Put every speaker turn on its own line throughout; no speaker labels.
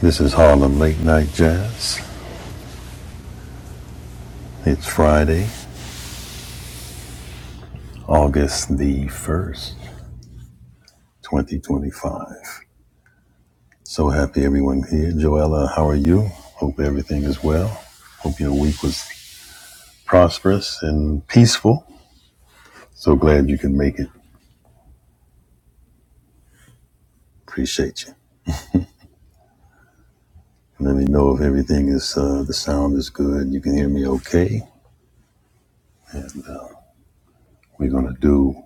This is Harlem Late Night Jazz. It's Friday, August the 1st, 2025. So happy everyone here. Joella, how are you? Hope everything is well. Hope your week was prosperous and peaceful. So glad you can make it. Appreciate you. Let me know if everything is, uh, the sound is good. You can hear me okay. And uh, we're going to do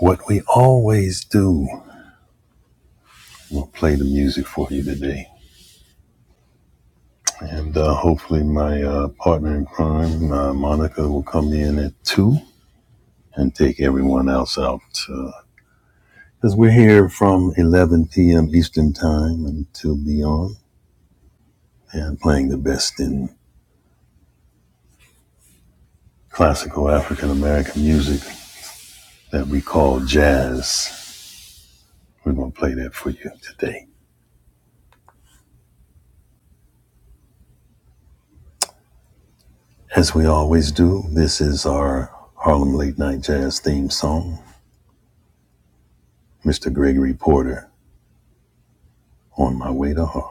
what we always do. We'll play the music for you today. And uh, hopefully, my uh, partner in crime, uh, Monica, will come in at 2 and take everyone else out. Because uh, we're here from 11 p.m. Eastern Time until beyond and playing the best in classical African American music that we call jazz. We're going to play that for you today. As we always do, this is our Harlem Late Night Jazz theme song, Mr. Gregory Porter, On My Way to Harlem.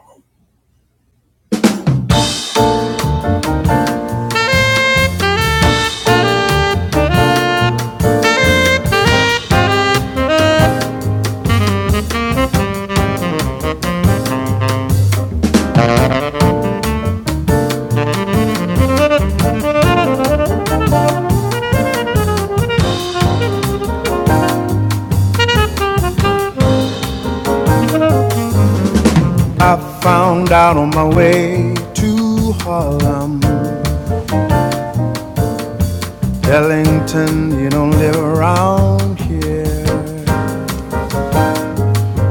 I found out on my way to Harlem. Ellington, you don't live around here.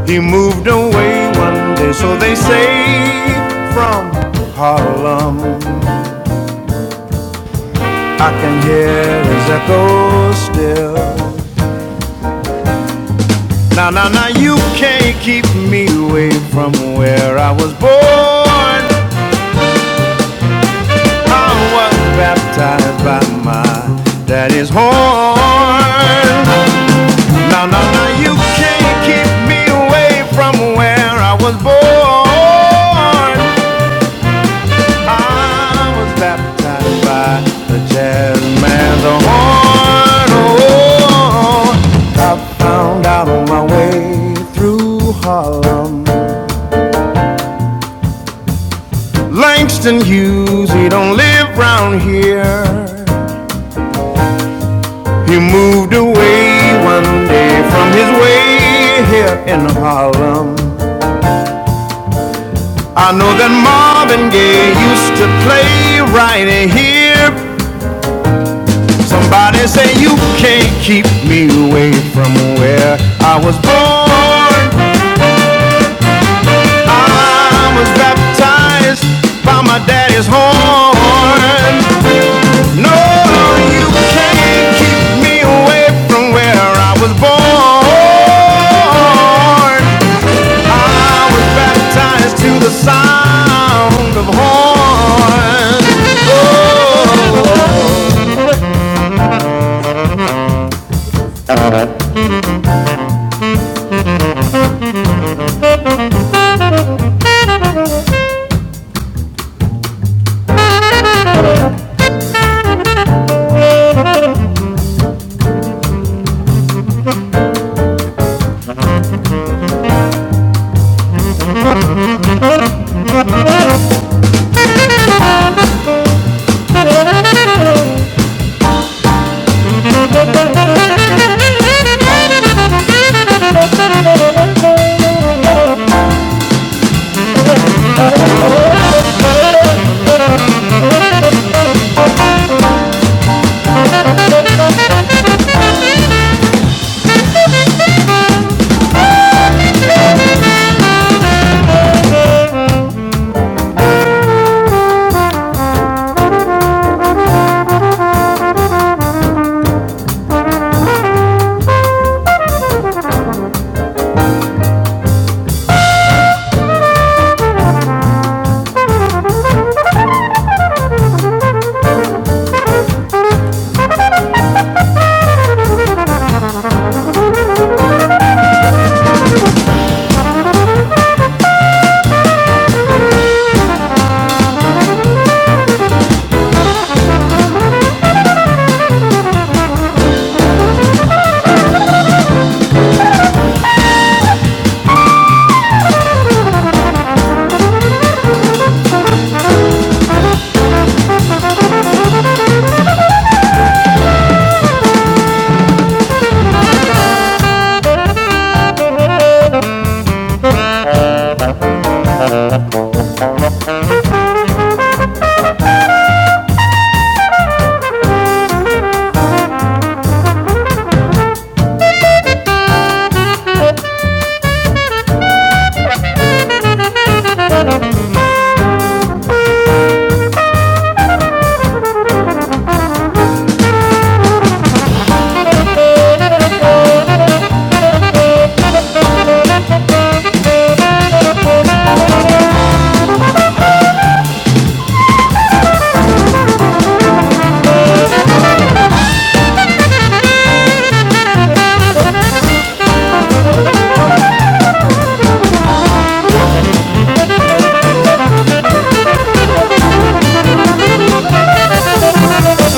He moved away one day, so they say, from Harlem. I can hear his echo still. Now, now, now, you can't keep me away from where I was born. I was baptized by my daddy's horn. No, no, no, you can't keep me away from where I was born. I was baptized by the jazz man's horn. Oh, I found out on my way through Harlem. Langston Hughes, he don't live round here. He moved away one day from his way here in Harlem. I know that Marvin Gaye used to play right here. Somebody say you can't keep me away from where I was born. I was baptized by my daddy's horn. No, you can't keep me away from where I was born. I was baptized to the sound of horns. Oh,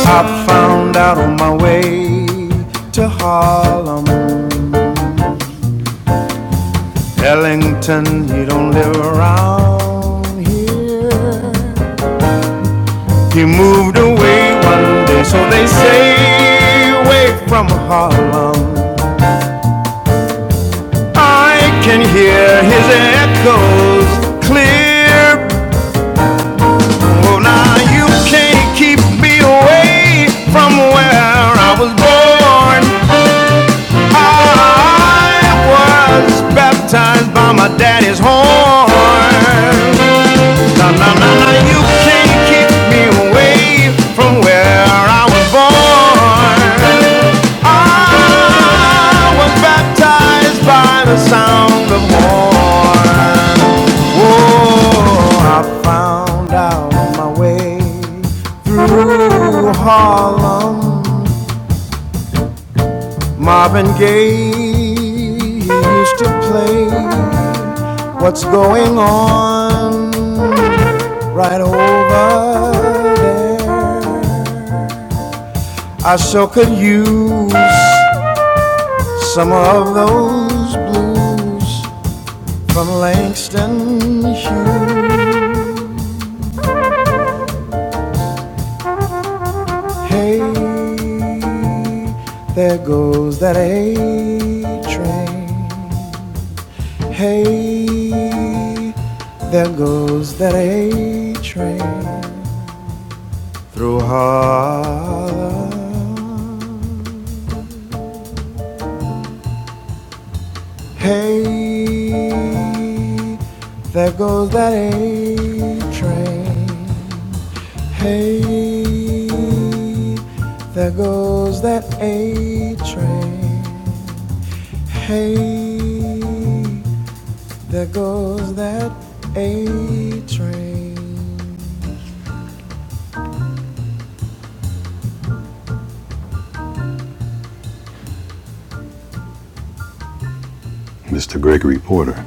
I found out on my way to Harlem. Ellington, he don't live around here. He moved away one day, so they say, away from Harlem. I can hear his echoes clear. Oh, now you can't keep me away from where I was born. I was baptized by my daddy's horn. Na na na na, you can't keep me away from where I was born. I was baptized by the sound of horn. Oh, I found out my way through Harlem. Marvin Gaye used to play What's Going On right over there. I so could use some of those blues from Langston Hughes. Hey, there goes that A train. Hey, there goes that A train through Harlem. Hey, there goes that A train. Hey, there goes that A train. Hey, there goes that A train. Mr. Gregory Porter.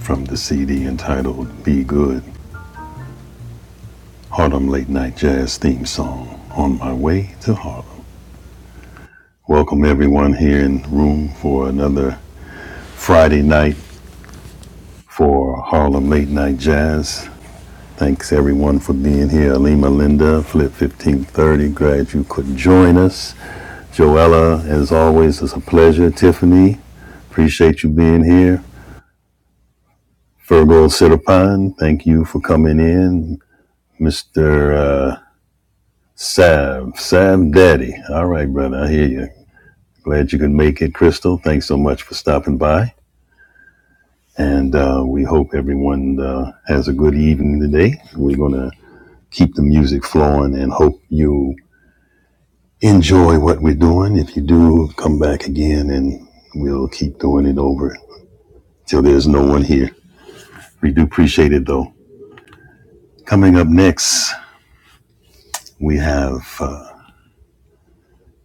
from the CD entitled Be Good, Harlem Late Night Jazz Theme Song, On My Way to Harlem. Welcome everyone here in the room for another Friday night for Harlem Late Night Jazz. Thanks everyone for being here. Alima Linda, Flip 1530, glad you could join us. Joella, as always, it's a pleasure. Tiffany, appreciate you being here. Fergal Sitapan, thank you for coming in. Mr. Sav, Sav Daddy. All right, brother, I hear you. Glad you could make it, Crystal. Thanks so much for stopping by. And uh, we hope everyone uh, has a good evening today. We're going to keep the music flowing and hope you enjoy what we're doing. If you do, come back again and we'll keep doing it over till there's no one here. We do appreciate it, though. Coming up next, we have uh,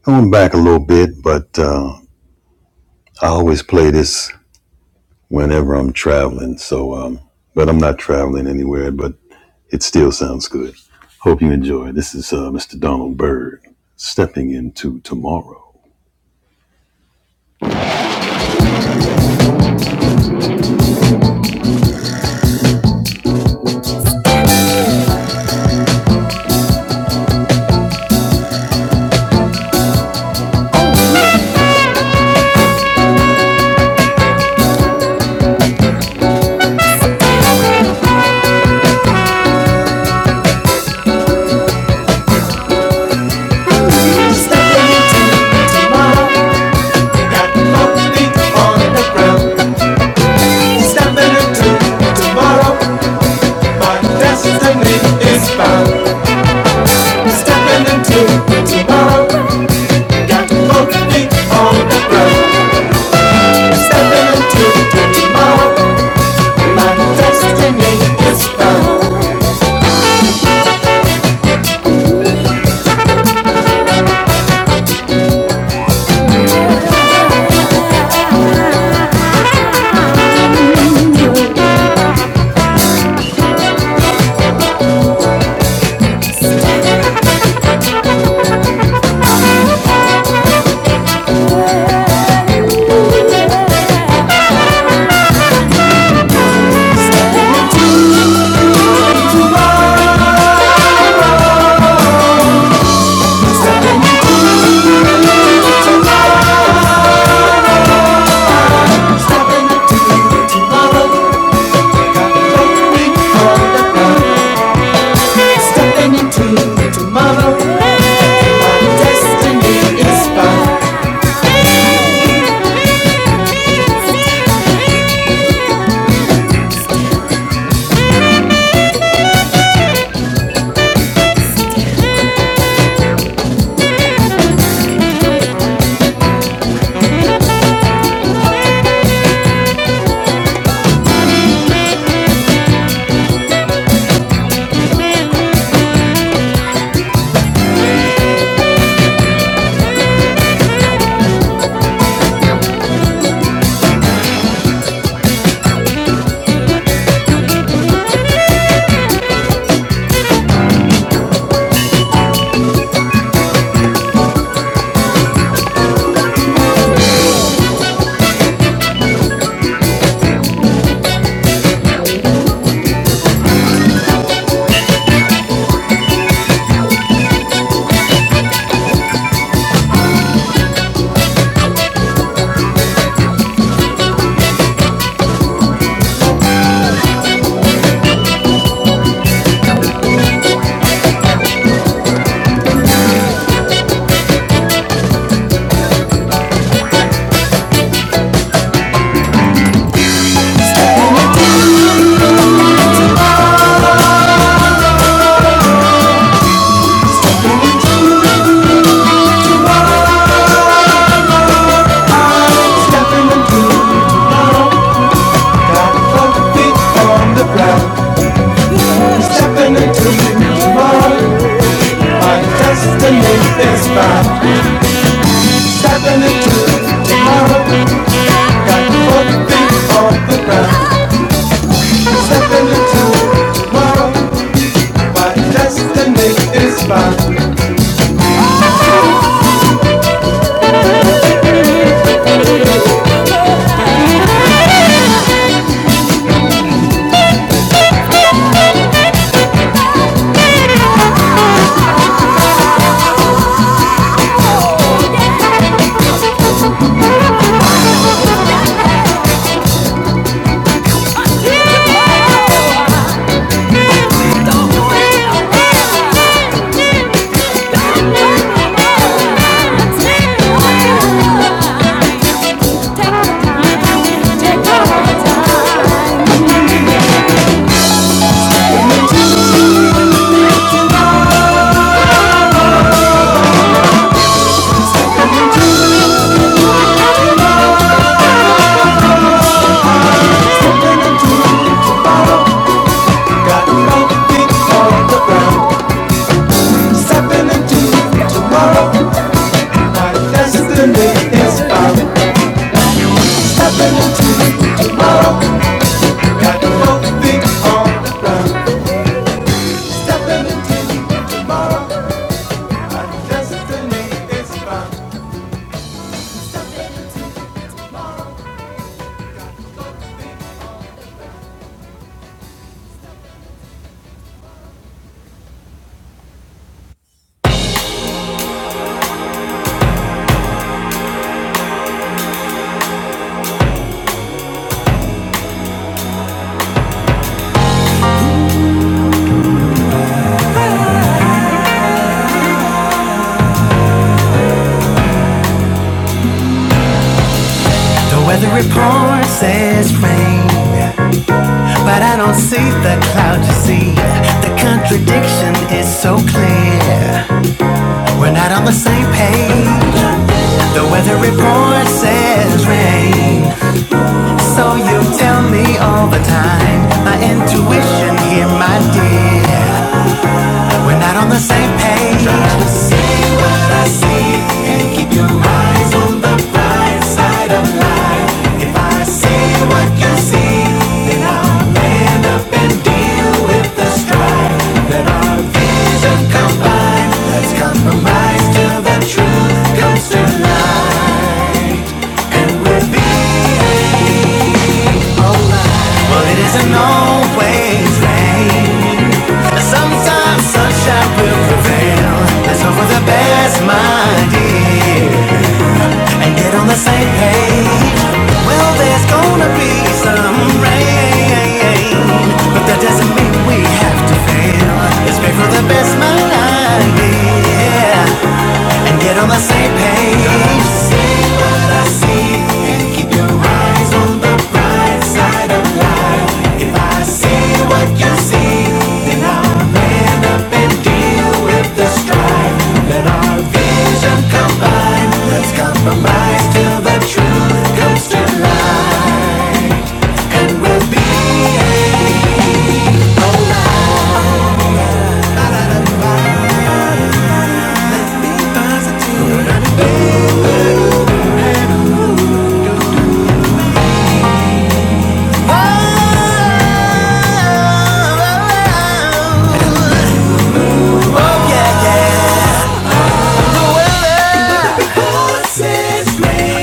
going back a little bit, but uh, I always play this whenever I'm traveling. So, um, but I'm not traveling anywhere, but it still sounds good. Hope you enjoy. This is uh, Mr. Donald Byrd stepping into tomorrow. Stepping into tomorrow, got both feet on the ground. Stepping into tomorrow, my destiny is found. Stepping into tomorrow, got both feet on the ground. Stepping into tomorrow, my destiny is found. Stepping into tomorrow, my destiny is found. Stepping into tomorrow. Got both feet on the ground. Stepping into tomorrow. My destiny is found. Stepping into tomorrow. Got both feet on the ground. stepping into tomorrow. My destiny is found. Stepping into tomorrow. Got nothing on the ground. Stepping into tomorrow. My destiny is found. The weather report says rain, but I don't see the cloud you see. The contradiction is so clear. We're not on the same page. The weather report says rain, So you tell me all the time, my intuition here, my dear. We're not on the same page. Try to see what I see and keep your eyes on the bright side of life. If I see what you see, then I'll man up and deal with the strife. Let our vision combine. Let's compromise till the truth comes to light, and we'll be. But it isn't always rain. Sometimes sunshine will prevail. Let's hope for the best, my dear, and get on the same page. Well, there's gonna be some rain, but that doesn't mean we have to fail. Let's pray for the best, my dear, and get on the same page. See what I see, and keep your eyes set true. to.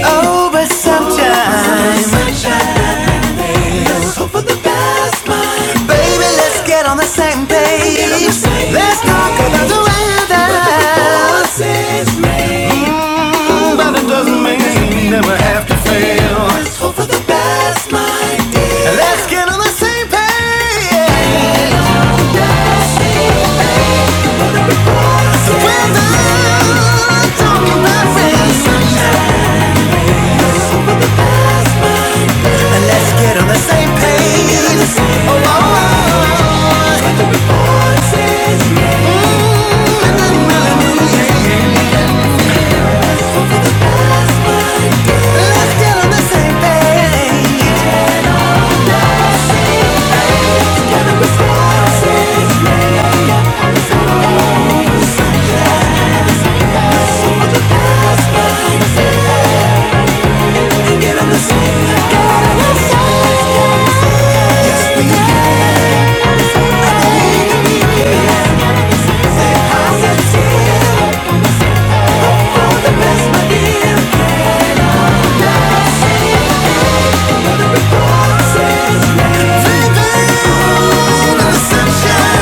Oh, but sometimes, baby. Let's get on the same page. Let's talk about the weather. But it doesn't mean you never have to fail. Let's hope for the best, my dear. Let's get on the same page. So when the talking about race. let's get on the same page. Oh, oh, oh. And let's get on the same page. Same sunshine.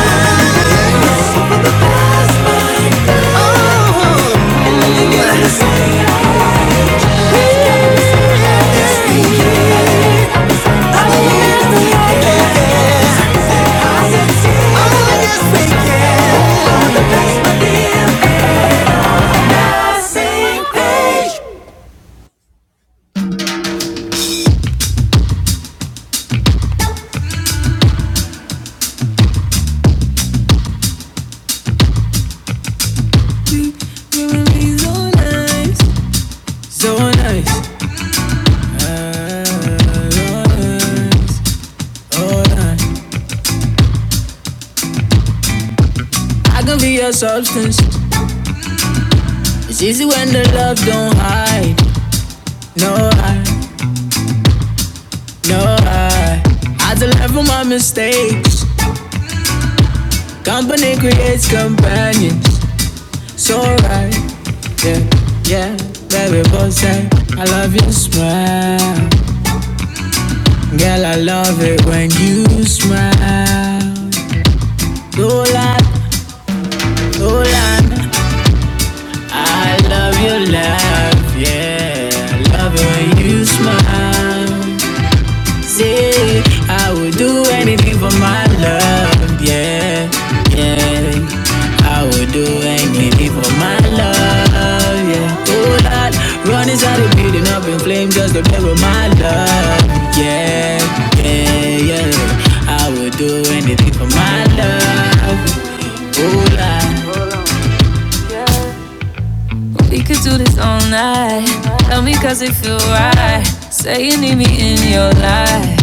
So nice. Oh, nice. I can be your substance. It's easy when the love don't hide. No hide, no hide. I had to learn from my mistakes. Company creates companions. so right. Yeah, yeah, baby, boss, I, I love your smile. Girl, I love it when you smile. Oh, la, oh, la, I love your laugh. Yeah, I love it when you smile. Say, I would do anything for my love, yeah, yeah. I would do anything for my love, yeah. Oh Lord, run inside the building up in flames just to play with my love, yeah, yeah, yeah. I would do anything for my love, oh Lord. We could do this all night. Tell me 'cause it feel right. Say you need me in your life,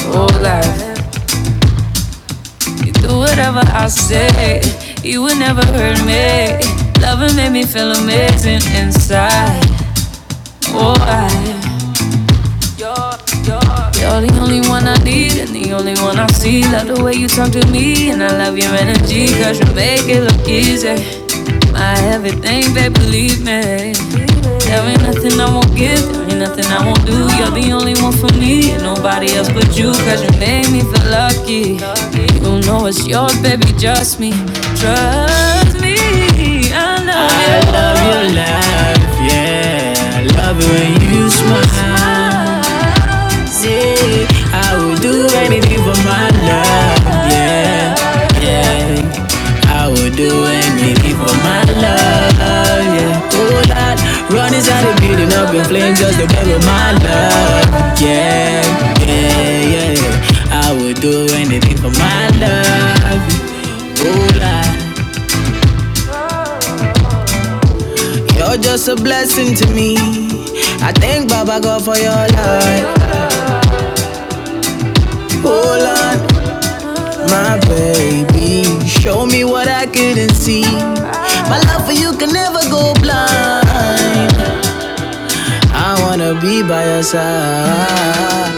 oh Lord. You do whatever I say, you would never hurt me. Loving made me feel amazing inside. Oh, I you're, you're, you're the only one I need and the only one I see. Love the way you talk to me and I love your energy. Cause you make it look easy. My everything, babe, believe me. There ain't nothing I won't give, there ain't nothing I won't do. You're the only one for me and nobody else but you. Cause you make me feel lucky. You know it's yours, baby, just me. Trust me, I love you. I love your laugh, your love when you smile. I would do anything for my love, yeah. yeah. I would do anything for my love, yeah. Oh Lord, run inside the building up in flames just to bury my love. You're just something to me. I think by I wanna be by your side.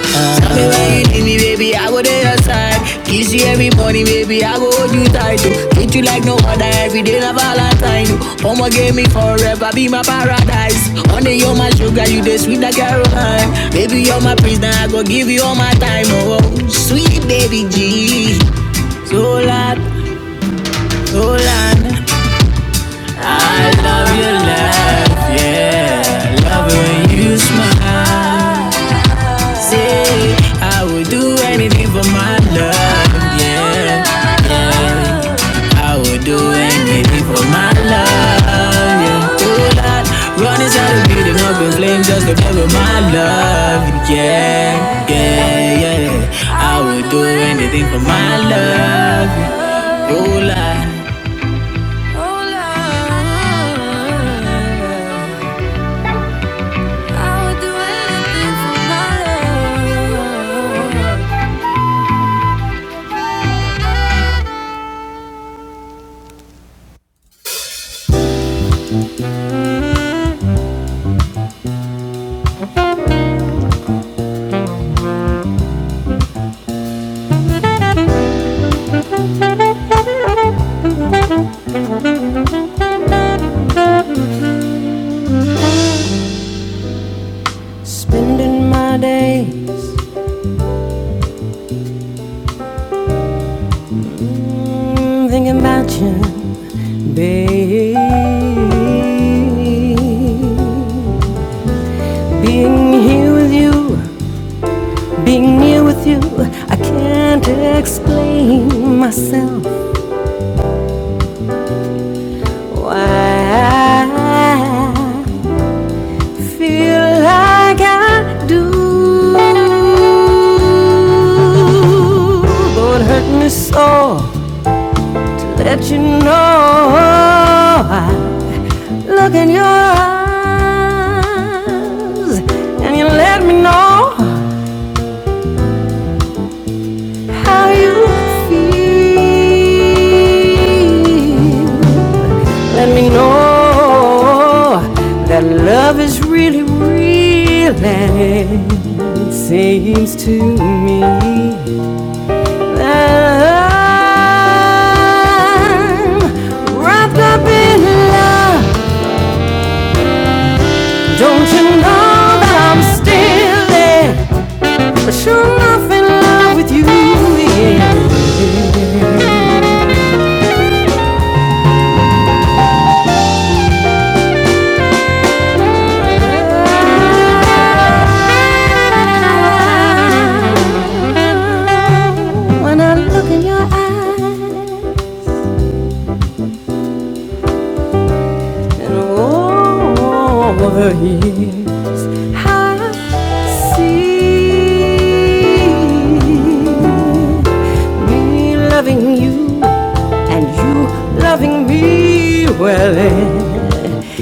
Tell me where you need me, baby. I go there your side. Kiss you every morning, baby. I go hold you tight. oh. Treat you like no other every day, like Valentine. oh. Omo give me forever, be my paradise. One day you're my sugar, you the sweet like Caroline. Baby, you're my prisoner, I go give you all my time. Oh, sweet baby G. Zolan, Zolan. I love your laugh, yeah. Love when you smile. Say I would do anything for my love, yeah, yeah. I would do anything for my love, yeah. Oh Lord, run inside the building up in flames just to play with my love, yeah, yeah, yeah. I would do anything for my love, oh Lord. I would do anything for my love. Being here with you, I can't explain why I feel like I do. Though it hurt me so, let you know I look in your eyes. How you feel seems to me that I'm wrapped up in love.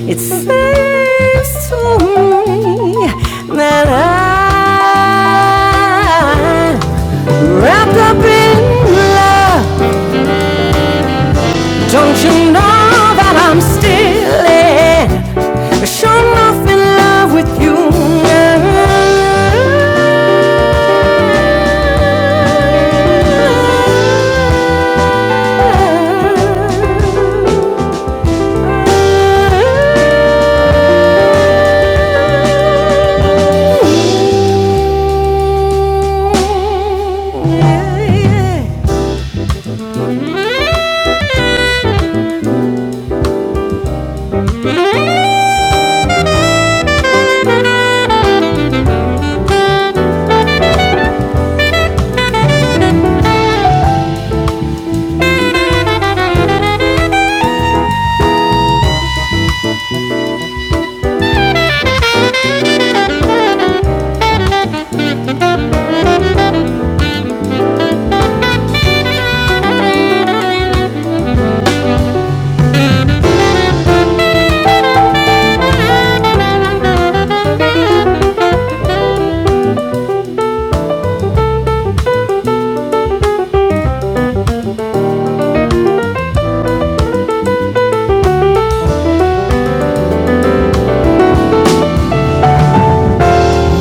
It seems to me that I am wrapped up in love oh, that I'm still in. Sure enough in love with you.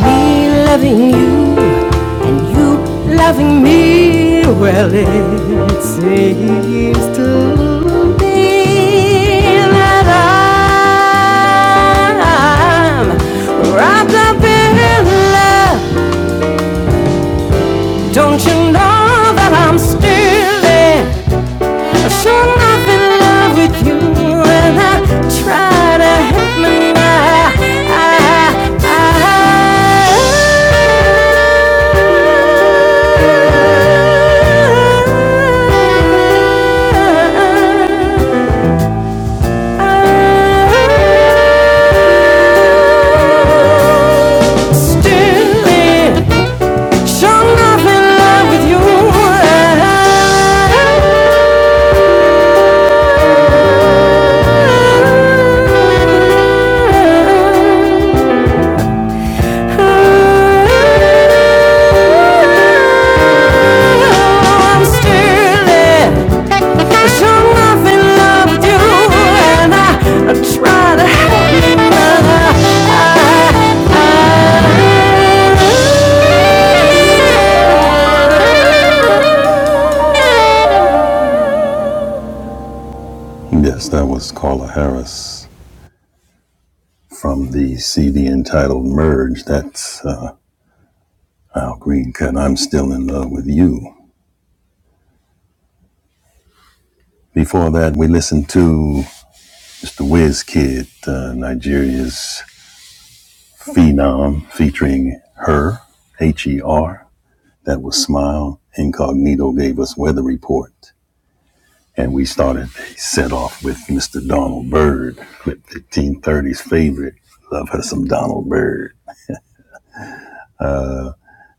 Me loving you and you loving me, well, it seems to be that I'm wrapped up in love. Don't you know that I'm still in? Said I'm in love with you, and I try to help me now. I, I, I, I, still in Sure enough in love with you and I Sure Yes, that was Carla Harris from the CD entitled Merge. That's uh, Al Green Cut. I'm still in love with you. Before that, we listened to Mr. Wizkid, uh, Nigeria's phenom, featuring her, H E R. That was Smile. Incognito gave us Weather Report. And we started the set off with Mr. Donald Byrd, with 1530's favorite. Love her some Donald Byrd.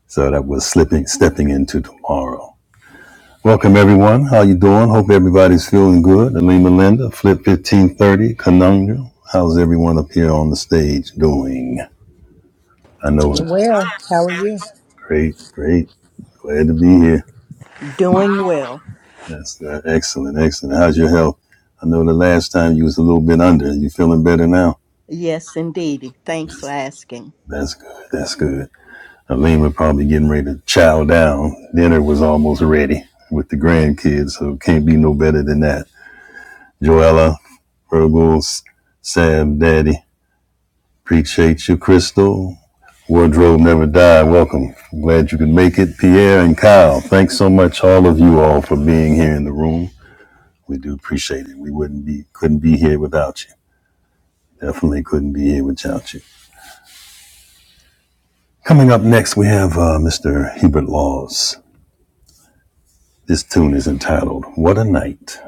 So that was slipping, stepping into tomorrow. Welcome everyone. How you doing? Hope everybody's feeling good. Elaine Melinda, Flip 1530, Conundrum. How's everyone up here on the stage doing? I know it.
Doing well. How are you?
Great, great. Glad to be here.
Doing well.
That's good. Excellent, excellent. How's your health? I know the last time you was a little bit under. You feeling better now?
Yes, indeedy. Thanks for asking.
That's good. That's good. Elaine was probably getting ready to chow down. Dinner was almost ready with the grandkids, so can't be no better than that. Joella, Virgos, Sam, Daddy. Appreciate you, Crystal. Wardrobe Never Die. Welcome. I'm Glad you could make it. Pierre and Kyle, thanks so much, all of you all, for being here in the room. We do appreciate it. We wouldn't be, couldn't be here without you. Definitely couldn't be here without you. Coming up next, we have uh, Mr. Hubert Laws. This tune is entitled What a Night.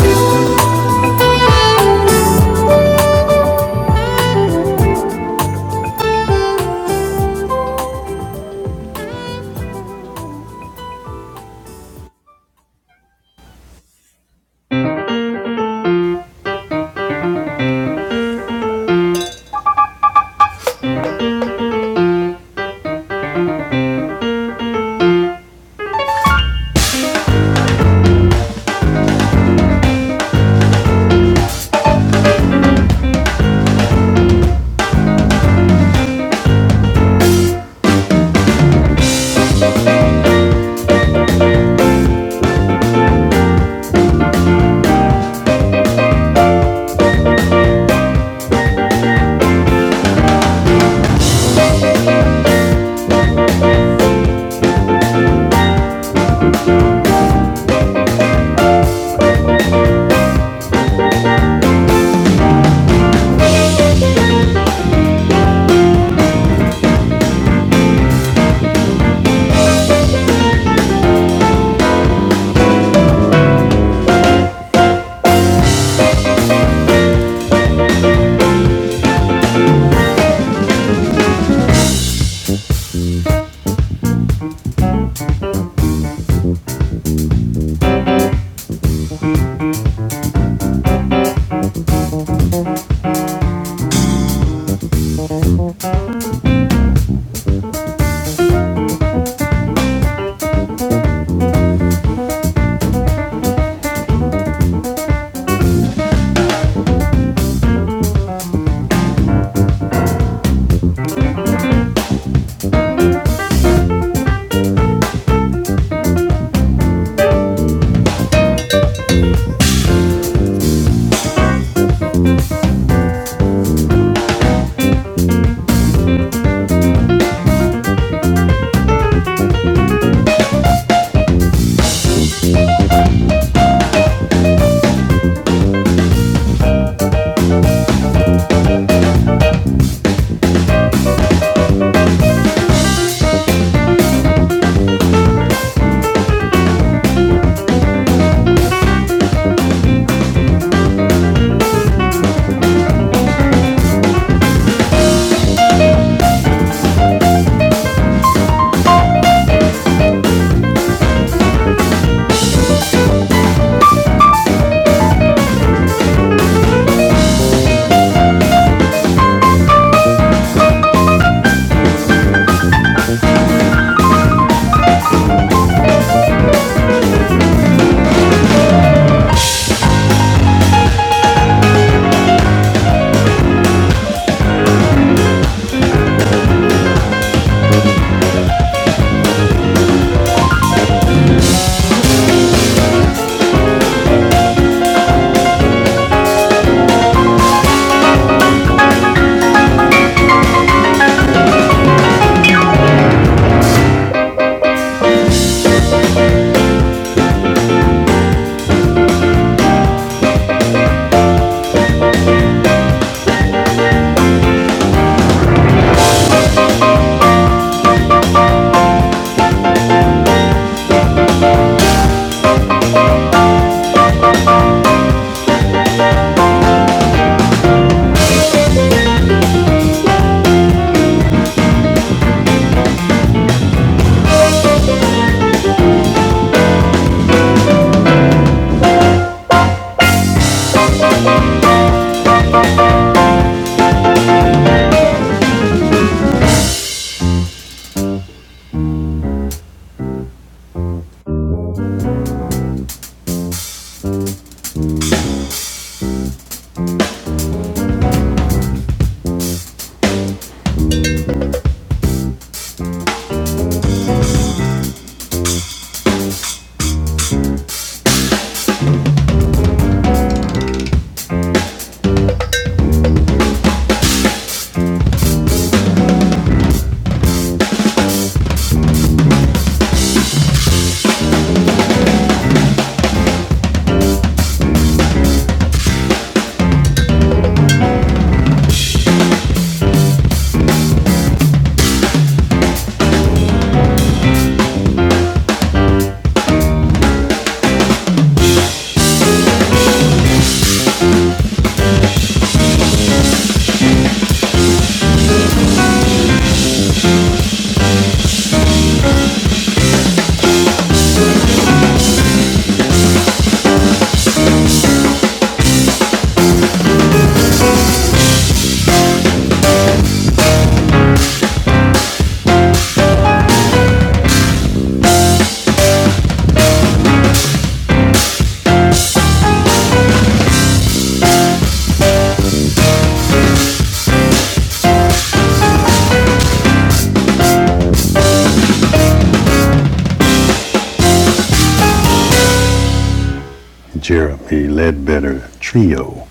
Jeremy Ledbetter Trio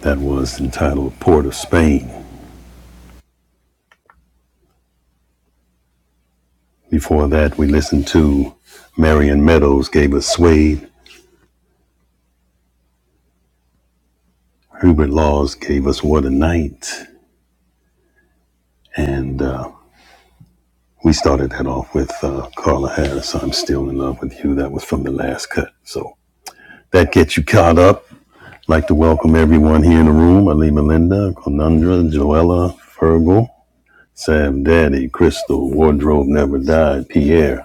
that was entitled Port of Spain. Before that, we listened to Marion Meadows gave us Suede, Hubert Laws gave us What a Night, and uh, we started that off with uh, Carla Harris, I'm Still in Love with You. That was from the last cut. So that gets you caught up. I'd like to welcome everyone here in the room Ali Melinda, Conundra, Joella, Fergal, Sam Daddy, Crystal, Wardrobe Never Died, Pierre.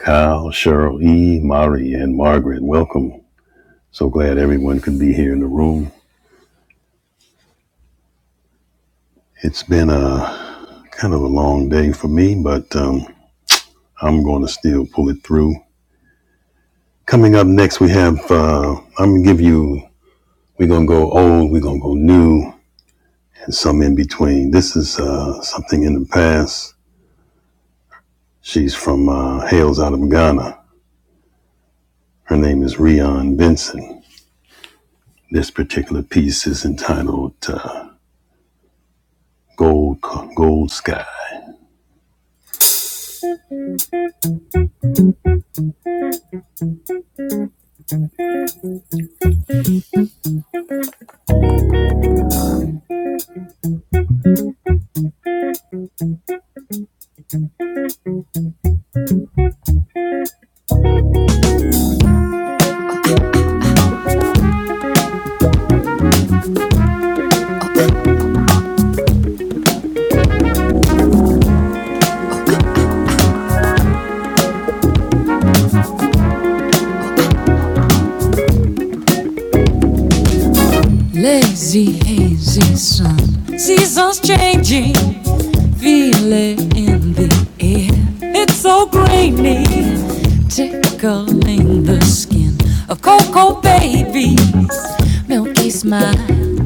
Kyle, Cheryl E., Mari, and Margaret, welcome. So glad everyone could be here in the room. It's been a kind of a long day for me, but um, I'm going to still pull it through. Coming up next, we have, uh, I'm going to give you, we're going to go old, we're going to go new, and some in between. This is uh, something in the past. She's from uh, Hales out of Ghana. Her name is Rion Benson. This particular piece is entitled uh, Gold, Gold Sky. Lazy, hazy sun. Seasons changing. Feel it in the air. It's so grainy. Tickling the skin of cocoa babies. Milky smile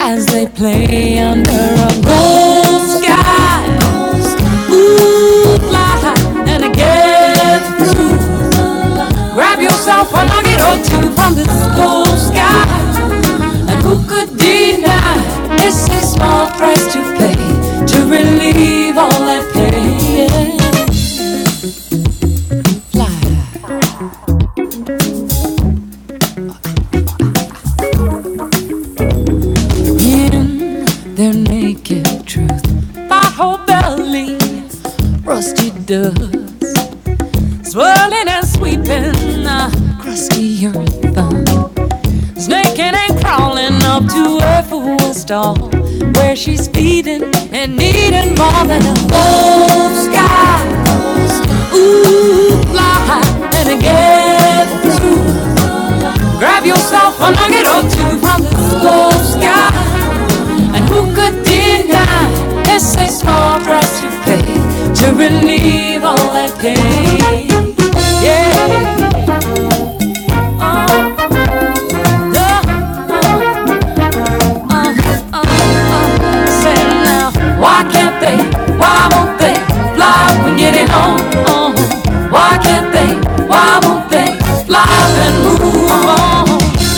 as they play under a gold sky. Ooh, fly high and get through. Grab yourself a nugget or two from this gold sky. And could deny this is small price to pay to relieve all that pain? Fly in their naked truth by whole belly, rusty dust, swirling and sweeping the crusty earth. uh, Snaking and crawling up to her fool stall where she's feeding and needing more than a whole sky. Fly high and again. Grab yourself a nugget or two from the blue sky. And who could deny it's a small price to pay to relieve all that pain? Yeah. Uh, uh, uh. why can't they? Why won't they fly when getting on? on? Why can't they? Why won't they fly and move on?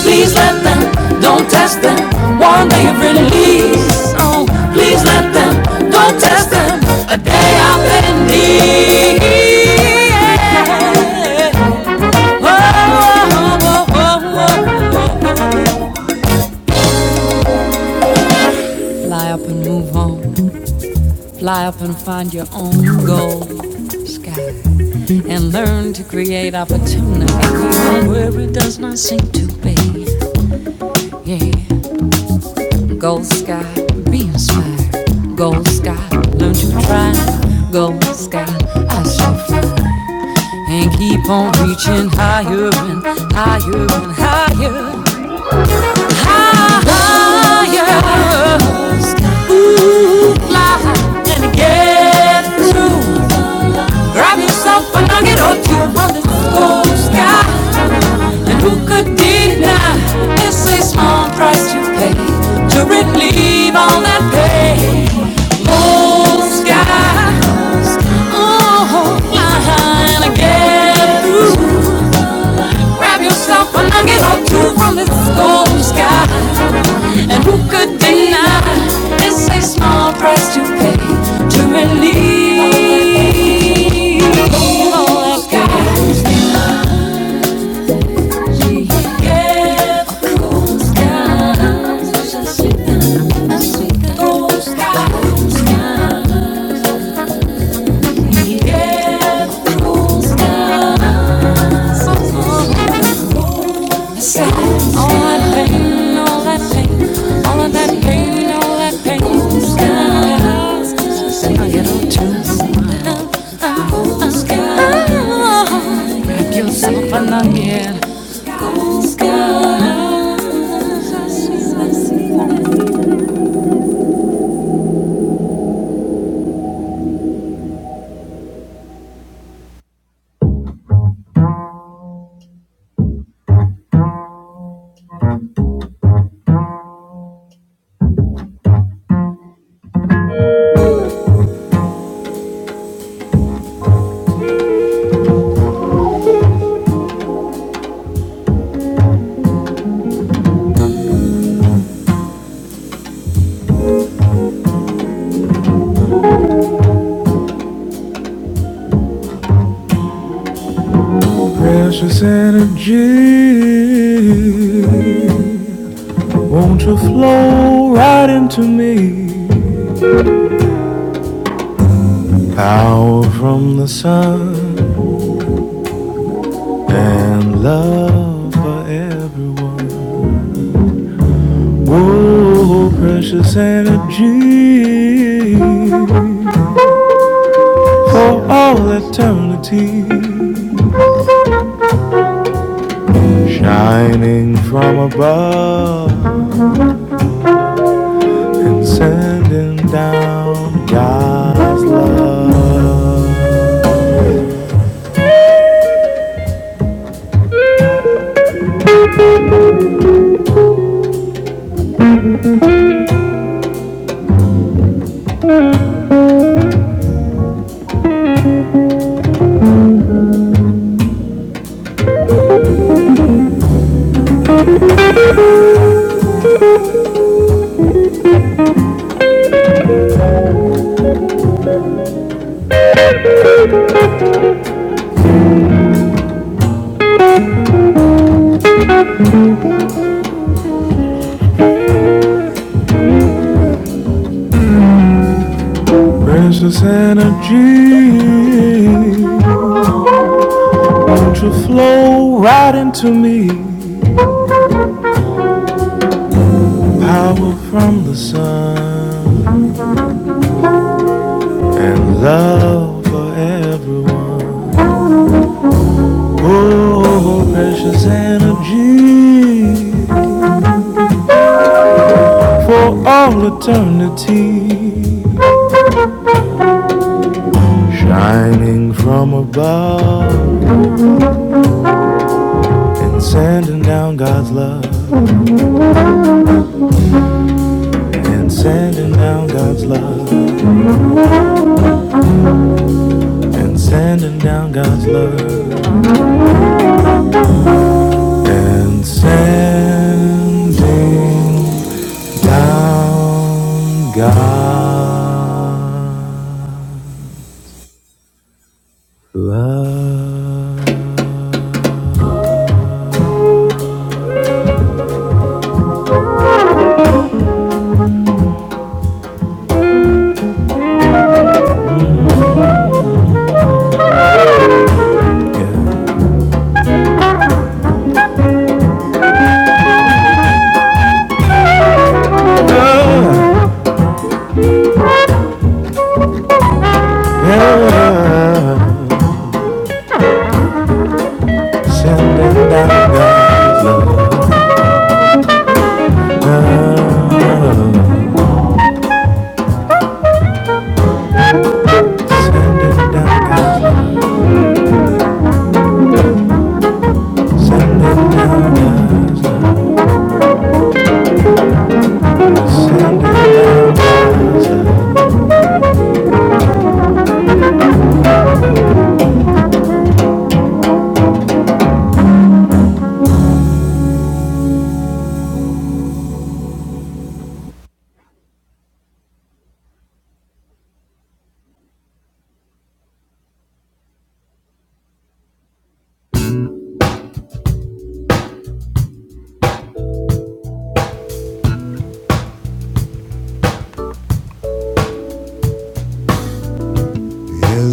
Please let them, don't test them. One day of release. Oh, please let them, don't test them. A day out in need. Whoa, Fly up and move on. Fly up and find your own gold sky and learn to create opportunity where it does not seem to be. Yeah, gold sky, be inspired. Gold sky, learn to try. Gold sky, I shall fly and keep on reaching higher and higher and higher, higher, and get through. Grab yourself a nugget or two from the gold sky. Who could deny it's a small price to pay to relieve all that pain? Oh, sky, oh, line and get through. Grab yourself a nugget or two from this gold sky. And who could deny it's a small price to pay to relieve all that pain? Yeah. All all all all that that that that pain, pain, pain, pain. of Precious energy, won't you flow right into me? Power from the sun and love for everyone. Whoa, precious energy for all eternity, shining from above and sending down God's love. Precious energy, won't you flow right into me? Power from the sun. and love for everyone. Oh, precious energy for all eternity, shining from above, and sending down God's love, and sending down God's love, and sending down God's love, and sending down God's love. Yeah. It's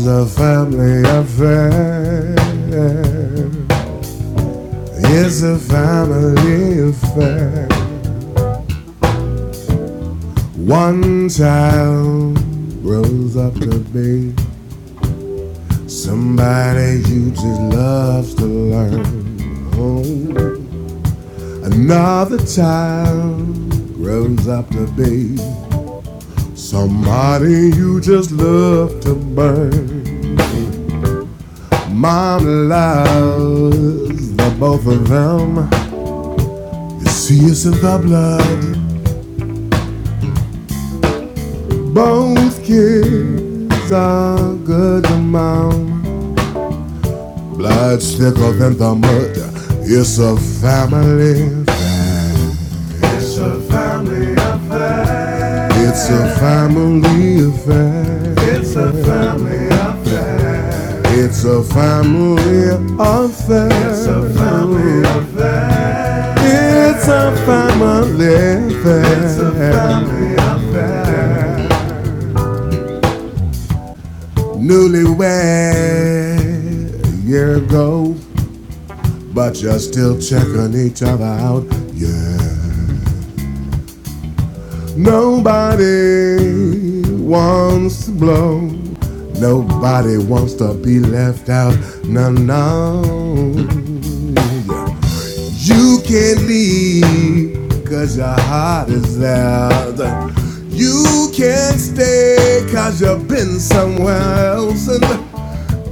a family affair. It's a family affair. One child grows up to be somebody you just loves to learn. Oh. Another child grows up to be somebody you just love to burn. Mom loves the both of them. You see us in the blood. Both kids are good to mom. Blood's thicker than the mud. It's a family. It's a family affair. It's a family affair. It's a family affair. It's a family affair. Newlywed year ago. But you're still checking each other out, yeah. Nobody wants to blow. Nobody wants to be left out, no, no. Yeah. You can't leave, cause your heart is there. You can't stay, cause you've been somewhere else. And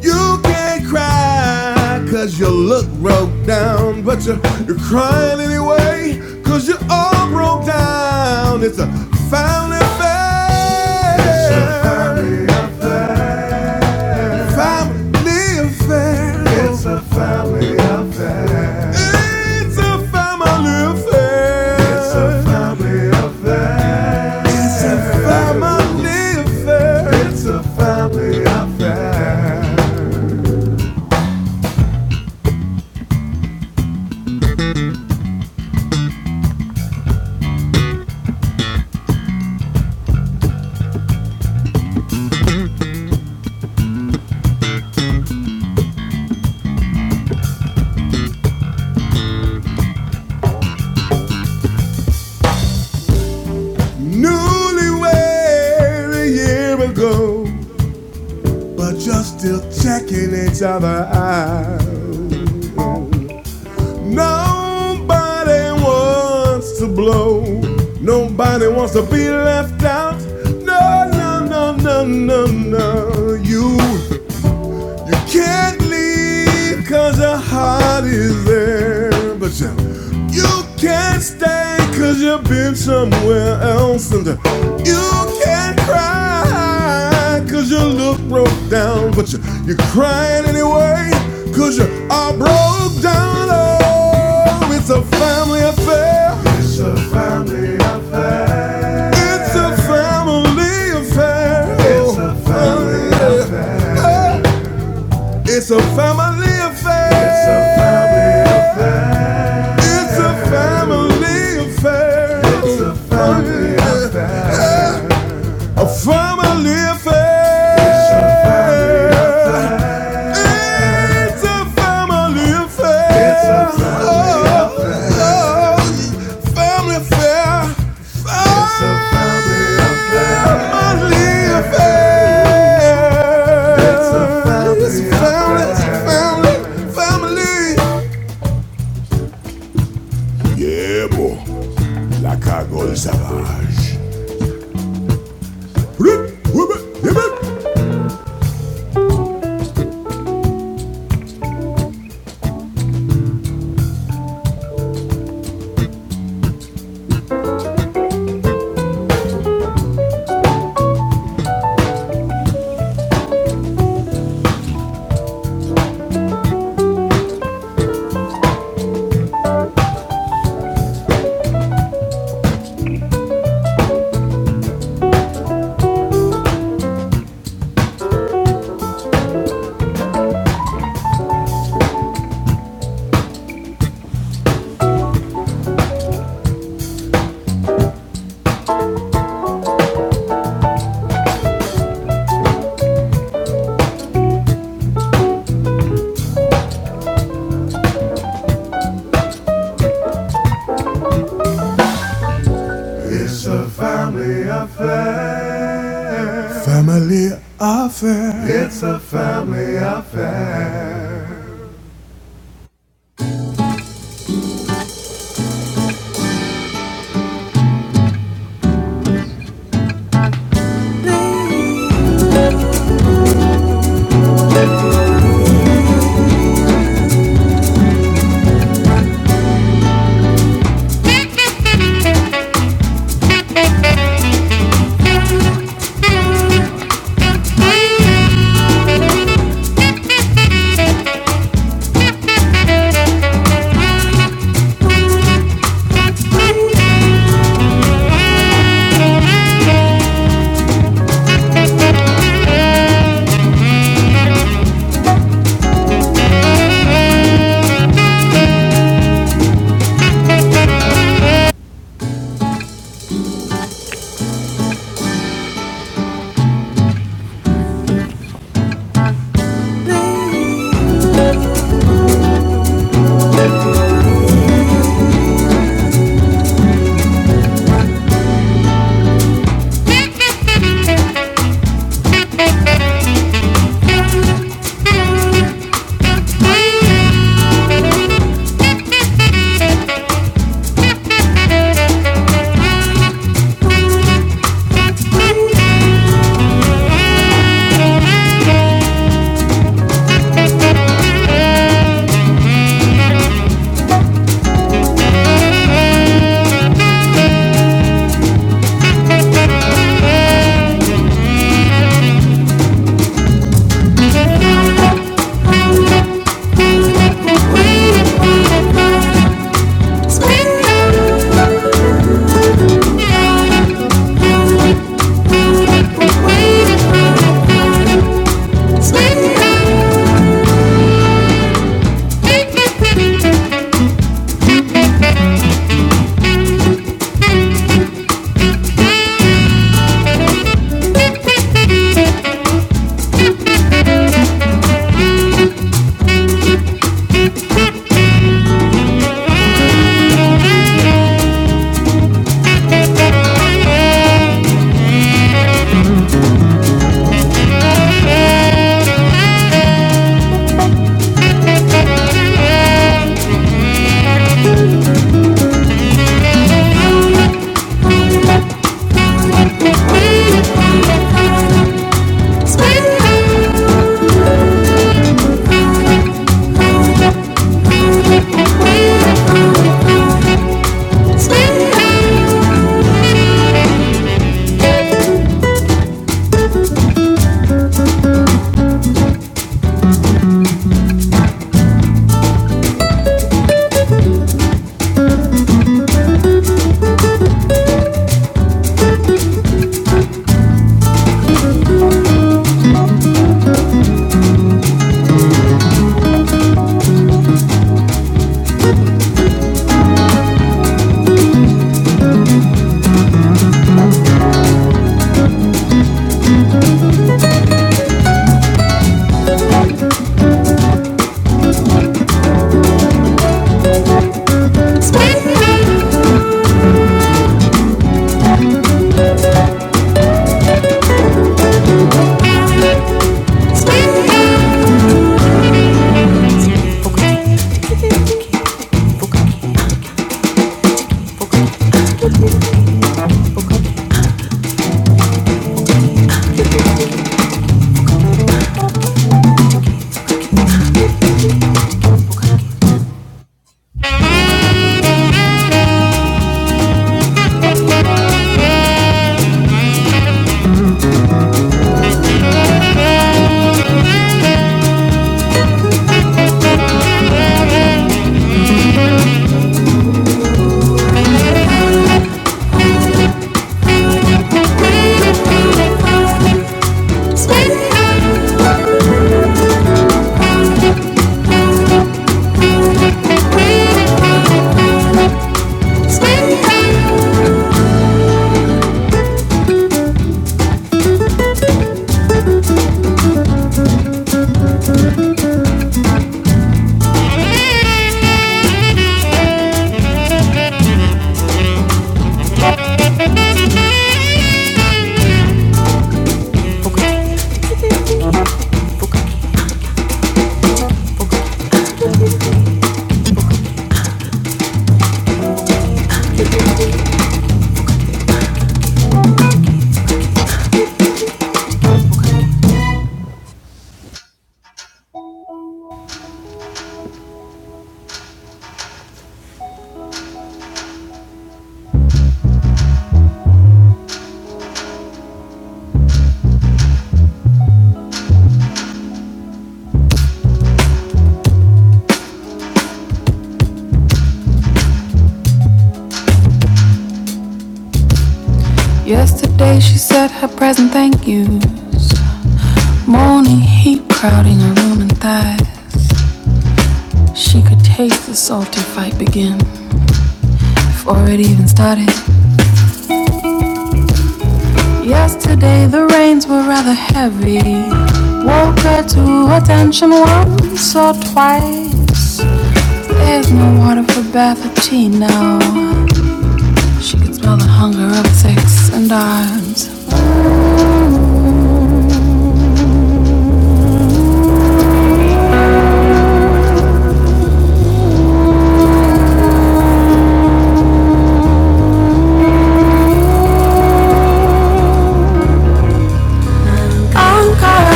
You can't cry cause you look broke down, but you're, you're crying anyway cause you're all broke down. It's a family affair. It's a family affair. Family affair. It's a family affair. It's a family affair. It's a family affair. It's a family affair. It's a family affair. Newlywed a year ago, but just still checking each other out. Nobody wants to blow. Nobody wants to be left out. No, no, no, no, no, no. no. You you can't leave cause your heart is there. But you, you can't stay cause you've been somewhere else. And you can't cry cause you look broke down. But you, you're crying anyway cause you are broke down. Oh, it's a family affair. It's a family affair. It's a family affair. It's a family affair. It's a family affair. It's A family affair. A family affair. It's a family affair. Oh, oh, family affair. Family affair. It's a family, family, family. Yeah, boy. La cagoule savage. I'm gonna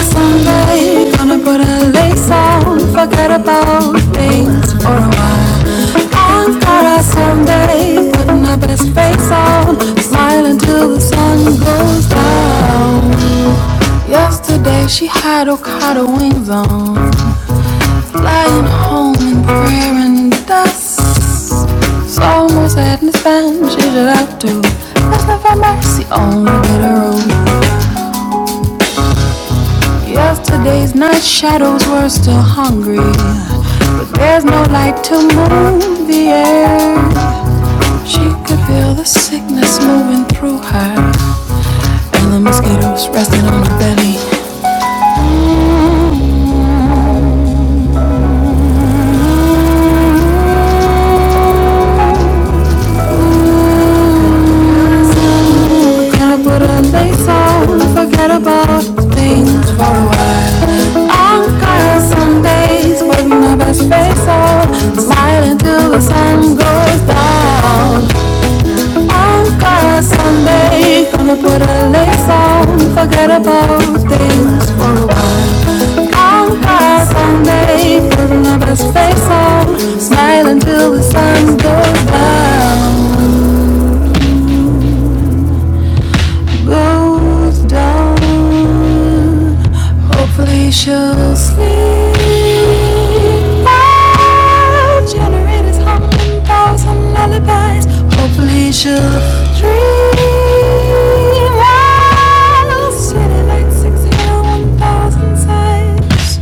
someday play song, forget about things for a while. I'm gonna someday put my best face on, smile until the sun goes down. Yesterday she had Okada wings on, flying home in prayer and dust. So more sadness than she should have to. Let's have mercy on the bitter road. Yesterday's night shadows were still hungry. There's no light to move the air. She could feel the sickness moving through her, and the mosquitoes resting on her belly. So, Can I put a lace on? Forget about things for a while. I'm tired some days, putting my best face on, smiling till the sun goes down. I'll cry someday. Gonna put a lace on, forget about things for a while. I'll cry someday. Putting my best face on, smile until the sun goes down, goes down. Hopefully she'll sleep. Now generators humming, thousand lullabies. Hopefully she'll dream. While city lights exhale one thousand sighs.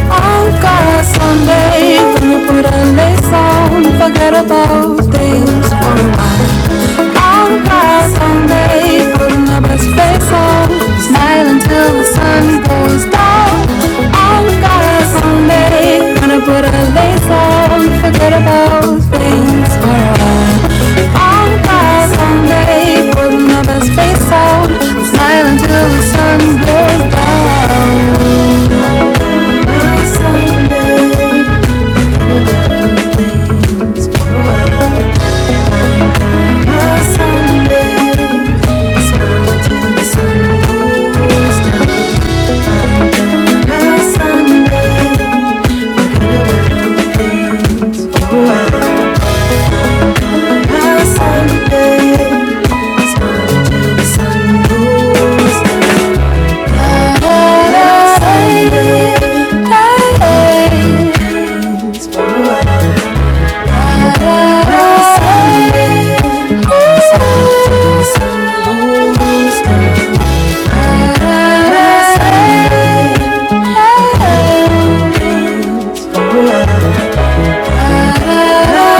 On God Sunday, when we put a lace on, forget about things. On by Sunday, putting our best face on, smiling till the sun goes down. On by Sunday, gonna put a lace on, forget about things for a while. On by Sunday, putting our best face on, smiling till the sun goes down. On By Sunday, things for a while. Sunday, Sunday,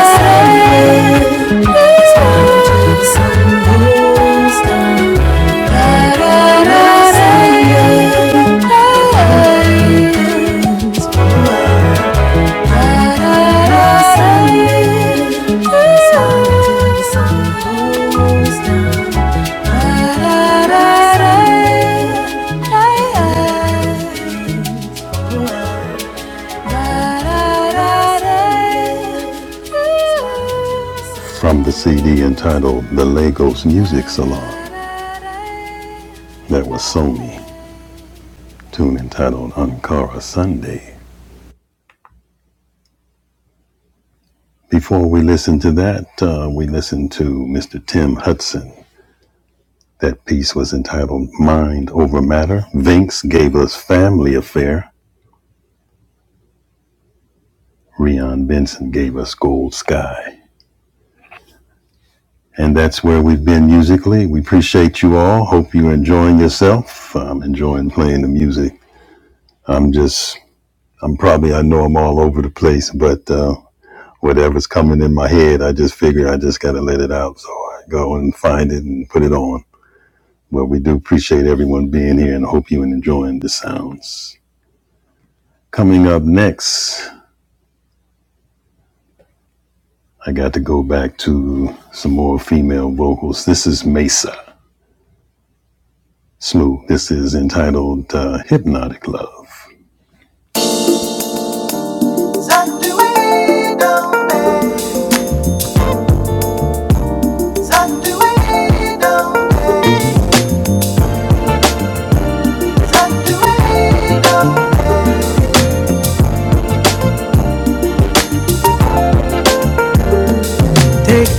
Sunday. From the CD entitled The Lagos Music Salon, that was Sony, tune entitled Ankara Sunday. Before we listen to that, uh, we listened to Mr. Tim Hudson. That piece was entitled Mind Over Matter. Vince gave us Family Affair. Rion Benson gave us Gold Sky. And that's where we've been musically. We appreciate you all. Hope you're enjoying yourself. I'm enjoying playing the music. I'm just, I'm probably, I know I'm all over the place, but uh, whatever's coming in my head, I just figure I just got to let it out. So I go and find it and put it on. But we do appreciate everyone being here and hope you are enjoying the sounds. Coming up next. I got to go back to some more female vocals. This is Mesa Smooth. This is entitled uh, Hypnotic Love. Take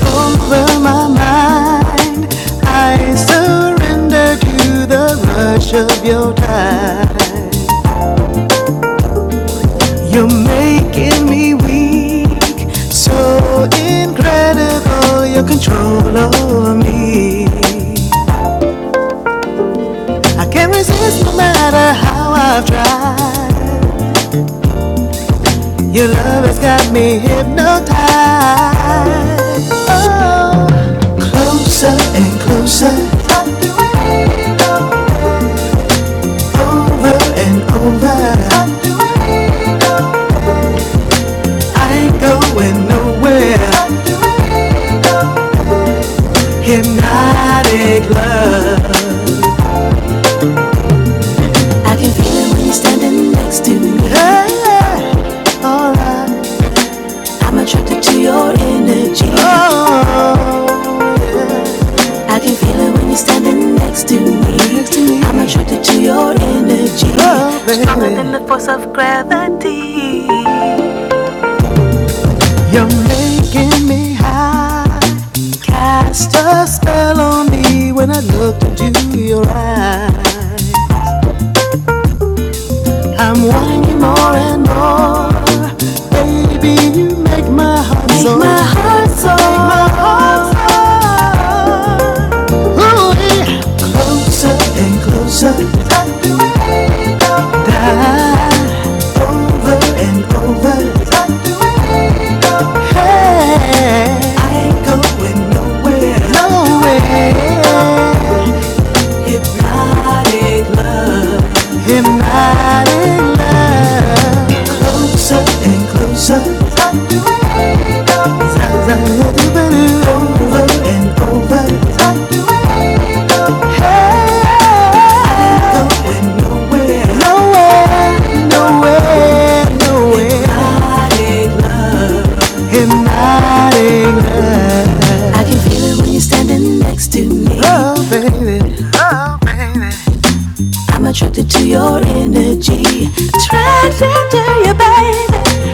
over my mind. I surrender to the rush of your tide. You're making me weak. So incredible your control over me. I can't resist no matter how I've tried. Your love has got me hypnotized. Oh, closer and closer. Over and over. I ain't going nowhere. Hypnotic love. Yeah, alright. Oh. I can feel it when you're standing next to me. I'm attracted to your energy, Oh, stronger than the force of gravity. You're making me high. Cast A spell on me when I looked into your eyes. I'm wanting you more and more. Baby, you make my heart Make so. my heart Make my heart so. Just going nowhere. nowhere. Not in love. I'm attracted to your energy. Attracted to you, baby.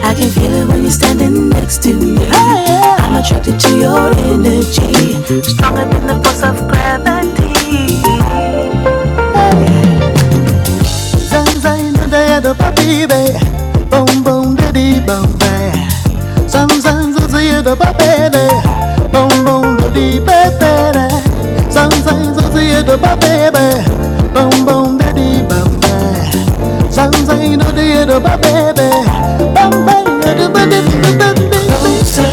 I can feel it when you're standing next to me. Oh, yeah. I'm attracted to your energy. Stronger than the force of gravity. Zang zang da da da ba dee Boom boom da dee boom bay. Sometimes I see the baby, boom boom daddy baby. Sometimes I see the baby, baby, boom boom daddy baby.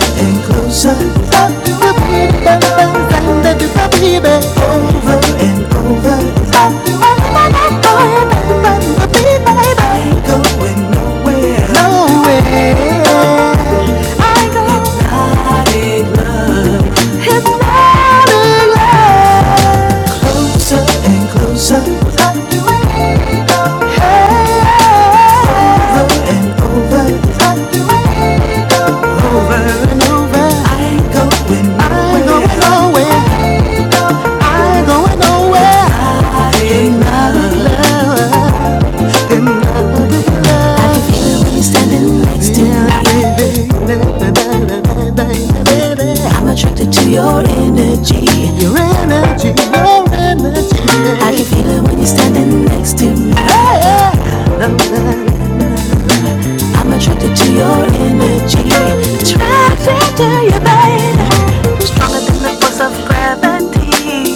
Sometimes I do the baby, sometimes I do the baby. Over and over. Oh, baby, baby, baby. No way. I'm attracted to your energy. Your energy, your energy. I can feel it when you're standing next to me. I'm attracted to your energy. Attracted to your body. Stronger than the force of gravity.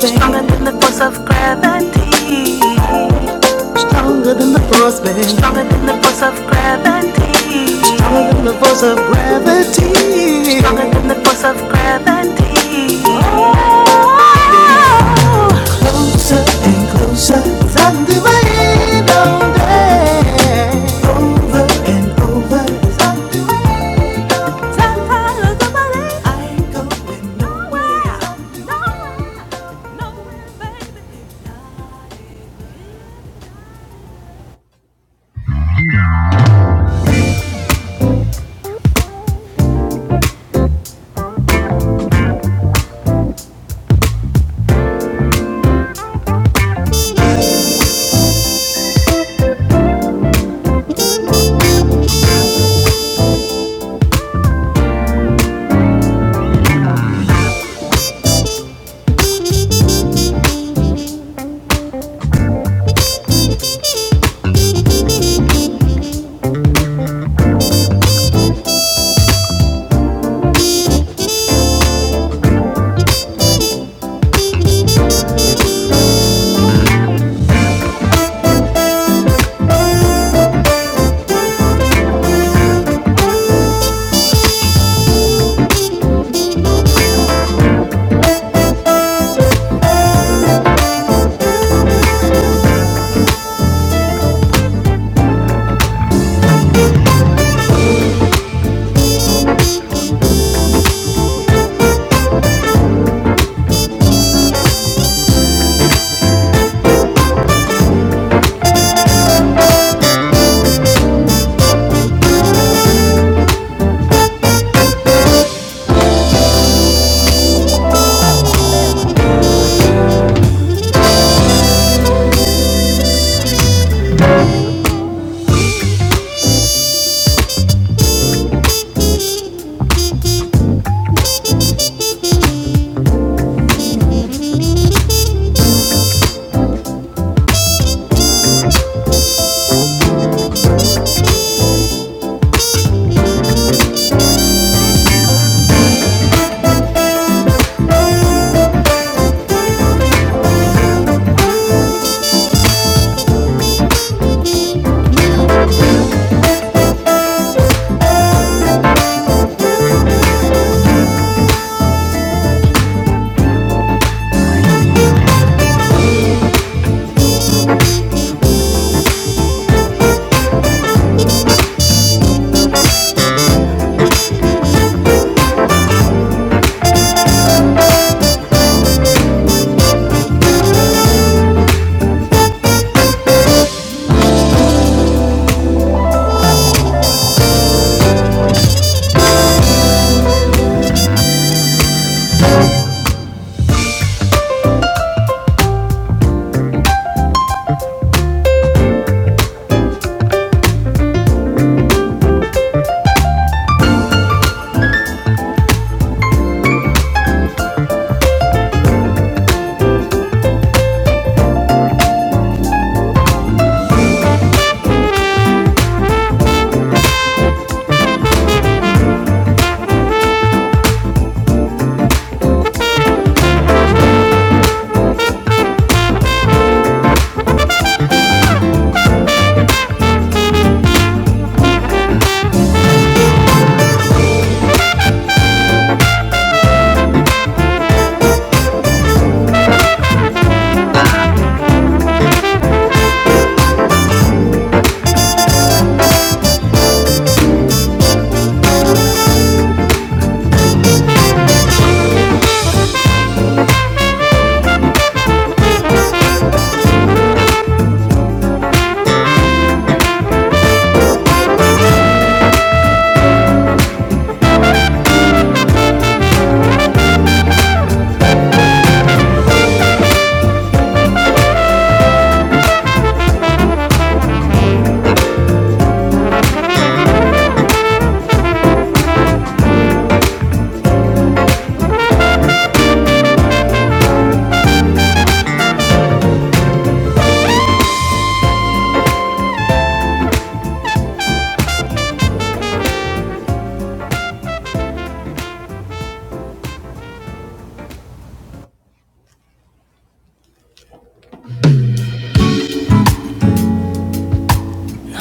Stronger than the force of gravity. Stronger than the force Force of gravity. stronger than the force of gravity. Stronger than the force of gravity. Closer and closer from the way down there and over.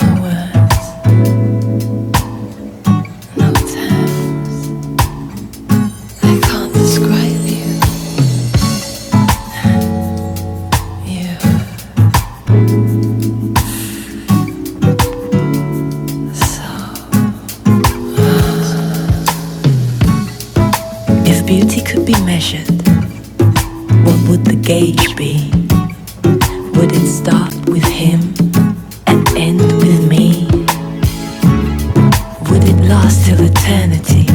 Over, no time. I can't describe you. you suck. If beauty could be measured, what would the gauge be? Would it start with him, end with me? Would eternity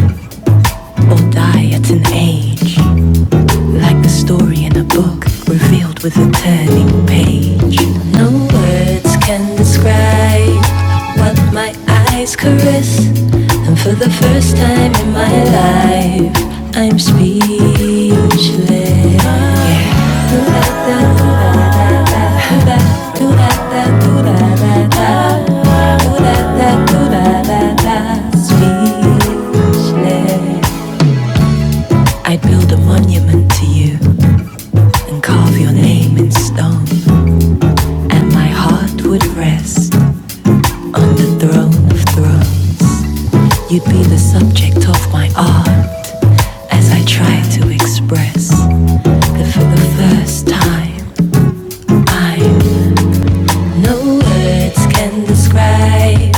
or die at an age? Like the story in a book, revealed with a turning page. No words can describe what my eyes caress. And for the first time in my life, I'm speechless. Speechless. I'd build a monument to you and carve your name in stone, and my heart would rest on the throne of thrones. You'd be the subject of my art as I try to express that for the first time. I no words can describe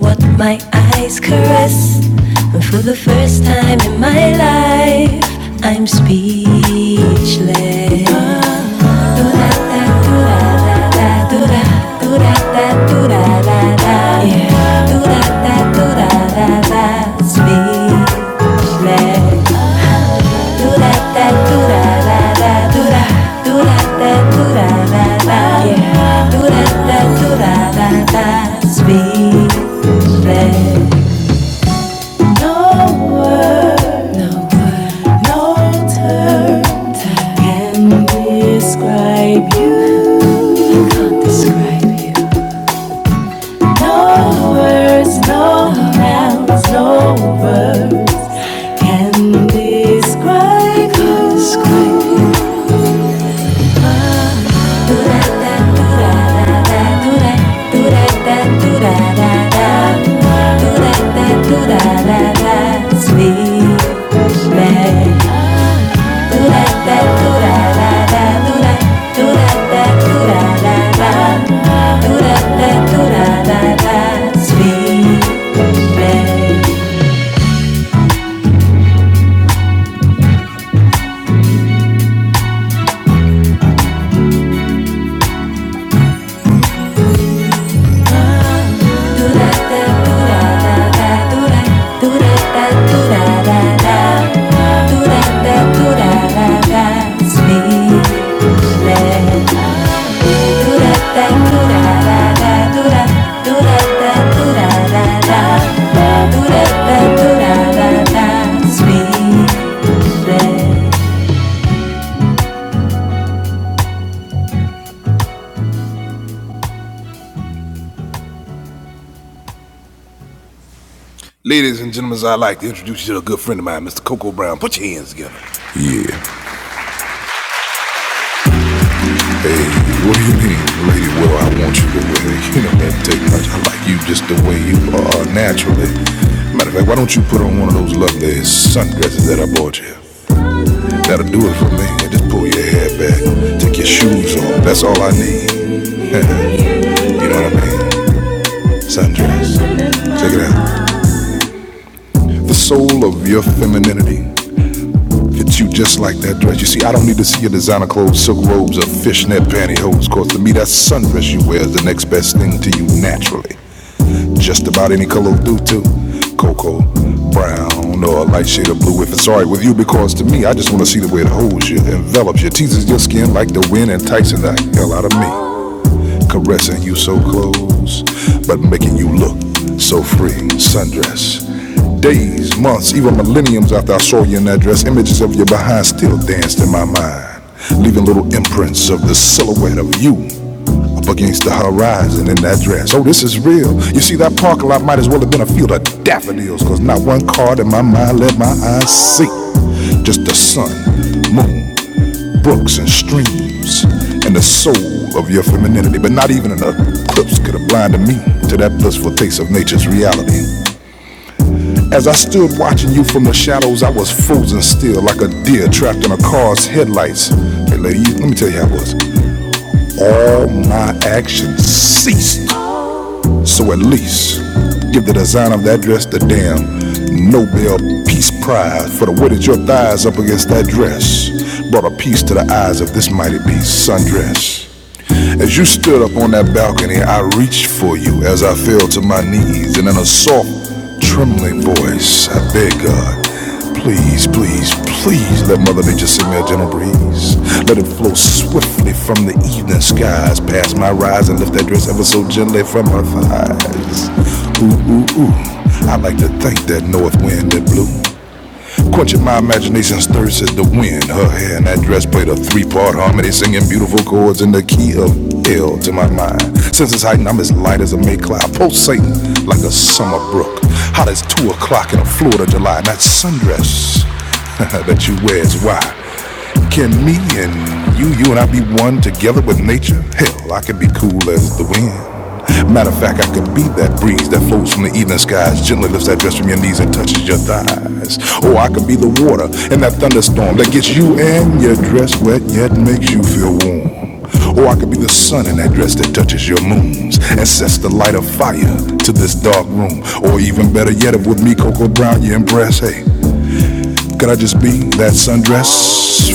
what my eyes caress. And for the first time in my life, I'm speechless. do speechless. Can't words, can Describe you. Sweet man. Ladies and gentlemen, I'd like to introduce you to a good friend of mine, Mr. Coco Brown. Put your hands together. The soul of your femininity you just like that dress. You see, I don't need to see your designer clothes, silk robes, or fishnet pantyhose. Cause to me, that sundress you wear is the next best thing to you naturally. Just about any color will do too. Cocoa, brown, or a light shade of blue if it's alright with you. Because to me, I just wanna see the way it holds you, envelops you, teases your skin like the wind, enticing the hell out of me. Caressing you so close, but making you look so free. Sundress, Days, months, even millenniums after I saw you in that dress, images of your behind still danced in my mind, leaving little imprints of the silhouette of you up against the horizon in that dress. Oh, this is real. You see, that parking lot might as well have been a field of daffodils, cause not one card in my mind let my eyes see. Just the sun, moon, brooks, and streams, and the soul of your femininity. But not even an eclipse could have blinded me to that blissful taste of nature's reality. As I stood watching you from the shadows, I was frozen still, like a deer trapped in a car's headlights. Hey, lady, let me tell you how it was. All my action ceased. So at least give the design of that dress the damn Nobel Peace Prize for the way that your thighs up against that dress brought a peace to the eyes of this mighty beast. Saw you as I fell knees and in a trembling voice, I beg of these, please, please, just some of the eyes past my rise and lift that dress ever so gently from her Imagine it in her hair and that dress played a three plummet, singing beautiful chords in the key of L to my mind. Since it's heightened, I'm as light as a May cloud, pulsating like a summer brook. Hot as two o'clock in a Florida July, and that sundress that you wear is why. Me and you, you and I be one together with nature. Hell, I could be cool as the wind, a breeze that flies just as Or I could be the water in that thunderstorm that gets you and your dress wet yet makes you feel warm. Or I could be the sun in that dress that touches your moons and sets the light of fire to this dark room. Or even better yet, if with me, Coco Brown, you are impressed. hey, could I just be that sundress?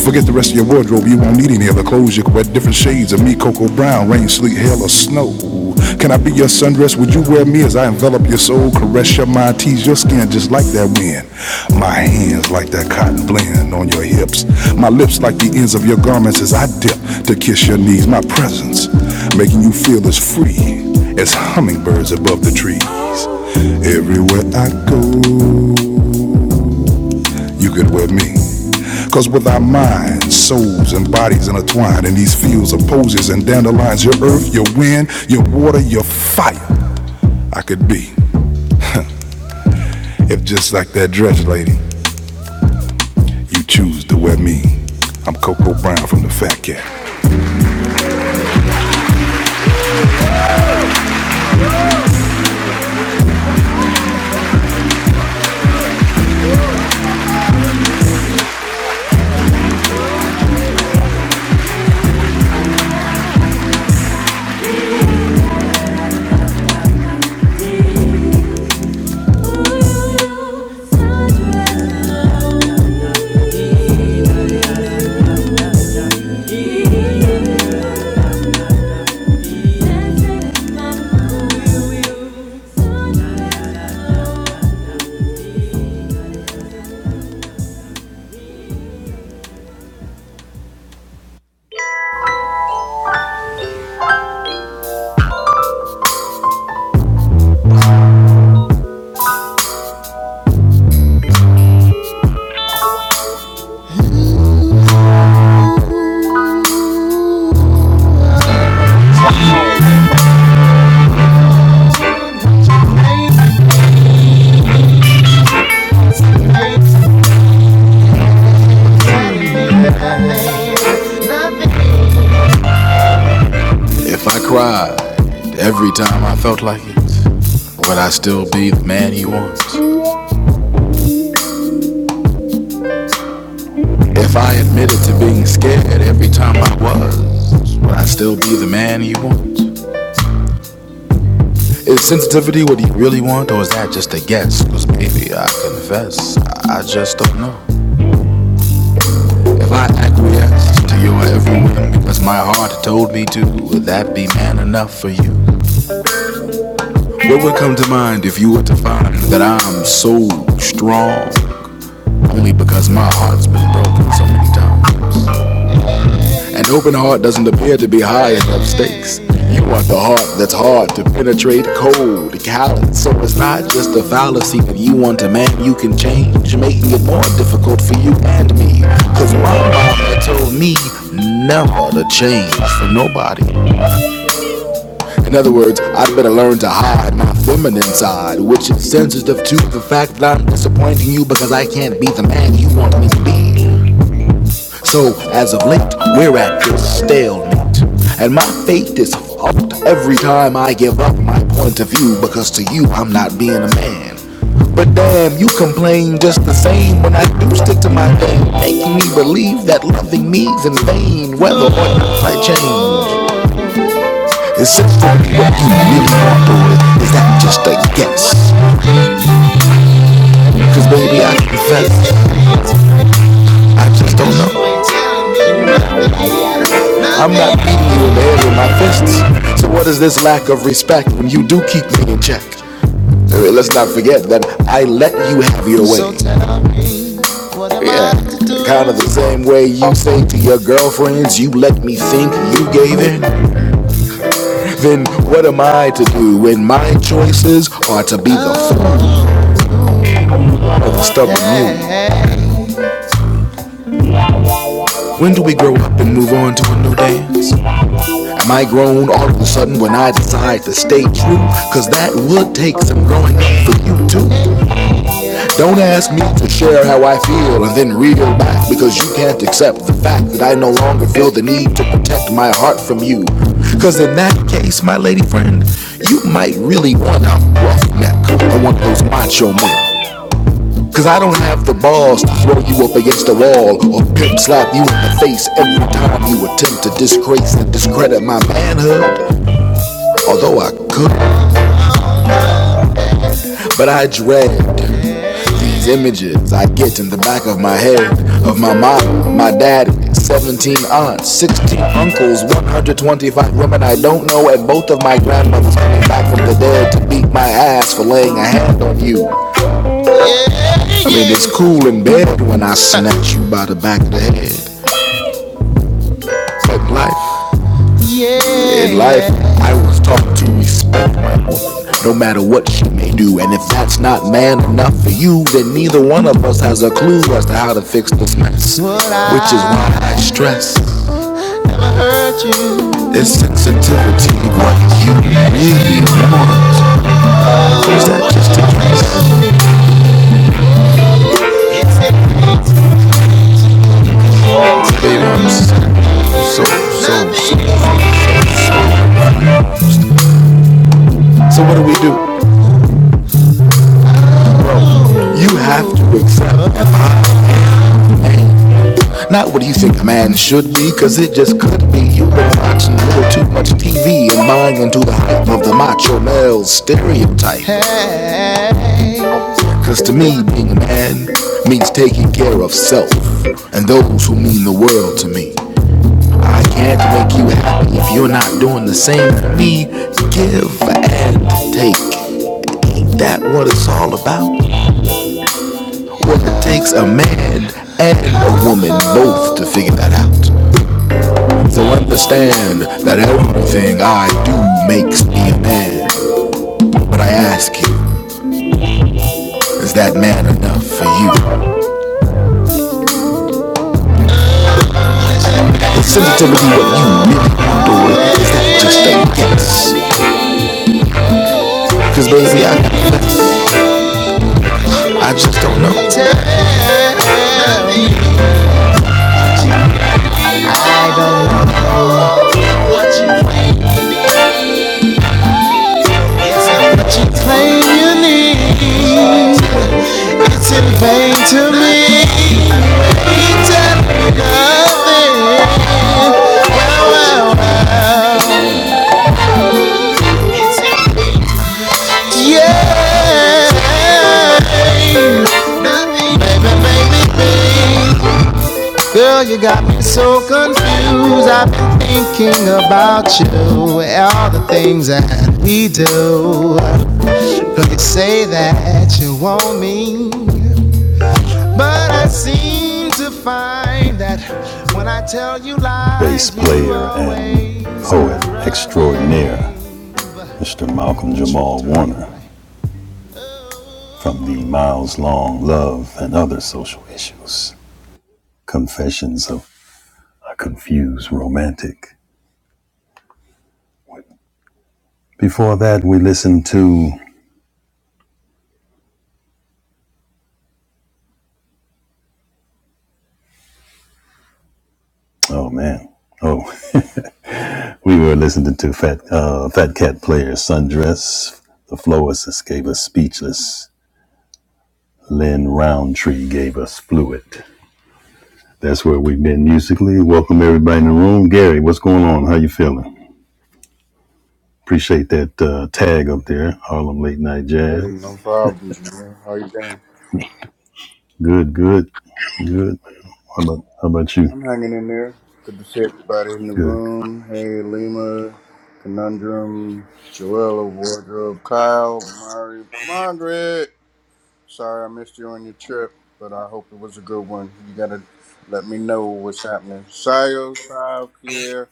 Forget the rest of your wardrobe, you won't need any other clothes. You can wear different shades of me, cocoa brown, rain, sleet, hail, or snow. Can I be your sundress? Would you wear me as I envelop your soul, caress your mind, tease your skin just like that wind? My hands like that cotton blend on your hips. My lips like the ends of your garments as I dip to kiss your knees. My presence making you feel as free as hummingbirds above the trees. Everywhere I go, you could wear me Cause with our minds, souls, and bodies intertwined in these fields of posies and dandelions, your earth, your wind, your water, your fire, I could be. If just like that dress lady, you choose to wear me. I'm Coco Brown from the Fat Cat. If I cried every time I felt like it, would I still be the man he wants? If I admitted to being scared every time I was, would I still be the man he wants? Is sensitivity what you really want, or is that just a guess? Cause baby, I confess, I just don't know. If I acquiesce to your every whim, because my heart told me to, would that be man enough for you? What would come to mind if you were to find that I'm so strong? Only because my heart's been broken so many times. An open heart doesn't appear to be high enough stakes. You want the heart that's hard to penetrate, cold, callous. So it's not just a fallacy that you want a man you can change, making it more difficult for you and me. Cause my mama told me never to change for nobody. In other words, I'd better learn to hide my feminine side, which is sensitive to the fact that I'm disappointing you because I can't be the man you want me to be. So, as of late, we're at this stalemate. And my faith is fucked every time I give up my point of view because to you, I'm not being a man. But damn, you complain just the same when I do stick to my thing, making me believe that loving me's in vain, whether or not I change. Is it for me what you really want, or is that just a guess? Cause baby, I confess, I just don't know. I'm not beating you in the air with my fists. So what is this lack of respect when you do keep me in check? Uh, let's not forget that I let you have your way. Yeah. Kind of the same way you say to your girlfriends, you let me think you gave in. Then what am I to do when my choices are to be the fool of a stubborn mule? When do we grow up and move on to a new dance? Am I grown all of a sudden when I decide to stay true? Cause that would take some growing up for you too. Don't ask me to share how I feel and then reel back because you can't accept the fact that I no longer feel the need to protect my heart from you. Cause in that case, my lady friend, you might really want a rough neck or one those macho men. Cause I don't have the balls to throw you up against the wall or pimp slap you in the face every time you attempt to disgrace and discredit my manhood. Although I could, but I dread These images I get in the back of my head of my mom, my dad, 17 aunts, 16 uncles, 125 women I don't know, and both of my grandmothers coming back from the dead to beat my ass for laying a hand on you. I mean, it's cool in bed when I snatch you by the back of the head. But life. In life, I was taught to respect my woman, no matter what she may do. And if that's not man enough for you, then neither one of us has a clue as to how to fix this mess. Which is why I stress this sensitivity. What you really want is that just a dress. Baby, I'm so, so, so. So what do we do? You have to accept me. Not what you think man should be, cause it just could be. You've been watching a little too much TV and buying into the hype of the macho male stereotype. Cause to me, being a man means taking care of self and those who mean the world to me. I can't make you happy if you're not doing the same for me. Give and take. Ain't that what it's all about? Well, it takes a man and a woman both to figure that out. So understand that everything I do makes me a man. But I ask you, is that man enough for you? Is sensitivity what you really want, or is that just a guess? Cause baby, I confess, I just don't know. Claim you need to be. a Baby, baby, baby. Girl, you got me so confused. I've been thinking about you all the things that we do. Girl, you say that you want me, but I seem to find that when I tell you lies, bass player and poet extraordinaire, right. Mr. Malcolm Jamal Warner, from the Miles Long Love and Other Social Issues Confessions of a Confused Romantic. Before that, we listened to oh man, oh we were listening to Fat uh, Fat Cat Player's Sundress. The Floesis gave us Speechless. Lynn Roundtree gave us Fluid. That's where we've been musically. Welcome everybody in the room. Gary, what's going on? How you feeling? Appreciate that uh, tag up there, Harlem Late Night
Hey,
Jazz.
no problems, man. How you doing?
Good, good, good. How about how about you?
I'm hanging in there. Good to see everybody in the
Good. good.
room. Hey, Lima, Conundrum, Joella, Wardrobe, Kyle, Mari, Margaret. Sorry I missed you on your trip, but I hope it was a good one. You gotta let me know what's happening. Sayo, Sav, Pierre,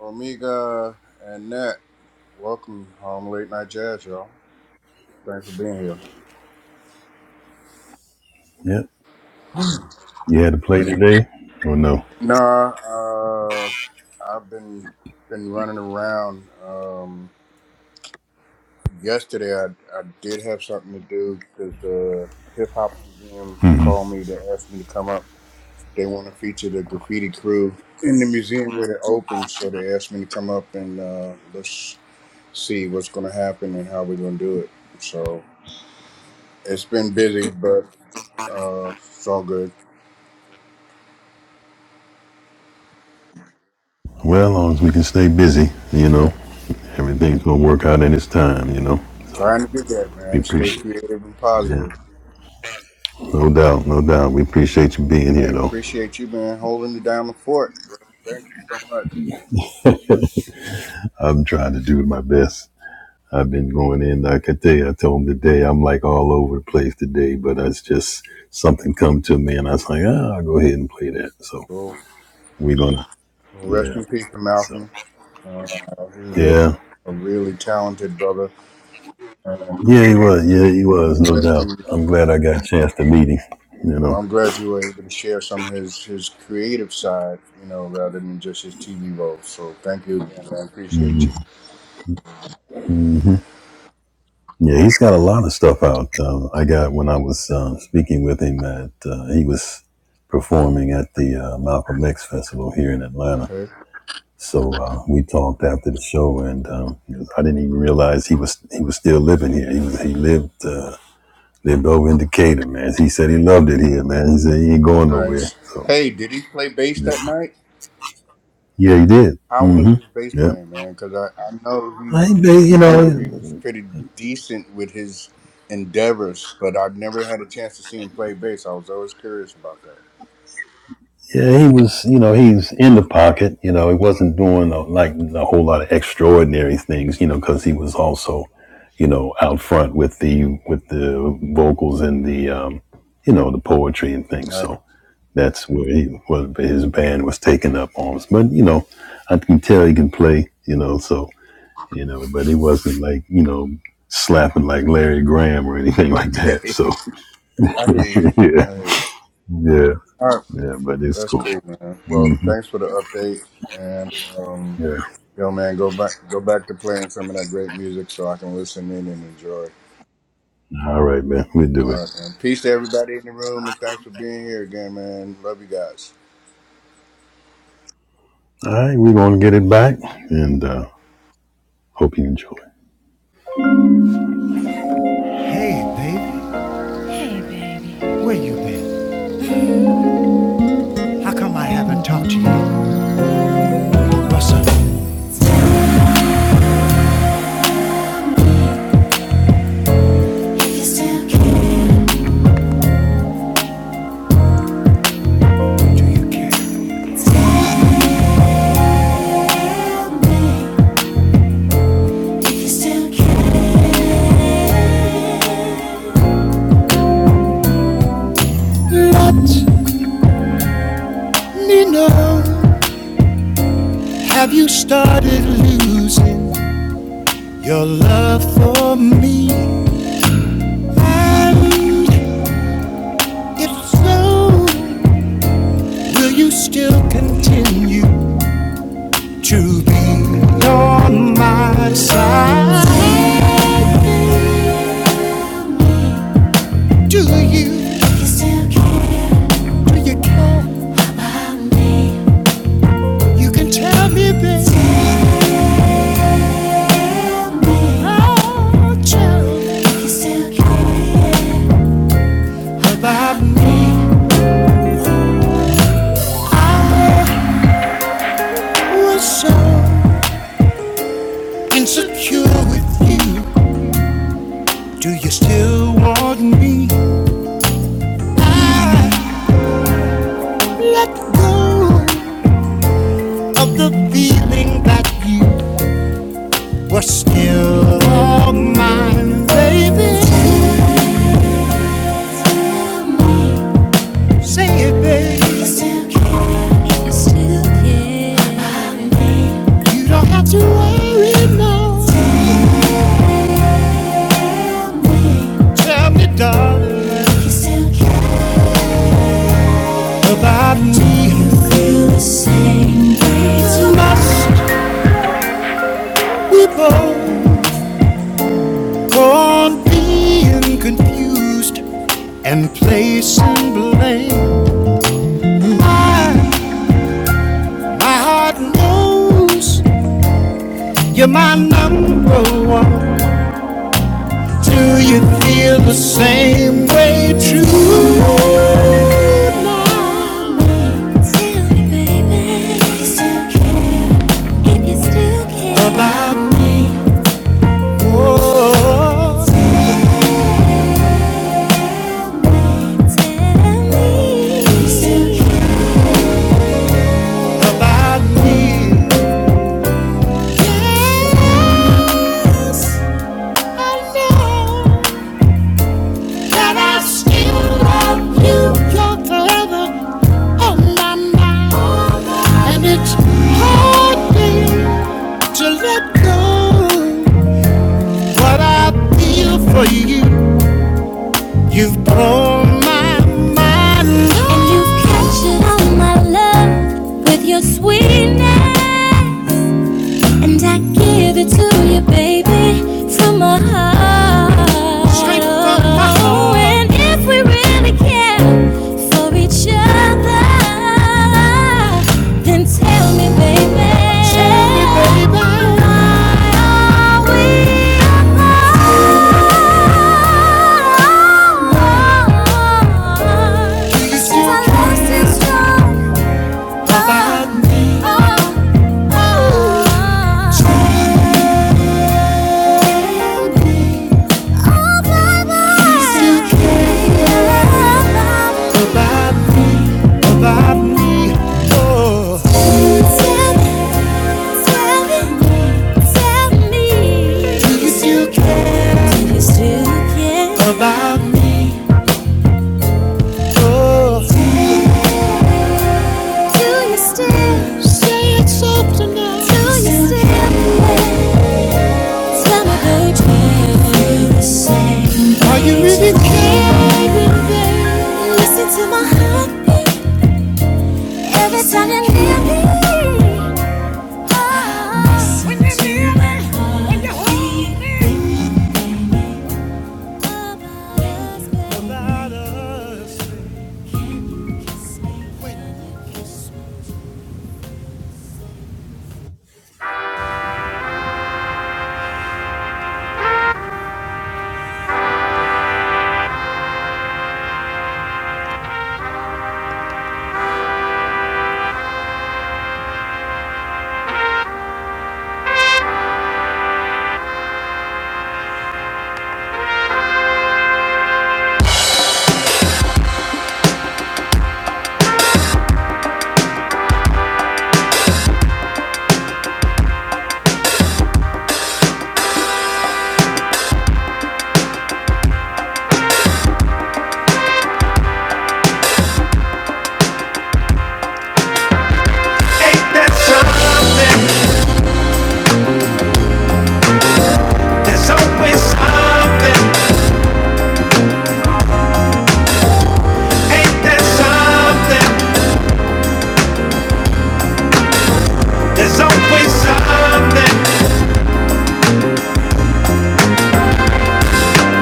Omega, and Nat. Welcome home, late night jazz, y'all. Thanks for being here.
Yep. You had to play today or no?
Nah, uh, I've been been running around. Um, yesterday, I, I did have something to do because the hip hop museum called me to ask me to come up. They want to feature the graffiti crew in the museum when it opens, so they asked me to come up and uh, let's see what's going to happen and how we're going to do it. So it's been busy, but uh, it's all good.
Well, as long as we can stay busy, you
Yeah,
know, everything's gonna work out in its time, you know.
trying to do that,
We
man. Stay
appreciate, it.
creative and
yeah,
positive.
no doubt, no doubt. We appreciate you being here,
Hey,
though.
appreciate you, man, holding it down the fort. bro. Thank you so much.
I'm trying to do my best. I've been going in. Like I tell you, I told him today, I'm like all over the place today, but it's just something come to me, and I was like, ah, I'll go ahead and play that. So
Well,
we're gonna,
well, rest
yeah.
in peace to
So
Malcolm. Uh, he was a,
yeah,
a really talented brother, and I'm
yeah, he was, yeah, he was, no
glad
doubt.
you.
I'm glad I got a chance to meet him, you
Well,
know.
I'm glad you were able to share some of his his creative side, you know, rather than just his TV role. So thank you again, man. Appreciate you.
Yeah, he's got a lot of stuff out. Um, I got when I was um, speaking with him at uh, he was performing at the uh, Malcolm X Festival here in Atlanta.
Okay,
So uh, we talked after the show, and um, I didn't even realize he was he was still living here. He was he lived uh, lived over in Decatur, man. He said he loved it here, man. He said he ain't going nowhere.
nice.
So
Hey, did he play bass that night?
yeah, he did.
How
mm
was
hmm
his bass
Yeah,
playing, man? Because I, I know
I, they-
he,
you
you know,
know.
he was pretty decent with his endeavors, but I've never had a chance to see him play bass. I was always curious about that.
Yeah, he was, you know, he's in the pocket. You know, he wasn't doing a, like a whole lot of extraordinary things, you know, because he was also, you know, out front with the with the vocals and the, um, you know, the poetry and things.
right.
So that's where he what his band was taking up arms. But you know, I can tell he can play. You know, so you know, but he wasn't like you know slapping like Larry Graham or anything like that.
Okay.
So
I hear you.
yeah,
I hear you.
yeah,
All right.
yeah. But it's
That's
cool.
cool, man. Well, thanks for the update. And, um,
Yeah.
yo, man, go back go back to playing some of that great music so I can listen in and enjoy.
All right, man. We do
All
it.
right, man. Peace to everybody in the room, and thanks for being here again, man. Love you
All right, we're gonna get it back, and uh, hope you enjoy. Me now, have you started losing your love for me? And if so, will you still continue to be on my side? Do you? Do you care? about me? You can tell me, baby. about me. Was so insecure with you. Do you still want me? Let go of the feeling that you were still all mine, baby. Say it, baby. You don't have to worry now. Tell me, darling, about me. Do you feel the same way Must we both? Born being confused and placing blame. My, my heart knows you're my number one. Do you feel the same way too? About me, oh, about me. to let what I feel for you. You've blown all my love with your sweetness, and I give it to you, baby, from my heart. Straight from my heart. Oh, And if we really care for each other, then tell me, baby, Tell me, baby. are we About Do you still see it soft enough? Do you still care? Are you really caring, baby? Listen to my heartbeat every time you're near me. Ah, When you're near me, when you hold me. There's always something, ain't there something? There's always something.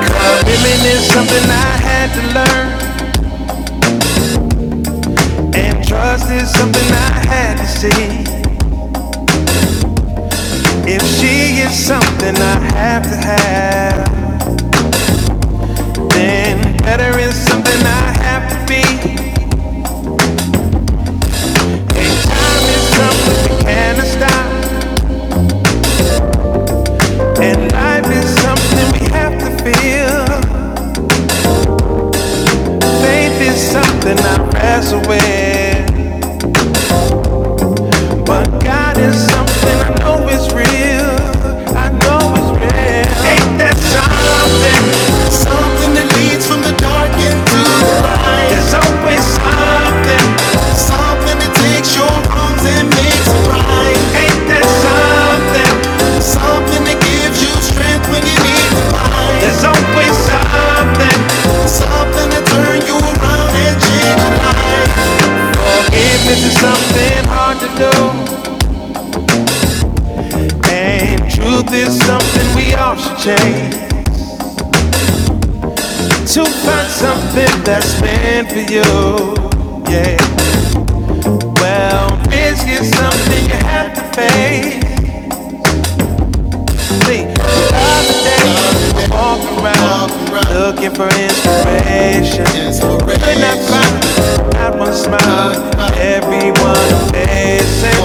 Uh, living is something I had to learn. And trust is something I had to see. If she is something I have to have, then better is something I have to be. And time is something we cannot stop. And life is something we have to feel. Faith is something I wrestle with. But God is something I know is real. I know it's real. Ain't that something that's over? Forgiveness is something hard to do. truth is something we all should change to find something that's meant for you. Yeah, well, risk is something you have to face. looking for inspiration. Could not find not one smile. Everyone facing.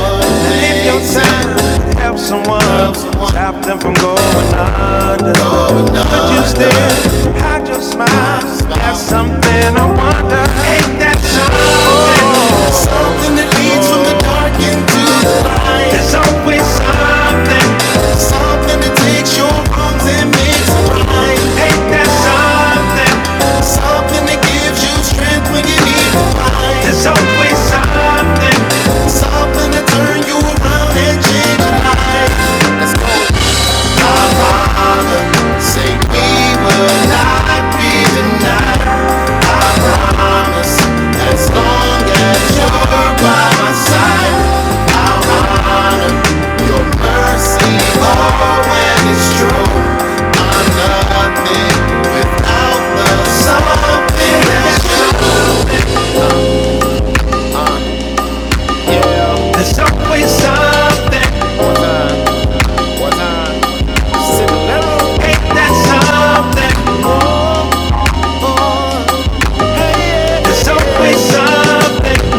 If your time to help someone, stop them from going under. But you still hide your smile. Have something I wonder. Ain't that something? There's always something. there's always something. Ain't that something? There's always something,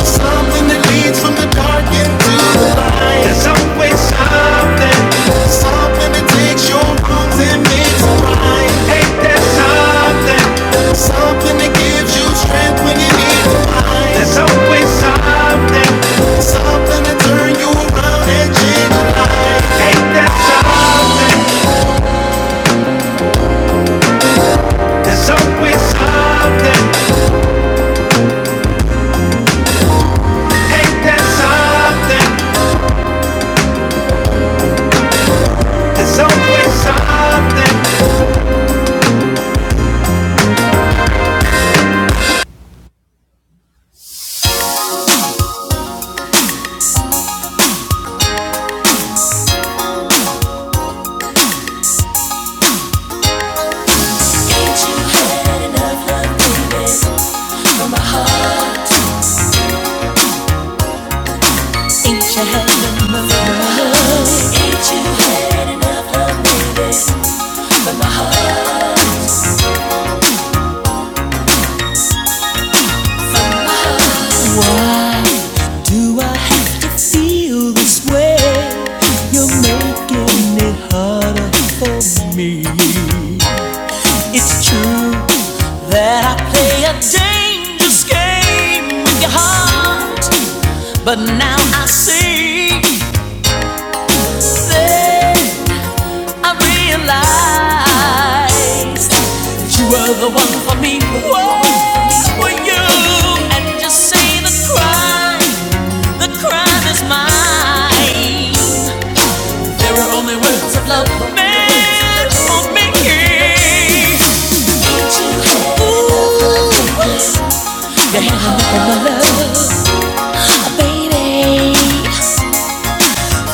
Something that leads from the dark into the light. Something that takes your wrongs and makes them right. Something that gives you strength when you need it. there's always something, Something that you around. there's always something, ain't there something, there's always something. Ain't you had enough love, baby, my heart? Ain't you had enough love? Why do I have to feel this way? You're making it harder for me. It's true that I play a dangerous game with your heart, but now I see. Then I realize. You were the one for me. Whoa, were you? And just say the crime, the crime is mine. There were only words of love meant for me. Ooh, and my love, ah, baby.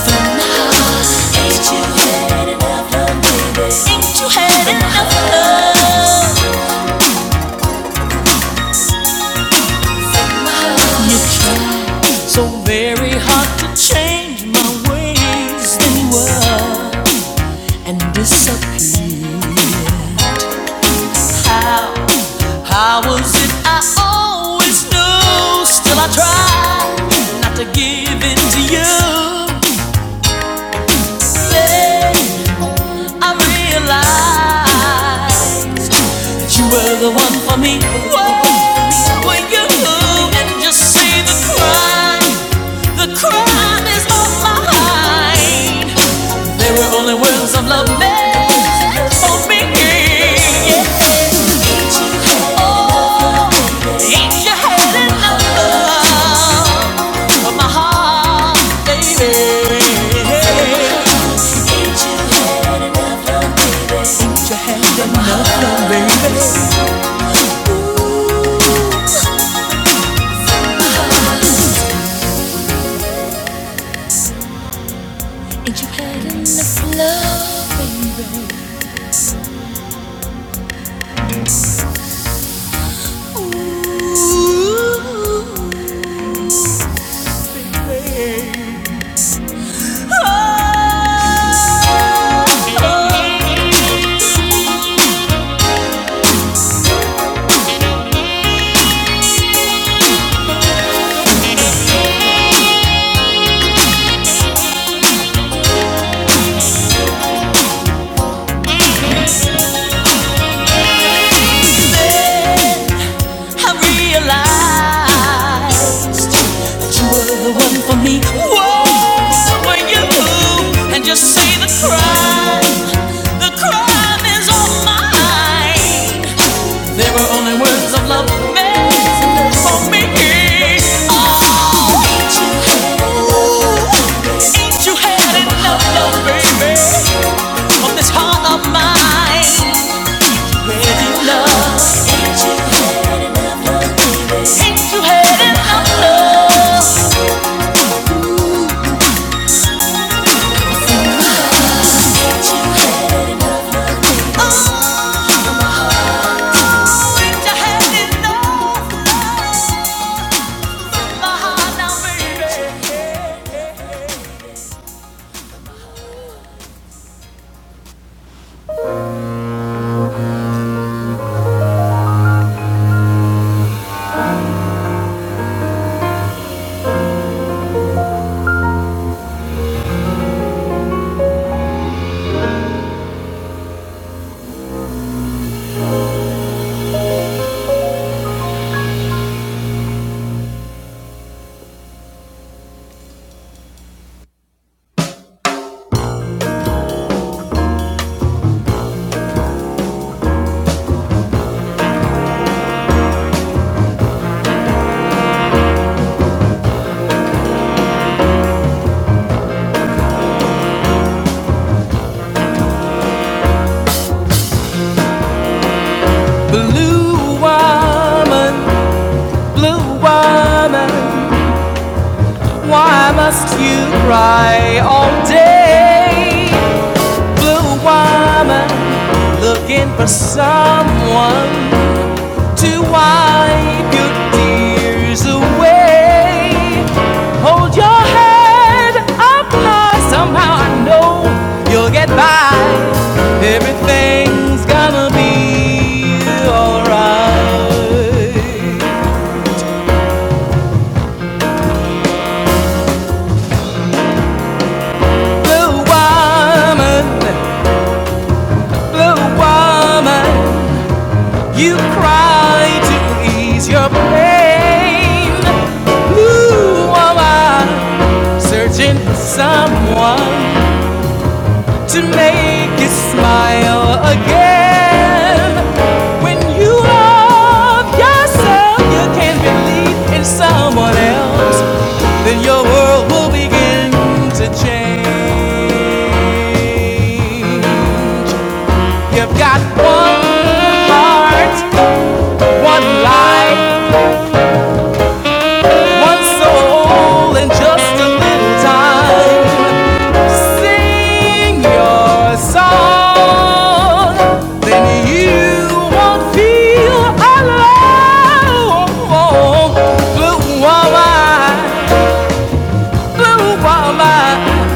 From my heart, ain't you had enough love, baby? Ain't you had enough love? You So very hard to change my ways they were and disappear. How, how was it I always knew? Still I try not to give in to you. Then I realized that you were the one for me. Whoa, when you move and just see the crime, the crime is on my mind. They were only words of love made for me. Oh, ain't you had enough of my heart, baby? Ain't you had enough, love, baby? Ain't you had enough, love, baby? Ooh, ain't you had enough love, baby? Ooh, baby. I realized you were the one for me. Whoa, so when you move and just say the crime, the crime is all mine. There were only words of love meant for me. Oh, ain't you had enough? Ain't you had enough, love, baby, of this heart of mine? Where you love? Ain't you had enough, love, baby? Blue woman, blue woman, why must you cry all day? Blue woman, looking for someone to wipe your tears away. Hold your head up high, somehow I know you'll get by. Everything's gonna be alright. Blue woman, blue woman, you cry to ease your pain. Blue woman, searching for someone to make you smile again. When you love yourself, you can believe in someone else. Then your world will begin to change. You've got one heart, one life, one soul, and just a little time. Sing your song, then you won't feel alone. Blue woman, blue woman,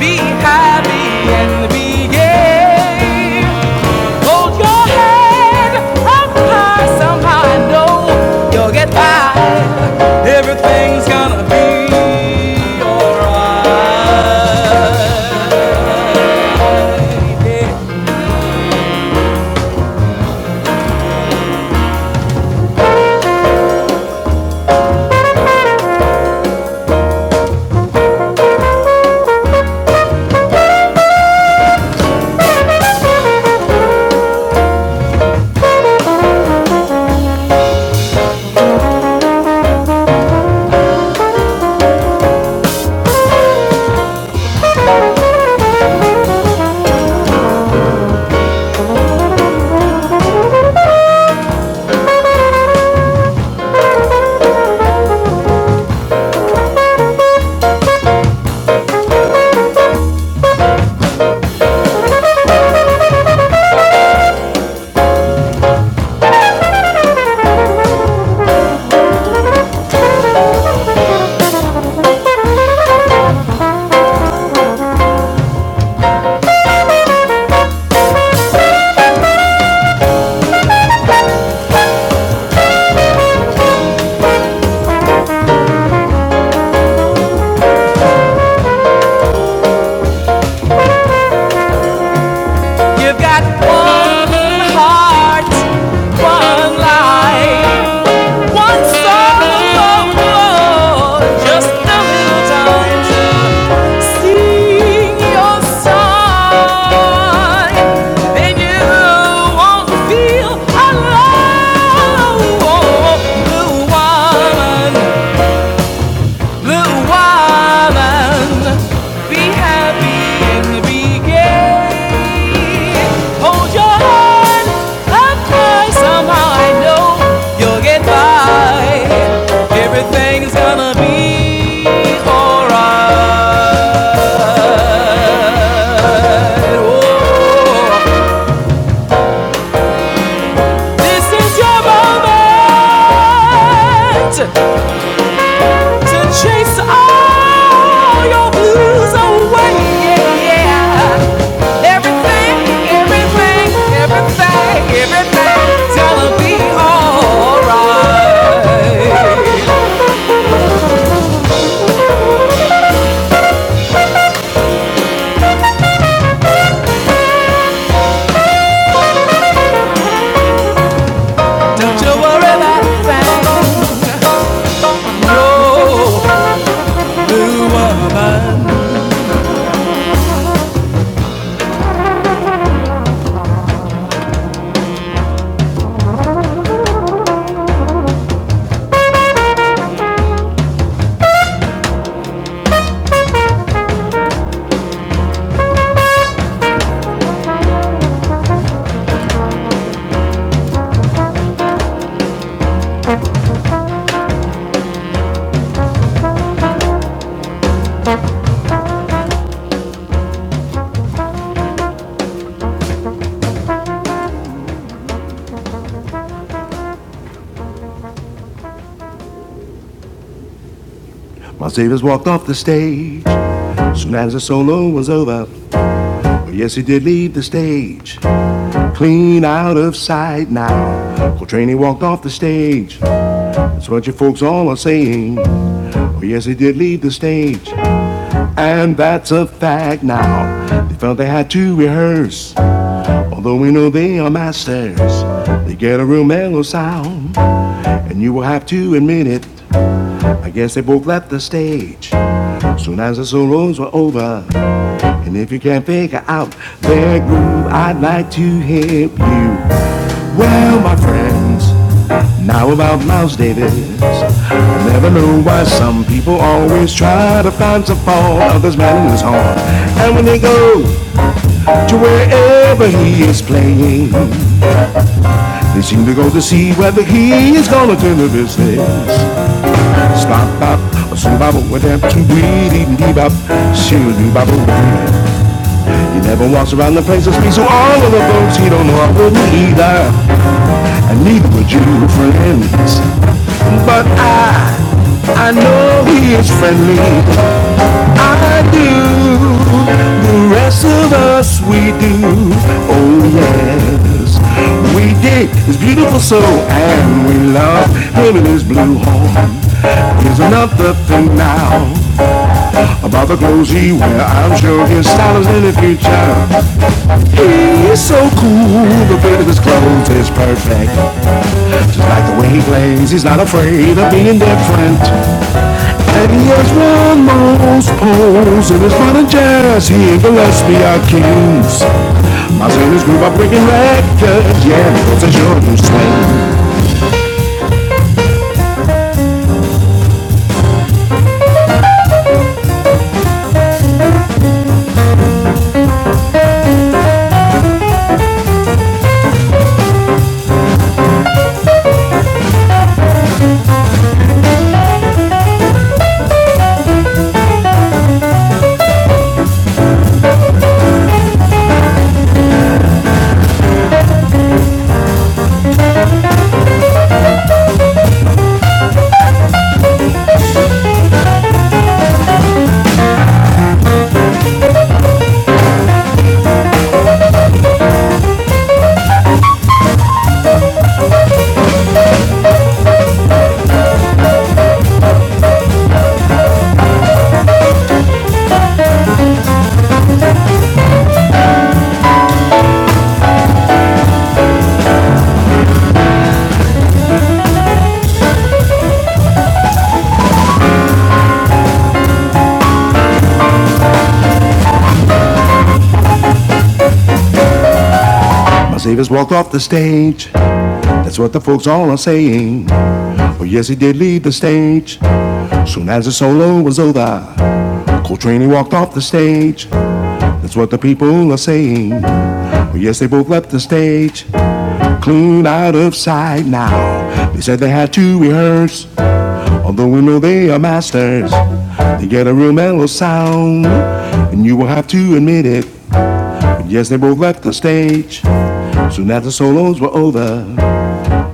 be happy and be gay. Hold your head up high, somehow I know you'll get by. Everything's gonna be alright. Yeah. Oh, just a little time to sing your song, and you won't feel alone. Blue woman, blue woman, be happy in the beginning. Hold your hand up high, somehow I know you'll get by. Everything's gonna be alright. Oh, this is your moment to chase all your blues away. Yeah, yeah. Everything, everything, everything, everything. My saviors walked off the stage soon as the solo was over. well, Yes, he did leave the stage, clean out of sight now. Coltrane walked off the stage. That's what you folks all are saying. Oh, yes, he did leave the stage, and that's a fact now. They felt they had to rehearse, although we know they are masters. They get a real mellow sound, and you will have to admit it. I guess they both left the stage soon as the solos were over. And if you can't figure out that groove, I'd like to help you. Well, my friends, now about Miles Davis. I never know why some people always try to find some fault of this man in his horn. And when they go to wherever he is playing, they seem to go to see whether he is gonna turn the business. Stop, bop, a swing, bop, a dab, two, dee, dee, dee, bop, shoo, doo, bop, He never walks around the place and speaks to all of the folks he don't know. I wouldn't either, and neither would you, friends. But I, I know he is friendly. I do. The rest of us, we do. Oh yes, we dig his beautiful soul, and we love him and his blue horn. Here's another thing now about the clothes he wear. I'm sure his style is in the future. He is so cool, the fit of his clothes is perfect. Just like the way he plays, he's not afraid of being different. And he has one most pose in his modern jazz. He and Gillespie are kings. My Savers grew up breaking records, yeah, because they sure do swing. My Savers walked off the stage, that's what the folks all are saying. But yes, he did leave the stage, soon as the solo was over. Coltrane, walked off the stage, that's what the people are saying. Yes, they both left the stage, clean out of sight now. They said they had to rehearse, although we know they are masters. They get a real mellow sound, and you will have to admit it. But Yes, they both left the stage soon after solos were over.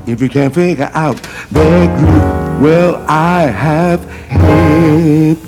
If you can't figure out their groove, well, I have hit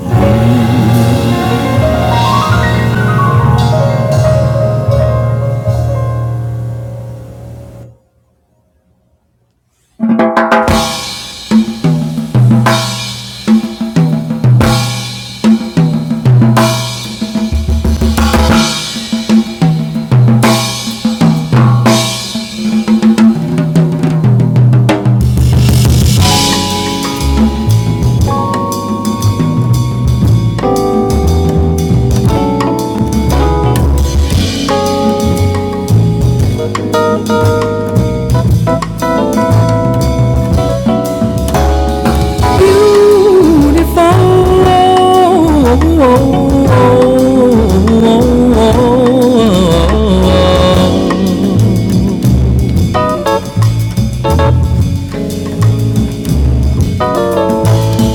Beautiful.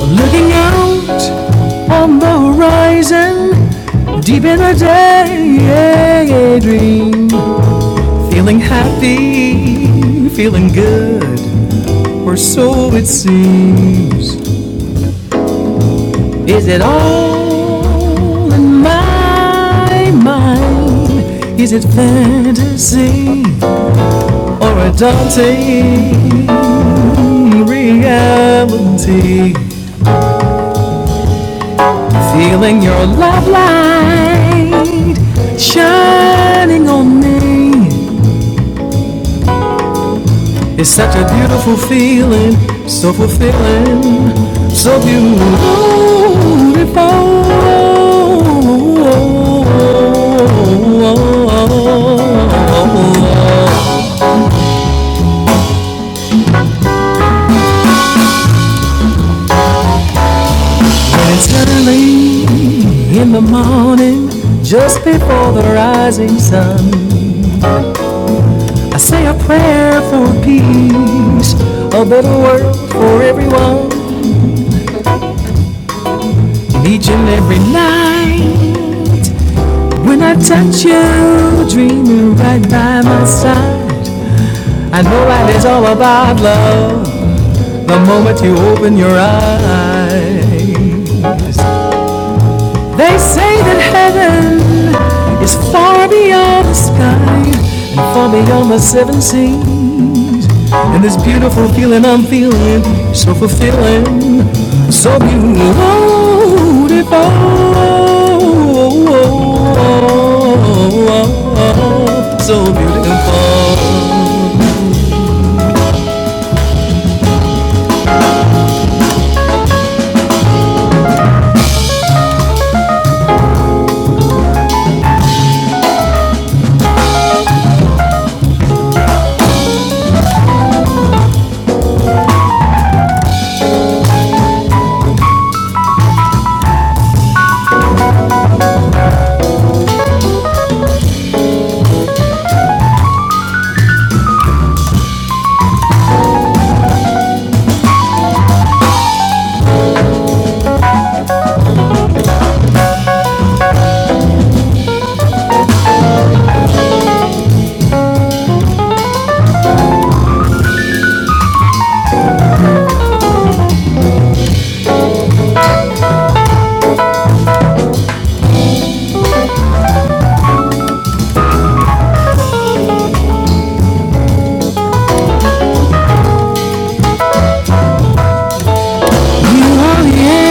Looking out on the horizon, deep in a daydream. Feeling happy, feeling good, or so it seems. Is it all in my mind? Is it fantasy or a daunting reality? Feeling your love light shining on me. It's such a beautiful feeling, so fulfilling, so beautiful. And it's early in the morning, just before the rising sun. I say a prayer for peace, a better world for everyone, each and every night. When I touch you, dreaming right by my side, I know life is all about love. The moment you open your eyes, They say that heaven is far beyond the sky and far beyond the seven seas. And this beautiful feeling I'm feeling, so fulfilling, so beautiful. So beautiful.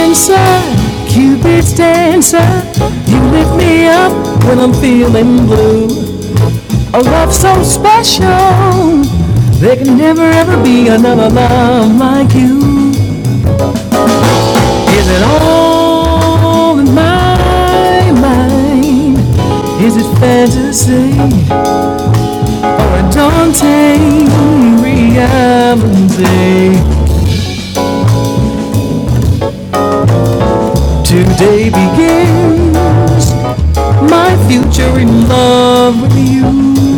I'm so Cupid's dancer. You lift me up when I'm feeling blue. A love so special. There can never ever be another love like you. Is it all in my mind? Is it fantasy or a daunting reality? Today begins my future in love with you.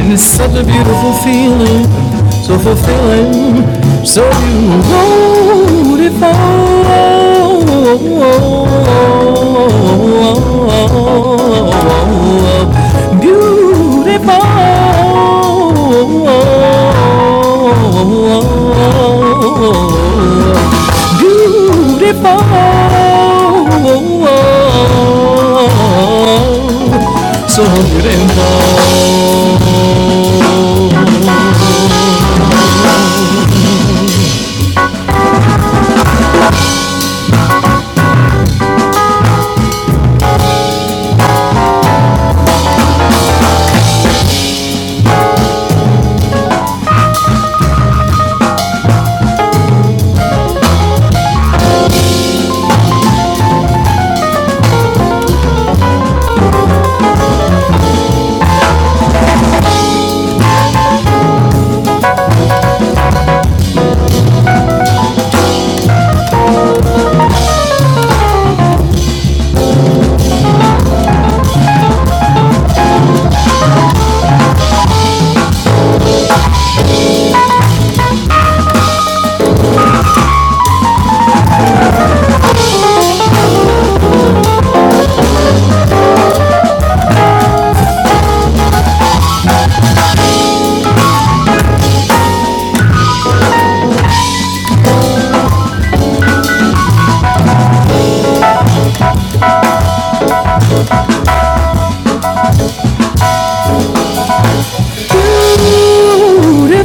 And it's such a beautiful feeling, so fulfilling. So beautiful. Beautiful. Beautiful. So beautiful. The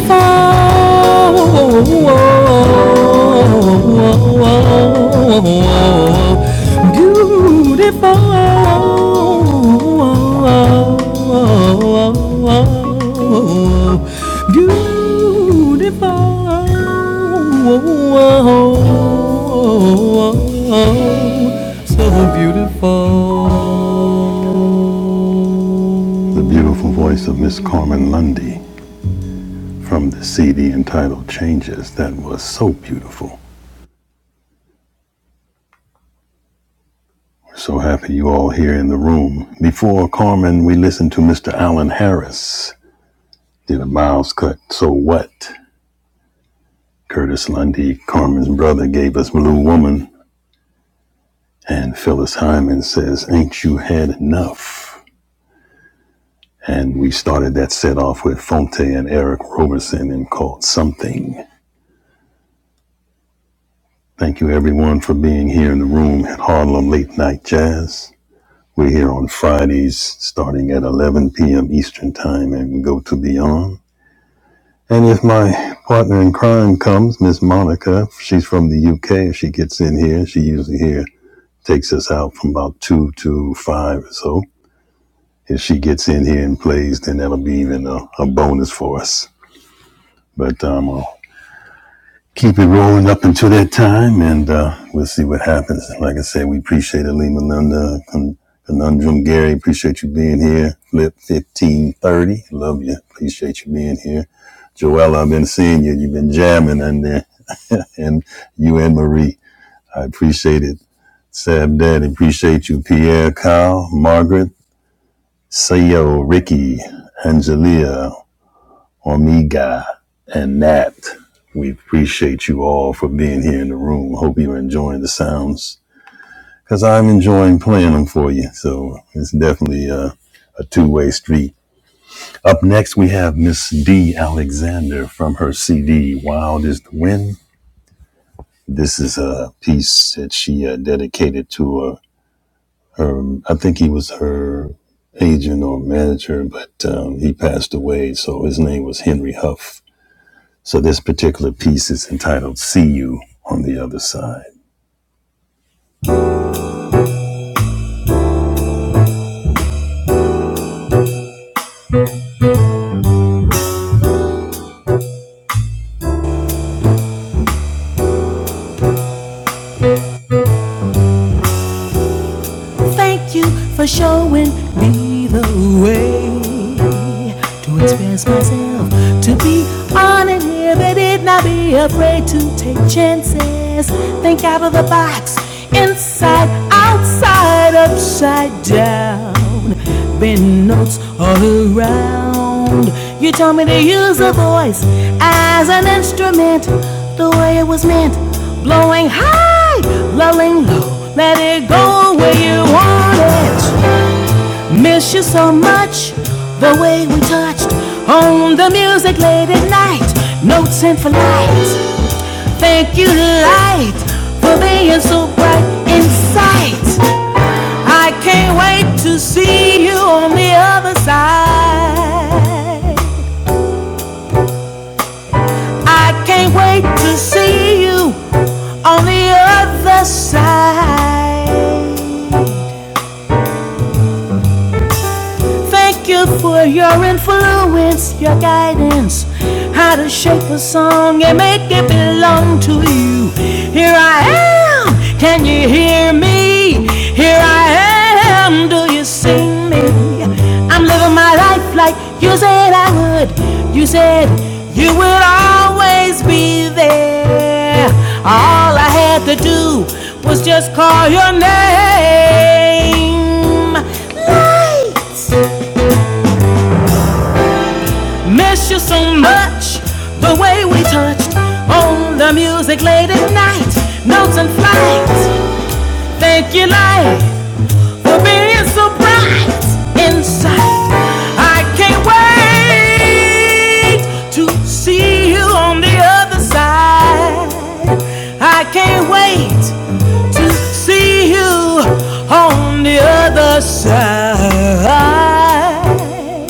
beautiful voice of Miss Carmen Lundy from the CD entitled Changes that was so beautiful. We're so happy you all here in the room. Before Carmen, we listened to Mr. Alan Harris, did a Miles cut, So What? Curtis Lundy, Carmen's brother, gave us Blue Woman, and Phyllis Hyman says, Ain't You Had Enough? And we started that set off with Fonte and Eric Roberson and called Something. Thank you everyone for being here in the room at Harlem Late Night Jazz. We're here on Fridays starting at 11 p.m. Eastern Time and we go to beyond. And if my partner in crime comes, Miss Monica, she's from the UK. If she gets in here, she usually here takes us out from about 2 to 5 or so. If she gets in here and plays, then that'll be even a, a bonus for us. But um, I'll keep it rolling up until that time, and uh, we'll see what happens. Like I said, we appreciate it, Lee Melinda, Conundrum Gary. Appreciate you being here. Flip fifteen thirty, love you. Appreciate you being here, Joella. I've been seeing you. You've been jamming in there, and you and Marie. I appreciate it. Sab Daddy, appreciate you. Pierre, Kyle, Margaret, Sayo, Ricky, Angelia, Omega, and Nat. We appreciate you all for being here in the room. Hope you're enjoying the sounds because I'm enjoying playing them for you. So it's definitely a, a two way street. Up next, we have Miss D. Alexander from her CD Wild is the Wind. This is a piece that she uh, dedicated to uh, her, I think he was her agent or manager, but um, he passed away. So his name was Henry Huff So this particular piece is entitled See You on the Other Side. Thank you for showing me the way to express myself, to be on and here, not be afraid to take chances. Think out of the box, inside, outside, upside down. bend notes all around. You told me to use a voice as an instrument, the way it was meant. Blowing high, lulling low, let it go where you want it. Miss you so much, the way we touched on the music late at night. Notes and for light, thank you light for being so bright in sight. I can't wait to see you on the other side. I can't wait to see you on the other side. Thank you for your influence, your guidance, how to shape a song and make it belong to you. Here I am, can you hear me? Here I am, do you see me? I'm living my life like you said I would. You said you would always be there. All I had to do was just call your name. Life. light for being so bright inside. I can't wait to see you on the other side. I can't wait to see you on the other side. So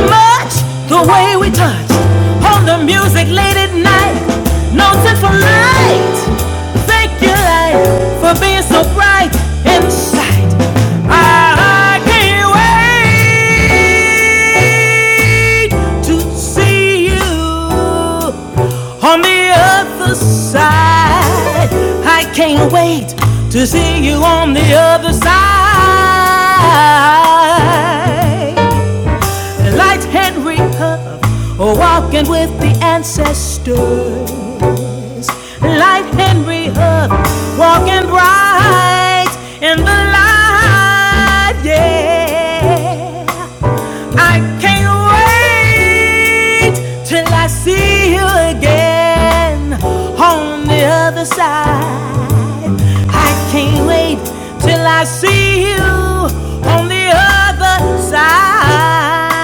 Much the music for make you like, like and see you side. Can't wait to see you on the other side. Light Henry Hub, walking with the ancestors. Light Henry Hub, walking bright in the light. Yeah, I can't wait till I see you again on the other side. I can't I see you on the other side.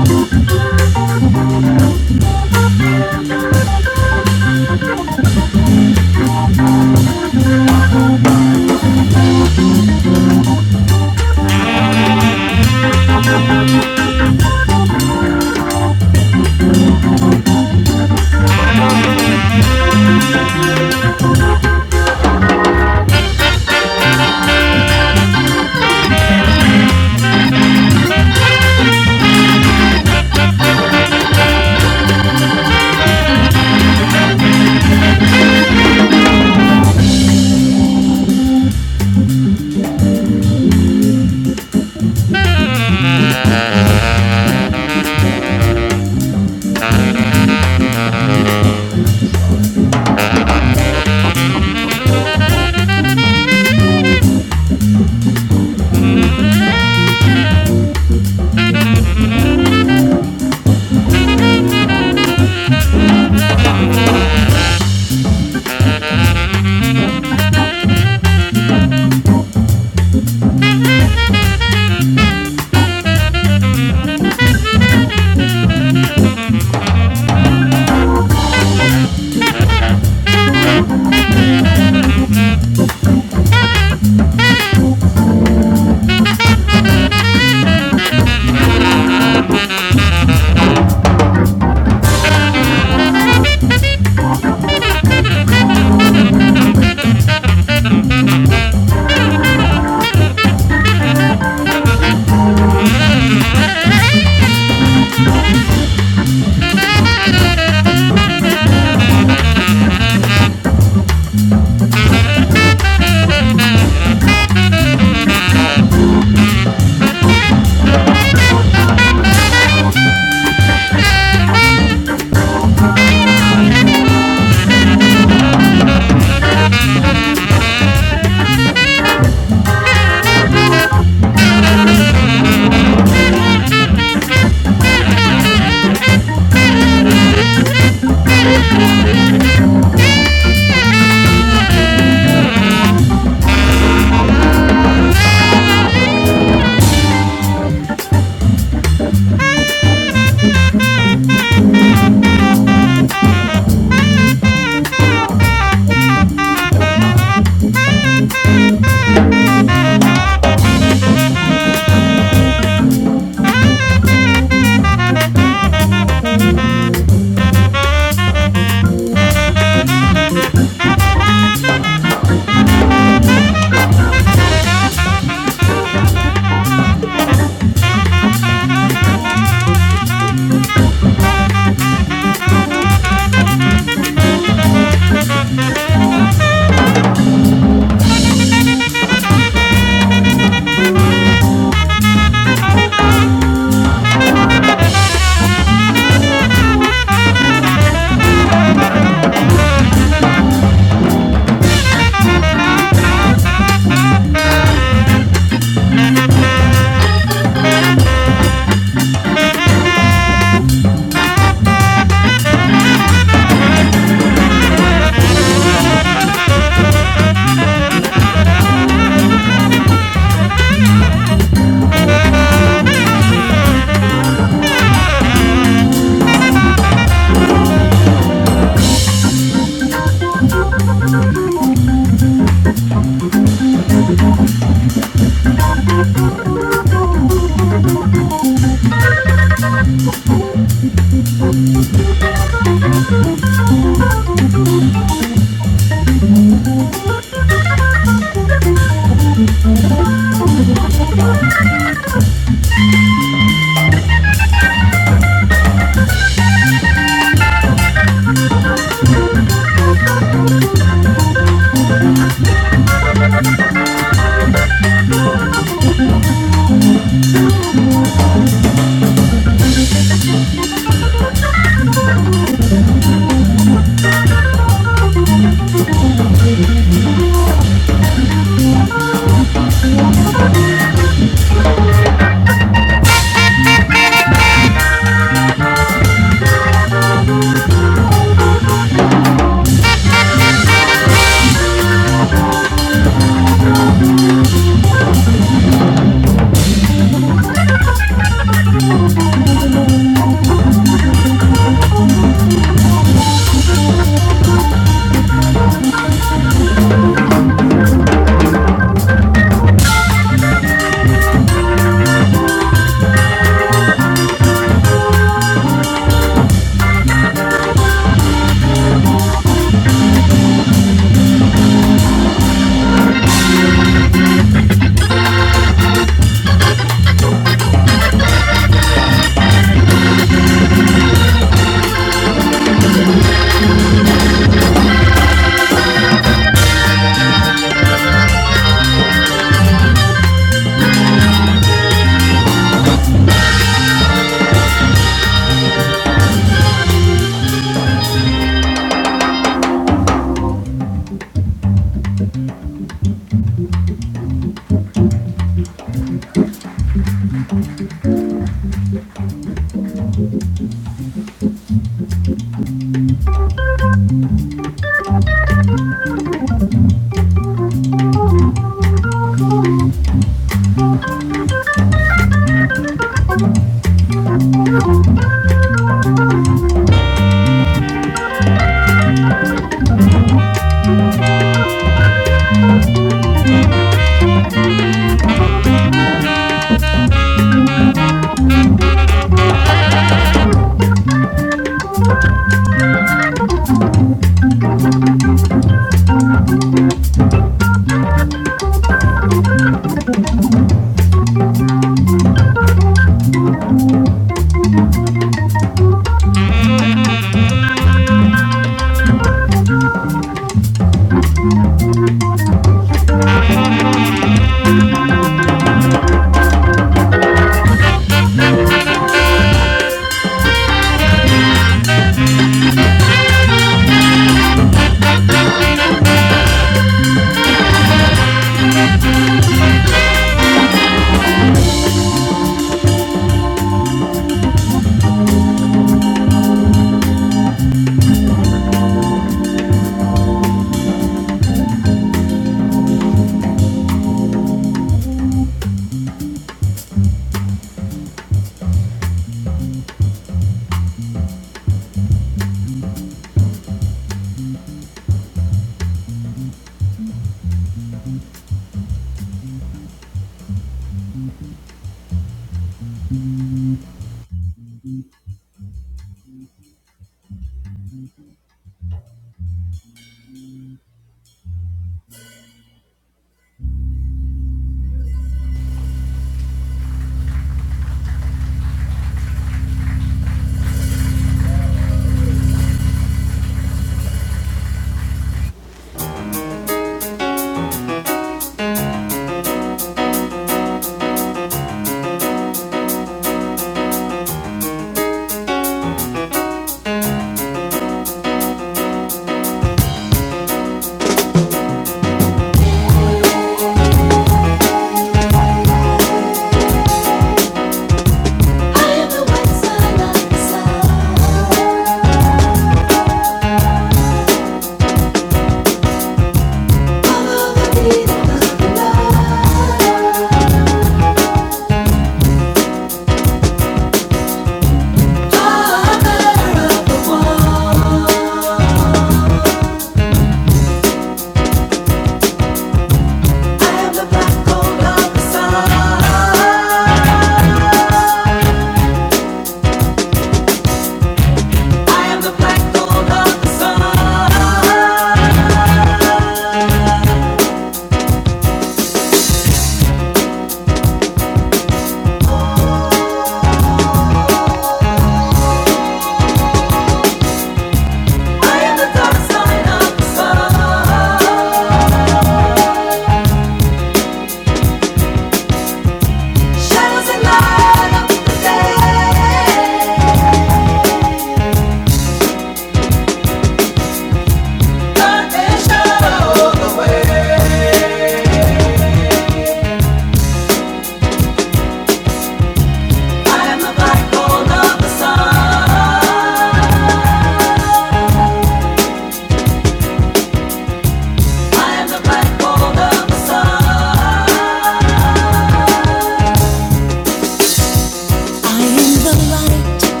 I am the light,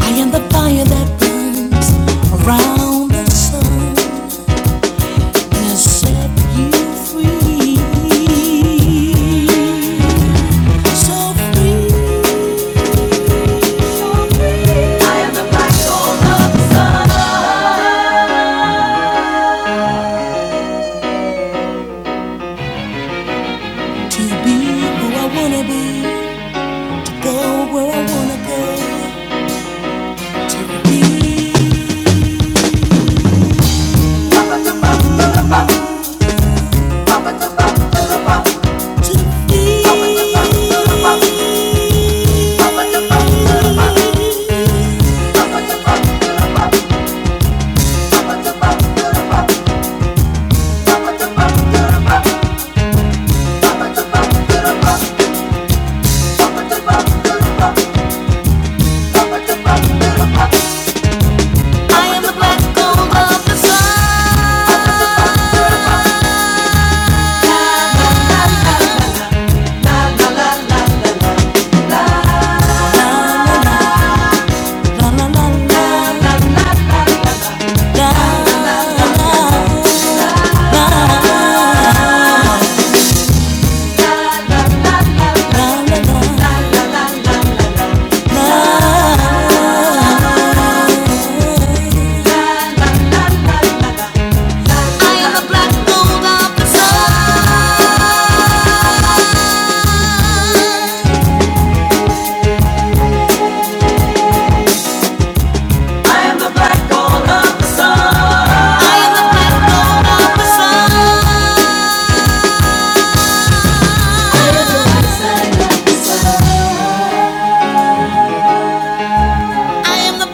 I am the fire that burns around the sun and set you free. So free to be who I wanna be, go where I wanna go. To be, to be, I am the black gold of the sun. La la la la la la la la la la la la. I the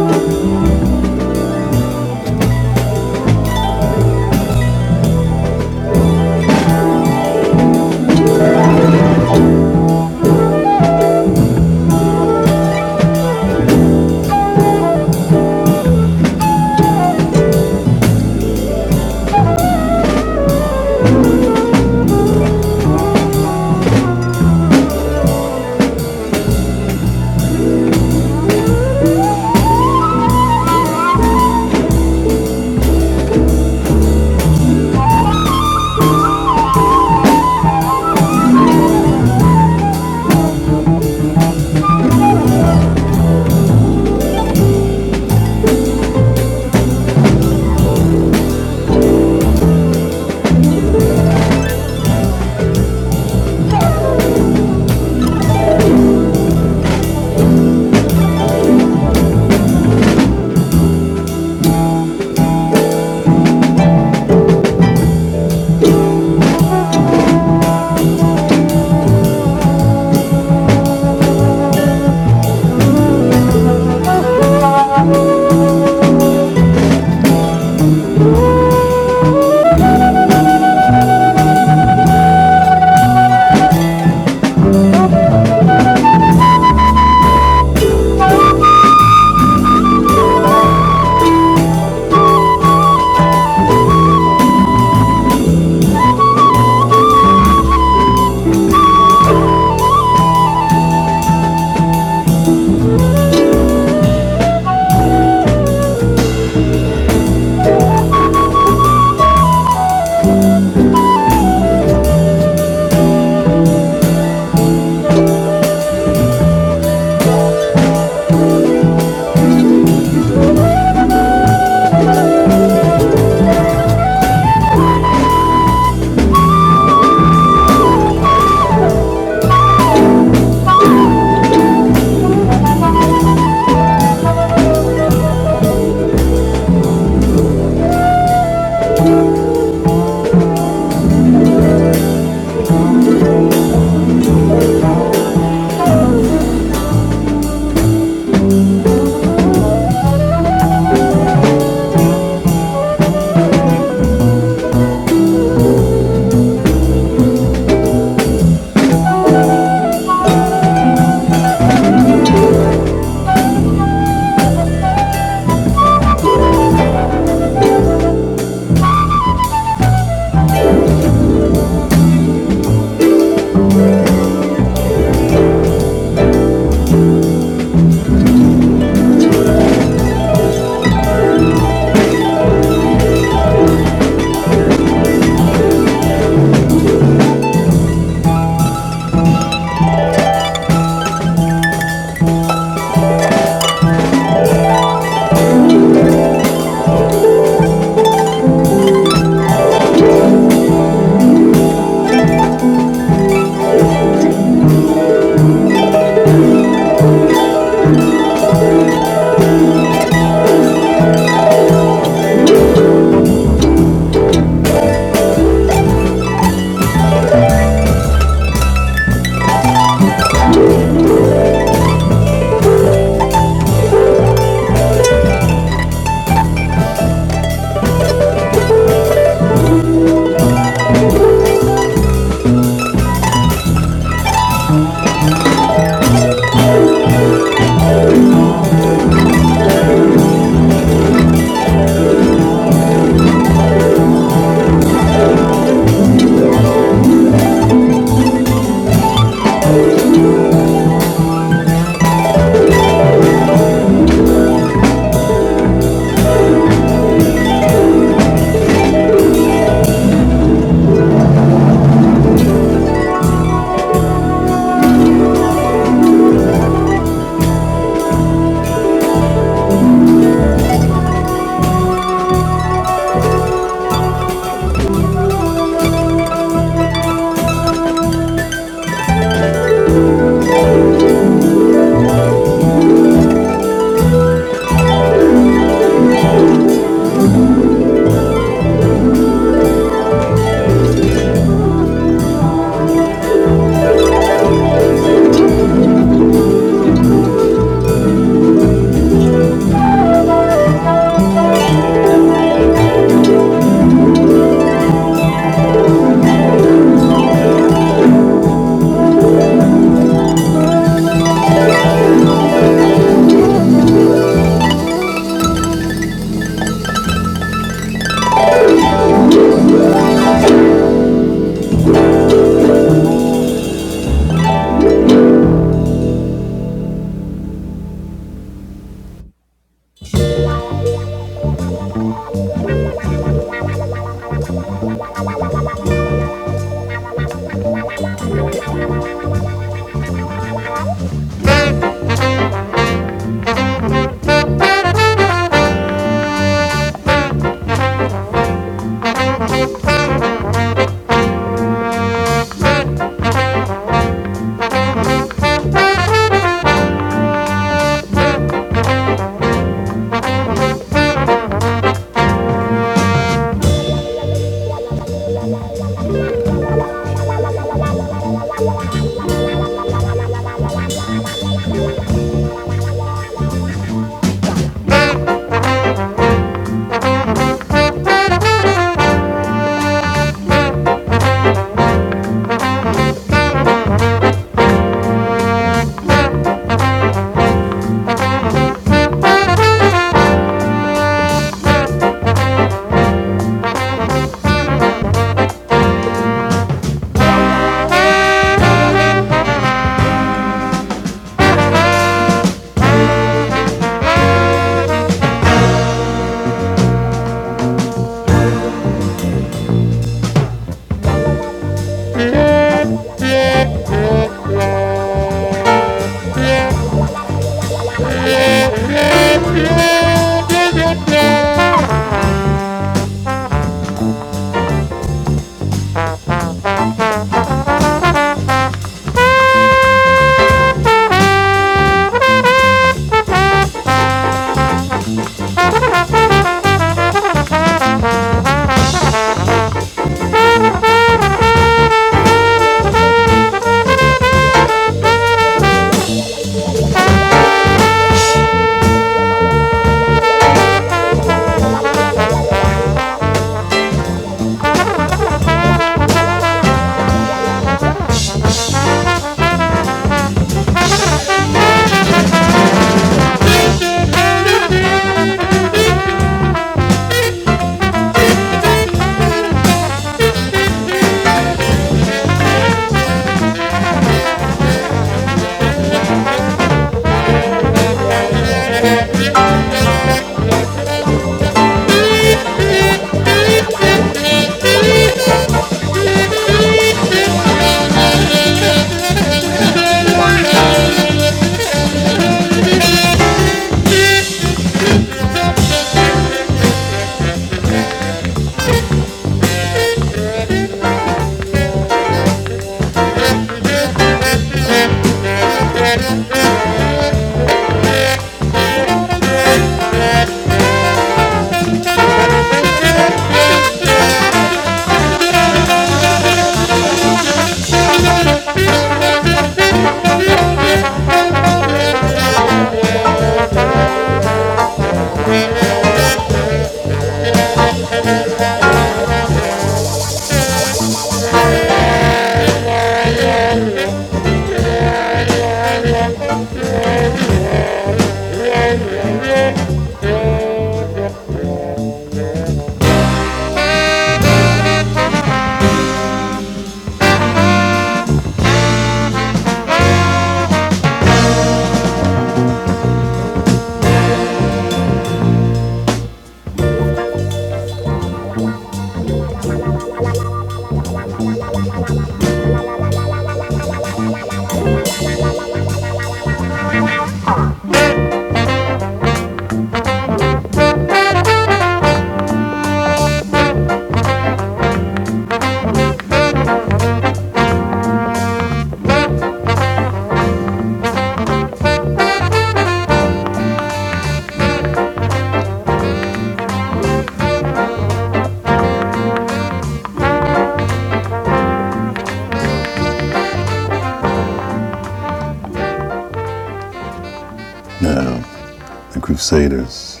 Crusaders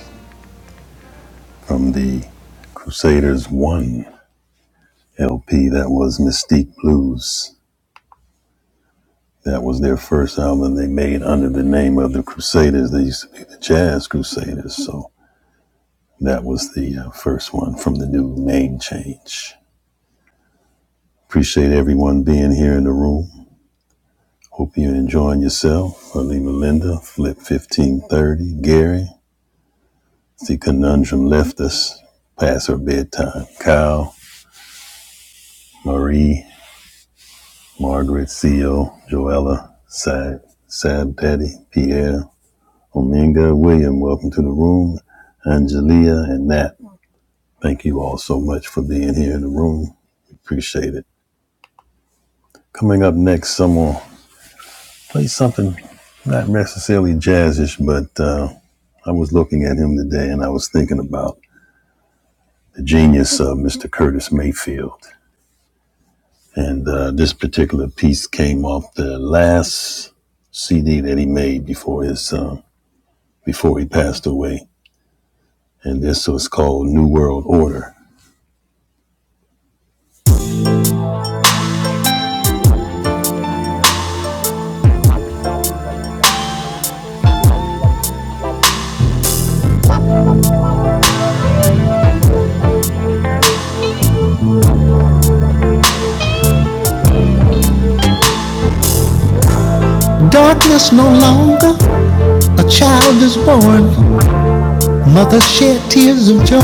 from the Crusaders 1 LP that was Mystique Blues. That was their first album they made under the name of the Crusaders. They used to be the Jazz Crusaders. so. That was the uh, first one from the new name change. Appreciate everyone being here in the room. Hope you're enjoying yourself. Alima Linda, Flip 1530, Gary. The conundrum left us past her bedtime. Kyle, Marie, Margaret, Theo, Joella, Sad, Sad Daddy, Pierre, Ominga, William, welcome to the room. Angelia and Nat, thank you all so much for being here in the room. Appreciate it. Coming up next, someone play something not necessarily jazzish, but uh, I was looking at him today and I was thinking about the genius of Mr. Curtis Mayfield. And uh, this particular piece came off the last CD that he made before his uh, before he passed away. And this was called New World Order. Darkness no longer, a child is born. Mother shed tears of joy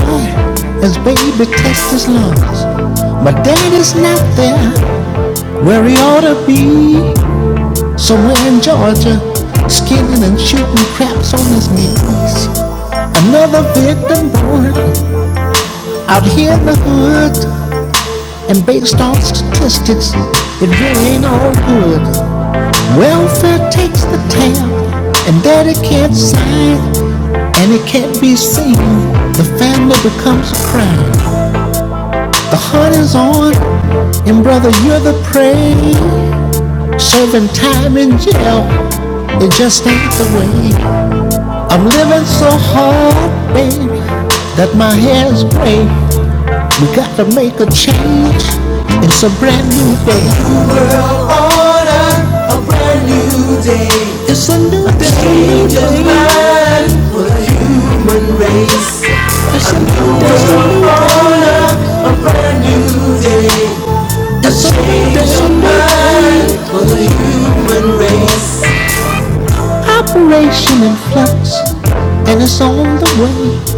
as baby tests his lungs. But dad is not there. Where he ought to be, somewhere in Georgia, skinning and shooting craps on his knees. Another victim born out here in the hood, and based on statistics, it really ain't all good. Welfare takes the town, and daddy can't sign and it can't be seen. The family becomes a crime. The hunt is on, and brother, you're the prey. Serving time in jail It just ain't the way. I'm living so hard, baby, that my hair's gray. We gotta make a change. It's a brand new day. It's a new day. change of mind. It's a new day. Operation in flux, and it's on the way.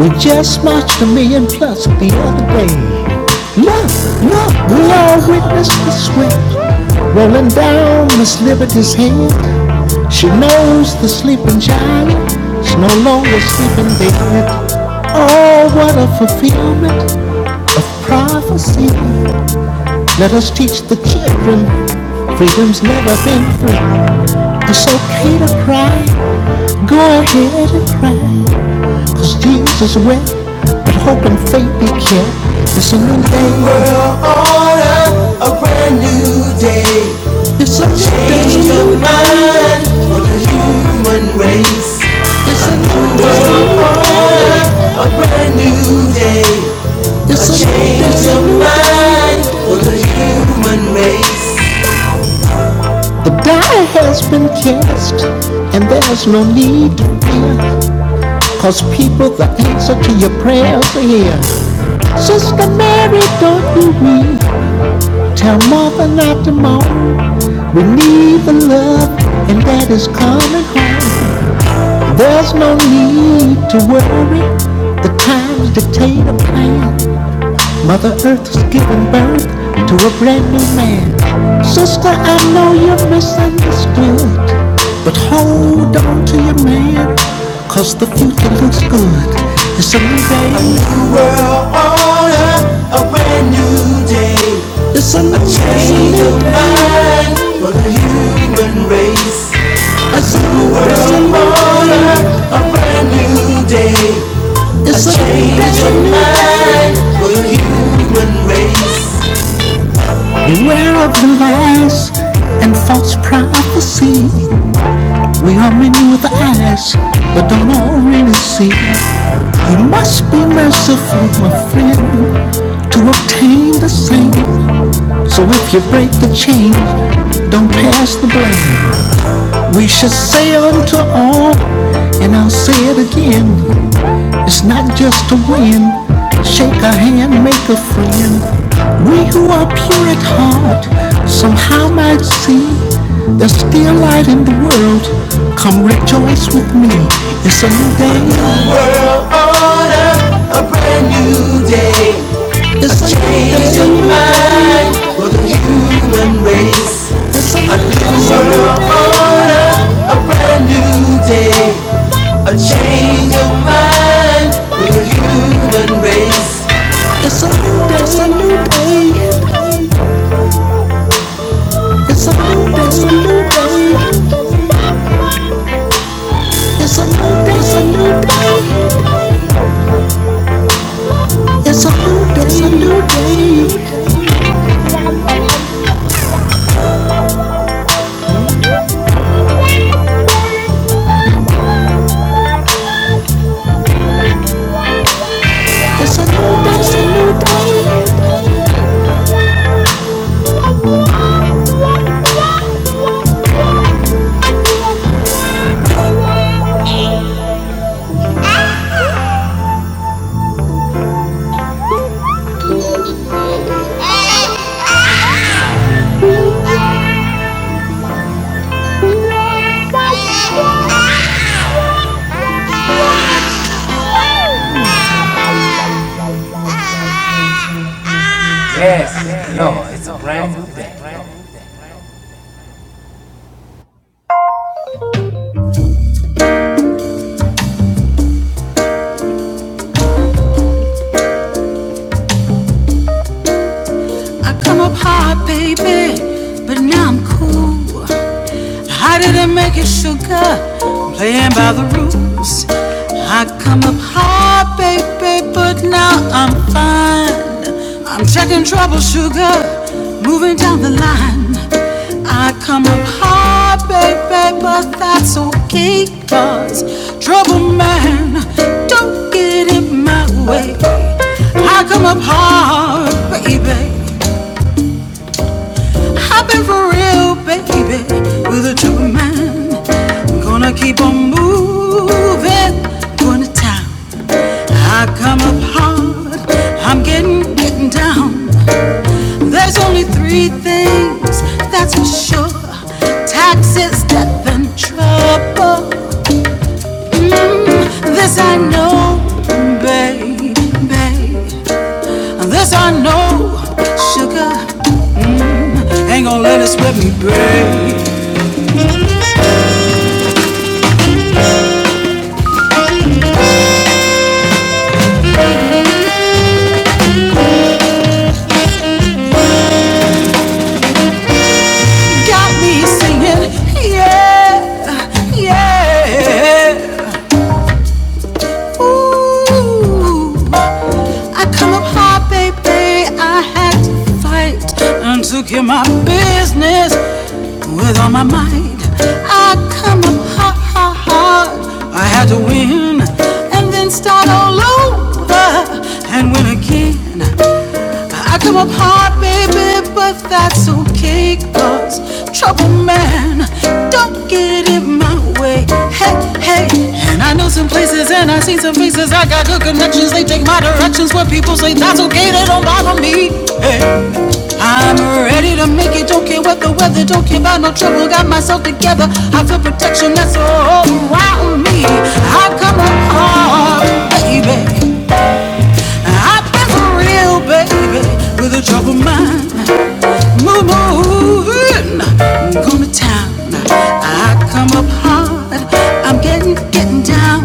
We just marched a million plus the other day. Look, look, we all witnessed the sweat rolling down Miss Liberty's head. She knows the sleeping child is no longer sleeping dead. Oh, what a fulfillment of prophecy. Let us teach the children freedom's never been free. It's okay to cry. Go ahead and cry, 'cause Cause Jesus wept, but hope and faith be kept. It's a new day. World, a brand new It's a Change of mind. It's a new day. It's a change of mind. The die has been cast, and there's no need to fear, cause people, the answer to your prayers are here. Sister Mary, don't you weep. Tell Martha not to mourn. We need the love, and that is coming home. There's no need to worry. The times dictate a plan. Mother Earth has given birth to a brand new man. Sister, I know you're misunderstood, but hold on to your man, cause the future looks good. It's a new day, a new world order, a brand new day. it's a new change of mind for the human race. it's a new world, Order, a brand new day. It's a change of mind for the human race. Beware of the lies and false prophecy. We are many with eyes, but don't already see. You must be merciful, my friend, to obtain the same. So if you break the chain, don't pass the blame. We should say unto all, and I'll say it again. It's not just a win. Shake a hand, make a friend. We who are pure at heart somehow might see there's still light in the world. Come rejoice with me. It's a new day. A new world order, a brand new day. It's a change. Change of mind for the human race. A new world order, a brand new day. A change of mind for the human race. It's a new day, it's a new day. It's a new day, it's a new day. It's a new day. It's a new day, it's a new day. It's a new day, it's a new day. Ah! My baby, but now I'm cool. I didn't make it sugar, playing by the rules. I come up high, baby, but now I'm fine. I'm checking trouble, sugar, moving down the line. I come up high, baby, but that's okay 'cause trouble man, don't get in my way. I come up hard, baby. Happen for real, baby, with a true man. I'm Gonna keep on moving, going to town. I come up hard, I'm getting, getting down. There's only three things, that's for sure taxes, death, and trouble. Mm, this I know, baby. This I know, sugar ain't gonna let it slip me, babe. Got me singing, yeah, yeah. Ooh, I come up hard, baby. I had to fight and to get my business with all my might. I come up hard, hard, hard. I had to win and then start all over and win again. I come up hard, baby, but that's okay, cause trouble man, don't get in my way. Hey, hey, and I know some places and I seen some faces. I got good connections, they take my directions. What people say, that's okay, they don't bother me. Hey, I'm ready to make it, don't care what the weather, don't care about no trouble. Got myself together, I feel protection that's all around me. I come up hard, baby. I've been a real baby with a troubled mind. Move, moving, going to town. I come up hard. I'm getting, getting down.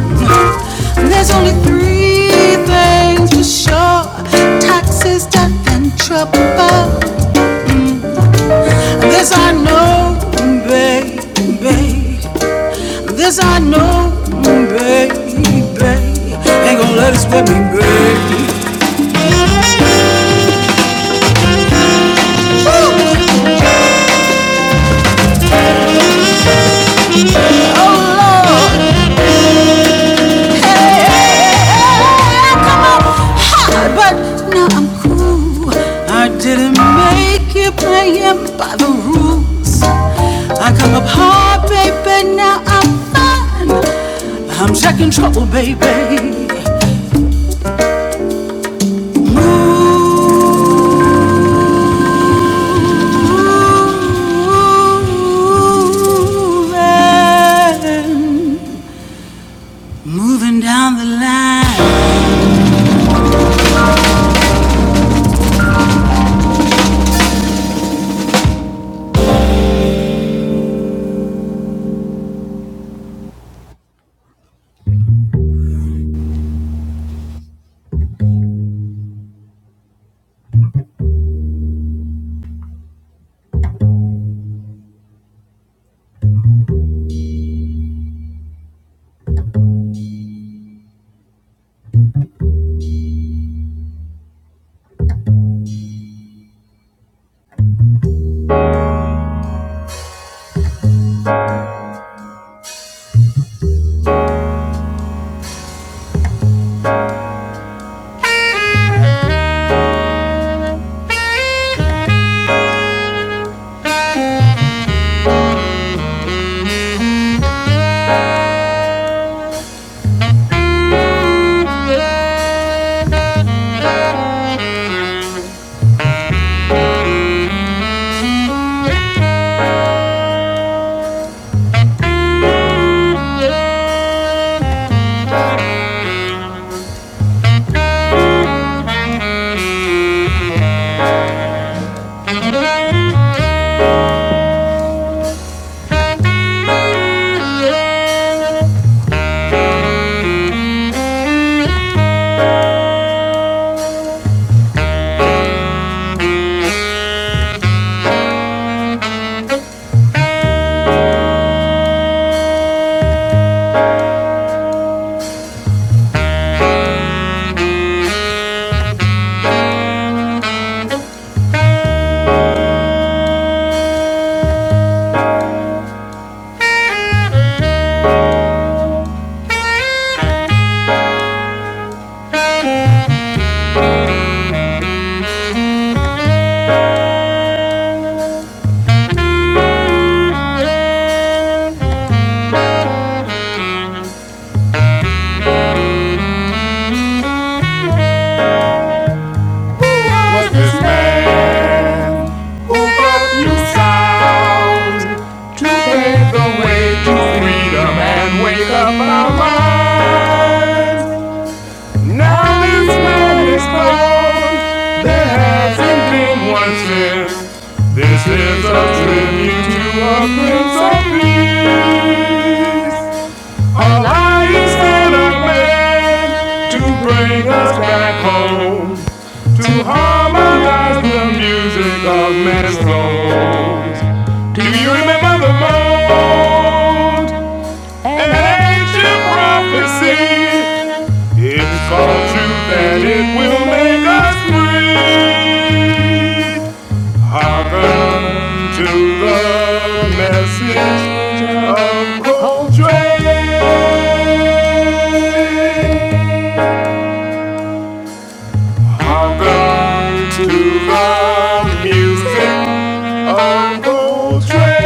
There's only three things for sure: taxes, death, and trouble. This I know, baby. This I know, baby. Ain't gonna let us with me, baby. Oh Lord. Come on, hard, but now I'm cool. I didn't make it playing by the rules. I come up hard, baby, now I'm fine. I'm checking trouble, baby. Moving down the line. All I used to make to bring us back home to harmonize the music of man's soul. Do You remember the moral prophecy? It's called true that it will make us free. Hearken to the message of Coltrane. Hearken to the Coltrane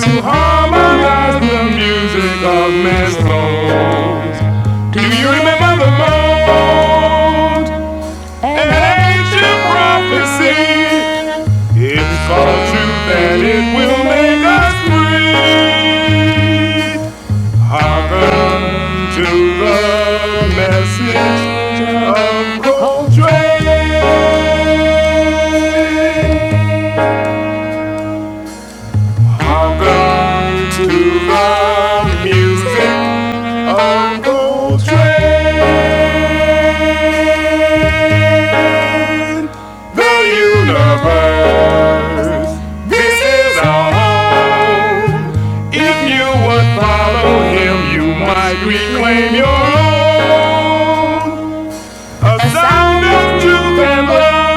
to harmonize the music of men's Do you remember the mold? Ancient prophecy. It's called true that it will make us free. Hearken to the message of Coltrane. Hearken to the music of Coltrane. The universe. This is our home. If you would follow him, you might reclaim your own. A sound of truth and love.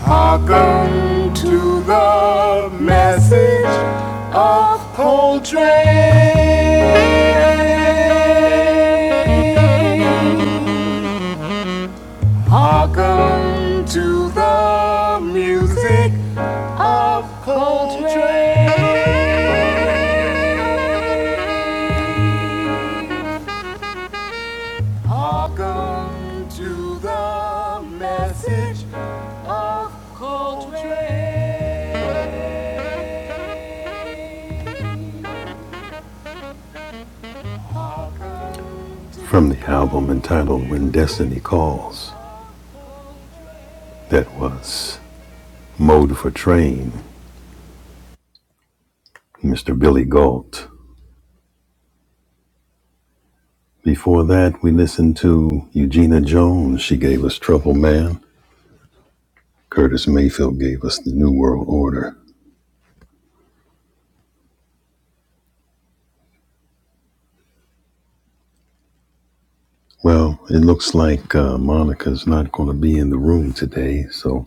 Hearken to the message of Coltrane. Hearken to the music of Coltrane. Welcome to the message of Coltrane. From the album entitled When Destiny Calls, that was Mode for Train, Mr. Billy Galt. Before that, we listened to Eugenia Jones. She gave us Trouble Man. Curtis Mayfield gave us The New World Order. Well, it looks like uh, Monica's not going to be in the room today, so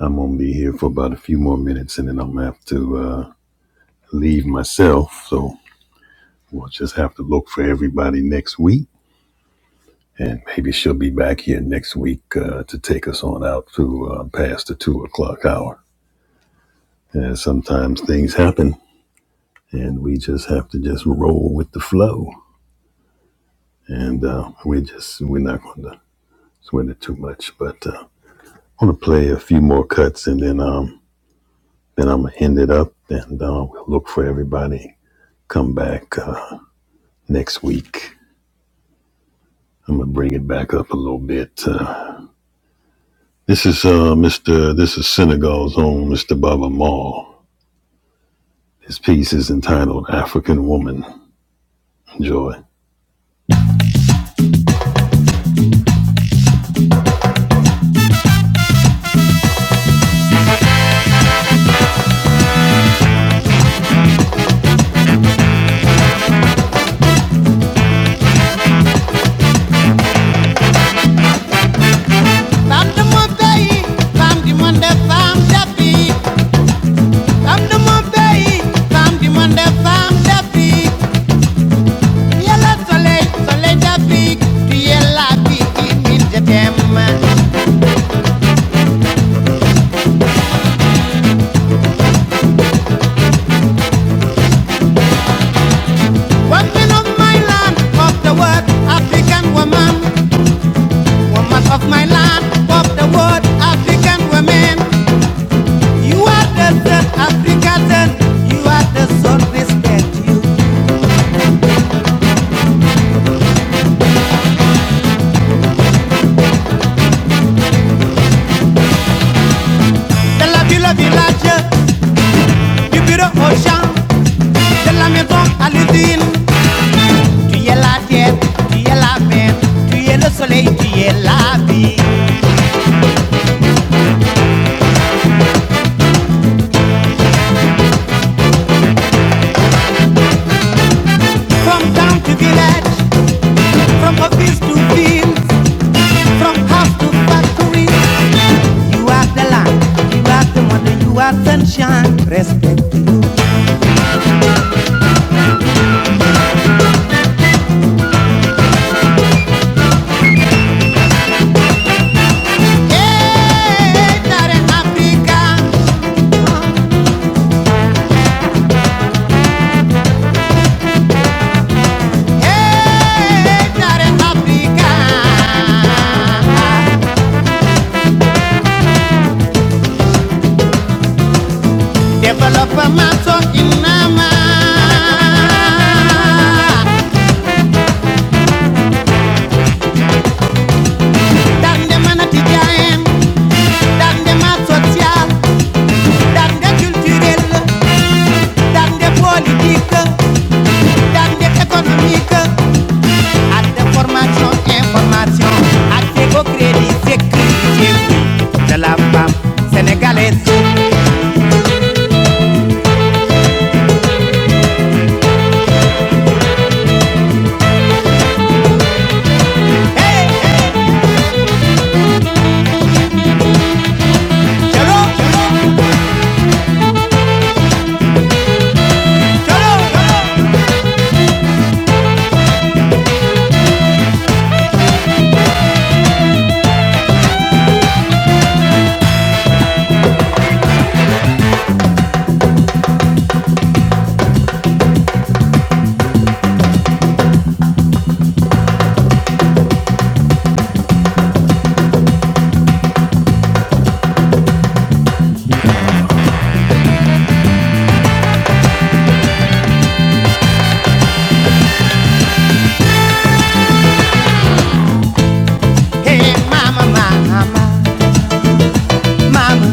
I'm going to be here for about a few more minutes and then I'm going to have to. uh, leave myself. So we'll just have to look for everybody next week. And maybe she'll be back here next week uh, to take us on out to uh, past the two o'clock hour. And sometimes things happen, and we just have to just roll with the flow. And uh, we just we're not going to sweat it too much. But uh, I'm going to play a few more cuts, and then um then I'm gonna end it up, and uh, we'll look for everybody. Come back uh, next week. I'm gonna bring it back up a little bit. Uh, This is uh, Mr. This is Senegal's own Mr. Baba Maal. His piece is entitled "African Woman." Enjoy. Woman of my land, of the world, African woman. Woman of my land, of the world, African woman. You are the son African, you are the son respecté. De la ville au village, du bureau au champ, de la maison à l'usine. Tu es la tête, tu es la mer, tu es le soleil, tu es la vie. Hey, Darren Africa, hey, Darren Africa. Development song in Nama. Dande mana tijaen, dande ma sotia, Dans dande culturelle, dande politique, dande économique, à de formation, information, à éco crédits, sécurité de la femme sénégalaise. Hey, mama, mama, mama.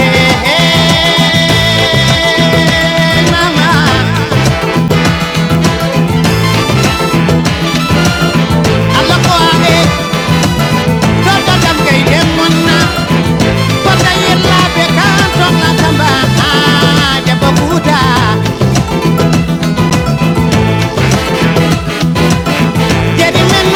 Hey, hey, hey, mama. Allah ko na ko dayel la be kan tamba. Ah, de bokuda, jeri men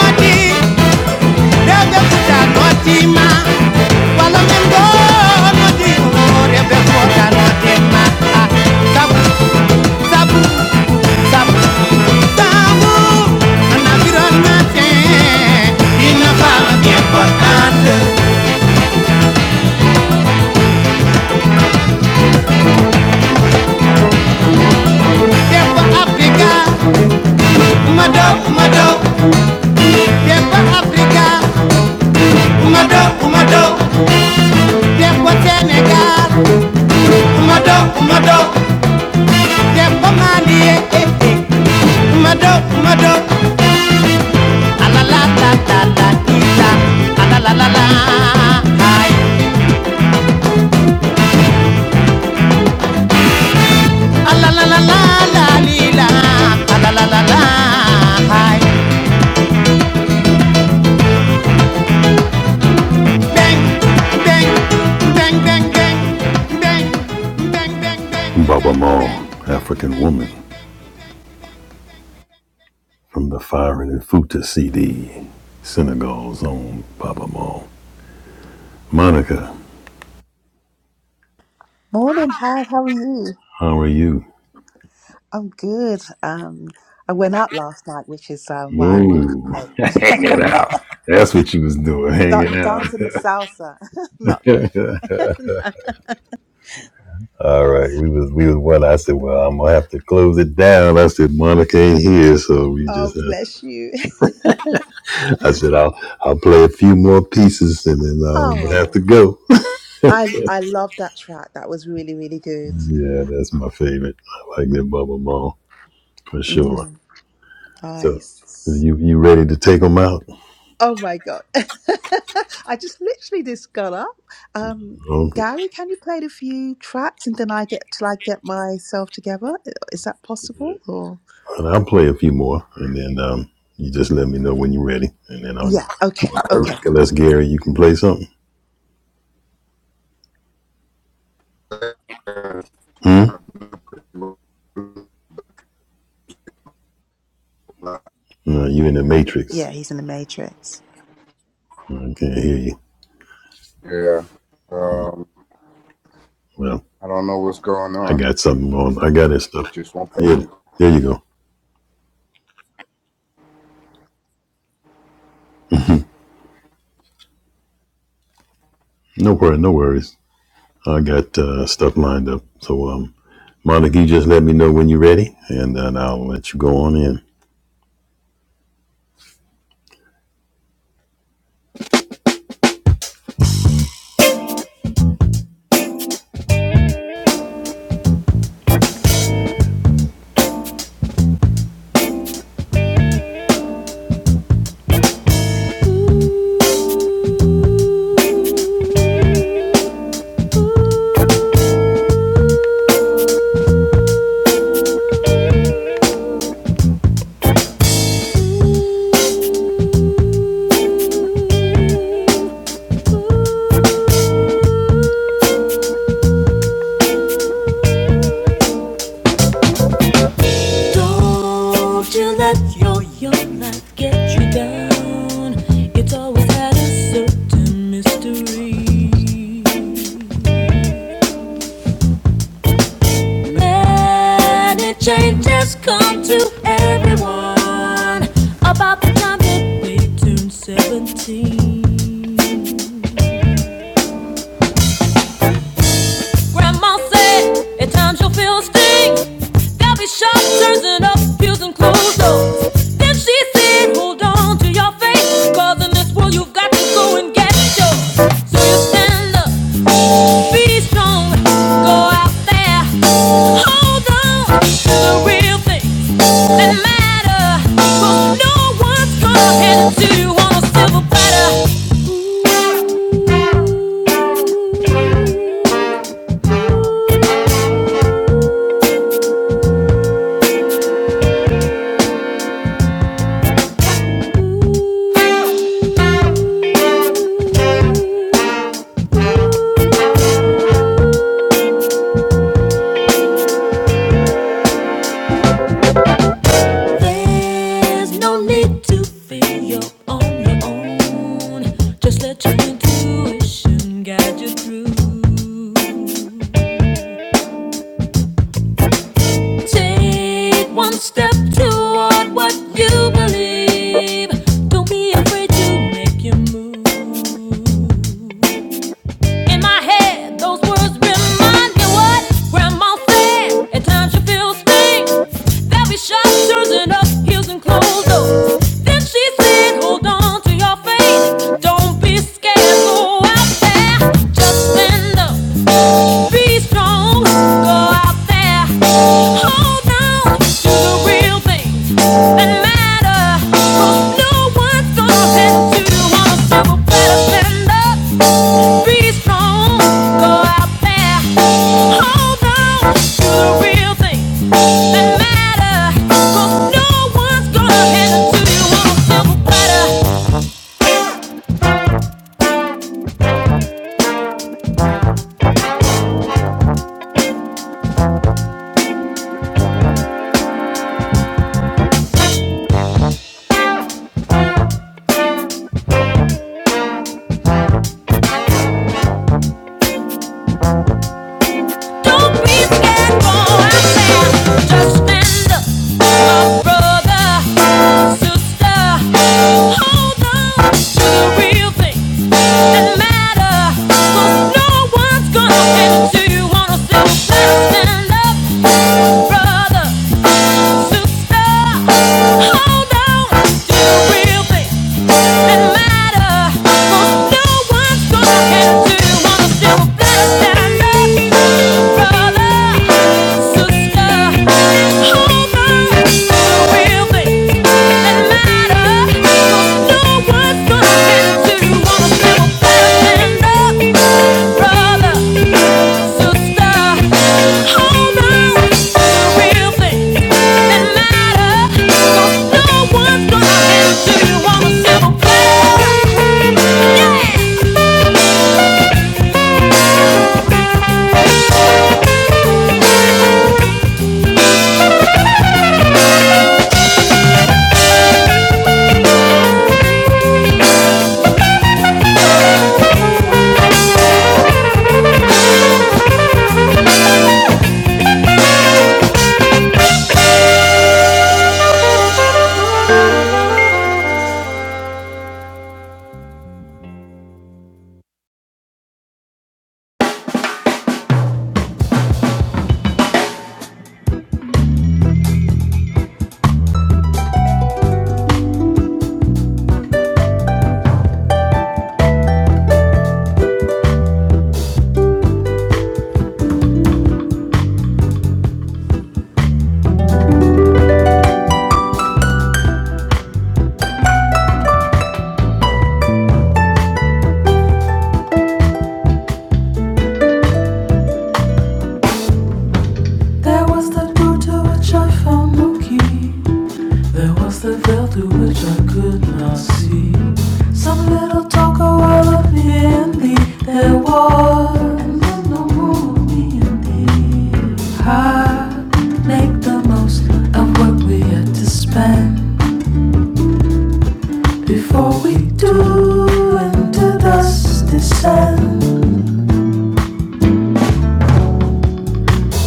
Hi. Baba Maul, African Woman, from the Fire and Futa CD, Senegal's own Baba Maul. Monica,
Morning, How How are you?
how are you?
I'm good. Um, I went out last night, which is um, why I woke up
Ooh,
late.
hanging out. That's what you was doing,
Da-
hanging out.
dancing the salsa. no, no, no.
All right, we was we was what I said. Well, I'm gonna have to close it down. I said Monica ain't here, so we just.
Oh,
Have to,
bless you.
I said I'll I'll play a few more pieces and then I'll
Oh,
have to go.
I I love that track. That was really, really good.
Yeah, that's my favorite. I like that bubble Ball for sure.
Mm,
So
nice.
you you ready to take them out?
Oh my God. I just literally just got up. Um,
Okay.
Gary, can you play the few tracks and then I get till I get myself together? Is that possible or?
And I'll play a few more, and then um, you just let me know when you're ready, and then I'll do
Yeah. Okay.
it.
Okay.
Unless Gary, you can play something.
guys.
No, you in the Matrix?
Yeah, he's in the Matrix.
I can't hear you.
Yeah. Um,
Well,
I don't know what's going
I
on,
got
but
something on. I got this
it
stuff.
just won't pay
Yeah,
me.
there you go. No worry, no worries. I got uh, stuff lined up. So um, Monica, you just let me know when you're ready, and then I'll let you go on in. Don't you let your young life get you down. It's always had a certain mystery. Many changes come to everyone about the time they turn 17. Grandma said, at times you'll feel a sting. There'll be sharp turns and ups, upheavals and closed doors. Then she said, hold on to your faith, 'cause in this world you've got to go and get yours. So you stand up, be strong, go out there, hold on to the real things that matter. 'Cause no one's gonna hand it to you on a silver platter. There's no need to feel you're on your own. Just let your intuition guide you through. Take one step toward what you believe. Don't be afraid to make your move. In my head, those words remind me what Grandma said. At times she feels strange. There'll be shop turning up heels and closed doors. Then she said, Hold on to your faith. Don't be scared. Go out there, just stand up, be strong. Go out there, hold on to the real things that matter. 'Cause no one's gonna tell you to wanna better stand up. Be strong, go out there, hold on to the real things that matter. 'Cause no one's gonna hand you on a silver platter. Don't be scared, go out there, just stand up, brother, sister. Hold on to the real things that matter. 'Cause no one's gonna hand you on a silver platter. Stand up, brother. Brother some more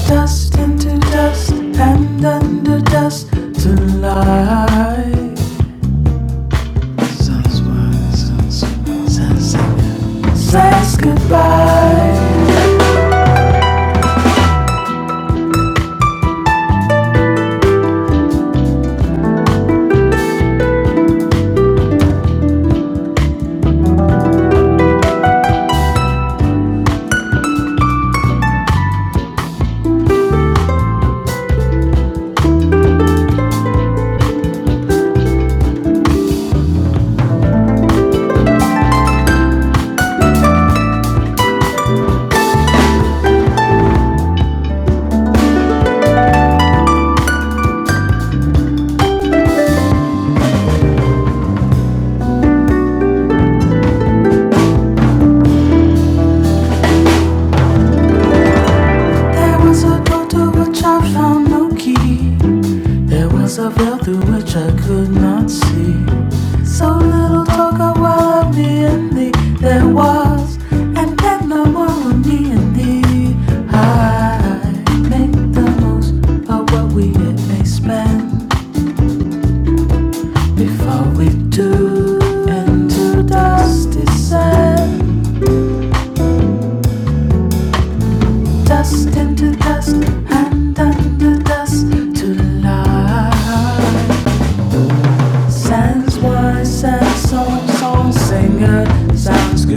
dust into dust and under dust to lies. Says goodbye before we do. Into dusty sand. dust into dust and under dust to love. Sans wise, sans song, song singer sounds good.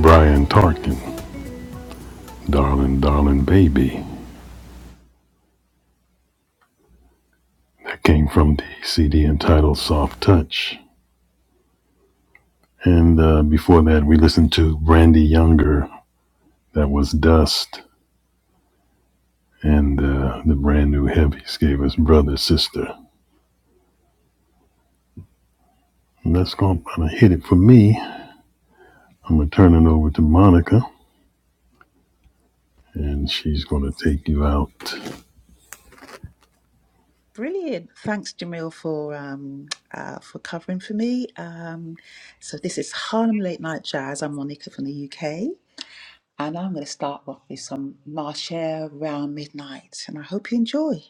Brian Tarkin, Darling Darling Baby. That came from the CD entitled Soft Touch. And uh, before that, we listened to Brandy Younger. That was Dust. And uh, the brand new Heavies gave us Brother Sister. And that's going to hit it for me. I'm going to turn it over to Monica, and she's going to take you out.
Brilliant. Thanks, Jamil, for um, uh, for covering for me. Um, so this is Harlem Late Night Jazz. I'm Monica from the UK, and I'm going to start off with some Marcher Round Midnight, and I hope you enjoy.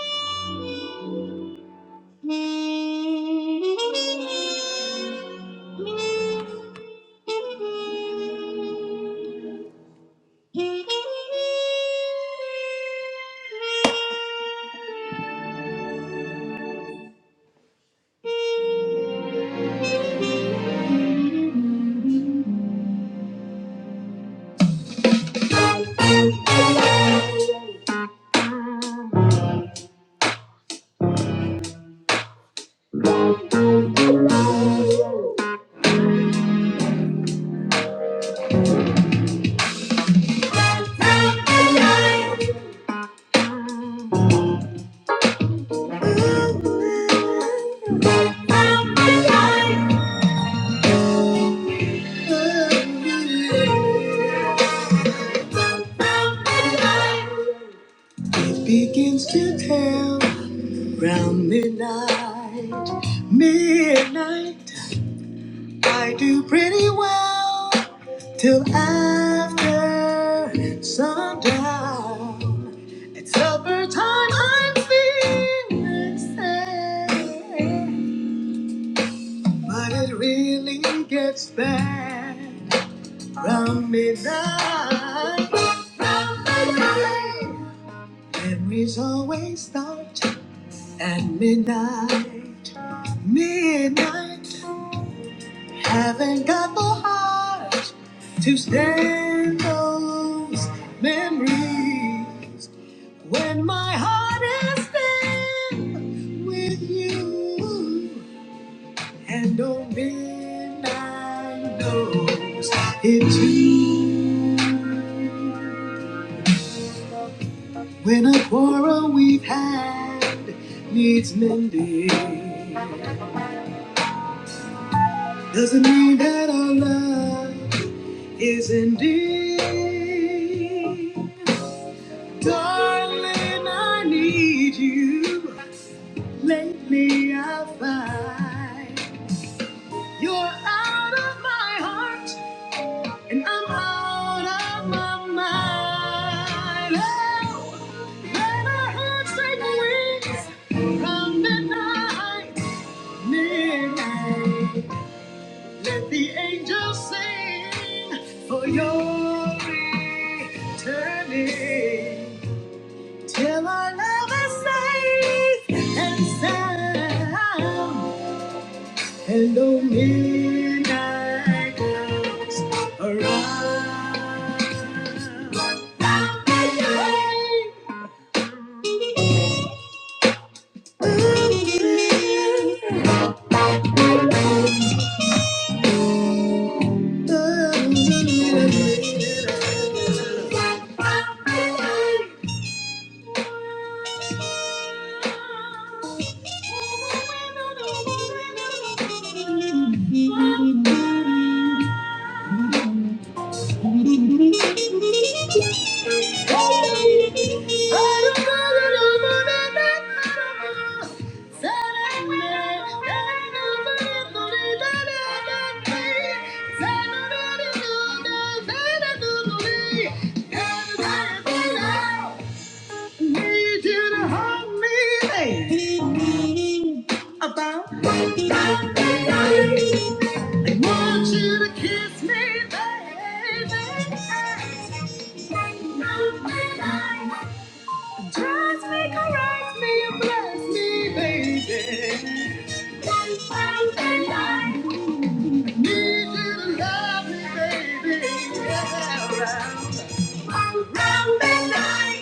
From the yard, It begins to tell round midnight. Midnight, I do pretty well till after sundown. Supper time, I'm feeling sad, but it really gets bad. From midnight, memories always start at midnight. Midnight, haven't got the heart to stand those memories. When my heart is filled with you, and oh, midnight knows it too. When a quarrel we've had needs mending, doesn't mean that our love is ending. Darling, I need you. Lately, I find. You're out of my heart, and I'm out of my mind. Oh, when our hearts take wings from midnight, midnight. Let the angels sing for your returning. Till our love is safe and sound. Hello, midnight girls, arise. Need you to hold me there. About I want you to kiss me, baby. Trust me, caress me, and bless me, baby. I need you to love me, baby. Yeah, round, round and round.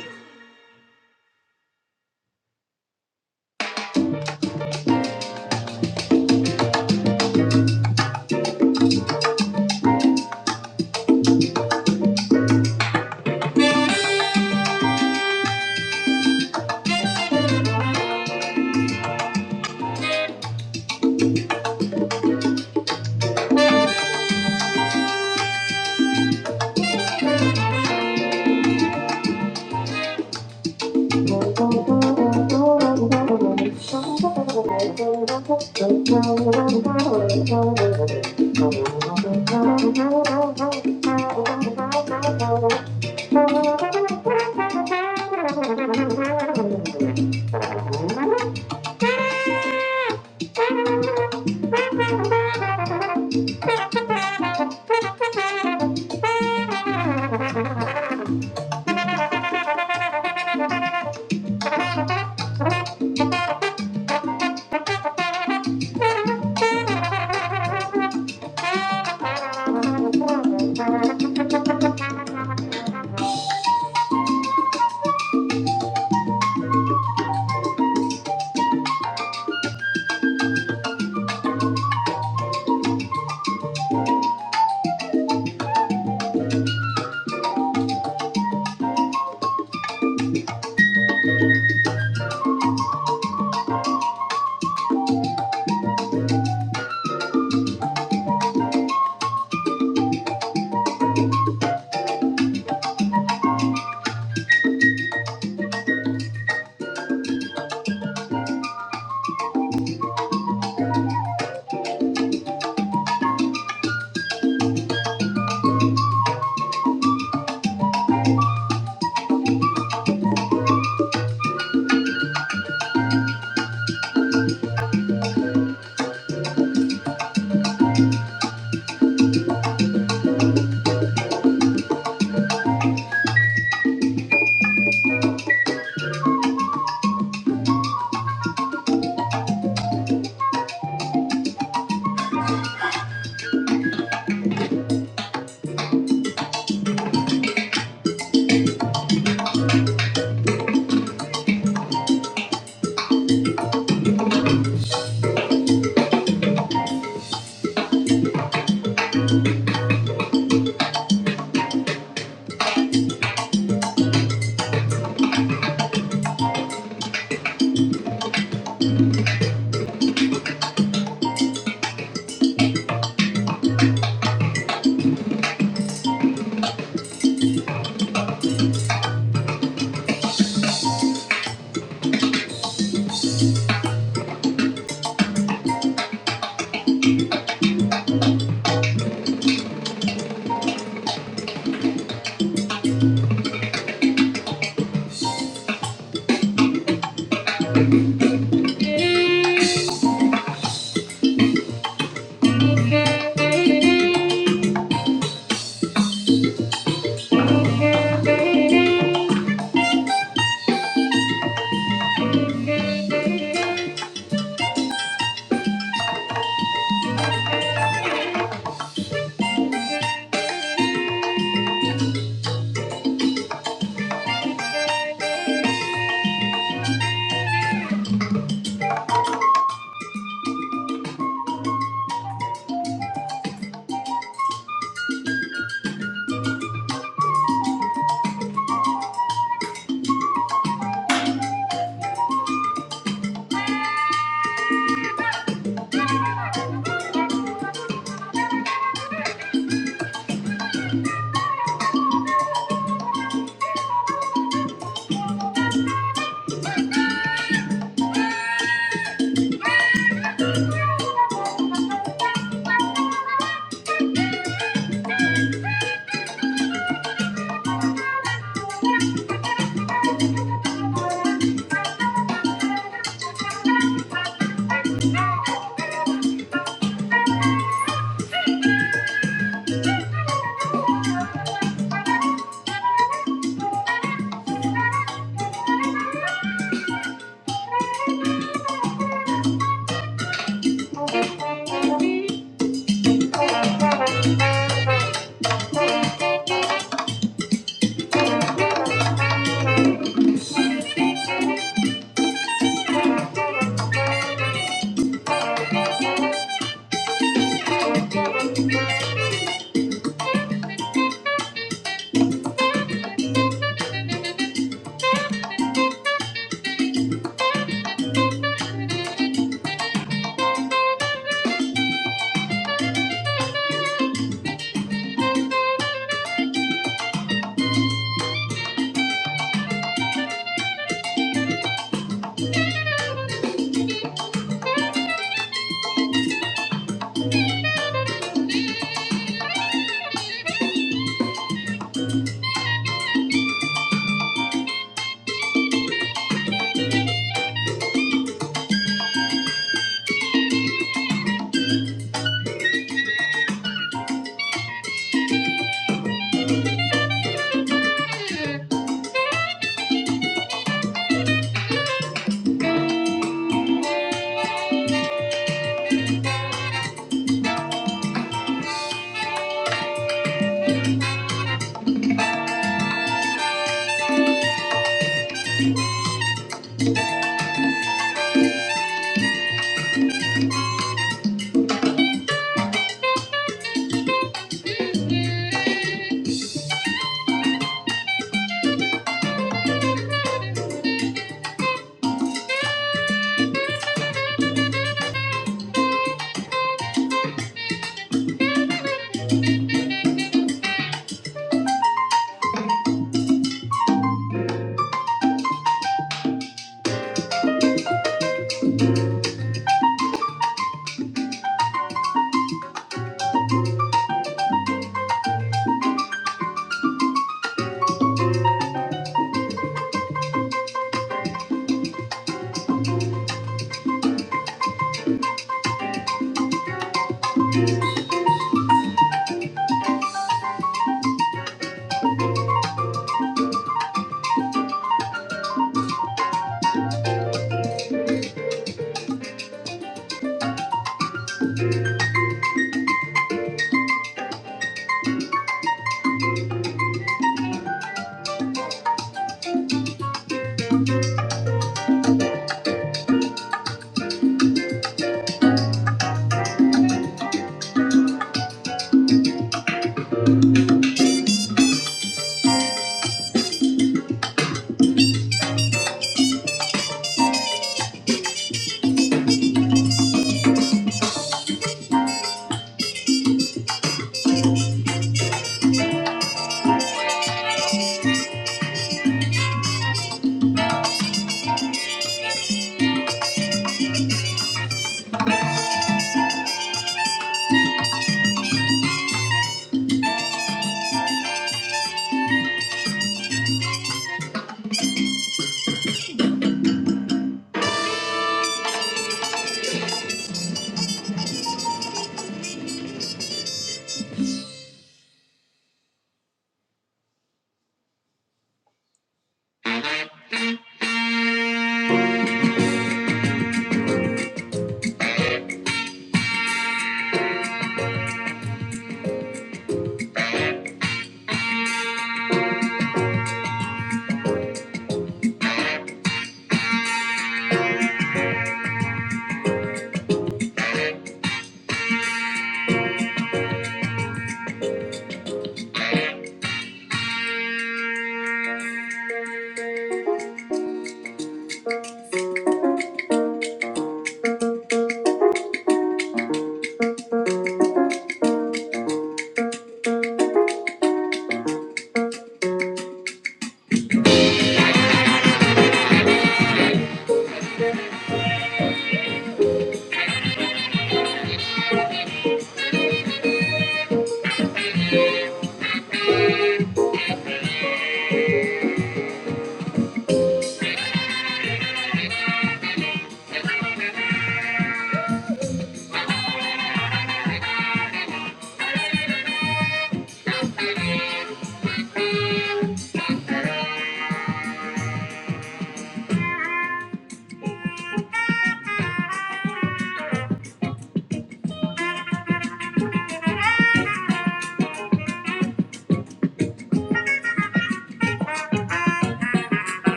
Thank you.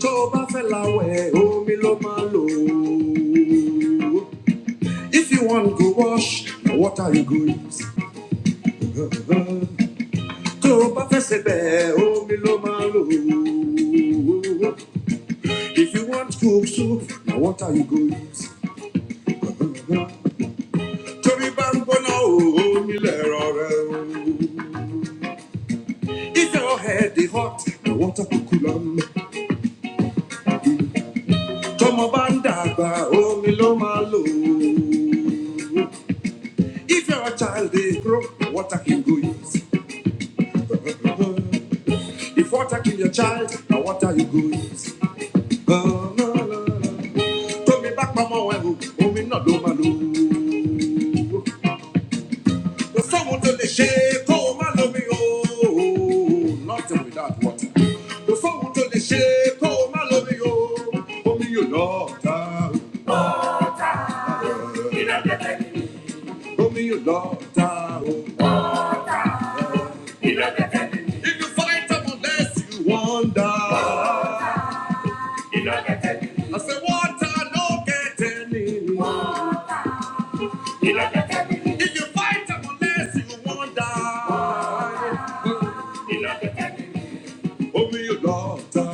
tó bá fẹ́ lawẹ̀ omi ló máa lò if you want go wash na water you go use. tó o bá fẹ́ sebẹ̀ omi ló máa lò if you wan cook soup na water you go use. torí bá ń gbóná o omi lẹ̀rọ rẹ o. if your head dey hot na water kúkú lọ mẹ́. tọmọ bá ń dàgbà omi ló máa lò If you're a child, they grow, what are you going? if water kill your child, now what are you going? Oh, no, no, no. Throw me back, mama, when you, oh, oh, me not do my loo. The someone to the shake, oh, my love, me, oh, nothing without water. The someone to the shake, oh, my love, me, oh, oh, me, you love, oh, me, you love, oh. If you fight them unless you wonder. I say water no get any. If you fight them unless you wonder. Oh me your daughter.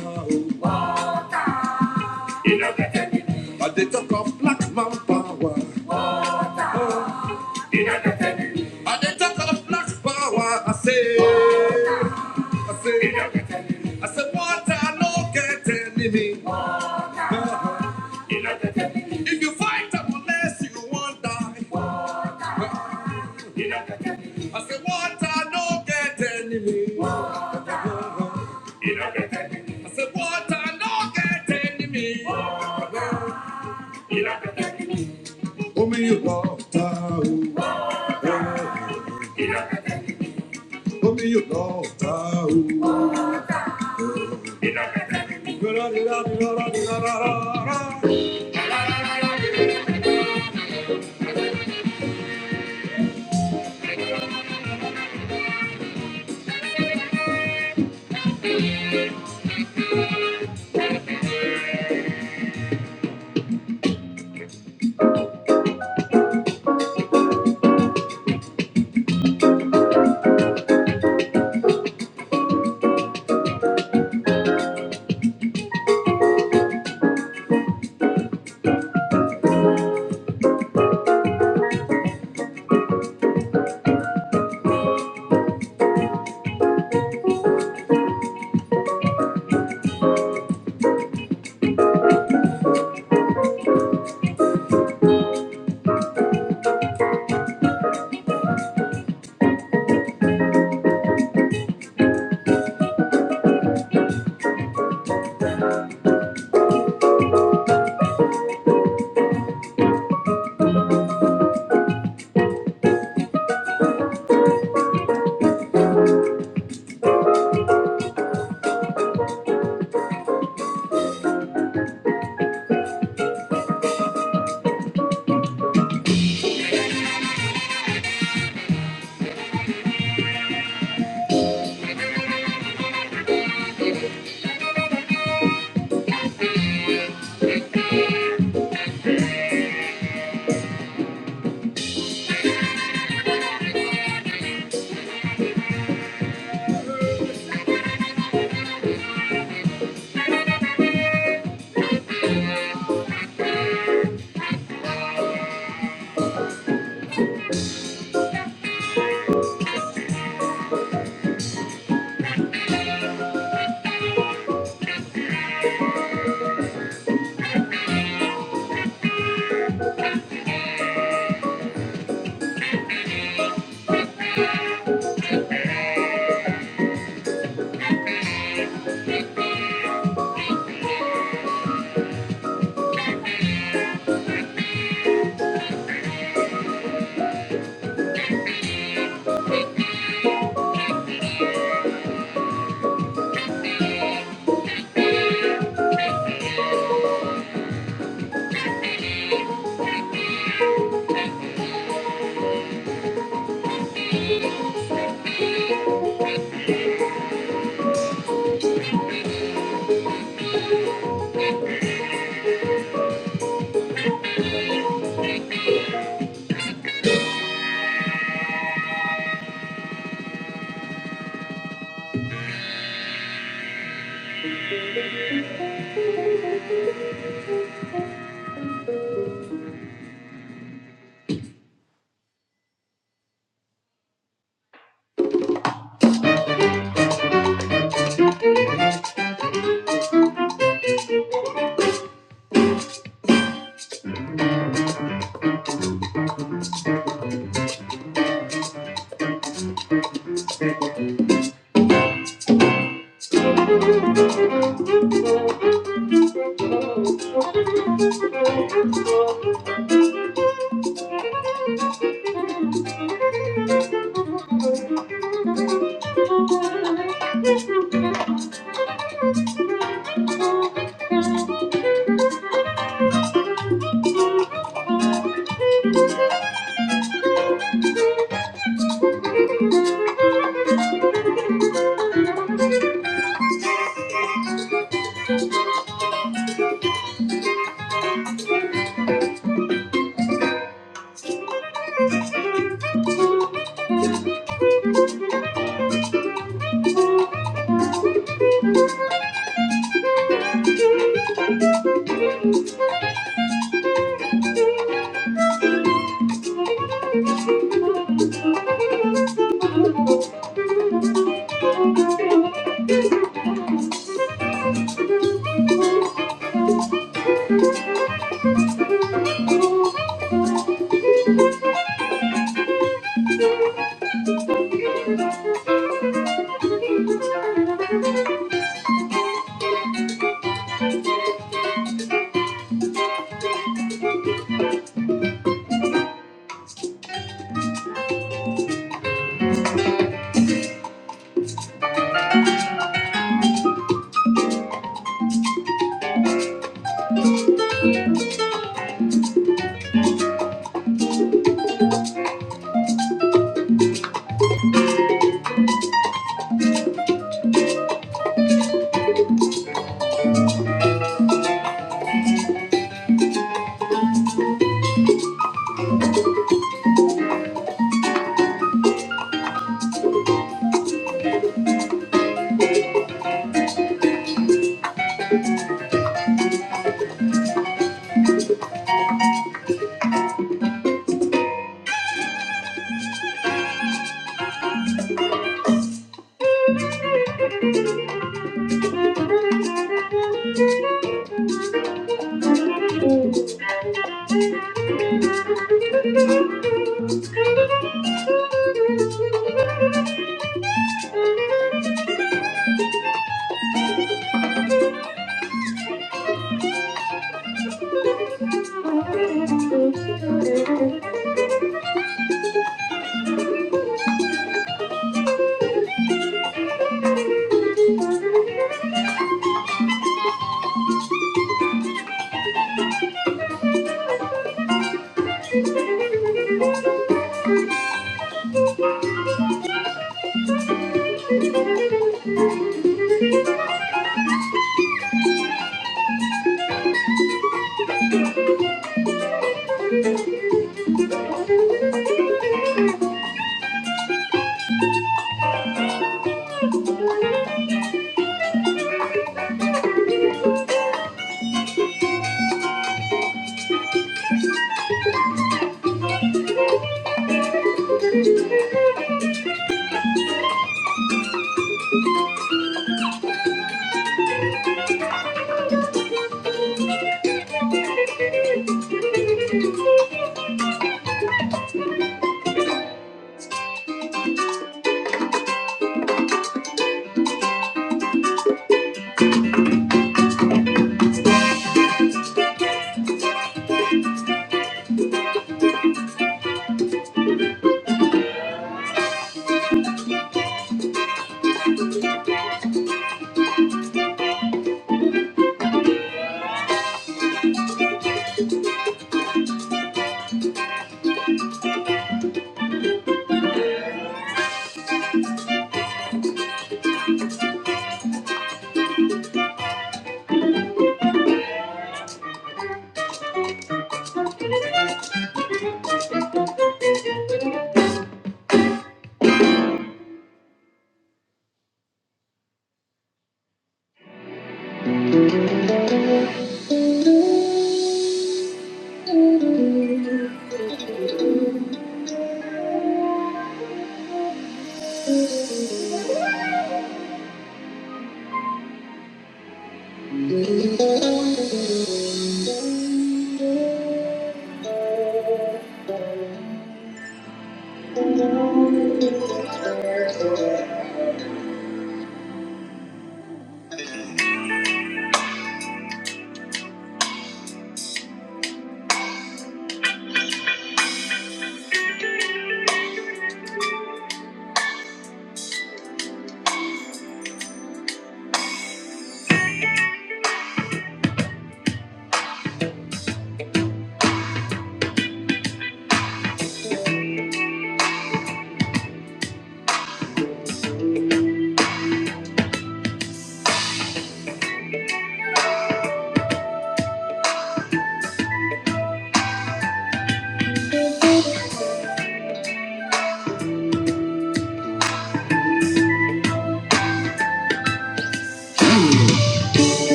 And they talk of black man power. And they talk of black power. I say I say I say water no get any. If you fight up unless you won't die. I said, water no get enemy. I said, water no get enemy. Oh me you love ta, Oh me you love ta.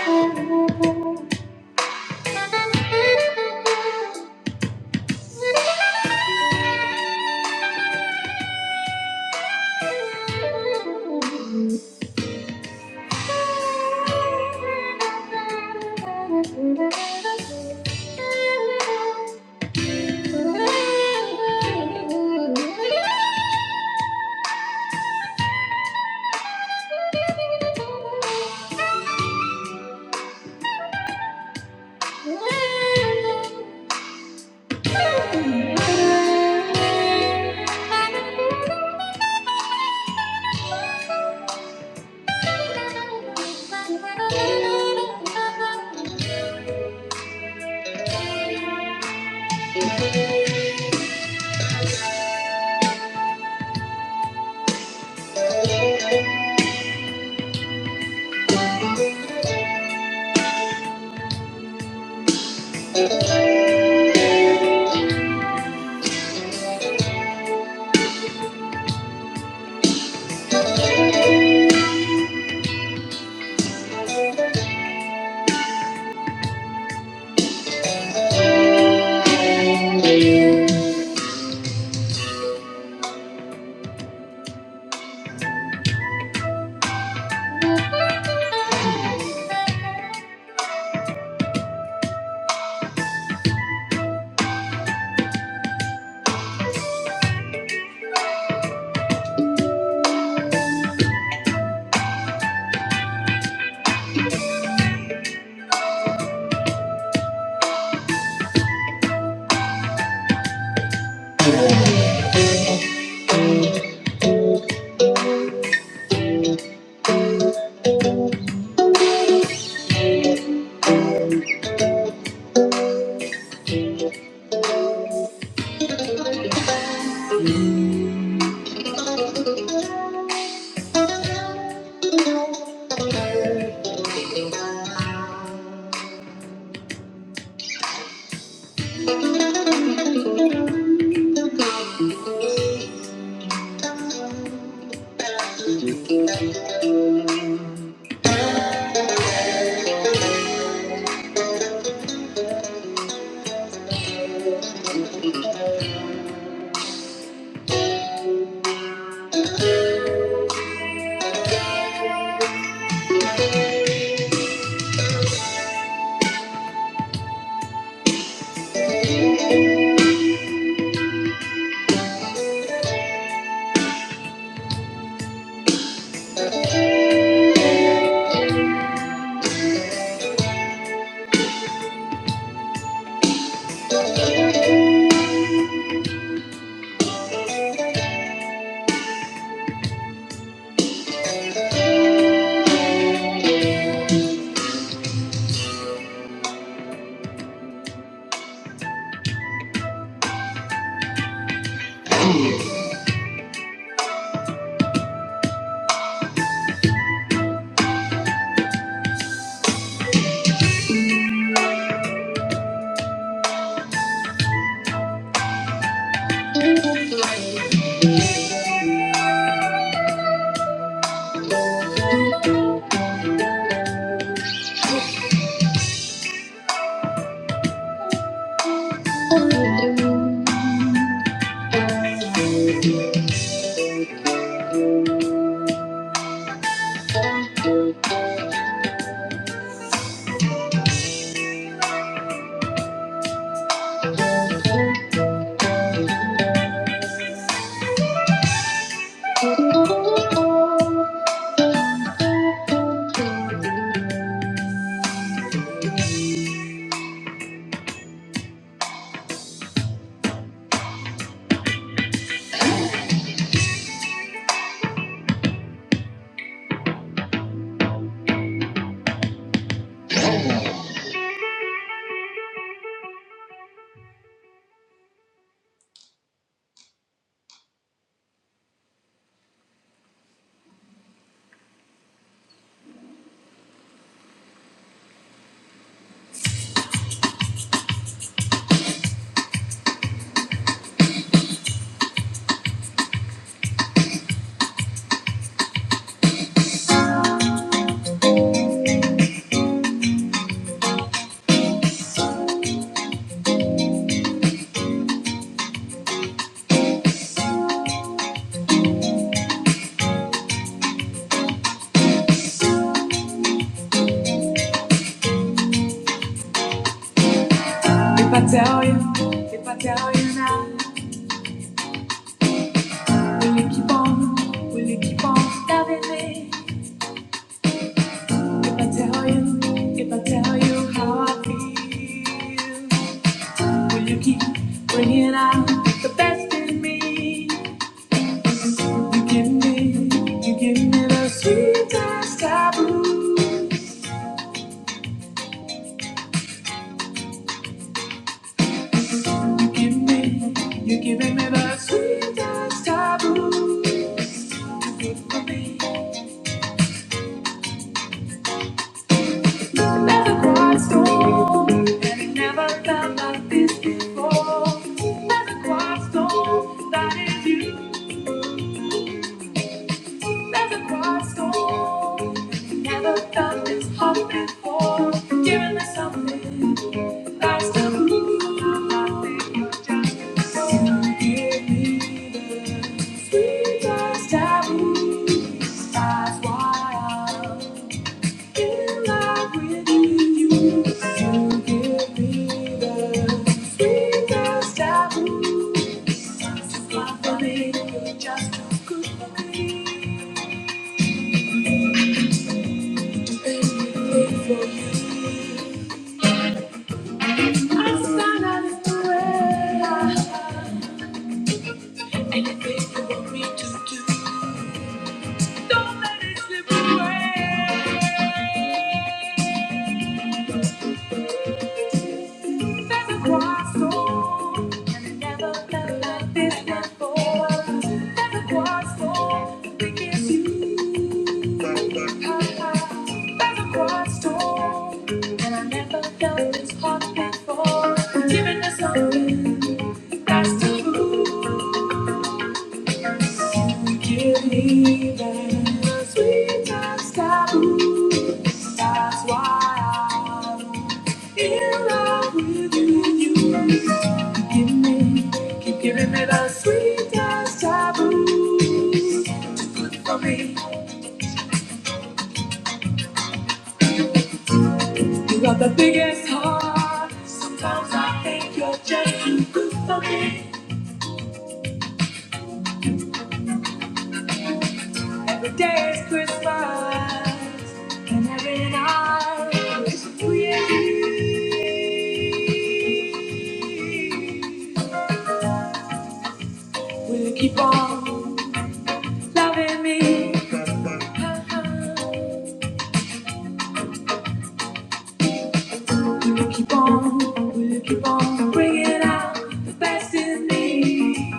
Thank you. If I tell you, if I tell you now, will you keep on, will you keep on loving me? I tell you, if I tell you how I feel, will you keep bringing out the best in me? You give me, you give me the sweetest of You give me, you give me the sweetest of blues. You're good for me, never quite stone, and it never felt like this before. Never quite stone, that is you. There's a quiet storm, and never felt this hot before. Giving me something nice to lose. I think you're just in Give me the sweet as taboo, That's why I'm in love with you. You give me the sweet as taboo. Just a fly for me, you're just too good. Giving us something that's to prove. Give me that sweet taboo. That's why I'm in love with you. Give me, keep giving me that sweet taboo. Too good for me. You got the biggest heart. Sometimes I think you're just too good for me. Every day is Christmas, and every night is free. Will you keep on loving me? Will you keep on? Will you keep on bringing out the best in me?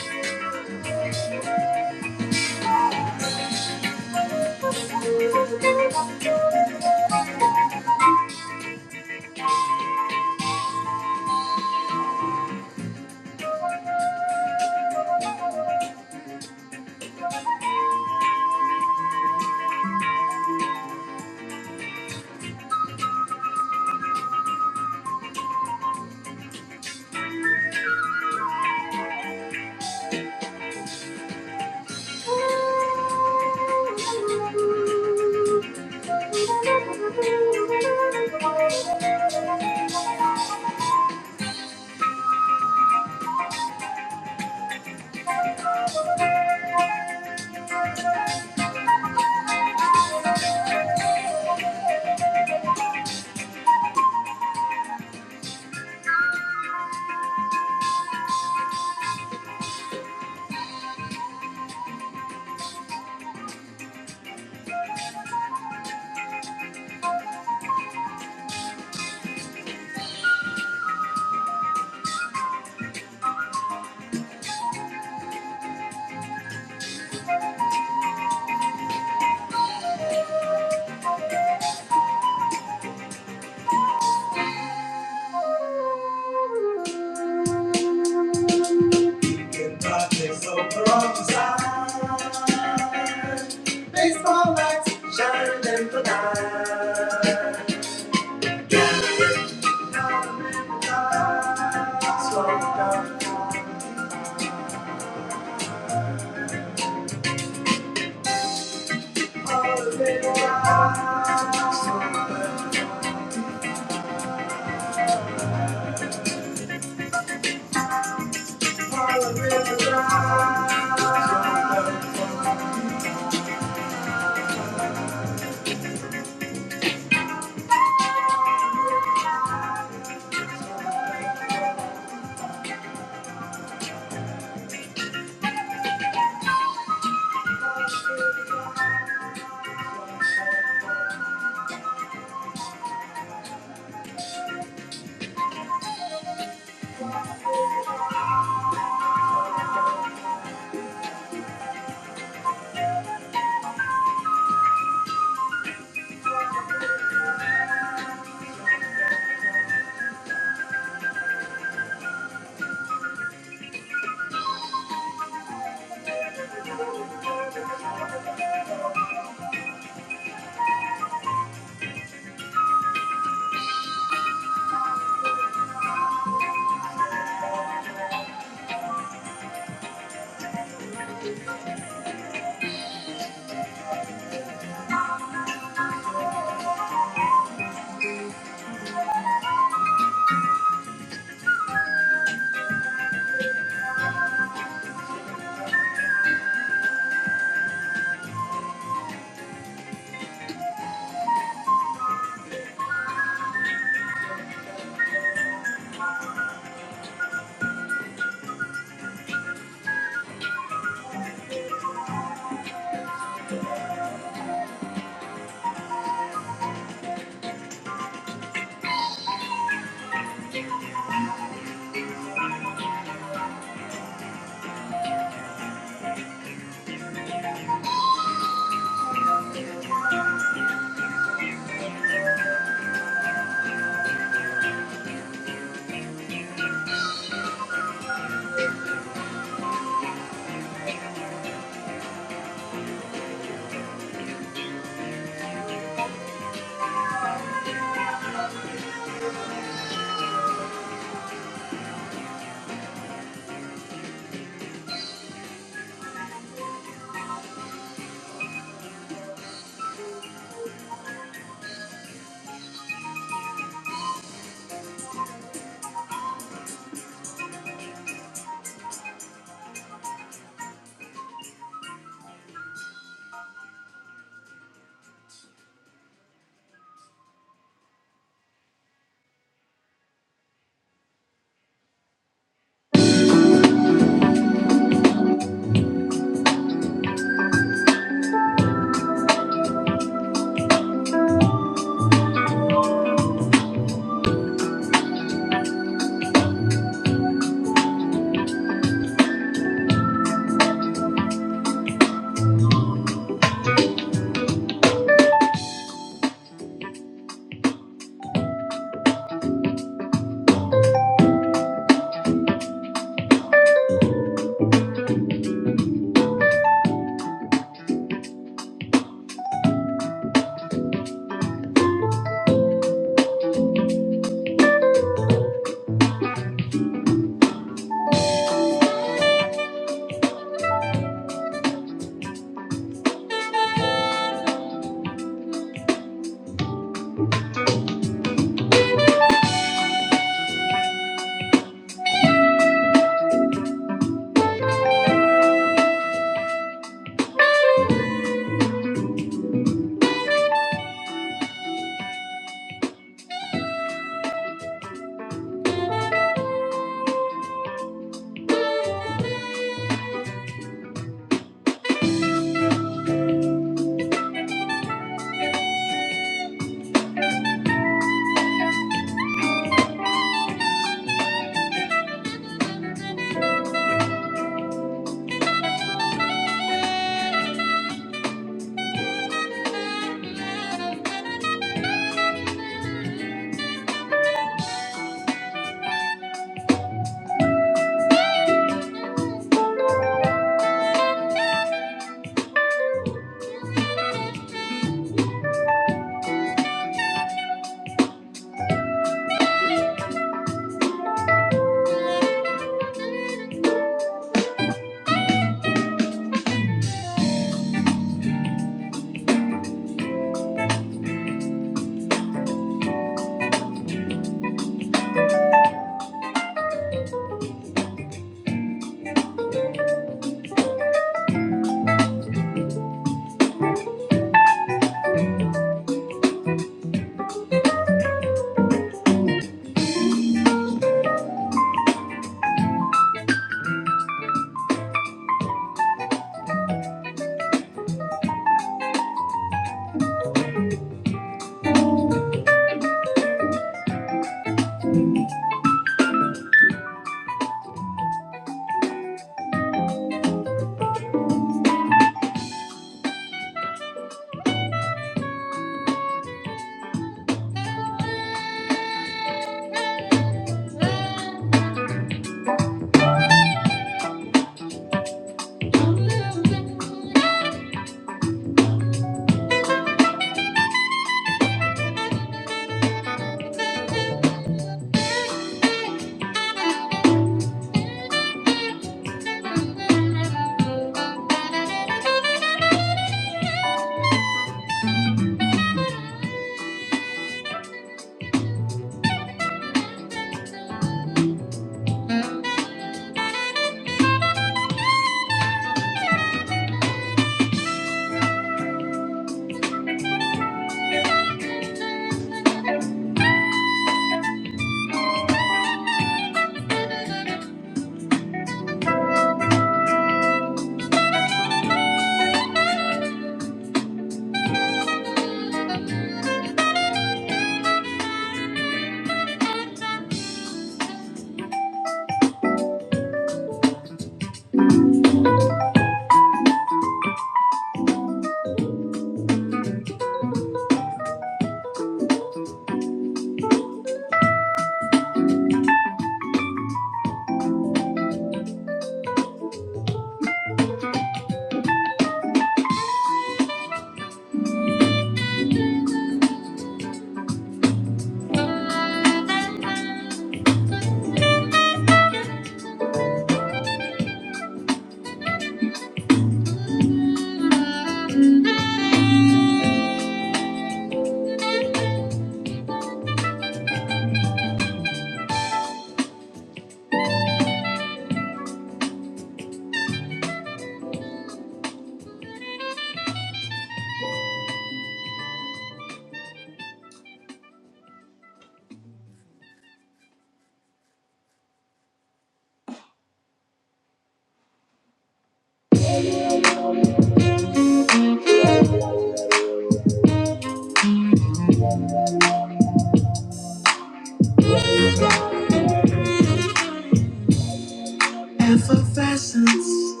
Effervescence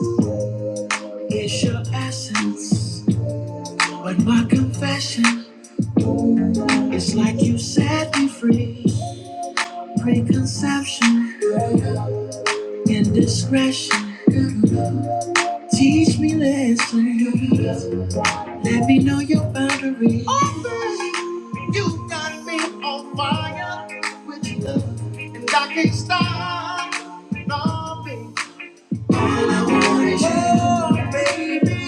is your essence. When my confession. It's like you set me free. Preconception, indiscretion. Teach me lessons. Let me know your boundaries. Open. You got me on fire with you. I can't stop loving. Oh, baby.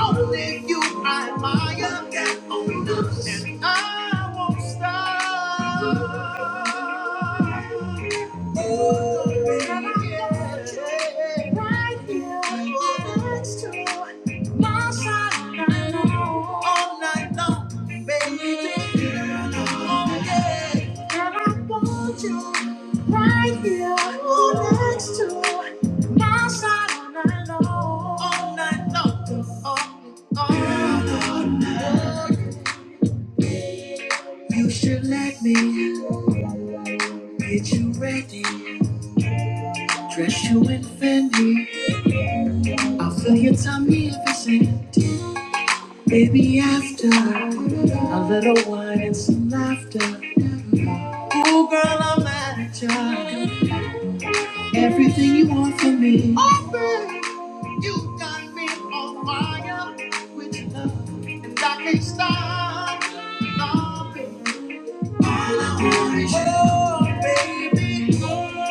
Only you I admire. Look at all And I won't stop. All night long, baby. Oh, yeah. And I want you right here next to all night long. Oh, oh. You should let me get you ready. Dress you in Fendi. I'll fill your tummy if it's empty. Maybe after a little wine and some laughter, my child, everything you want from me. Offer, you got me on fire with love, and I can't stop. loving. All I want is you. Oh, baby.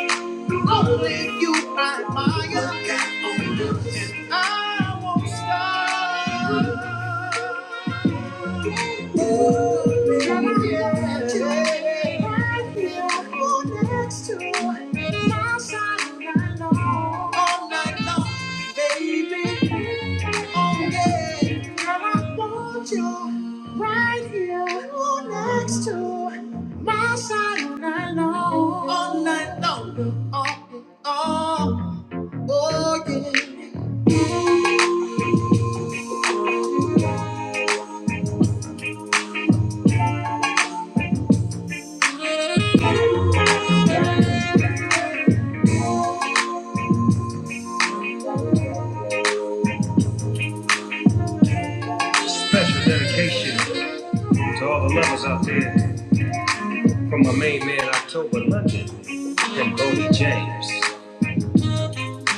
Only you I admire. Only you and I won't stop. Ooh, yeah, yeah. I feel good next to my baby all night long. Special dedication to all the lovers out there from my main man October London and Boney James.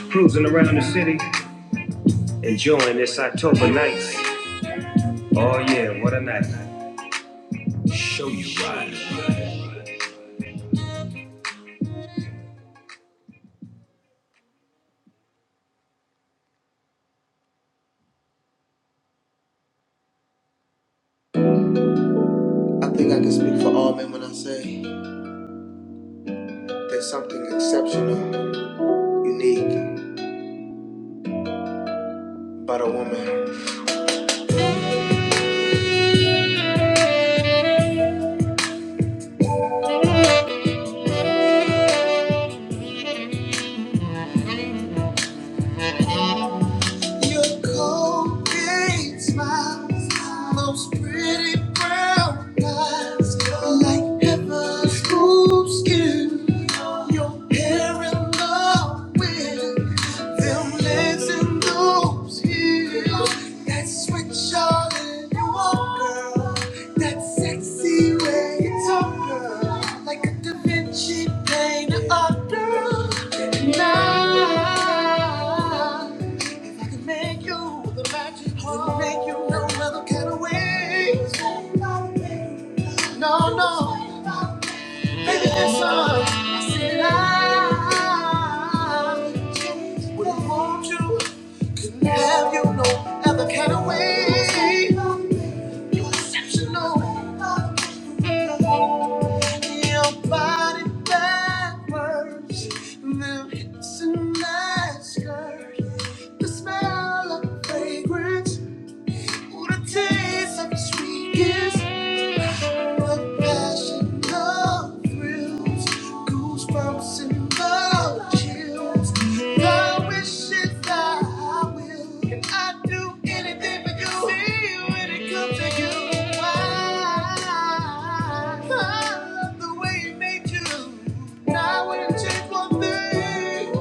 Cruising around the city, enjoying this October night. Oh yeah, what a night. I think I can speak for all men when I say there's something exceptional, unique about a woman. Moves you, that switch on you are, girl. That sexy way you talk, girl. Like a Da Vinci painter, a girl. And I, if I could make you the magic, wand, make you no other kind of way. No, no. Baby, that's all. I said I would want you to have you no other kind of way. You're exceptional. Your body backwards, them hips and that skirt, the smell of fragrance, or the taste of your sweet kiss of passion, love thrills, goosebumps and love chills. The wishes I will, and I do anything for you. See when it comes to you, I, I love the way you made you. Now I wouldn't change one thing.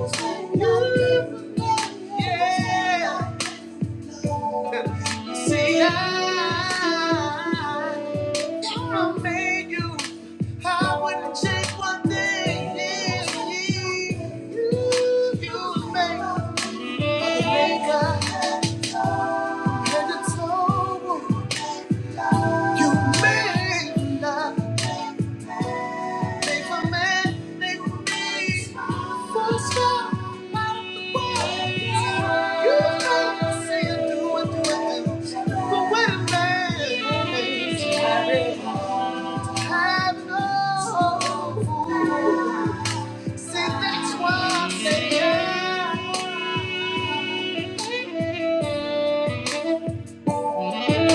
Yeah. See, I, I made you. I wouldn't change one thing. You, you made, mother maker. And it's all you made love. Make a man, make me. First step out of the world. You know, say and do and do and do. But when a man is married, have no fool. See, that's why I say yeah. I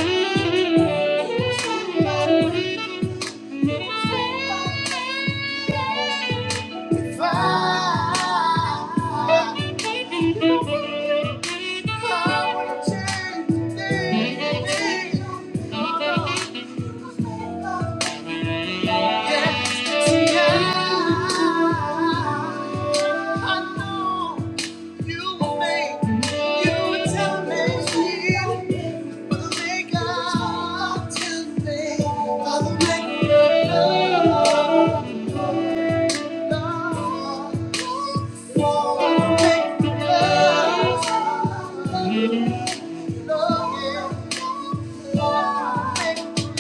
know. You were made, you were tailor me. but make got to me. Father, make me love, love. Father, make me love, love,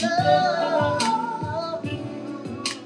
yeah. Father, make me love.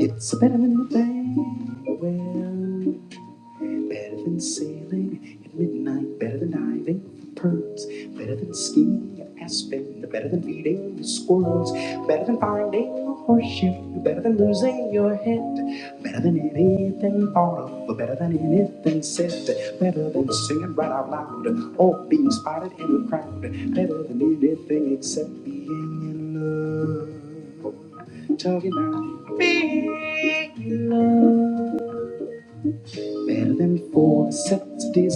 It's better than a thing. Well, better than sailing at midnight, better than diving for pearls, better than skiing at Aspen, better than feeding the squirrels, better than finding a horseshoe, better than losing your head, better than anything thought of, better than anything said. They were singing right out loud. All being in the crowd. Better than anything except being in love. Talking about better than four sets of sensitive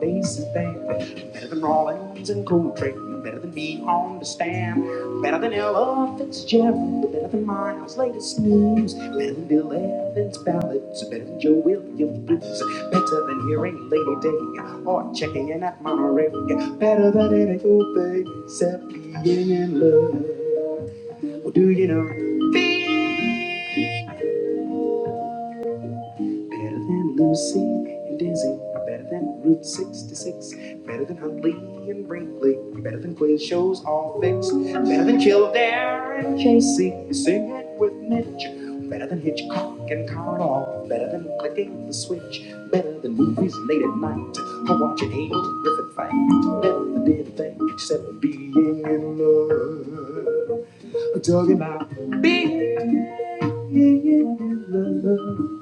bases there. Better than Rawlings and Coltrane. Better than being on the stand. Better than elephants. Better than Miles' latest news. Better than this. Better than Joe Williams blues. Better on that Monterey. Better than anything except being in love. Well, do you know? Better than Lucy and Dizzy. Better than Route 66. Better than Huntley and Brinkley. Better than quiz shows all fixed. Better than Kildare and Casey. Sing it with Mitch. Better than Hitchcock and Carl. Better than Switch. Better than movies late at night. Or watching Angel Griffith fight. Better than anything except being in love. talking about.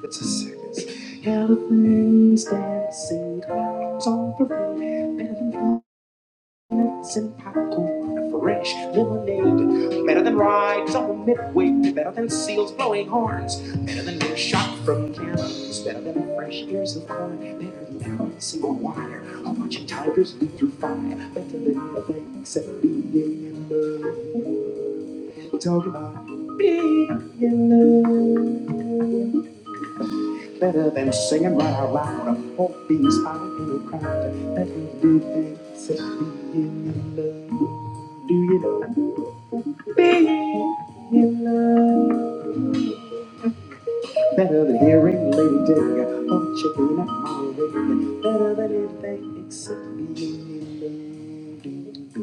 It's a circus. Elephants dancing, clowns on parade, Nuts and popcorn, fresh lemonade. Better than rides on midway, better than seals blowing horns, better than beer shot from cannons, better than fresh ears of corn, better than every single wire. A bunch of tigers leap through fire, better than the banks of being in love. Talk about being in love. Better than singing right out loud. Hope bees out in the crowd. Better do things except being in love. Do you know? Being in love. Better than hearing Lady Gaga or chicken at my ring. Better than anything except being in love.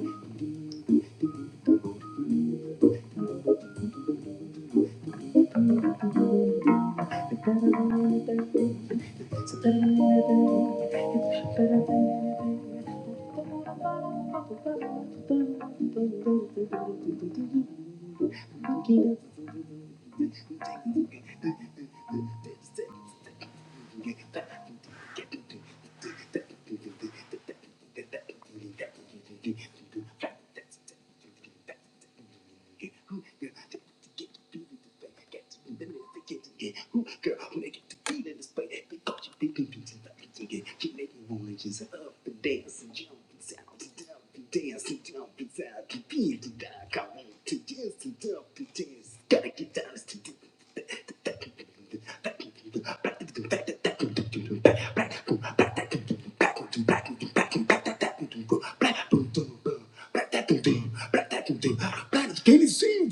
Do you get to do? Girl, who they to feel this way because you think people just like get you make it up and dance and jump and sound and dump and dance and jump and sound and be Come on to dance and jump and dance. Gotta get down to do. Can you see?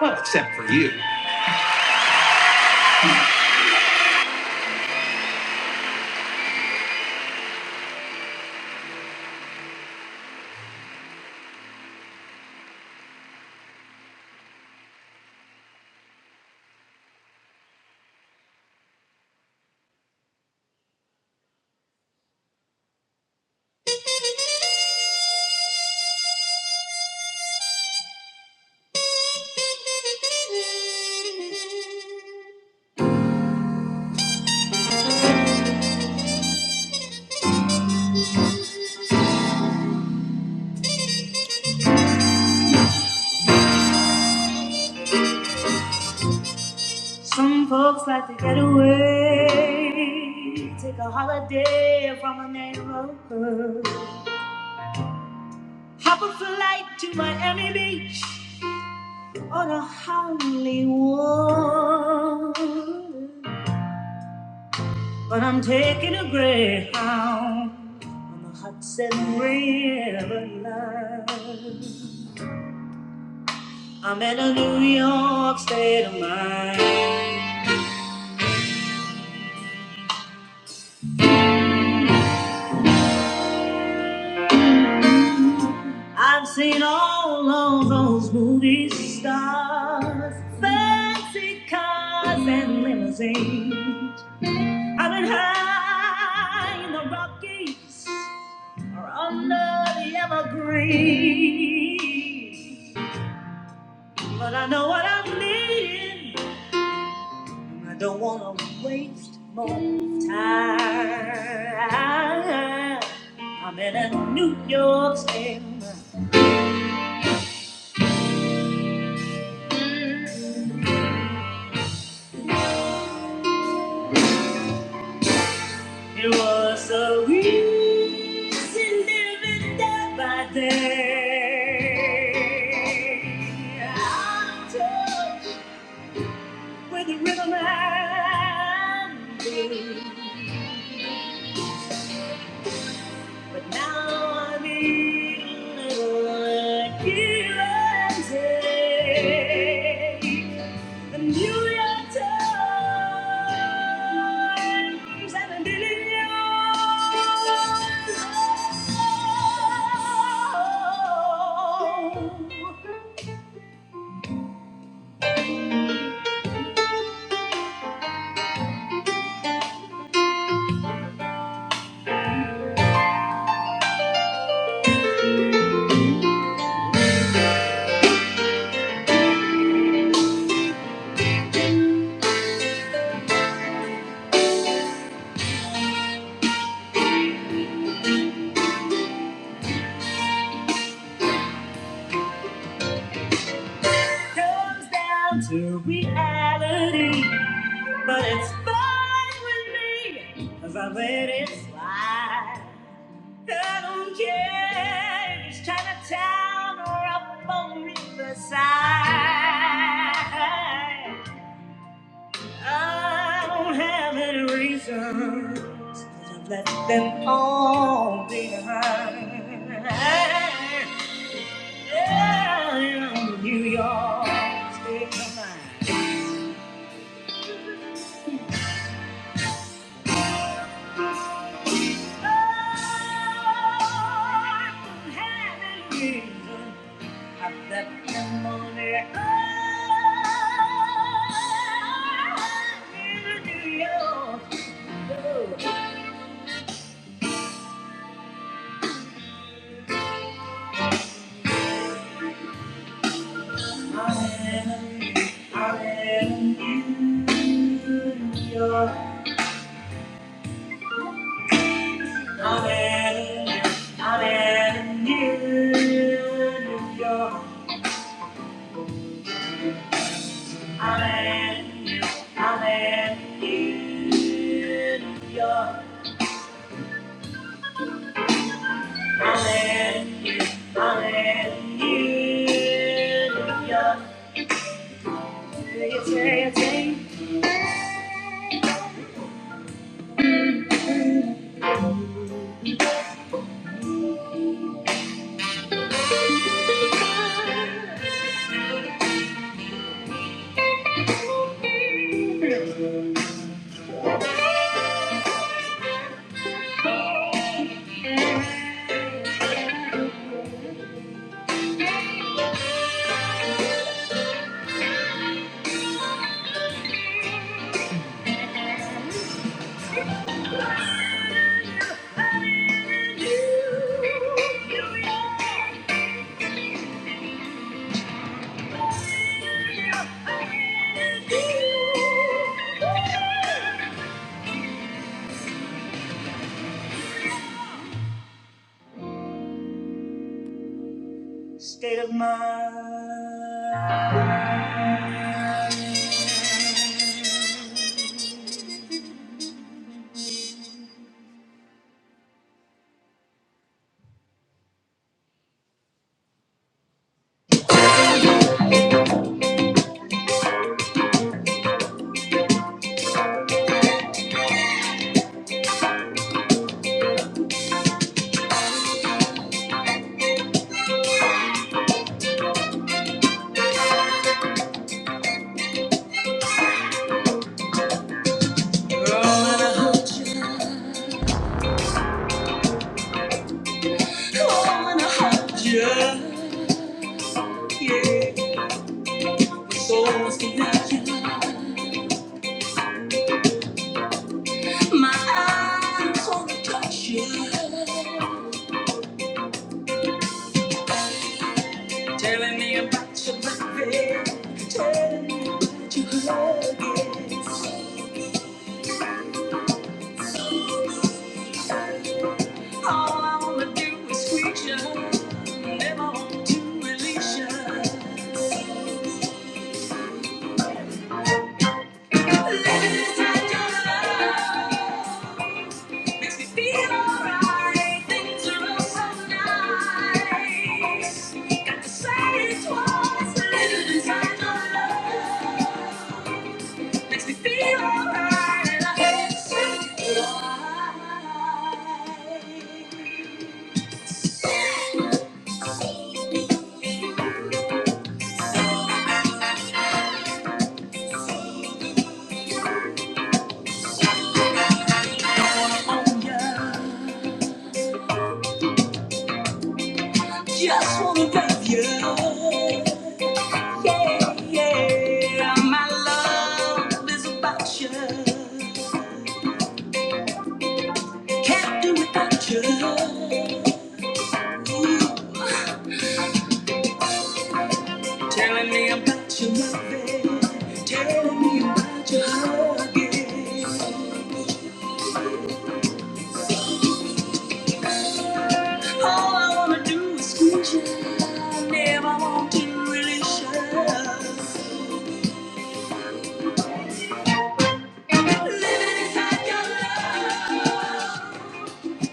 Well, except for you. Some folks like to get away, take a holiday from a neighborhood. Hop a flight to Miami Beach. on a homely wall. But I'm taking a greyhound on the Hudson River line. I'm in a New York state of mind. I've seen all of those movie stars, fancy cars and limousines. I've been high in the Rockies or under the evergreens. But I know what I'm needing. and I don't want to waste more time. I'm in a New York stem. It was so easy living day by day. I with the rhythm and but now I need a little give and take. A million times and the Daily million comes down to reality, but it's fine with me 'cause I let it slide. I don't care if it's Chinatown or up on Riverside. I don't have any reason to let them all behind. Yeah, yeah, New York, state of mind. I don't have any reason to let them all behind. New York. State of mind. I wanna hug you, yeah. My soul's connected. My eyes wanna touch you. Telling me about your baby. Telling me about your huggings. All I wanna do is squeeze you. Never want to release you. Live inside your love. Makes me feel alright. Things are so nice. Got to say it twice, but every time I love makes me feel alright, Just wanna love you, yeah. My love is about you. Can't do without you. Telling me about your loving, telling me about your hugging. All I wanna do is squeeze you, I never want to release you. Living inside your love.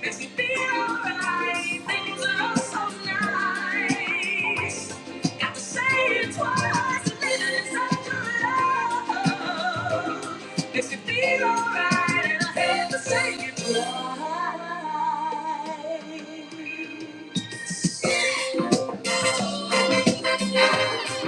Makes me feel alright. Things are so nice. Got to say it twice. Living inside your love. Makes me feel alright, and I have to say it twice.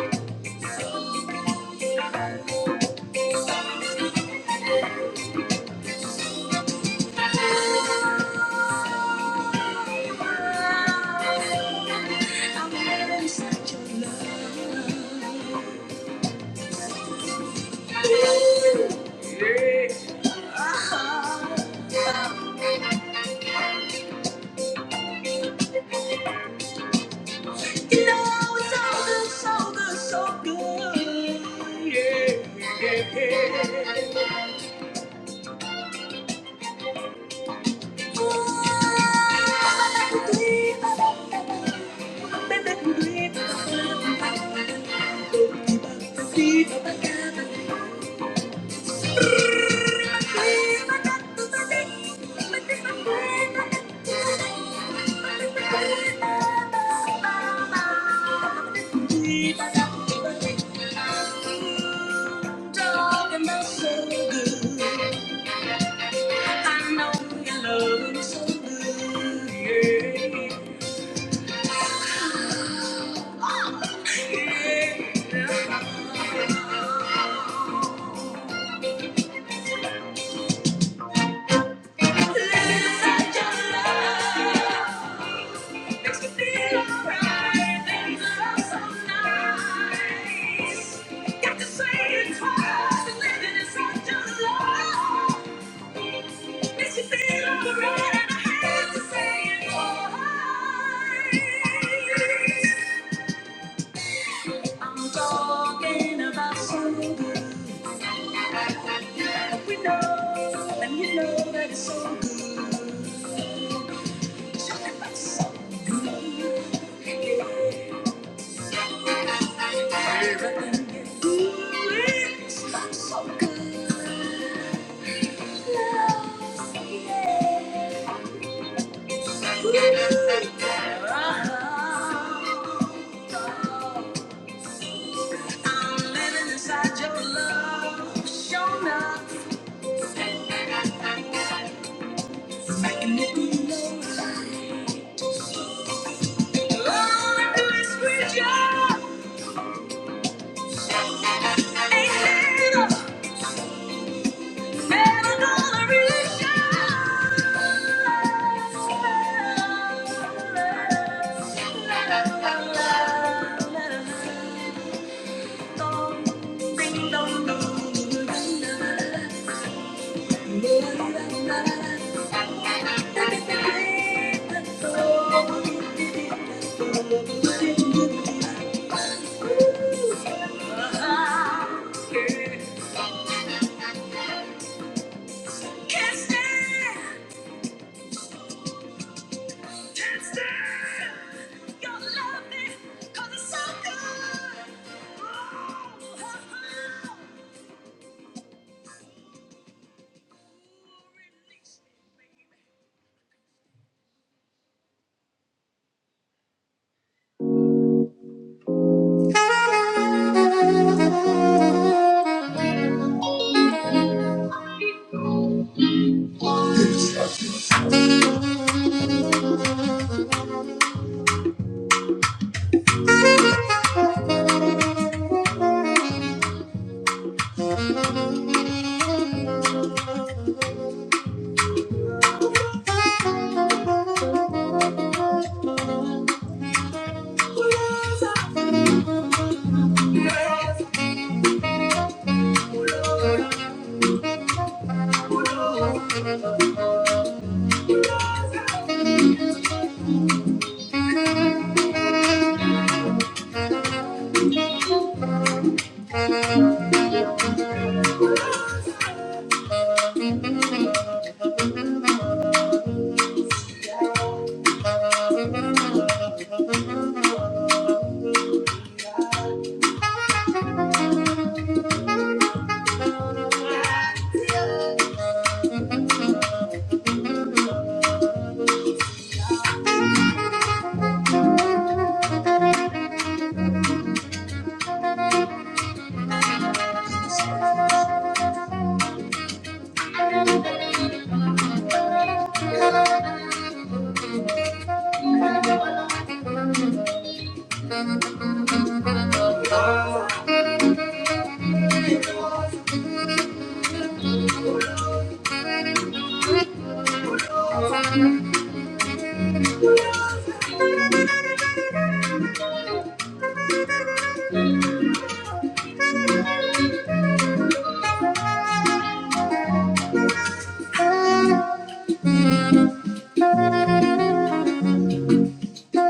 Yeah. Let me touch your love. Makes me feel alright, and it's so, so nice. Got to say it twice, the living is such a lie. Makes me feel alright, and I had to say it twice. I'm talking about something that we know, and you know that it's so good. Talking about so good. yeah you do I'm is with you. Ain't had a Can't stand Thank you. Thank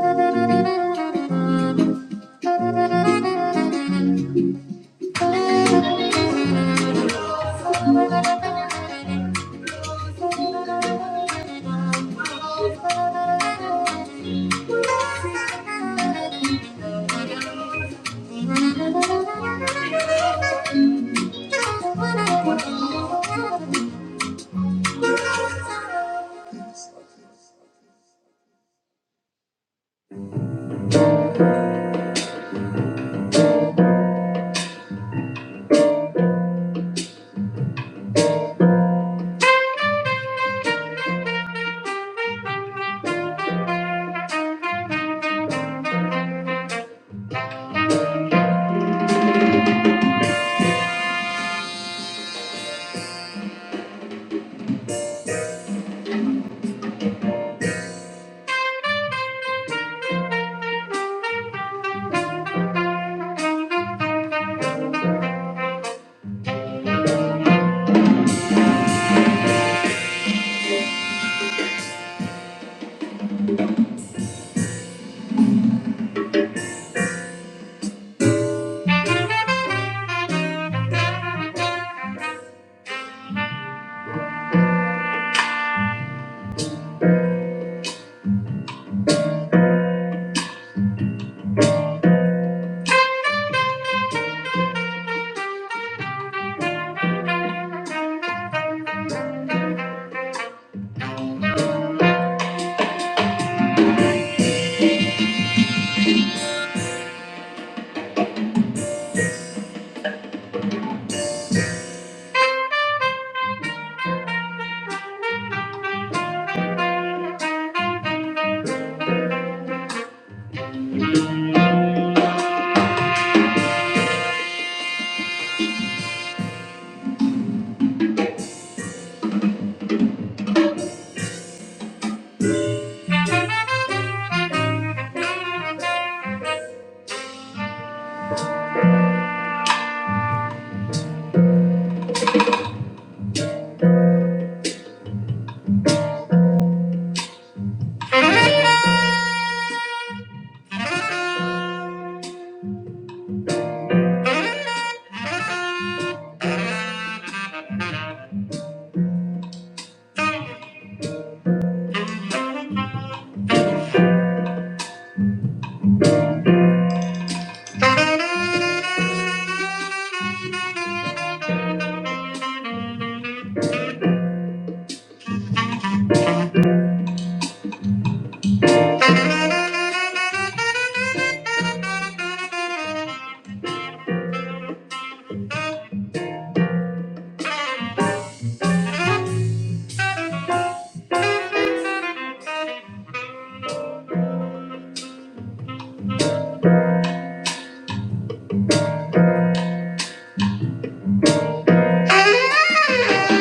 you.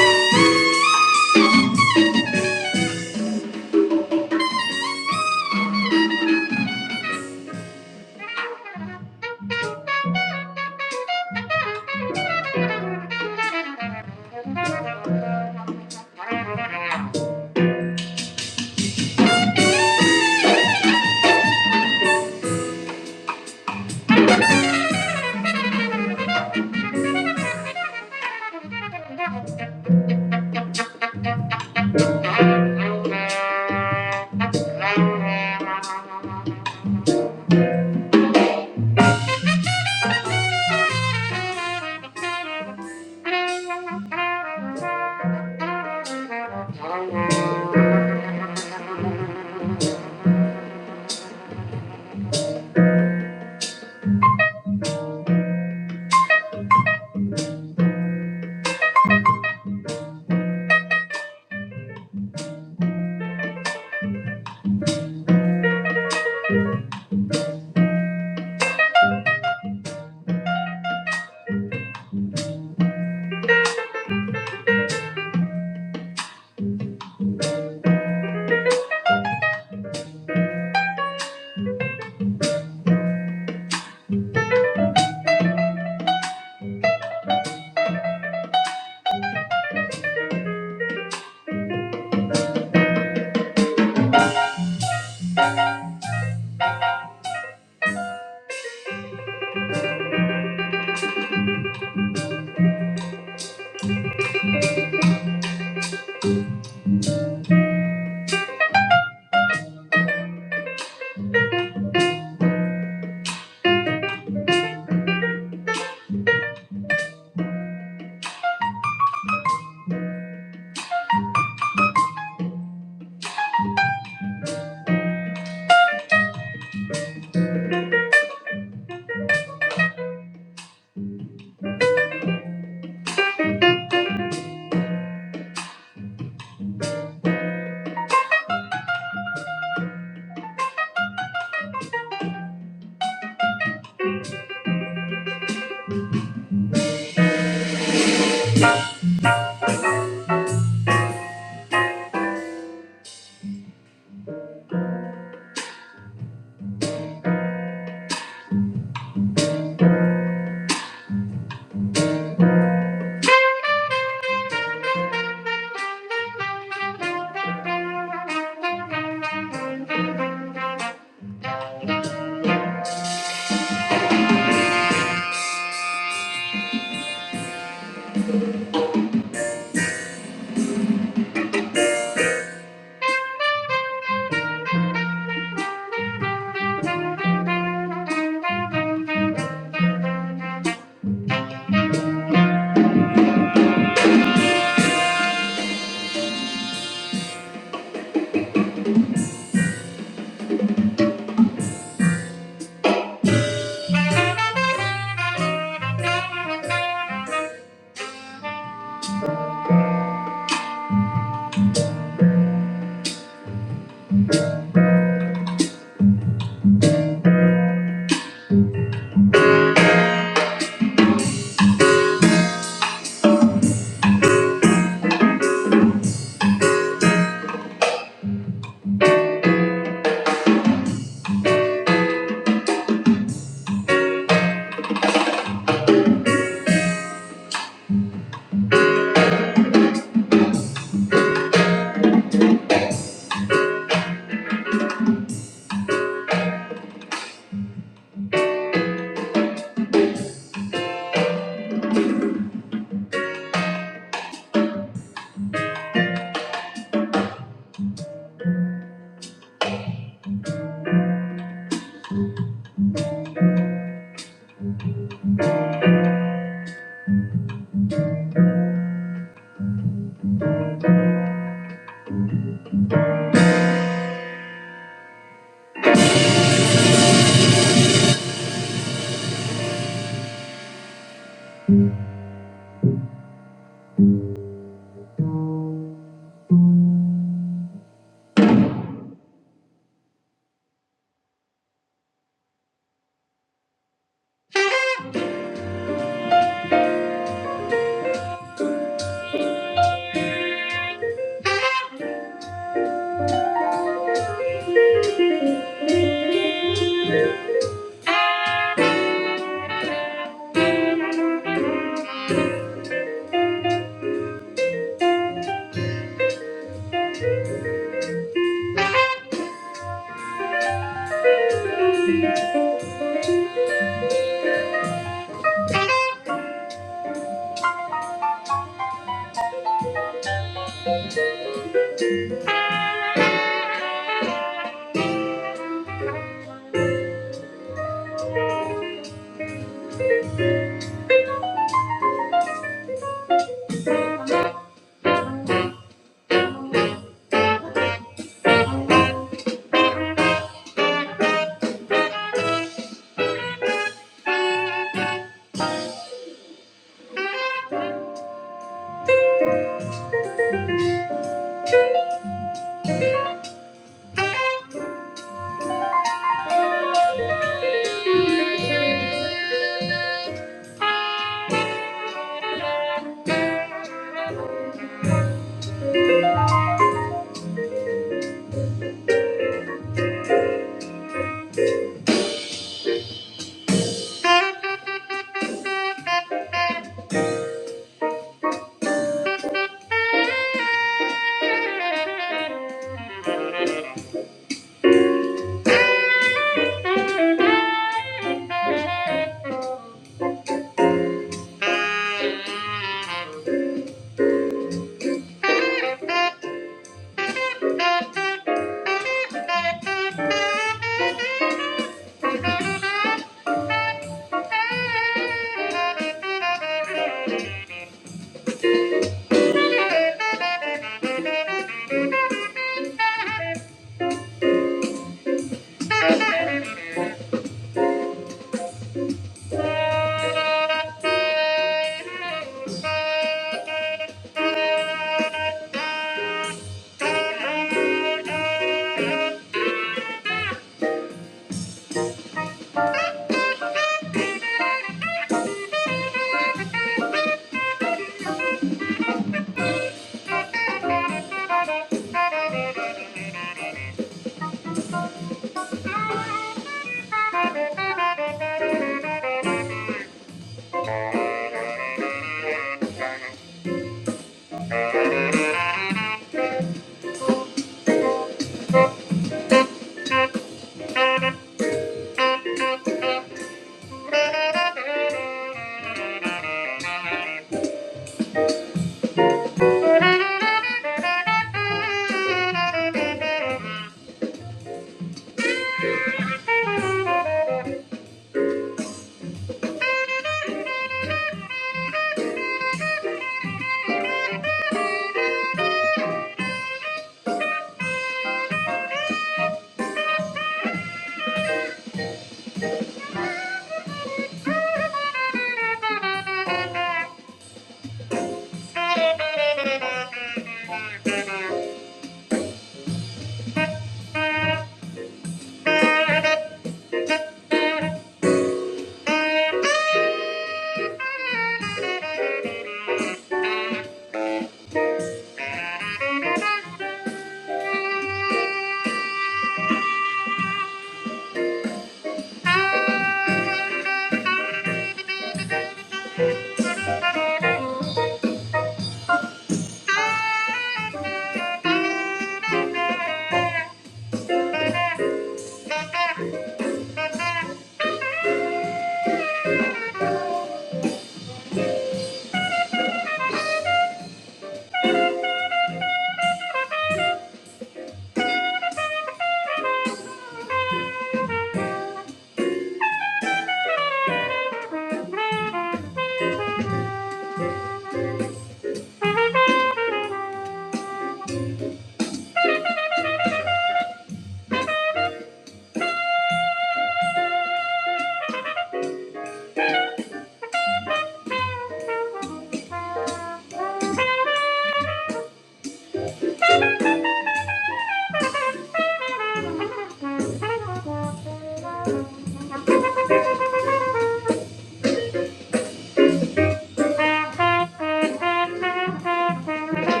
Thank you.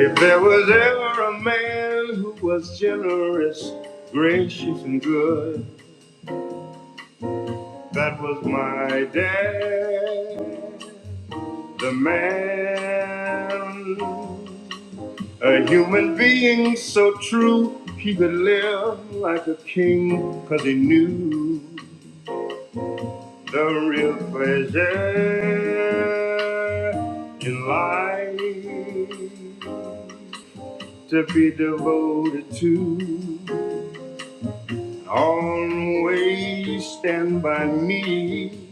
If there was ever a man who was generous, gracious, and good, that was my dad. The man, a human being so true, he could live like a king, cause he knew the real pleasure in life. to be devoted to. Always stand by me,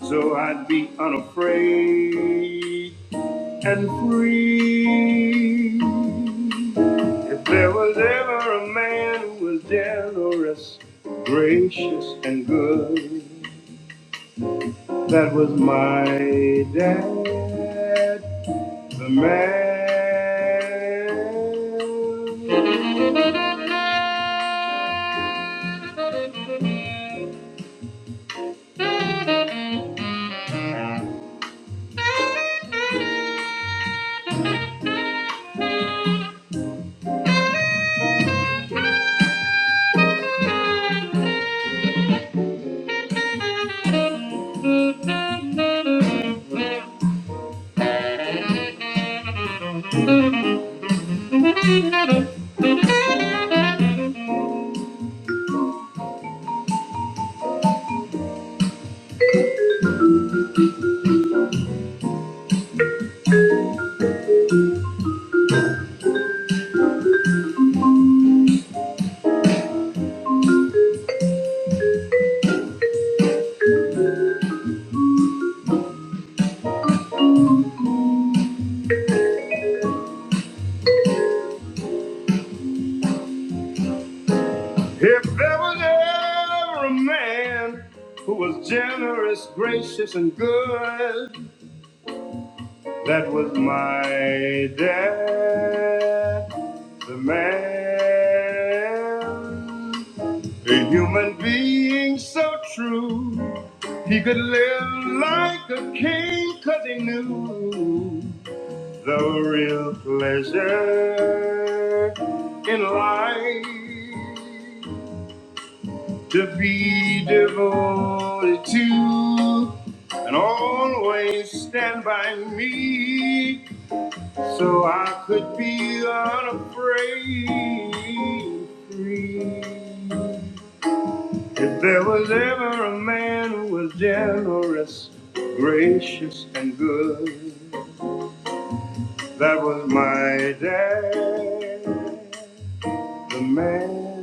so I'd be unafraid and free. If there was ever a man who was generous, gracious, and good, that was my dad, the man. If there was ever a man who was generous, gracious, and good, that was my dad, the man. A human being so true, he could live like a king 'cause he knew the real pleasure in life to be devoted to and always stand by me so I could be unafraid free. If there was ever a man who was generous, gracious, and good, that was my dad, the man.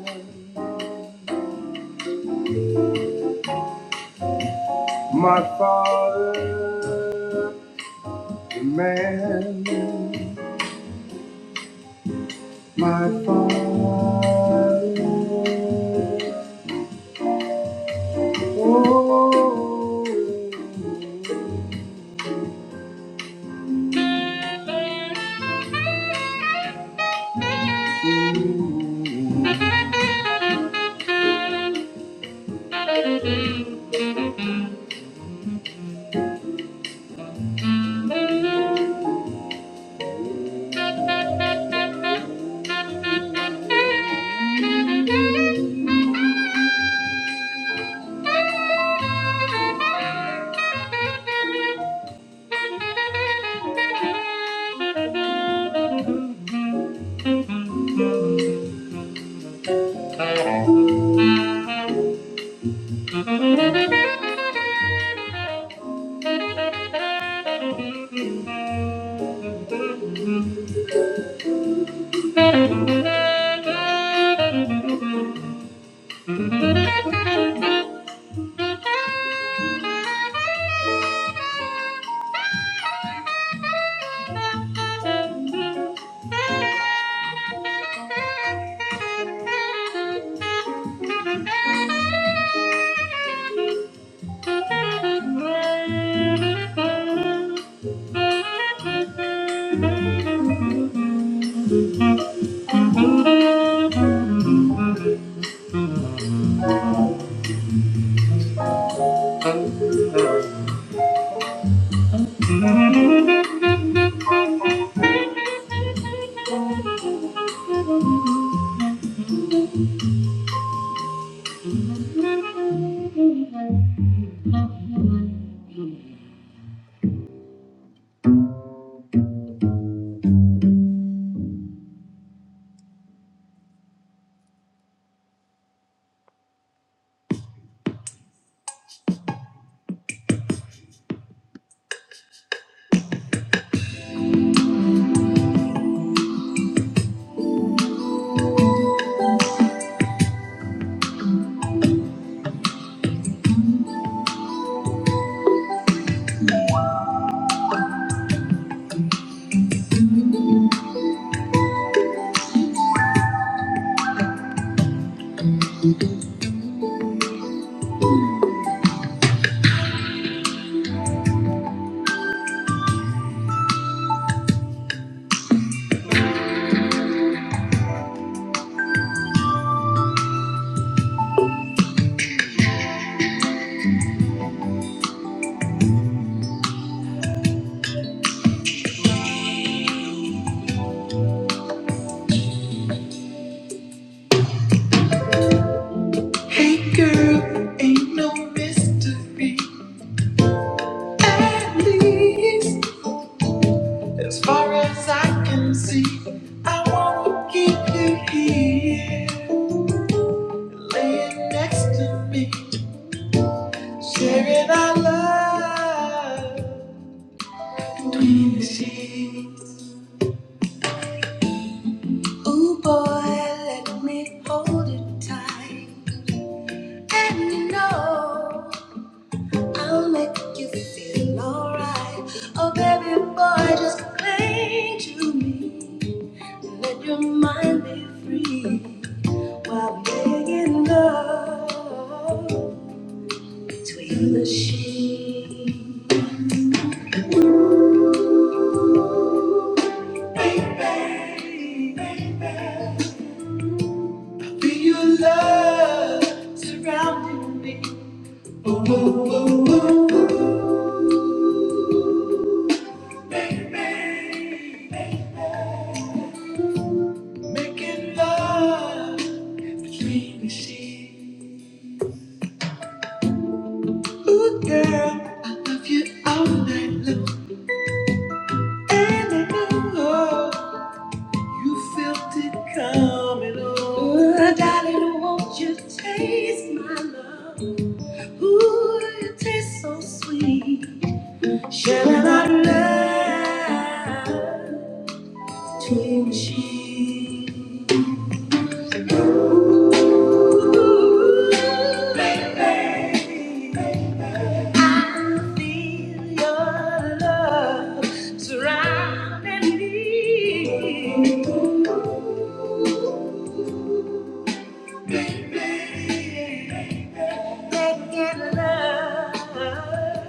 Far as I can see, I wanna keep you here, laying next to me, sharing our love. Ooh boy, let me hold you tight, and you know I'll make you feel alright. Oh baby boy, just cling to me, let your mind be free while making love between the sheets. Sharing our love between sheets. Ooh, baby, love surrounding me. Ooh, making love.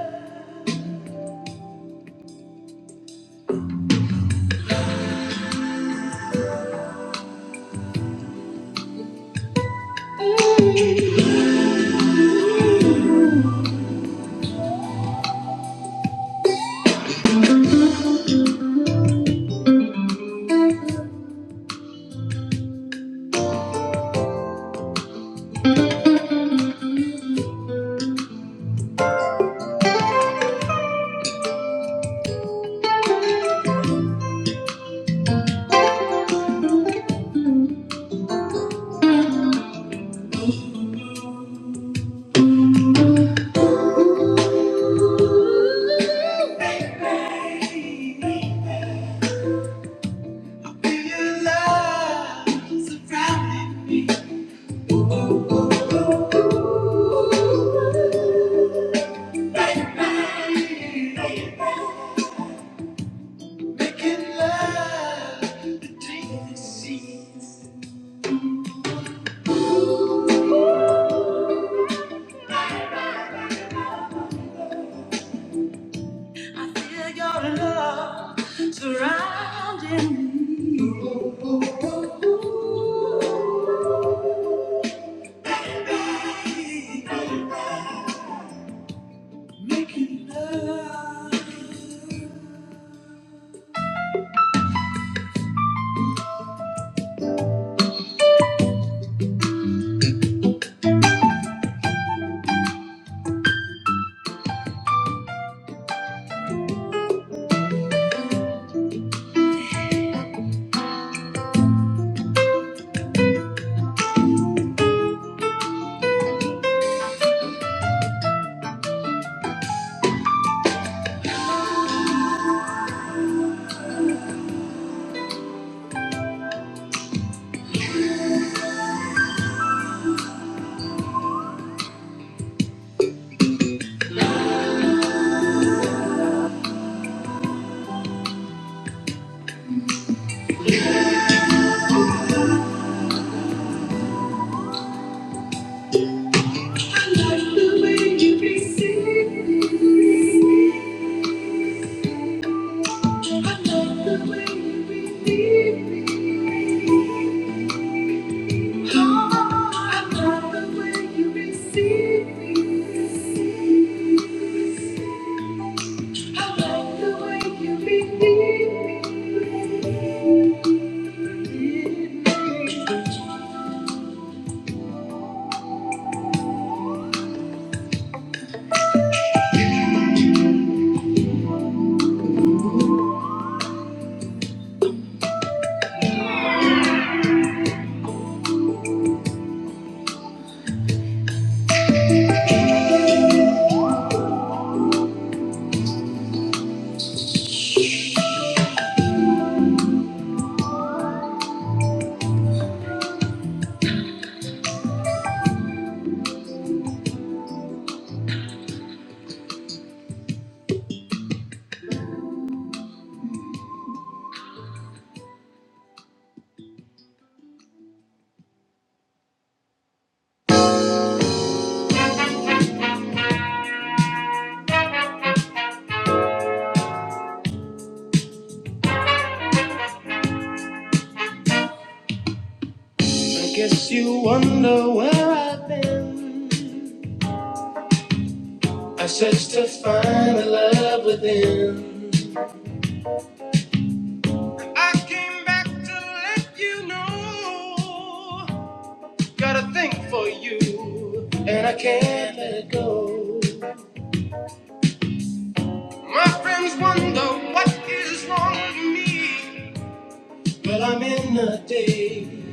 But I'm in the days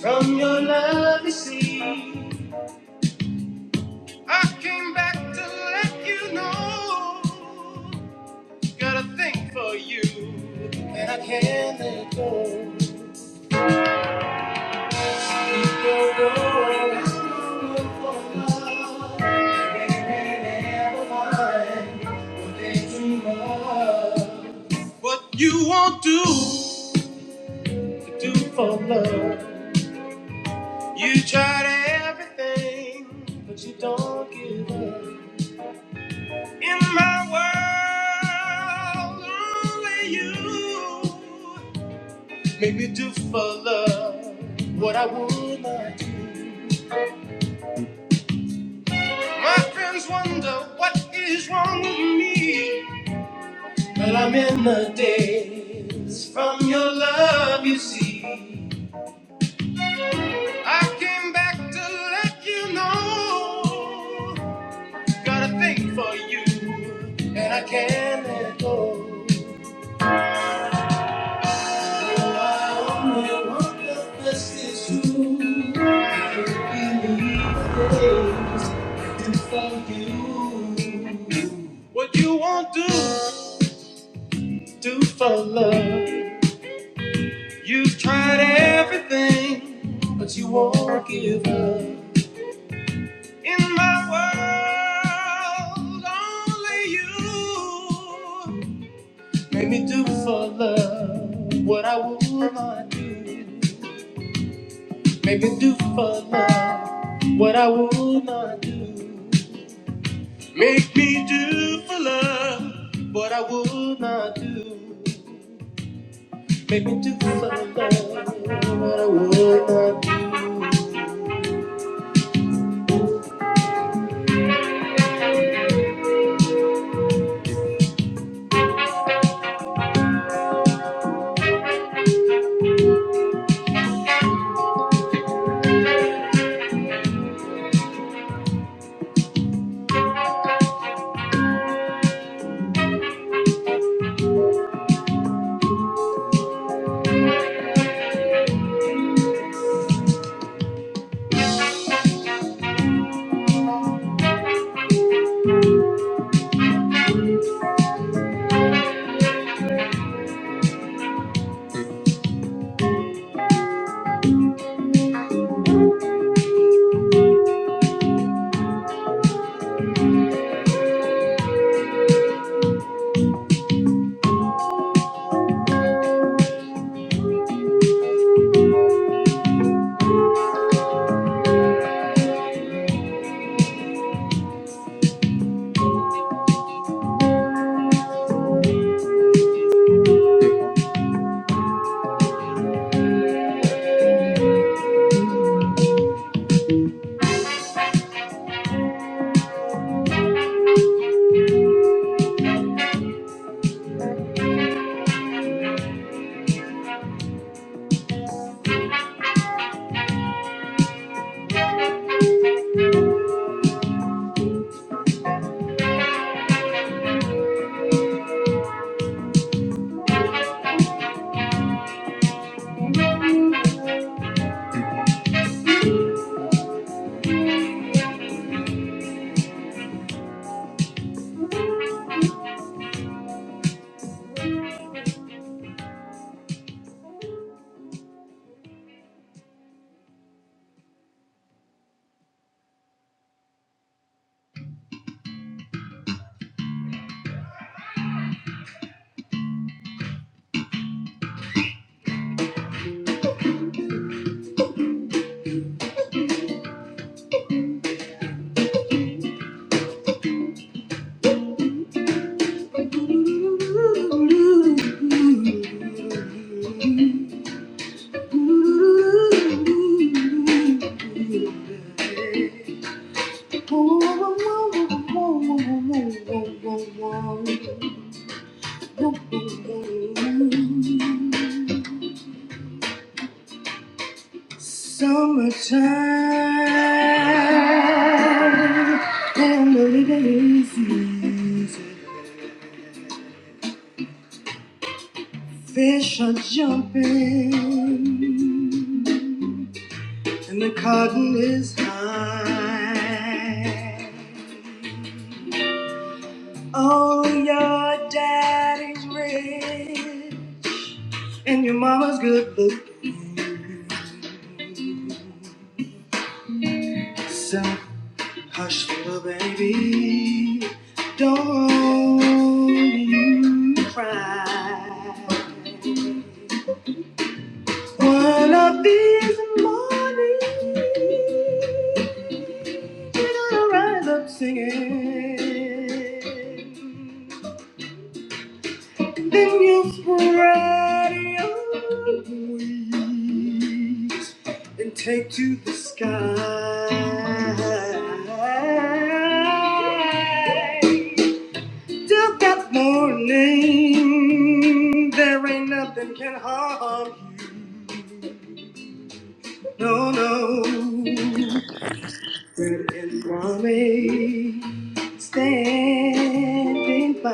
from your love to see. Let you know that I think that I can't let go. You tried everything, but you don't get it. Made me do for love what I want. My friends wonder what is wrong with me. Well, I'm in the days from your love, you see. I came back to let you know. Got a thing for you, and I can't let go. I only want What you won't do, do for love. You've tried everything, but you won't give up. In my world, only you made me do for love what I would not for love. What made love. Fish are jumping, and the cotton is high. Oh, your daddy's rich, and your mama's good looking. So hush, baby, don't you cry. One of these mornings, I'll rise up singing. Then you'll spread your wings and take to the sky. Still got morning. There ain't nothing can harm. you, No, no. There is one way standing by.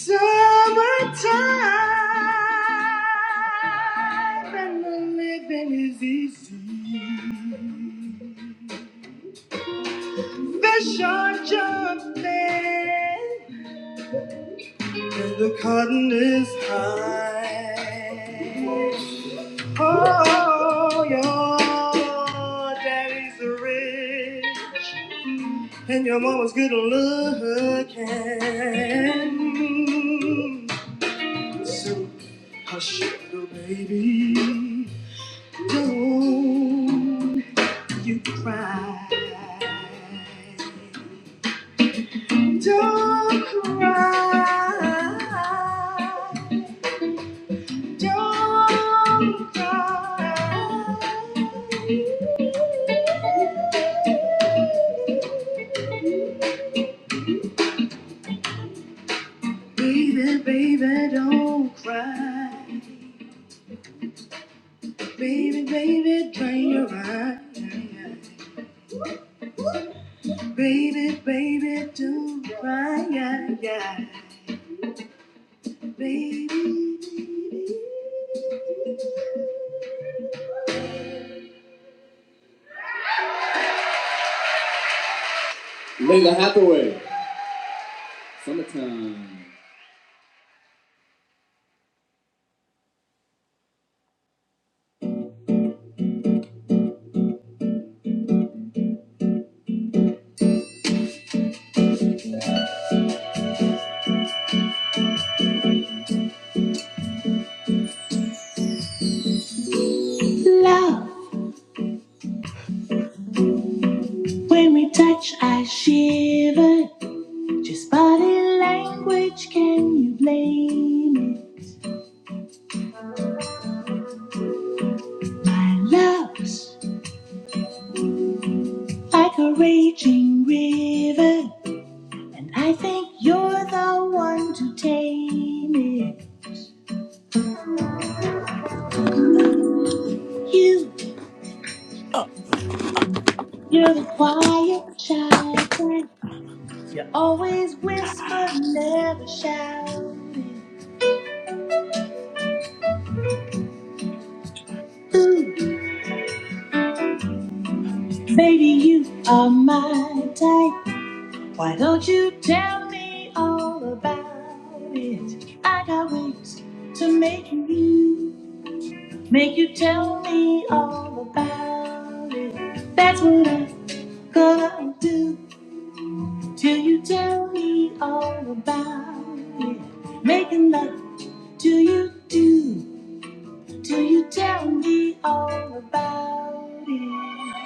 Summertime and the living is easy. Fish are jumping and the cotton is high. Oh, your daddy's rich and your mom don't cry. Baby, baby, don't cry. Baby, baby, dry your eyes. Baby, baby, don't cry. Yeah, yeah. Baby. Layla Hathaway, summertime. You tell me all about it. I got ways to make you. Make you tell me all about it. That's what I'm gonna do till you tell me all about it. Making love to you do till you tell me all about it.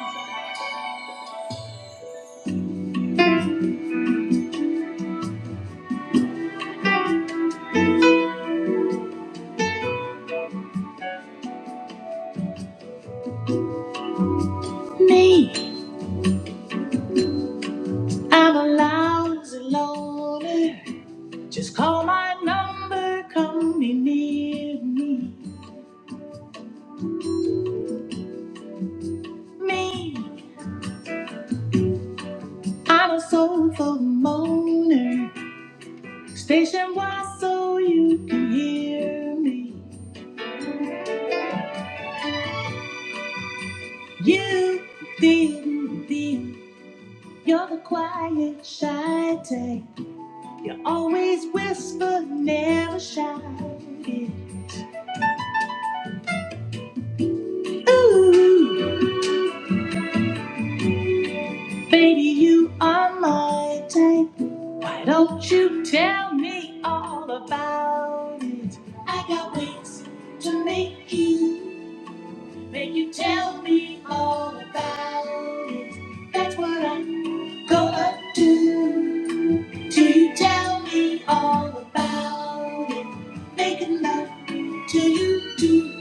Just call my number, come me near. Ooh, baby, you are my type. Why don't you tell me all about it? I got ways to make you. Then you tell me all about it. That's what I'm gonna do. Till you tell me all about it. Making love till you do.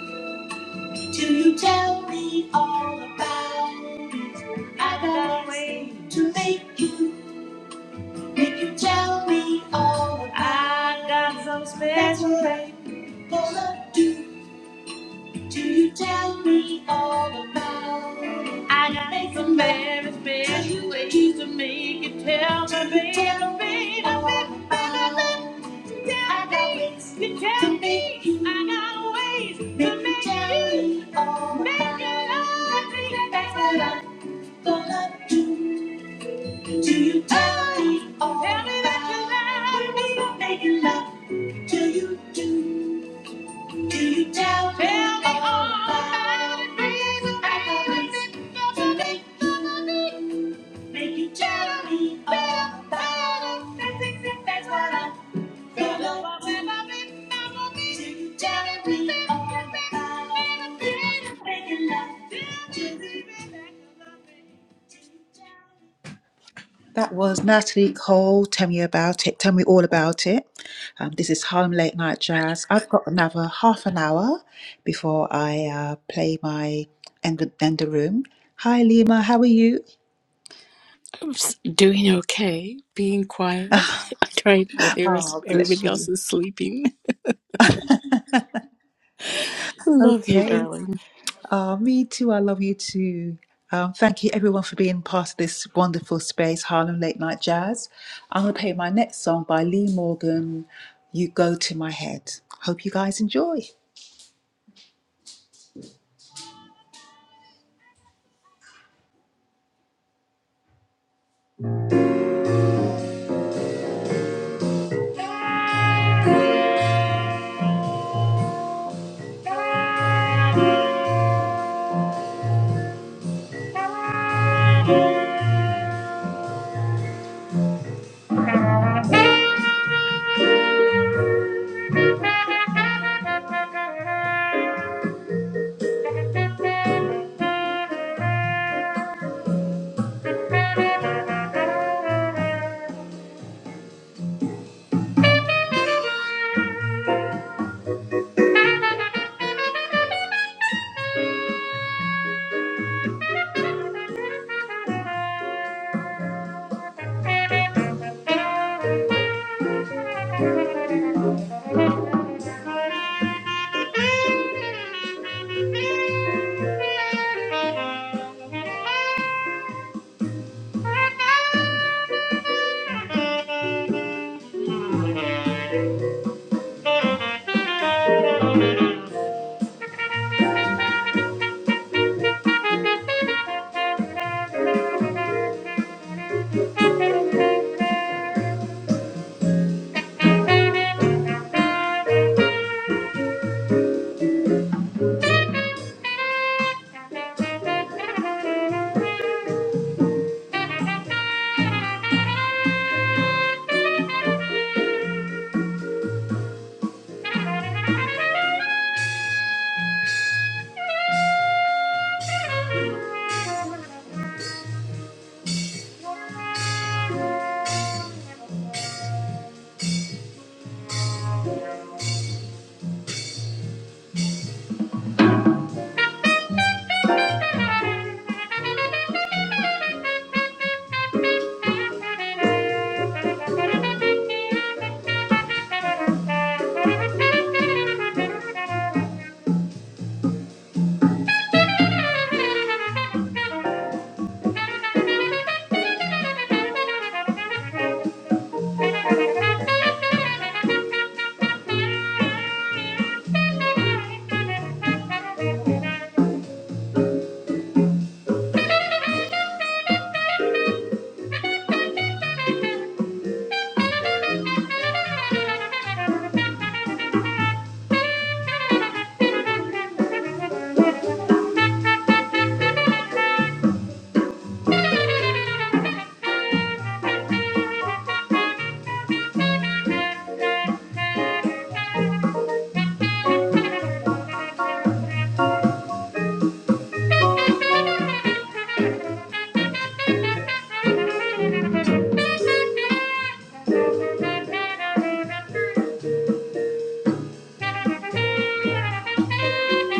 Till you tell me all about it. I got a way to make you. Make you tell me all about it. I got it. some special. That's what I'm gonna do. Do you tell me all about it? I got make some very special ways to make you tell me, baby, tell baby, baby, baby, I got ways you tell to make me. I got ways to make you tell me all make about it. Make you love me, That's what I'm gonna do. Do you tell me Oh, all about it? tell me that you about love me? Make you love till you do. Deep down, tell me all about it. Reason I love it. Make you make you tell me all about it. That's it, that's what I Gonna tell me I'm on this. Till you tell me all about it. Make you love it. Till you tell me. That was Natalie Cole. Tell me about it. Tell me all about it. Um, this is Harlem Late Night Jazz. I've got another half an hour before I uh, play my end the, end the room. Hi, Lima. How are you?
I'm doing okay, being quiet. I tried with the rest,
Oh, bless
everybody else
you.
is sleeping. Love you,
Okay.
darling.
Uh, me too. I love you too. Um, thank you, everyone, for being part of this wonderful space, Harlem Late Night Jazz. I'm going to play my next song by Lee Morgan, You Go to My Head. Hope you guys enjoy. Thank you.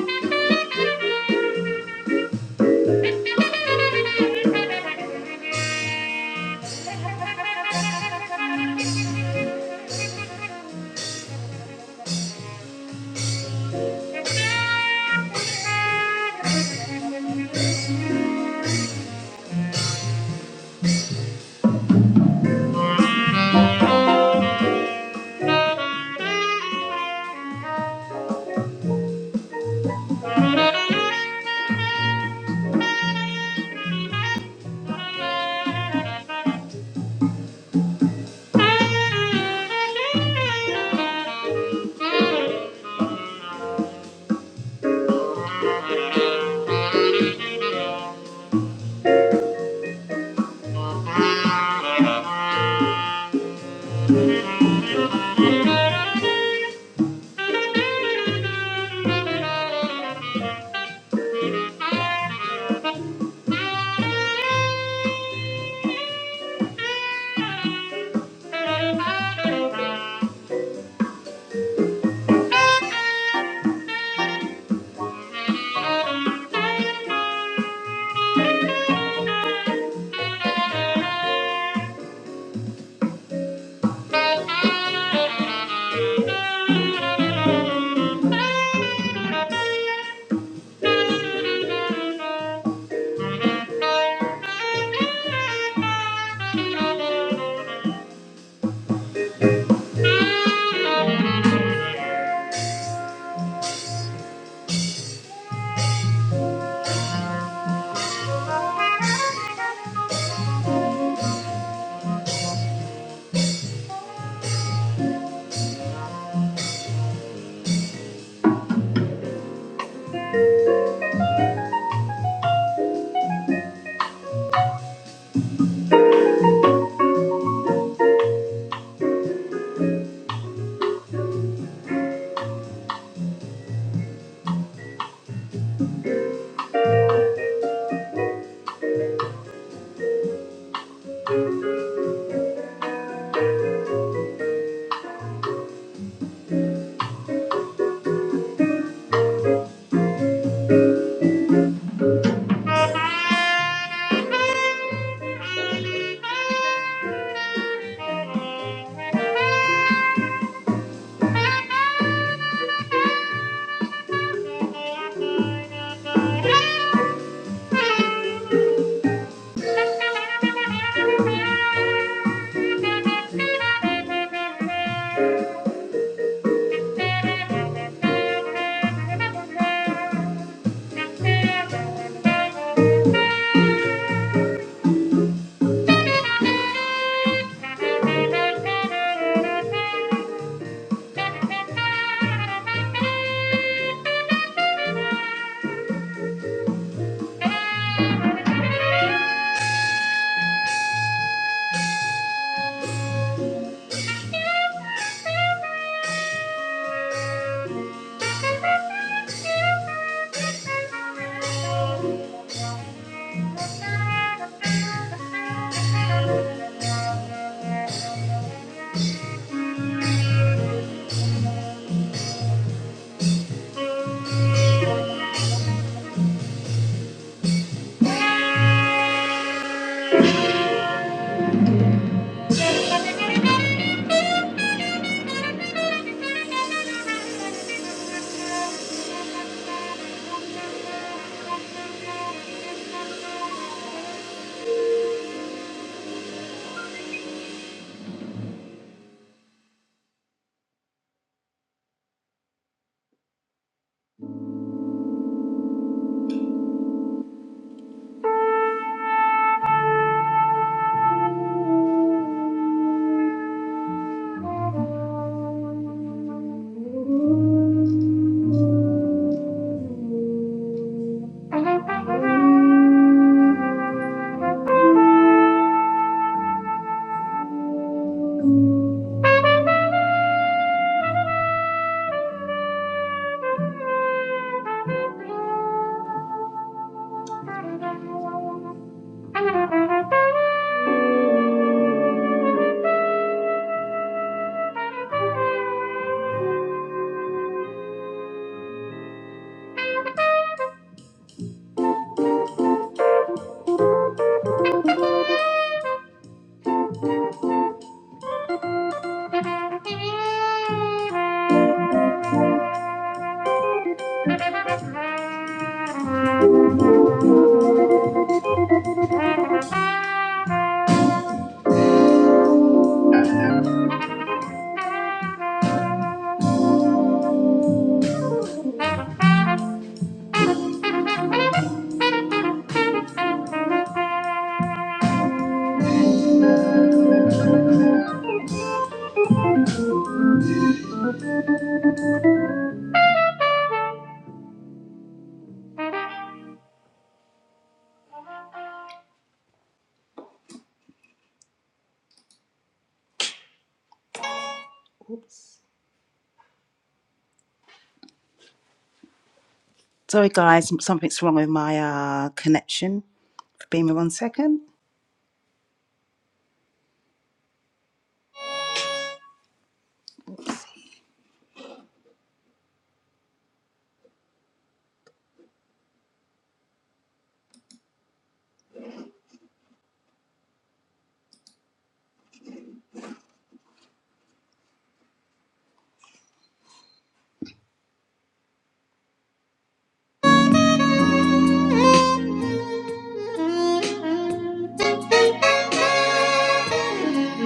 Sorry, guys, something's wrong with my uh, connection. Bear me one second. I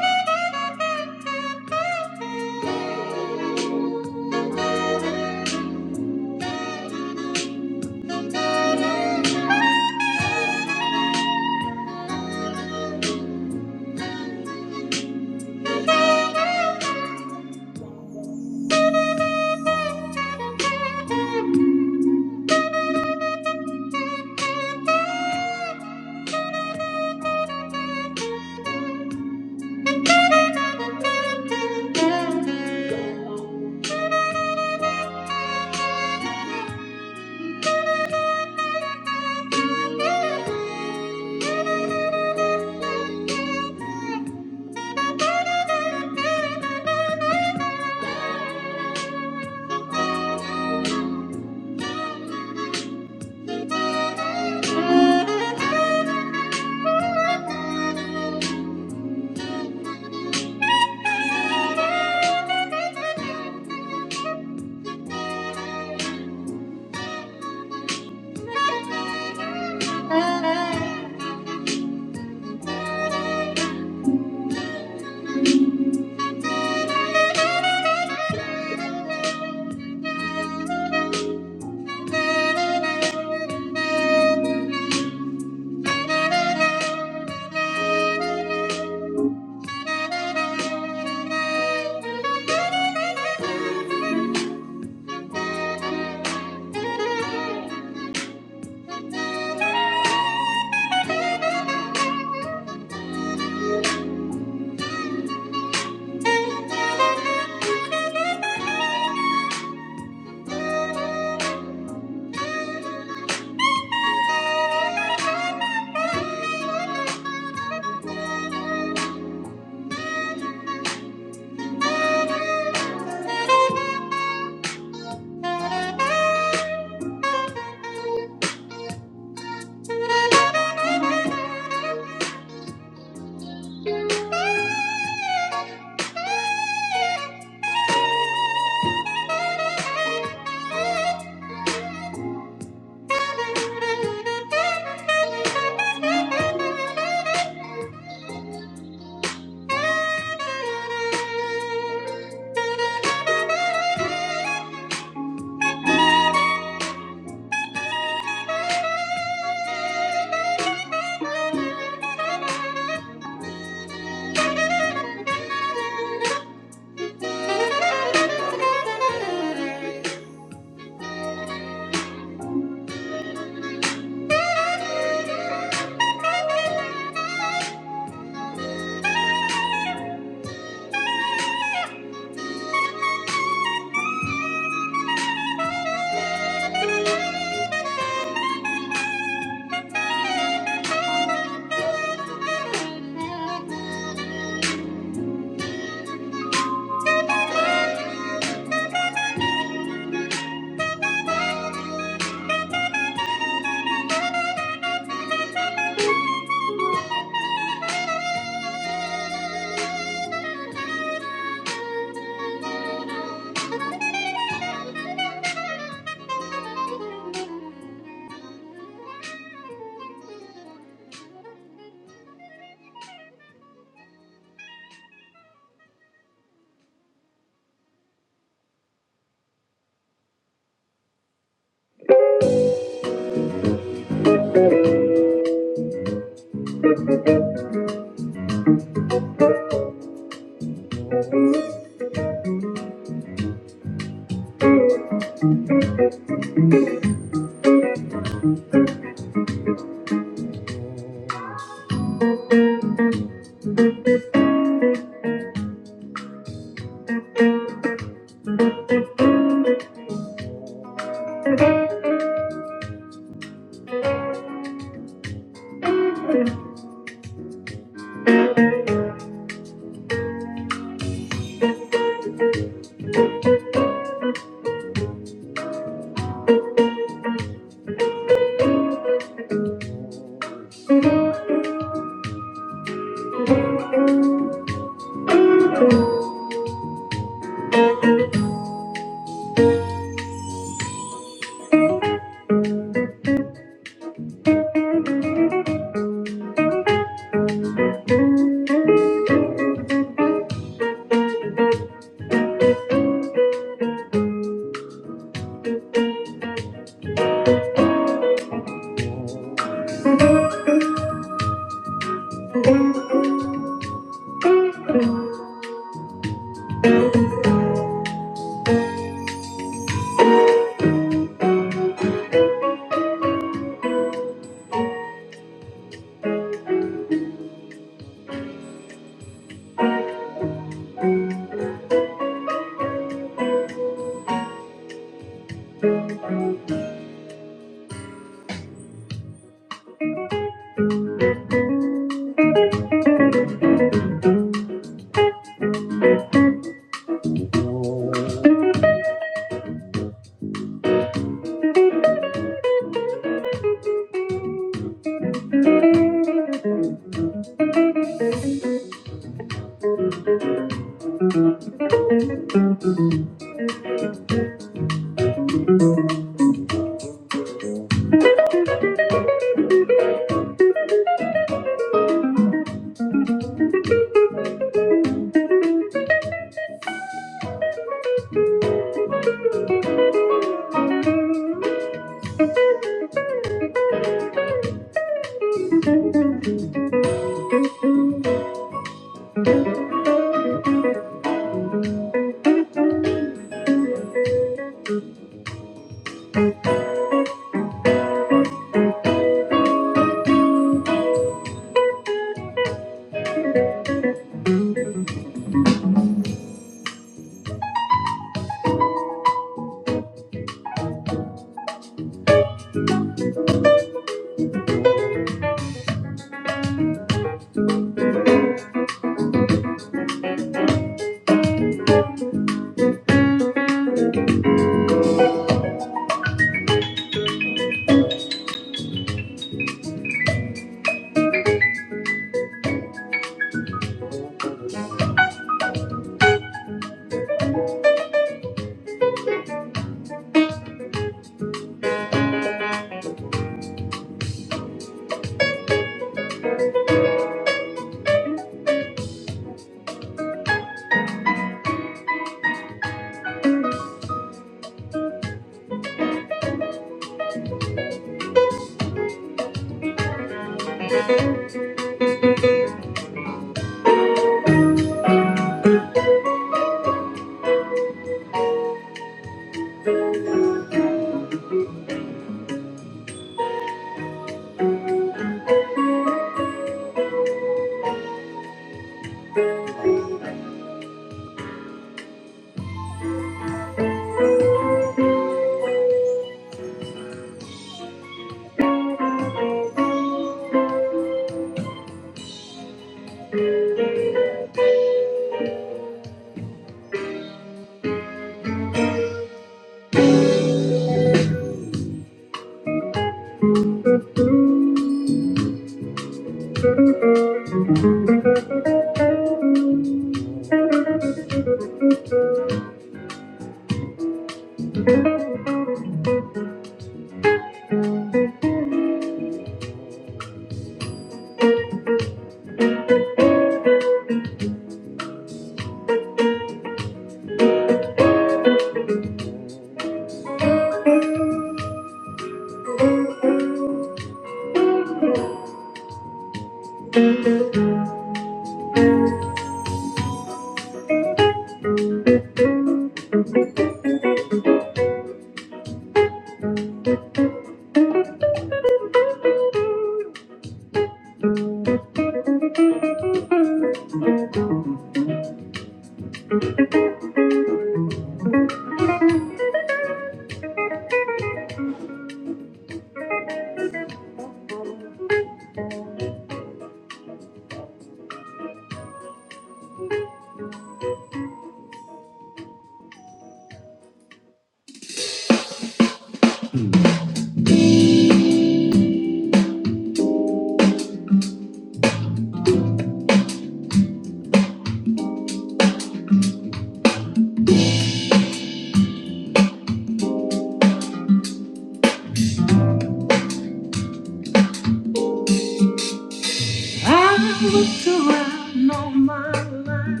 know my life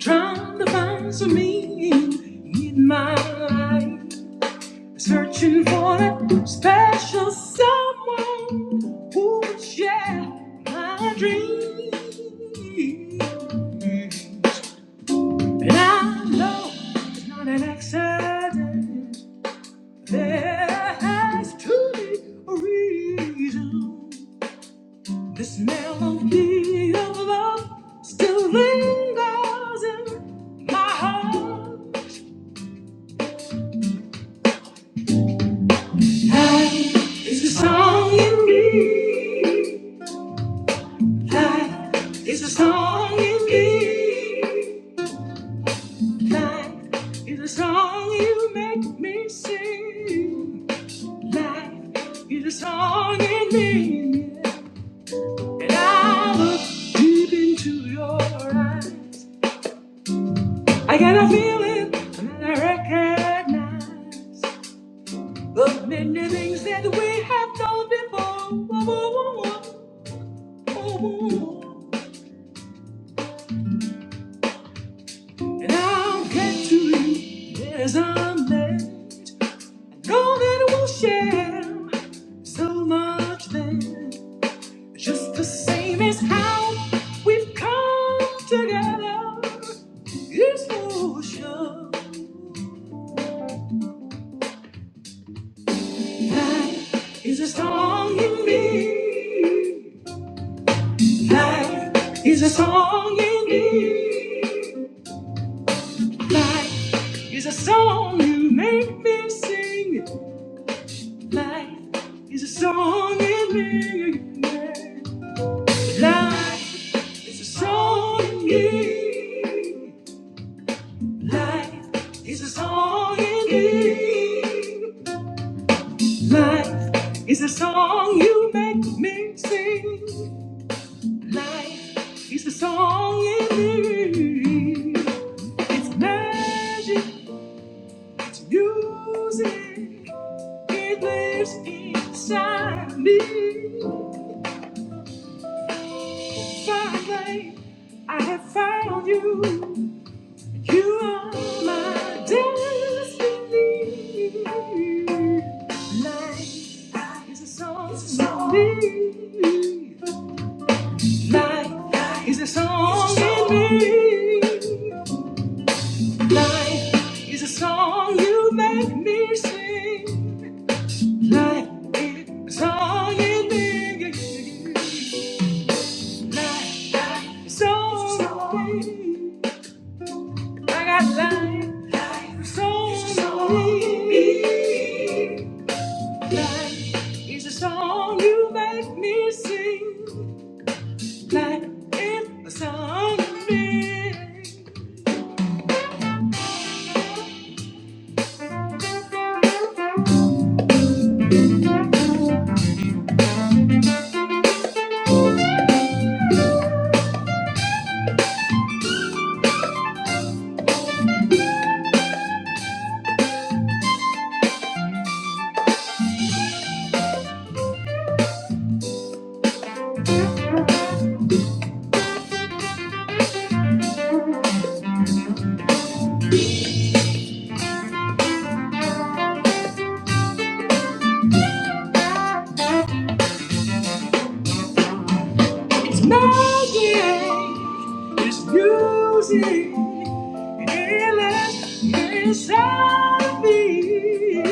trying to find some meaning in my life, searching for that special someone who would share my dream. And I know it's not an accident. There has to be a reason. This melody of love still lingers in my heart. It's a song in me. Like, it's a song in me. Like, it's a song you make me sing. Like, it's a song in me. And I look deep into your eyes. I got a feeling that I recognize the many things that we have done before. Oh, oh, oh, oh, oh, oh. And I'll get to you. Yes, I'm man. Go that we will share so much then. Just the same as how we've come together. This notion is a song in me. Life is a song in me. Life is a song you make me sing. Life is a song in me. Life It's a song you need. Life is a song you need. Life is a song you make me sing. Life is a song you need. It's magic, it's music. It lives inside me. Finally, I have found you. You are my destiny. Life is a song in me. Life is a song in me. Life is a song you make me sing. Life is a song in me. Song in me. I got life. Song in me. Life is a spirit inside of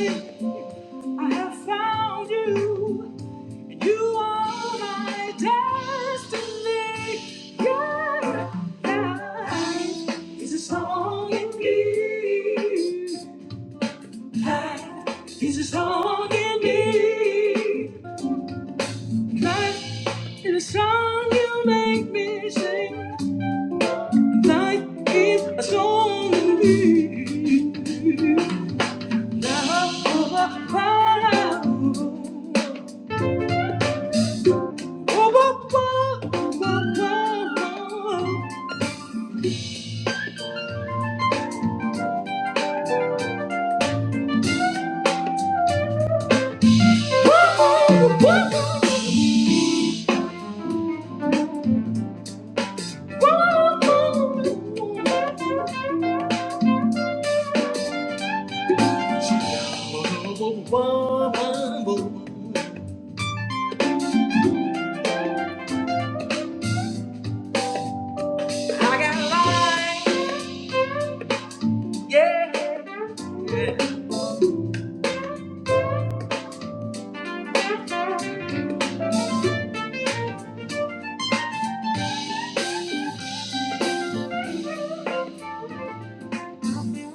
me. I found you. You are my destiny. God is a song in me. He's a song in me. Life is a song you make me. Like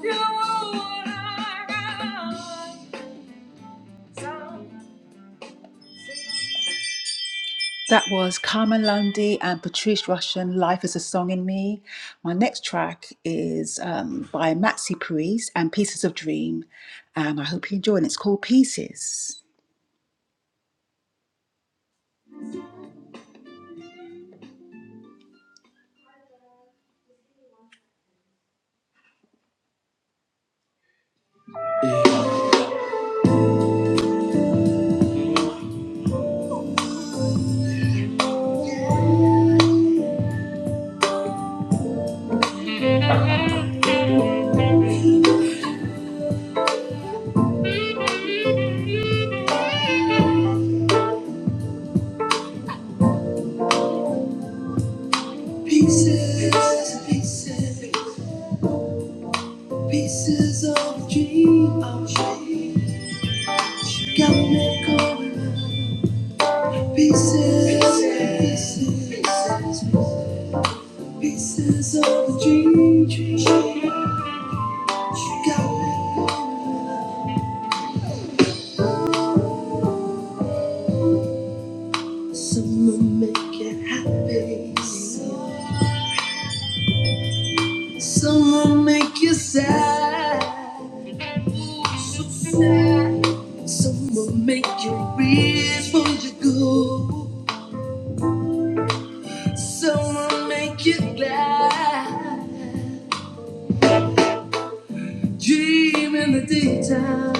you are my God. That was Carmen Lundy and Patrice Russian, Life is a Song in Me. My next track is um, by Maxi Priest and Pieces of Dream. And I hope you enjoy it. It's called Pieces. Some will make you happy, some will make you sad, some will make you wish for you go, some will make you glad. Dream in the daytime,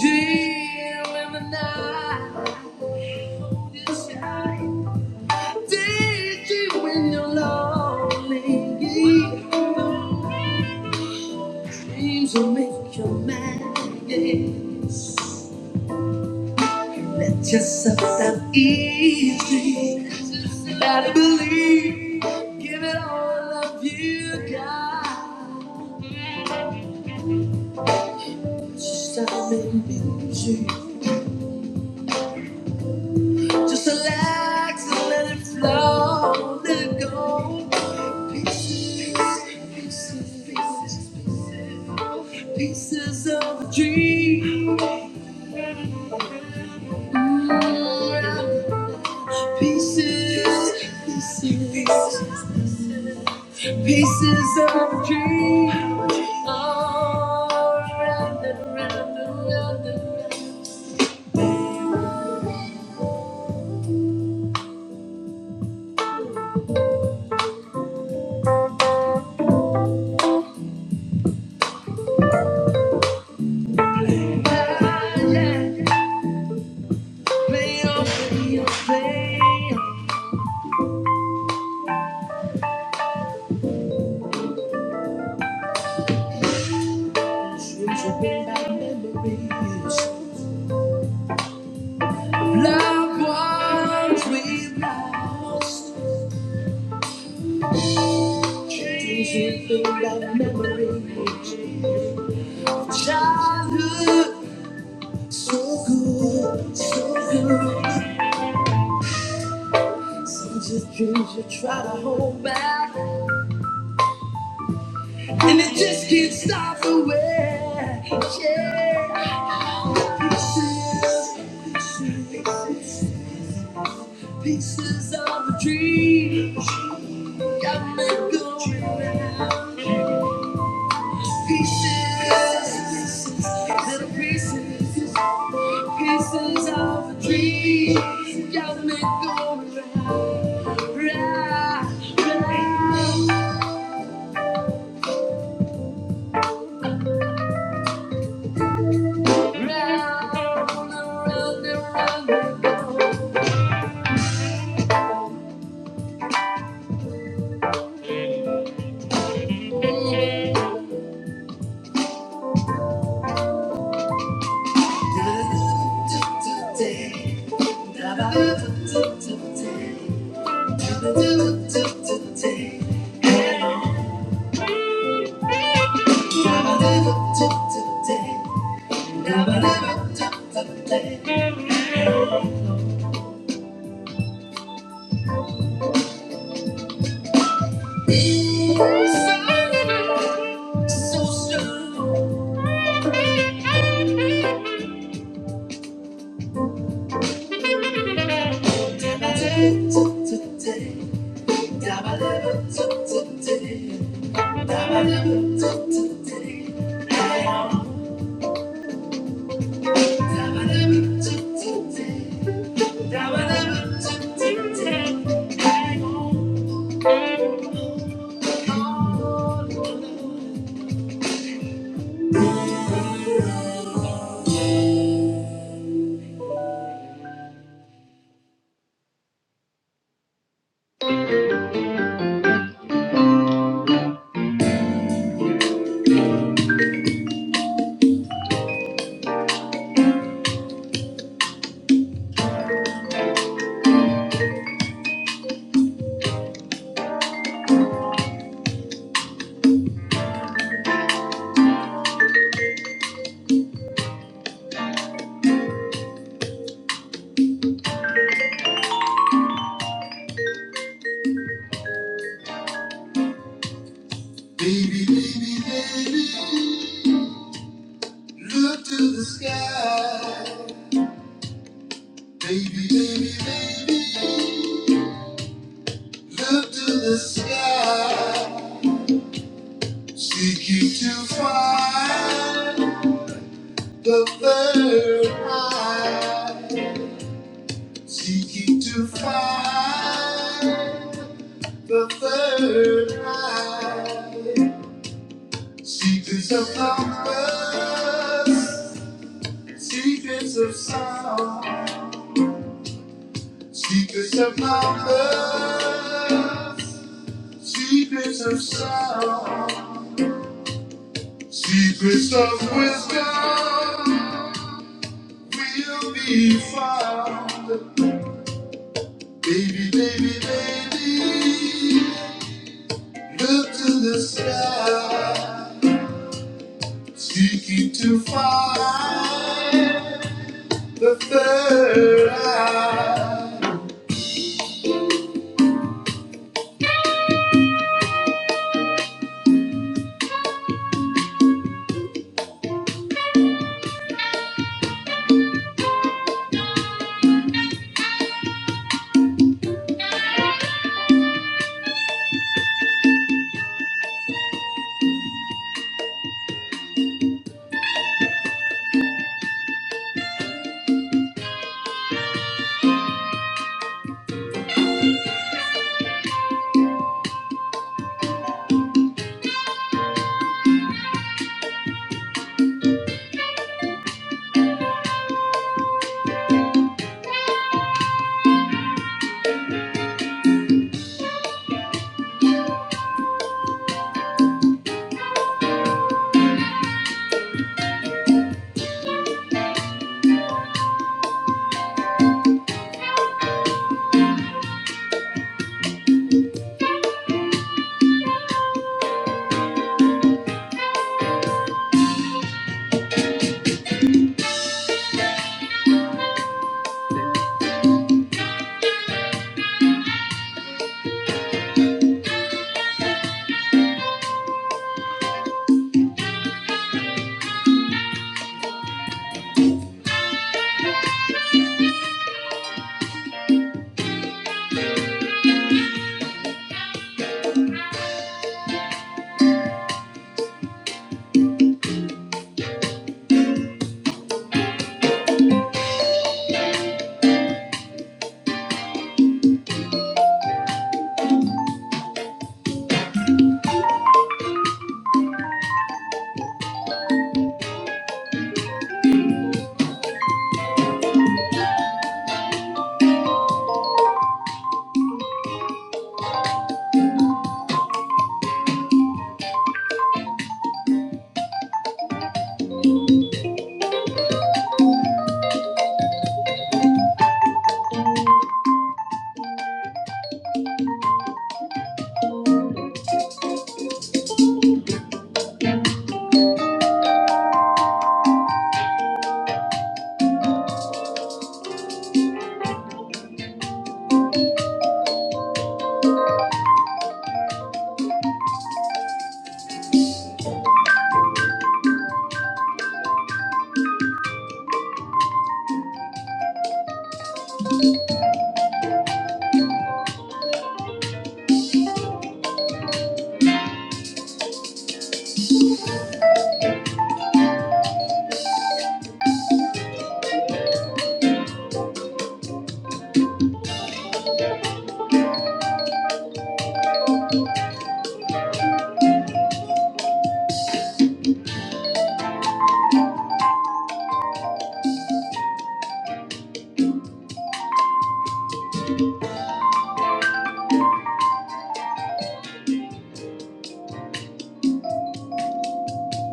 dream in the night. Did you when you're lonely? Dreams will make you mad. Yes. It's just so that easy. You gotta believe. Give it all of you got. Just stop and be true. Just relax and let it flow, let it go. Pieces, pieces, pieces, pieces, pieces of a dream. Mm, Pieces, pieces, pieces pieces of a dream. Oh, round and round and round and round. Our bonds we lost. Dreams with the right memory. Childhood, so good, so good. Just dreams you try to hold back, and it just can't stop the way. Yeah, pieces, pieces, pieces of a dream got me going now. Pieces, little pieces. Pieces of a dream, got me going round, round, round, round, round and round we go. Baby, baby, look to the sky. Baby, baby, baby, look to the sky. Seeking to find the third eye. Seeking to find the third eye. Secrets of numbers, secrets of sound, secrets of numbers, secrets of sound, secrets of wisdom deep to the sky.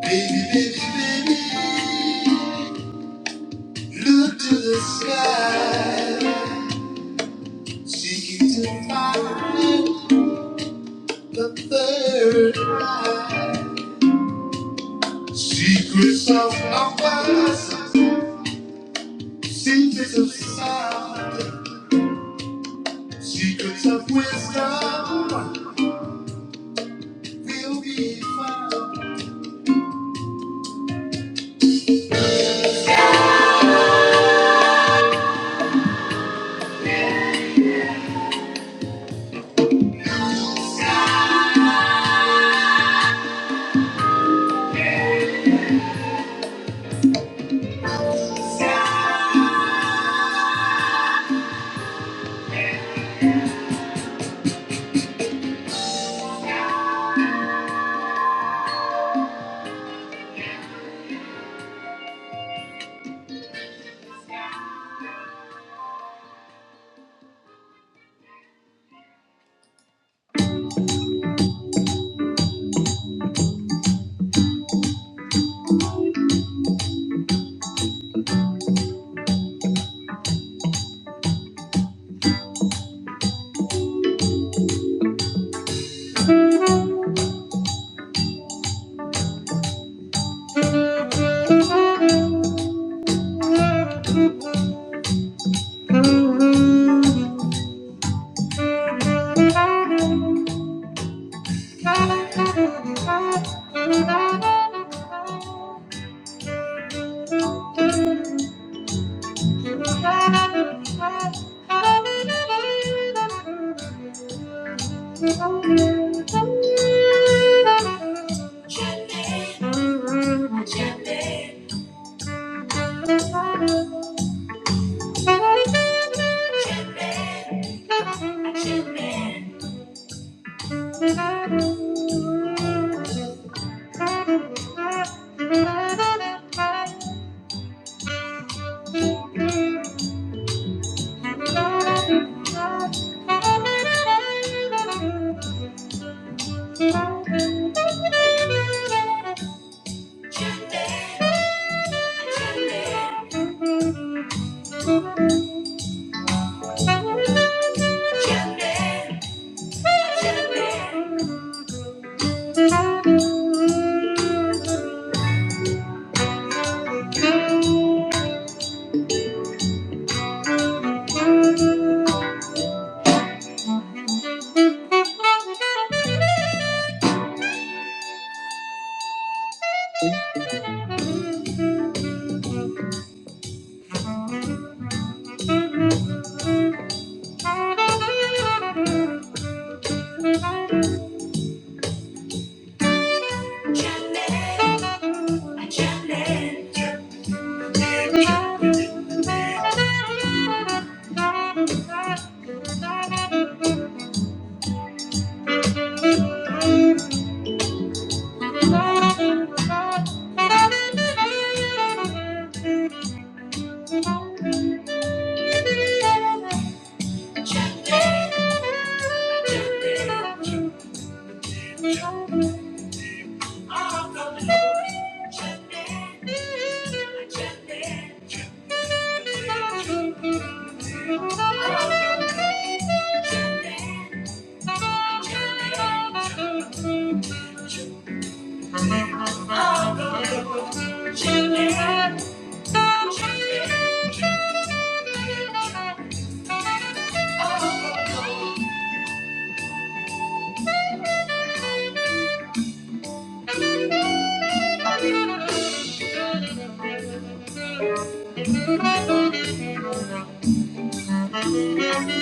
Baby, baby, baby, look to the sky, seeking to find the third eye. Secrets of numbers, secrets of sound. Secrets of wisdom will be found. Thank you. Jump in, jump in, jump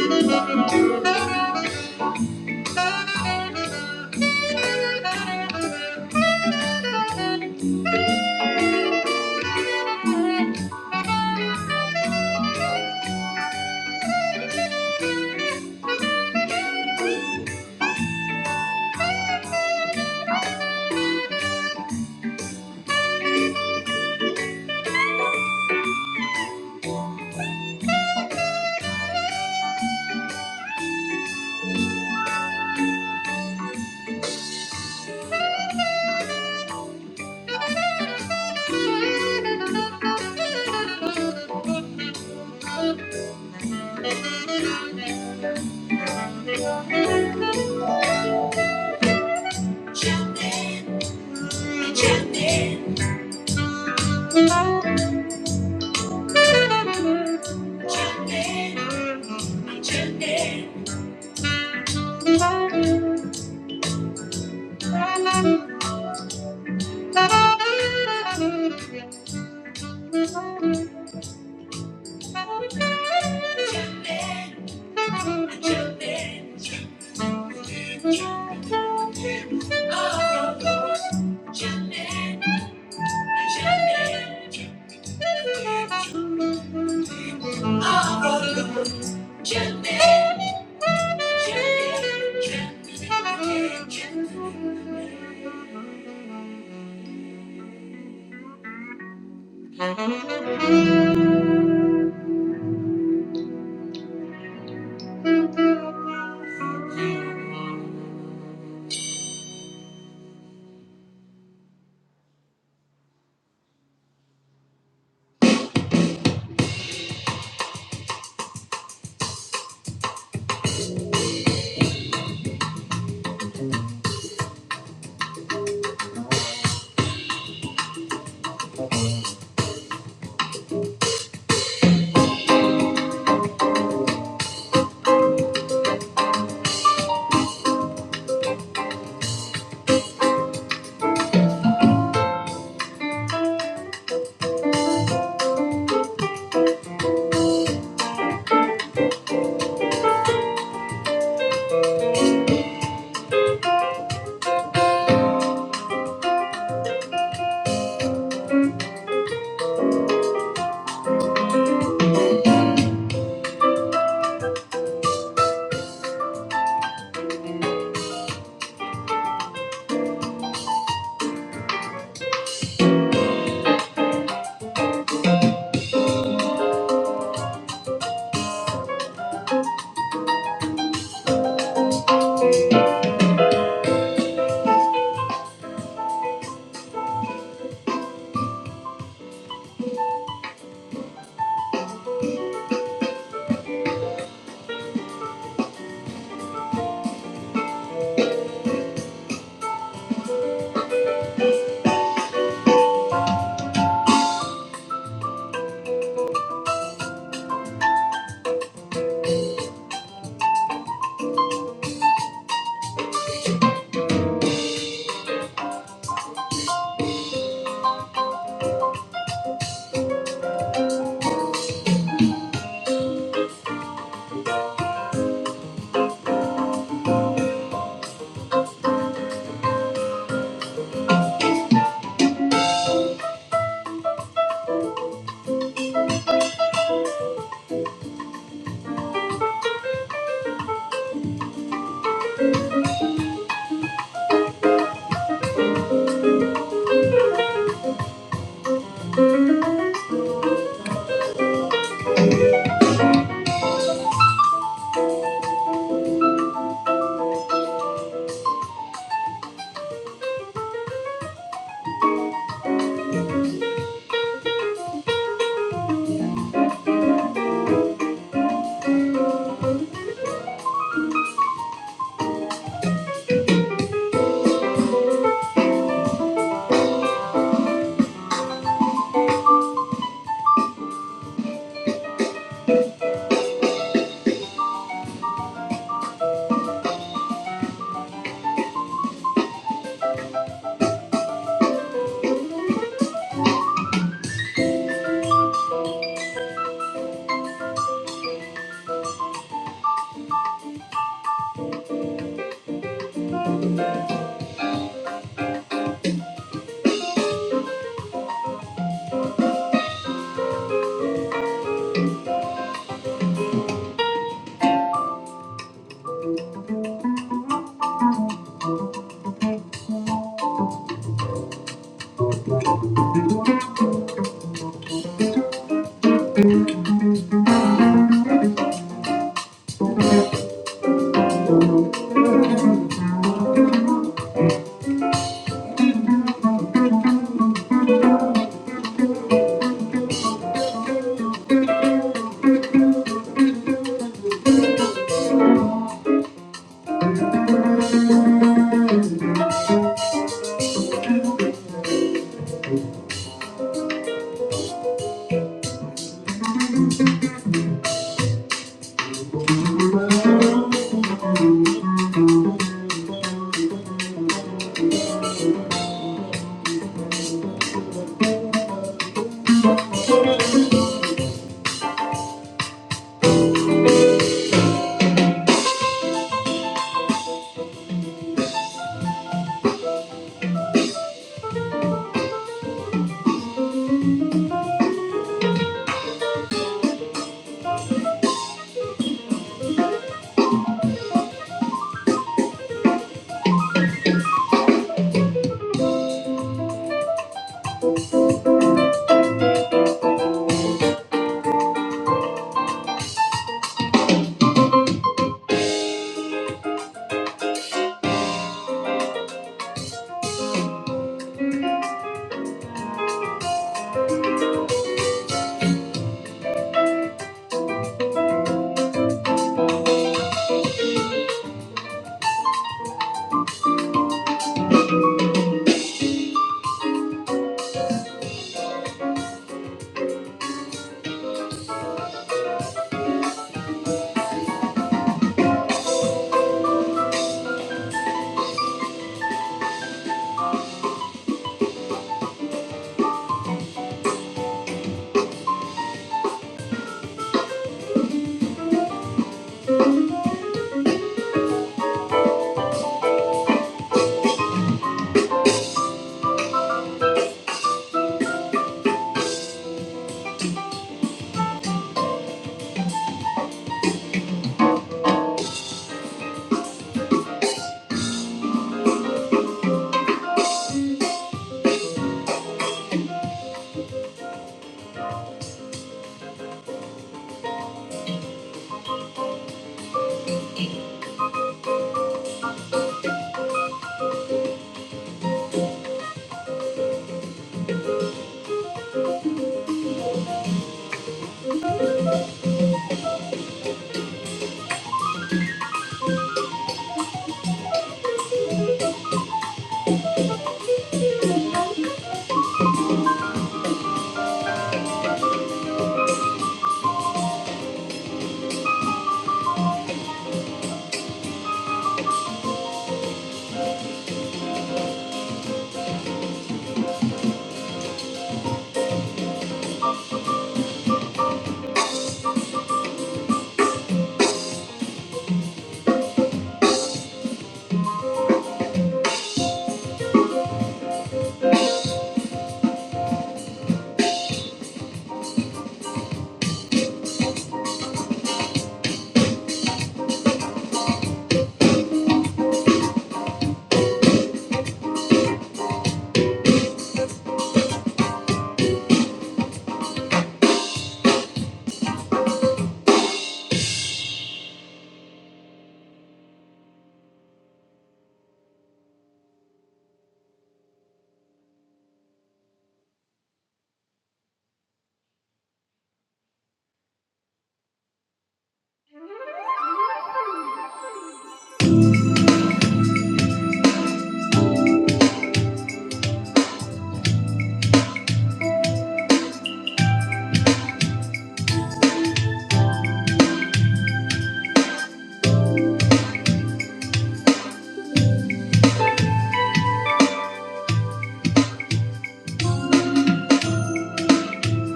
in, jump in. Jump in.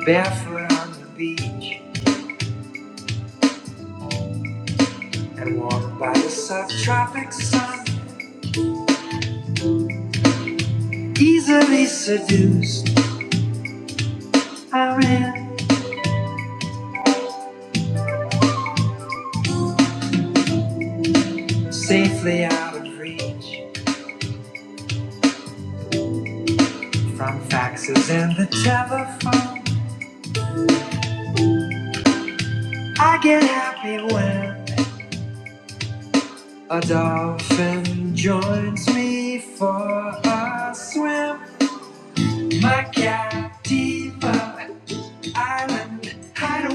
Barefoot on the beach and walk by the subtropic sun. Easily seduced, I ran safely out of reach from faxes and the telephone. I get happy when. I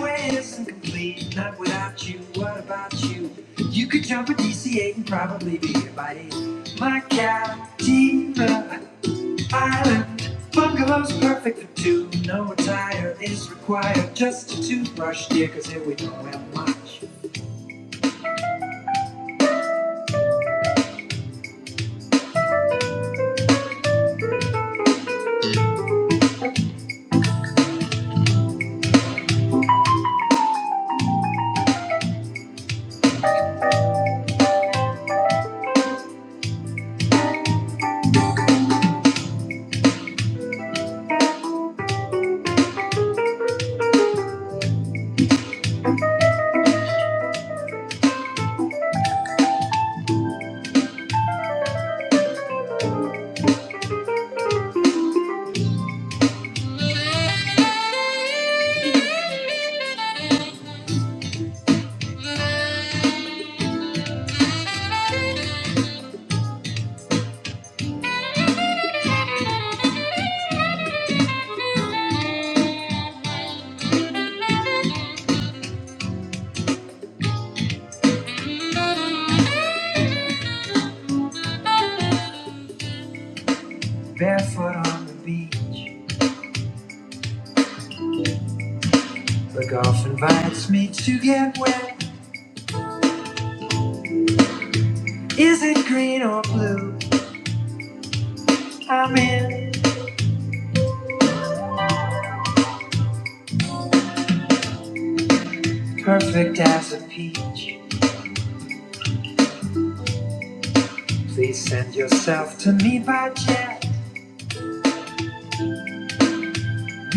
Barefoot on the beach, the golf invites me to get wet. Is it green or blue? I'm in, perfect as a peach. Please send yourself to me by jet.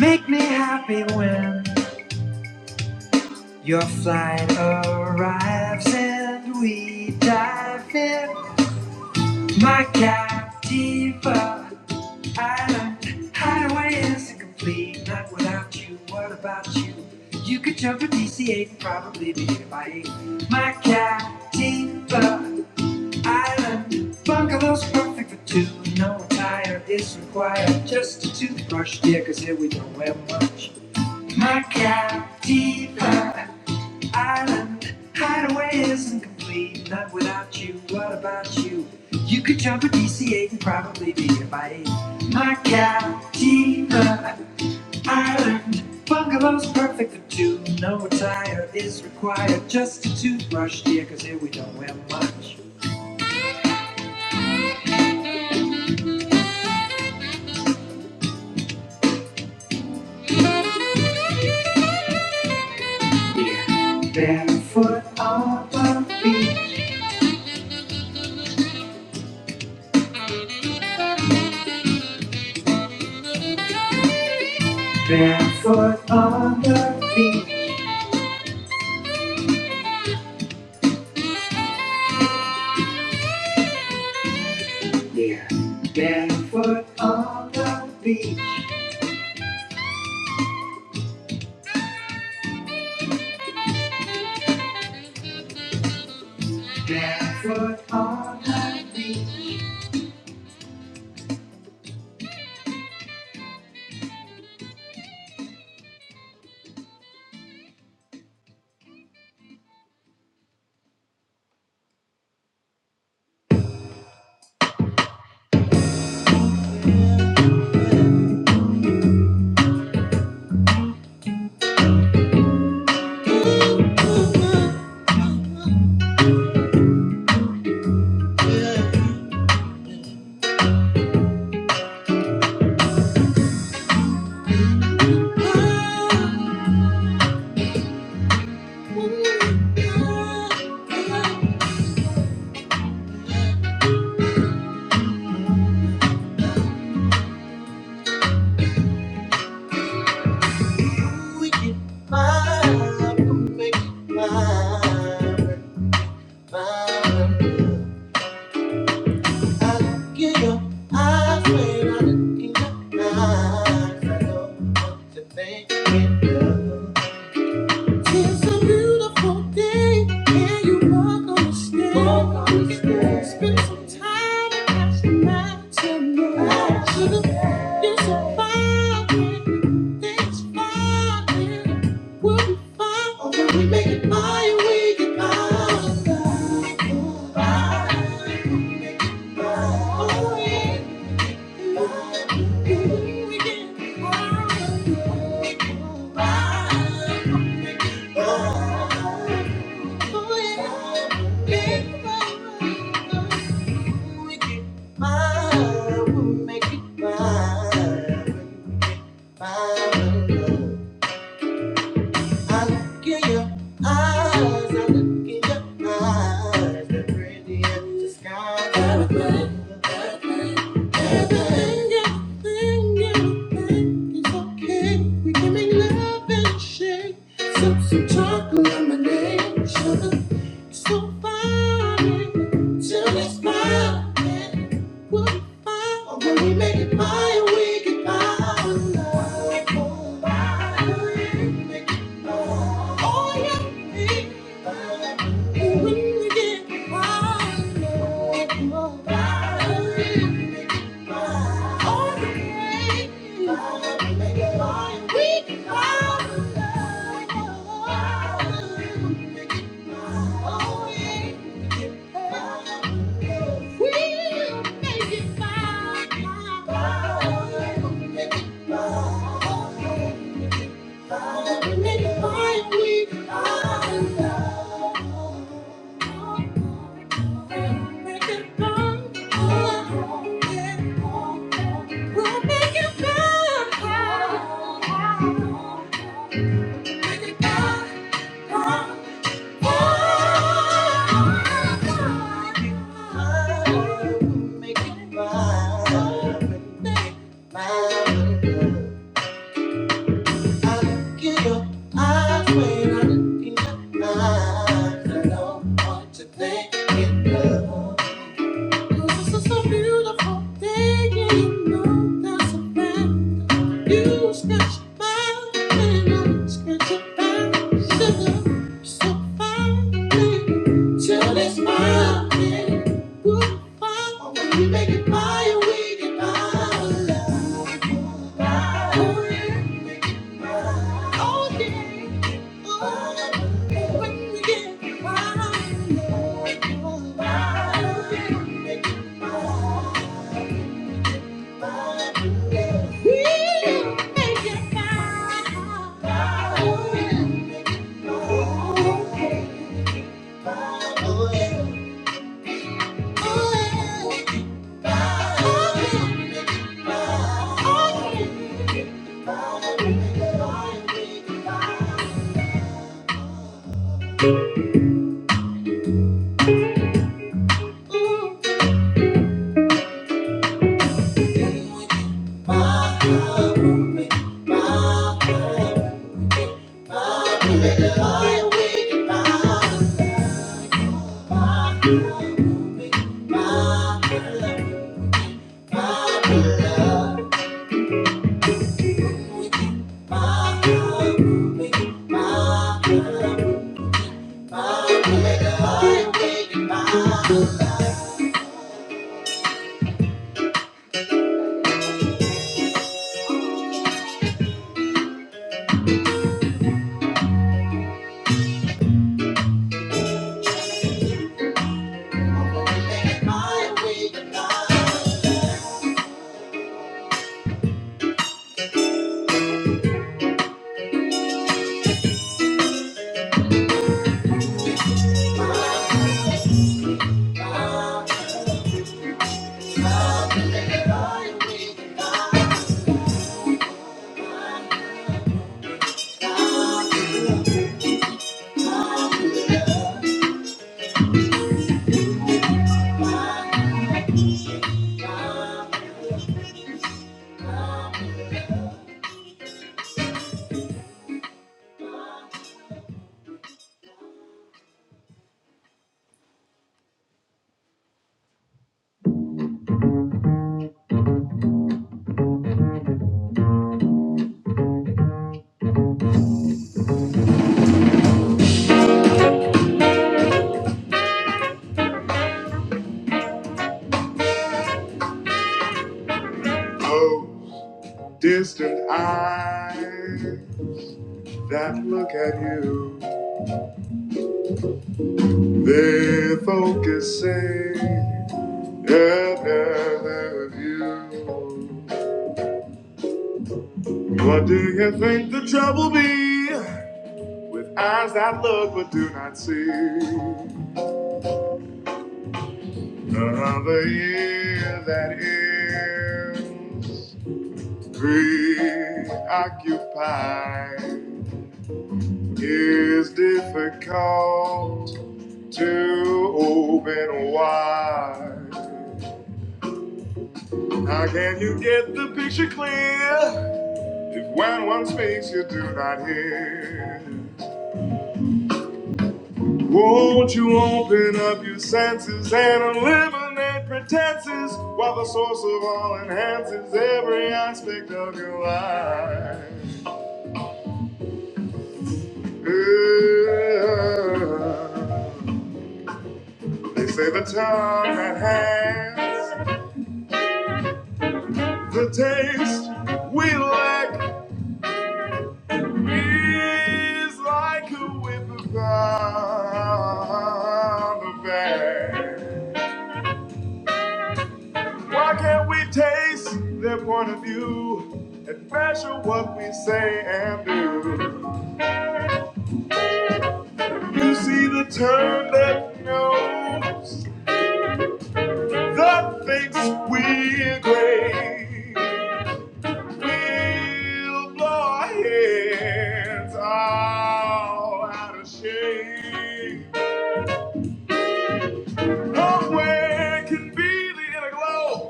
Make me happy when your flight arrives and we dive in. My captiva. I hideaway is incomplete, not without you. What about you? You could jump a DC-8 and probably be hit by eight. My Captiva idol's perfect for two. No attire is required, just a toothbrush, yeah, 'cause here we don't wear much. My Captiva, my Captiva. Make my, my, my. Look in your eyes when I look in your eyes. I know what you're thinking, girl. It's a beautiful day, and you walk on the stage. Spend some time and catch the night tonight. you're so fine, and things fine, and we'll be fine. Oh, when we make it we get by. By, by, by. Oh, yeah. Make it mine, mine. I look in your eyes, I look in your eyes, they're pretty as the sky. Aeroplane, aeroplane, aeroplane, yeah, plane, yeah, plane. It's okay, we can make love and a shake. Sip some chocolate lemonade, sugar. It's so fine, till it's mine. We'll be fine when we make it by, we get by. Love, oh, by. We'll make it by. Thank you. Cause it's just a beautiful day, and you know that's a fact. You scratch my I scratch it back, sugar, so fine. Till this mountain will fall. When we make it fire, we can fire. Fire. Oh, yeah. We can buy. Oh, yeah, oh. yeah. when we get fire. Fire. Oh, distant eyes that look at you, they're focusing. Yeah, yeah, you. What do you think the trouble be with ears and some space you do not hear? Won't you open up your senses and eliminate pretenses while the source of all enhances every aspect of your life? Yeah. They say the tongue that has the taste we lack Is like a whip around the bend. Why can't we taste their point of view and measure what we say and do? You see the turn that knows that thinks we're great. We'll blow our heads all out of shape. Nowhere can be the inner glow.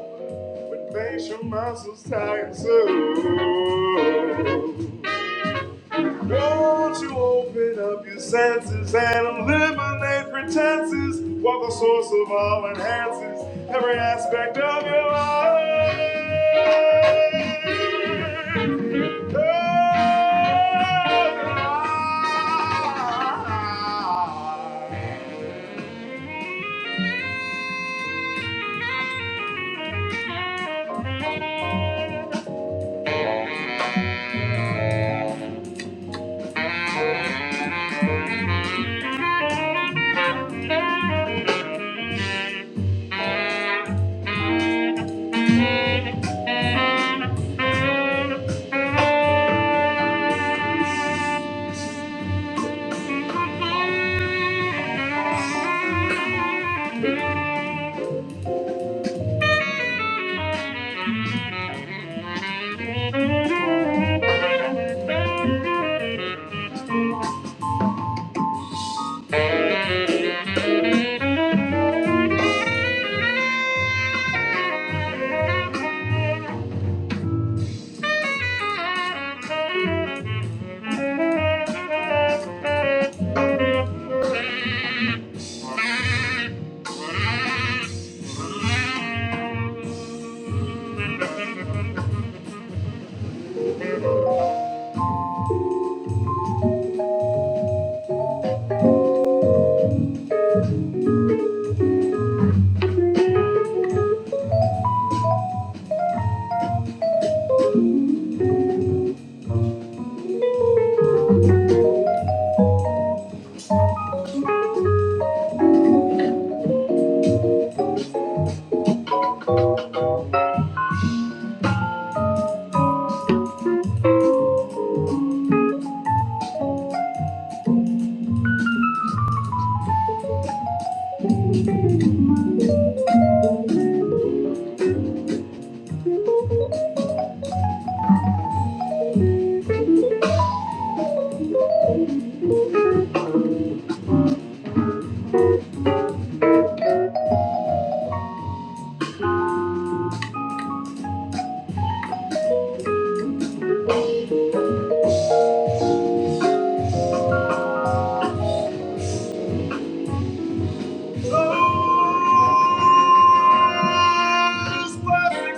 Nation, muscles, tight and soul. Don't you open up your senses and eliminate pretenses? What the source of all enhances every aspect of your life. Look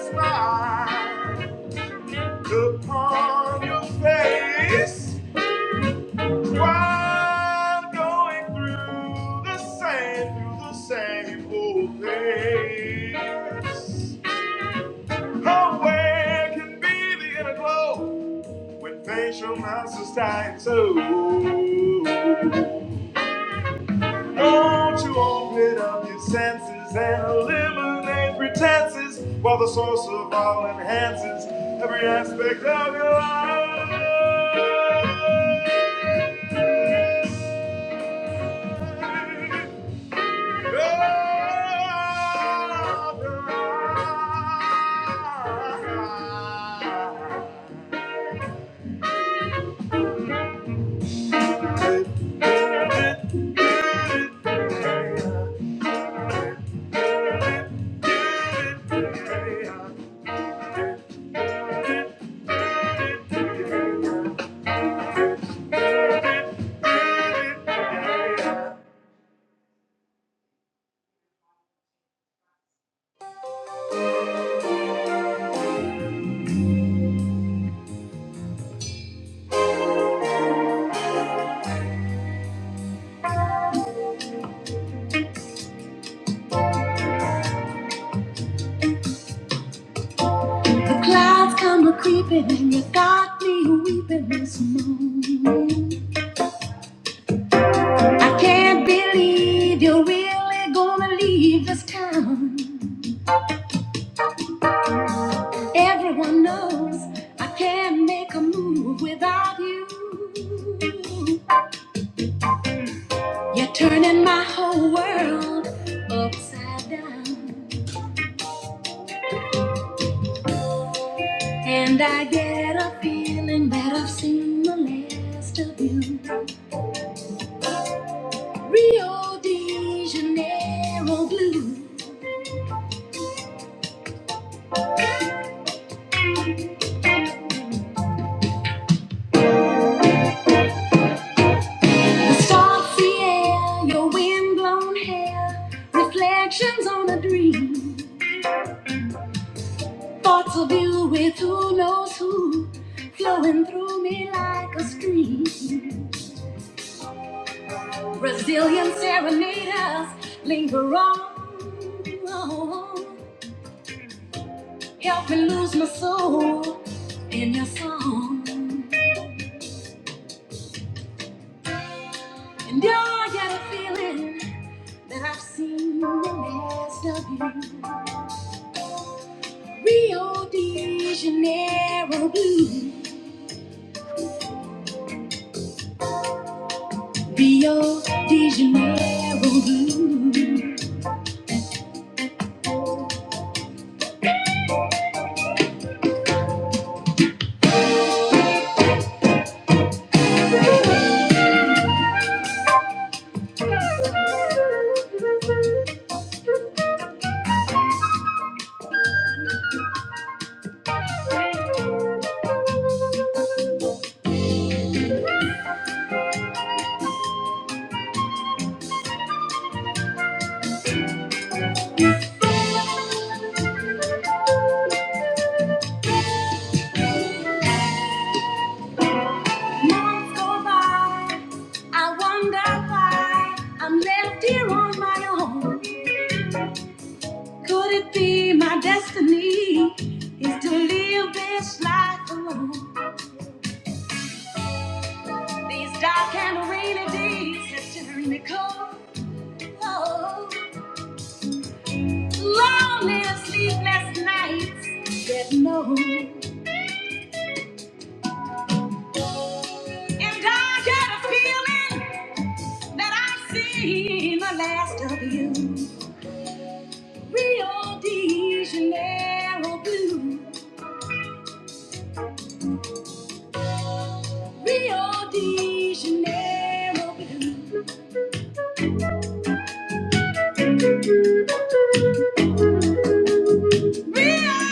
upon your face. I'm going through the same, through the same old place. How where can be the inner glow? When facial monsters die and so Don't you open up your senses and eliminate pretenses While the source of all enhances every aspect of your life The clouds come a-creeping and you got me weeping this morning I can't believe you're really gonna leave this town Everyone knows I can't make a move without you. You're turning my whole world upside down. And I get a feeling that I've seen the last of you. Rio de Janeiro blue. The salty air, your windblown hair. Reflections on a dream. Thoughts of you with who knows who. Flowing through me like a stream. Serenaders linger on. Help me lose my hope in your song. And you're yet a feeling that I've seen the last of you. Rio de Janeiro blue. Rio de Janeiro blue. Months go by. I wonder why I'm left here on my own. Could it be my destiny is to live this life alone? These dark and rainy days have turned me cold. Lonely, sleepless nights that no. And I get a feeling that I've seen the last of you. Rio de Janeiro blue. Rio de Janeiro blue. Rio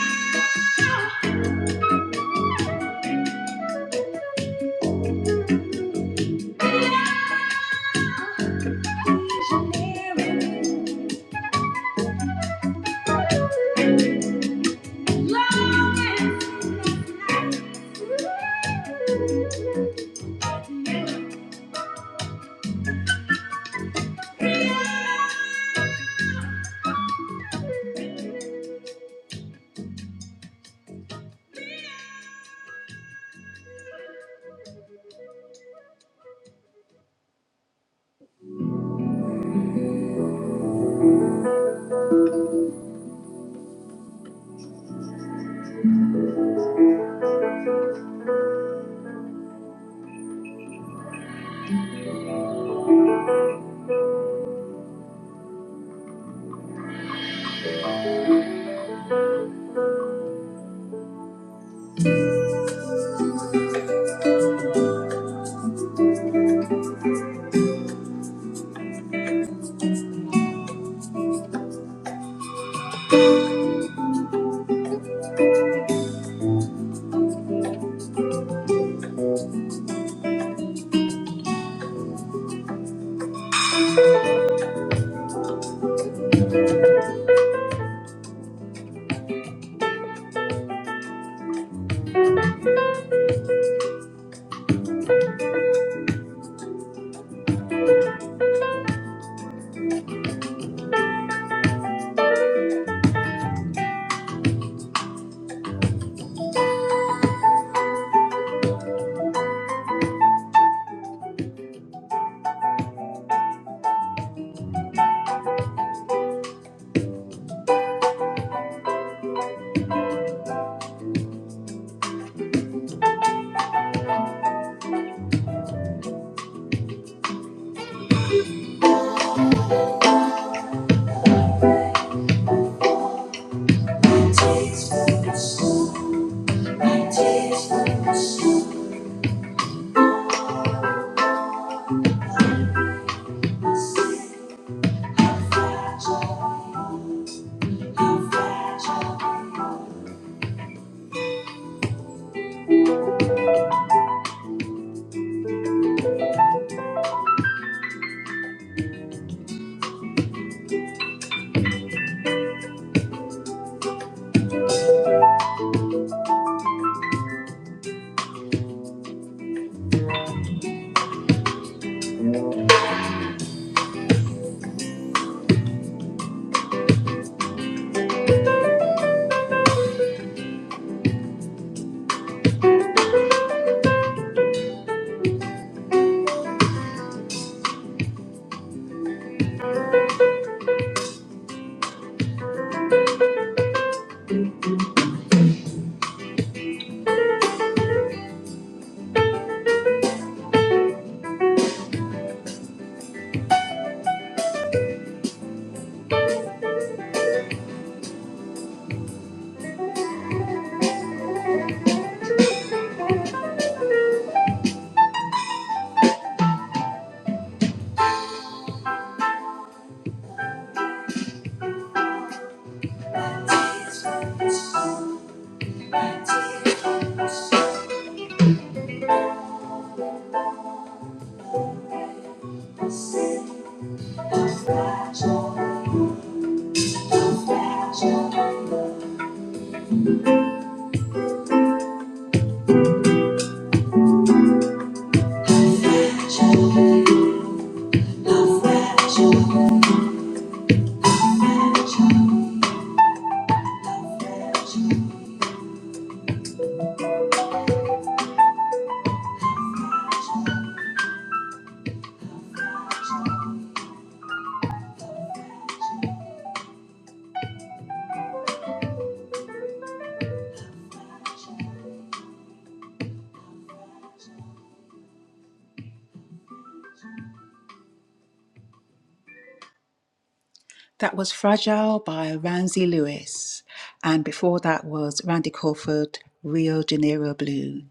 That was Fragile by Ramsey Lewis. And before that was Randy Crawford, Rio de Janeiro Blue.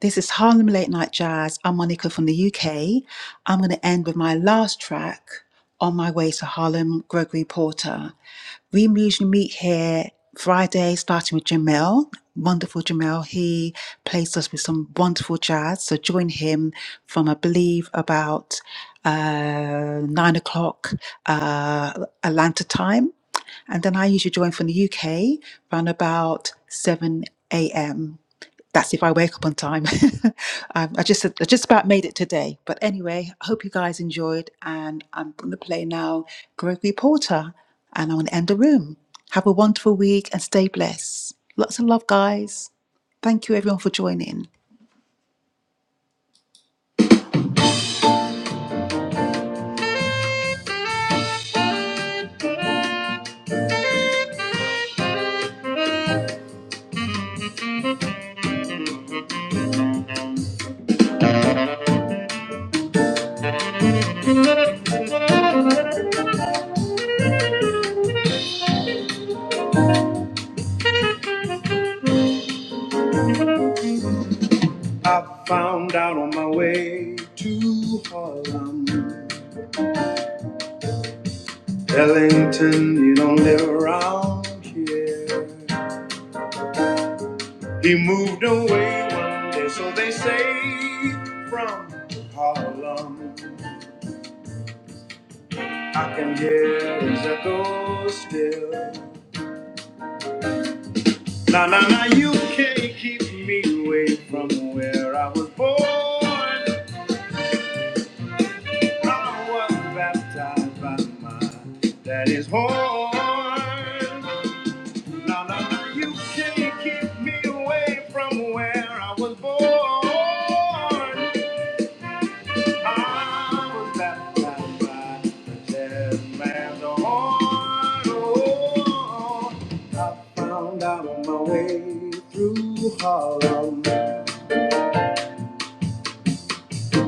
This is Harlem Late Night Jazz. I'm Monica from the UK. I'm going to end with my last track, On My Way to Harlem, Gregory Porter. We usually meet here Friday, starting with Jamel. Wonderful Jamel. He plays us with some wonderful jazz. So join him from, I believe, about uh, nine o'clock uh, Atlanta time. And then I usually join from the UK around about 7 a.m that's if I wake up on time. um, I just I just about made it today. But anyway, I hope you guys enjoyed, and I'm going to play now Gregory Porter, and I'm going to end the room. Have a wonderful week and stay blessed. Lots of love, guys. Thank you everyone for joining. I found out on my way to Harlem, Ellington, you don't live around here. He moved away one day, so they say, from Harlem. I can hear his echo still. Now, now, now, you can't keep me away from where I was born. I was baptized by my daddy's horn. Now, now, now, you can't keep me away from where I was born. I was baptized by the Lamb, oh, oh, oh. I found out my way through Harlem.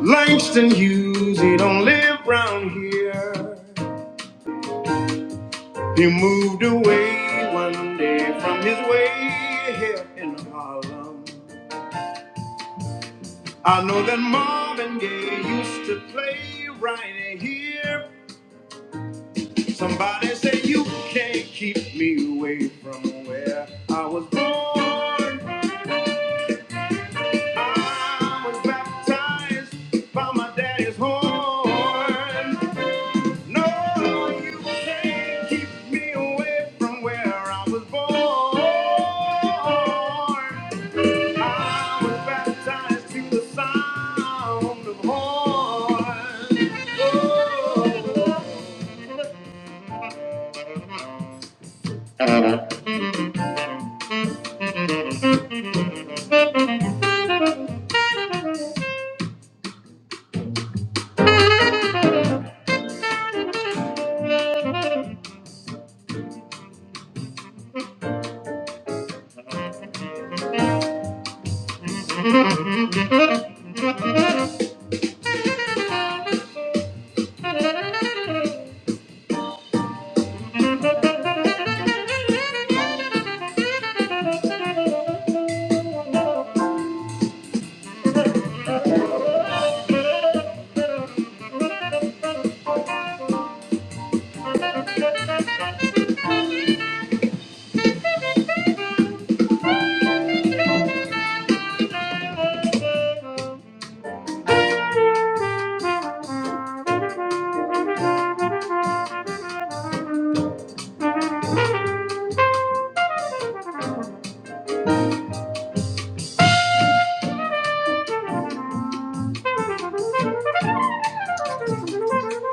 Langston Hughes, he don't live round here. He moved away one day from his way here in Harlem. I know that Marvin Gaye used to play right here Somebody say you can't keep me away from where I was born. I was baptized by my daddy's horn. No, you can't keep me away from where I was born. I was baptized to the sound of horns. Oh.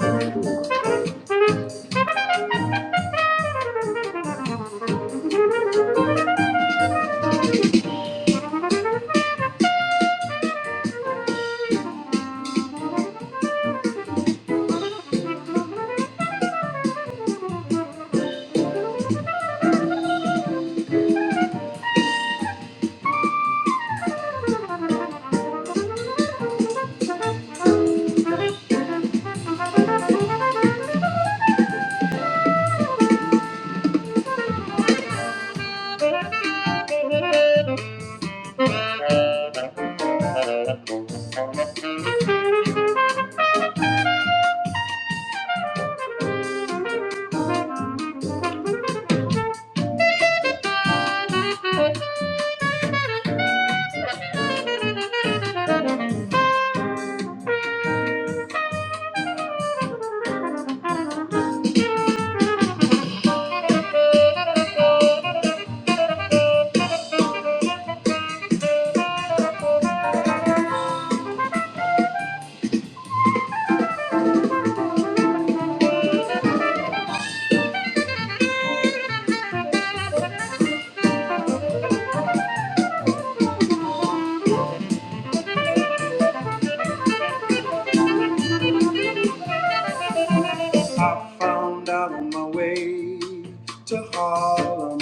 It's good.
Found out on my way to Harlem.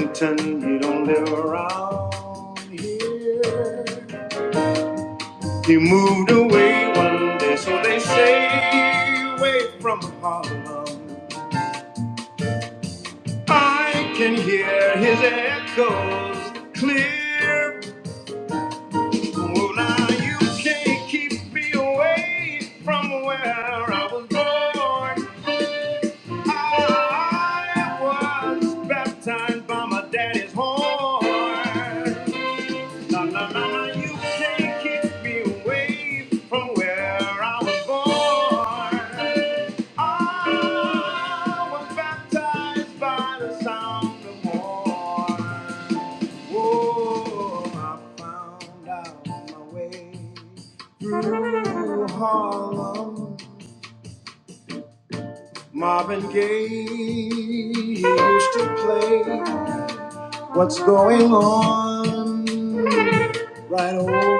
Pretend you don't live around here. You moved away one day, so they say, away from Harlem. I can hear his echoes clear. Oh, now you can't keep me away from where I was born. I was baptized by my daddy's horn. Na, na, na, na, you taking me away from where I was born. I was baptized by the sound of horn. Whoa, I found out my way. Marvin Gaye he used to play. What's going on right over there?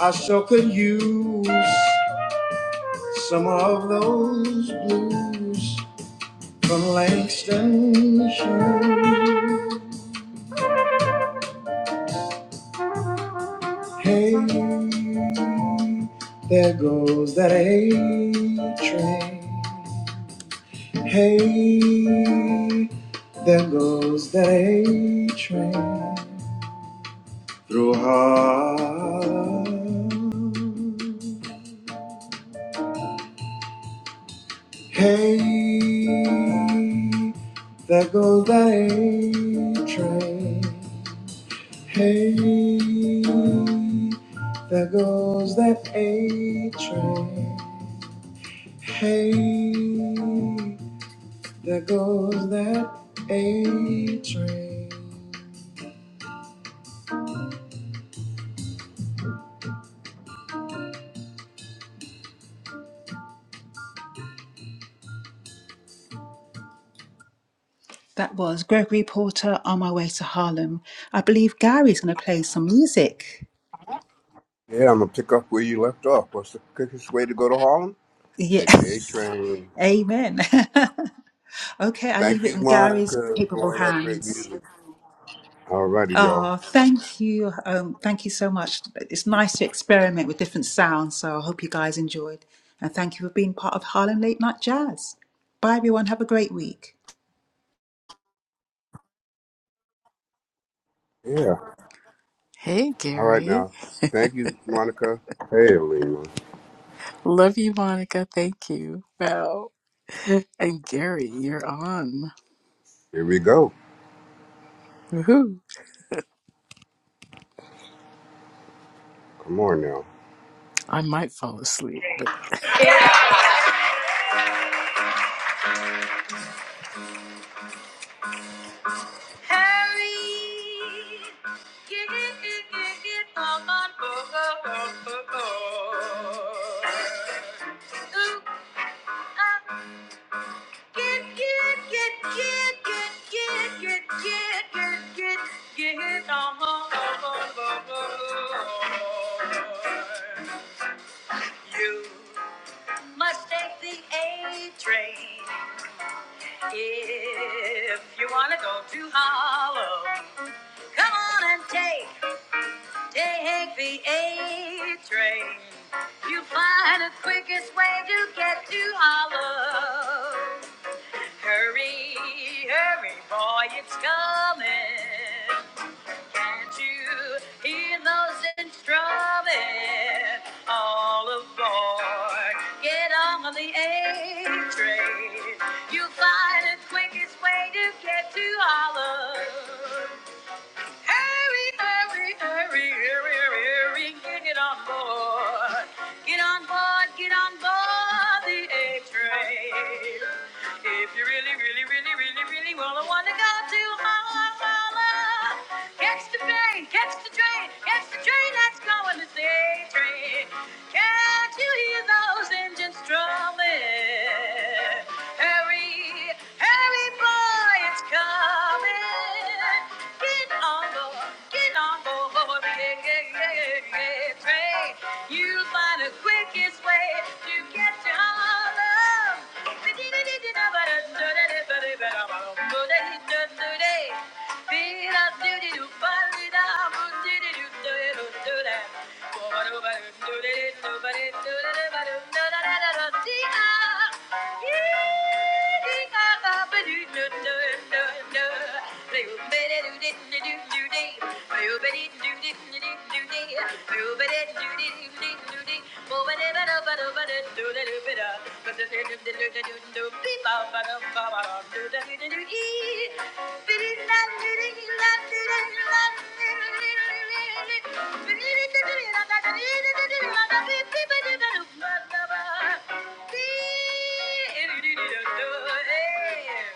I sure could use. Some of those blues from Langston That was Gregory Porter on my way to Harlem. I believe Gary's going to play some music.
Yeah, I'm gonna pick up where you left off. What's the quickest way to go to Harlem? Take the A
Yes,
train.
Amen. okay, I
Thank
leave it
you,
in Gary's
Monica,
capable
for all that great
hands.
music. All righty, y'all.
Oh, thank you. Um, thank you so much. It's nice to experiment with different sounds. So I hope you guys enjoyed. And thank you for being part of Harlem Late Night Jazz. Bye, everyone. Have a great week.
Yeah.
Hey,
All right
Gary.
now. Thank you, Monica. Hey, Lima.
Love you, Monica. Thank you. Wow. And Gary, you're on.
Here we go.
Woohoo.
Come on now.
I might fall asleep, but
Harry, get it, get it, get it, come on my boat. You must take the A train if you wanna go to Harlem. Come on and take, take the A train. You find the quickest way to get to Harlem. Hurry, hurry, boy, it's coming. Can't you hear those engines drumming? All aboard, get on the A train. You'll find the quickest way to get to Harlem. Hurry, hurry, hurry, hurry, hurry, hurry, get on board. Get on board, get on board the A train. If you really, really, really, really, really wanna wanna go to Holla Holla, catch the train, catch the train, catch the train that's going to the A train. Can't you hear those engines drumming? Hurry, hurry, boy, it's coming. Get on board, get on board, yeah, yeah, yeah, yeah. Pray you find the quickest way to get your love. Hey!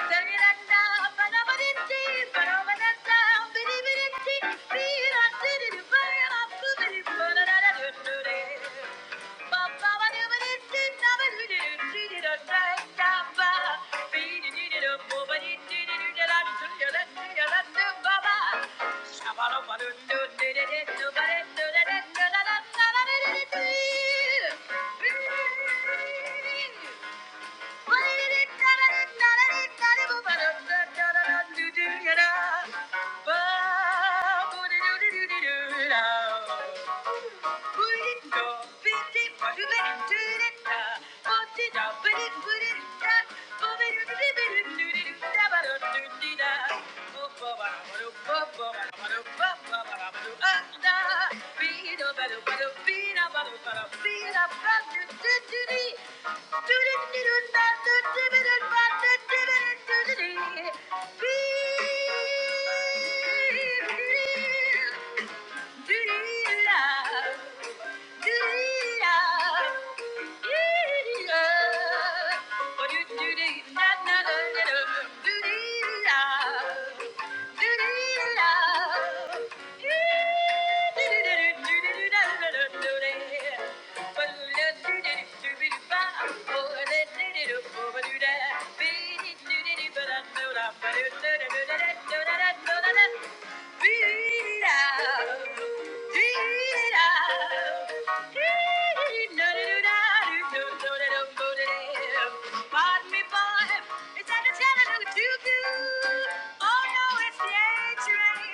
Bye. Put it, put it, put it, be but it Pardon me, boy. It's at the Chattanooga Choo-Choo. Oh, no, it's the A-Train.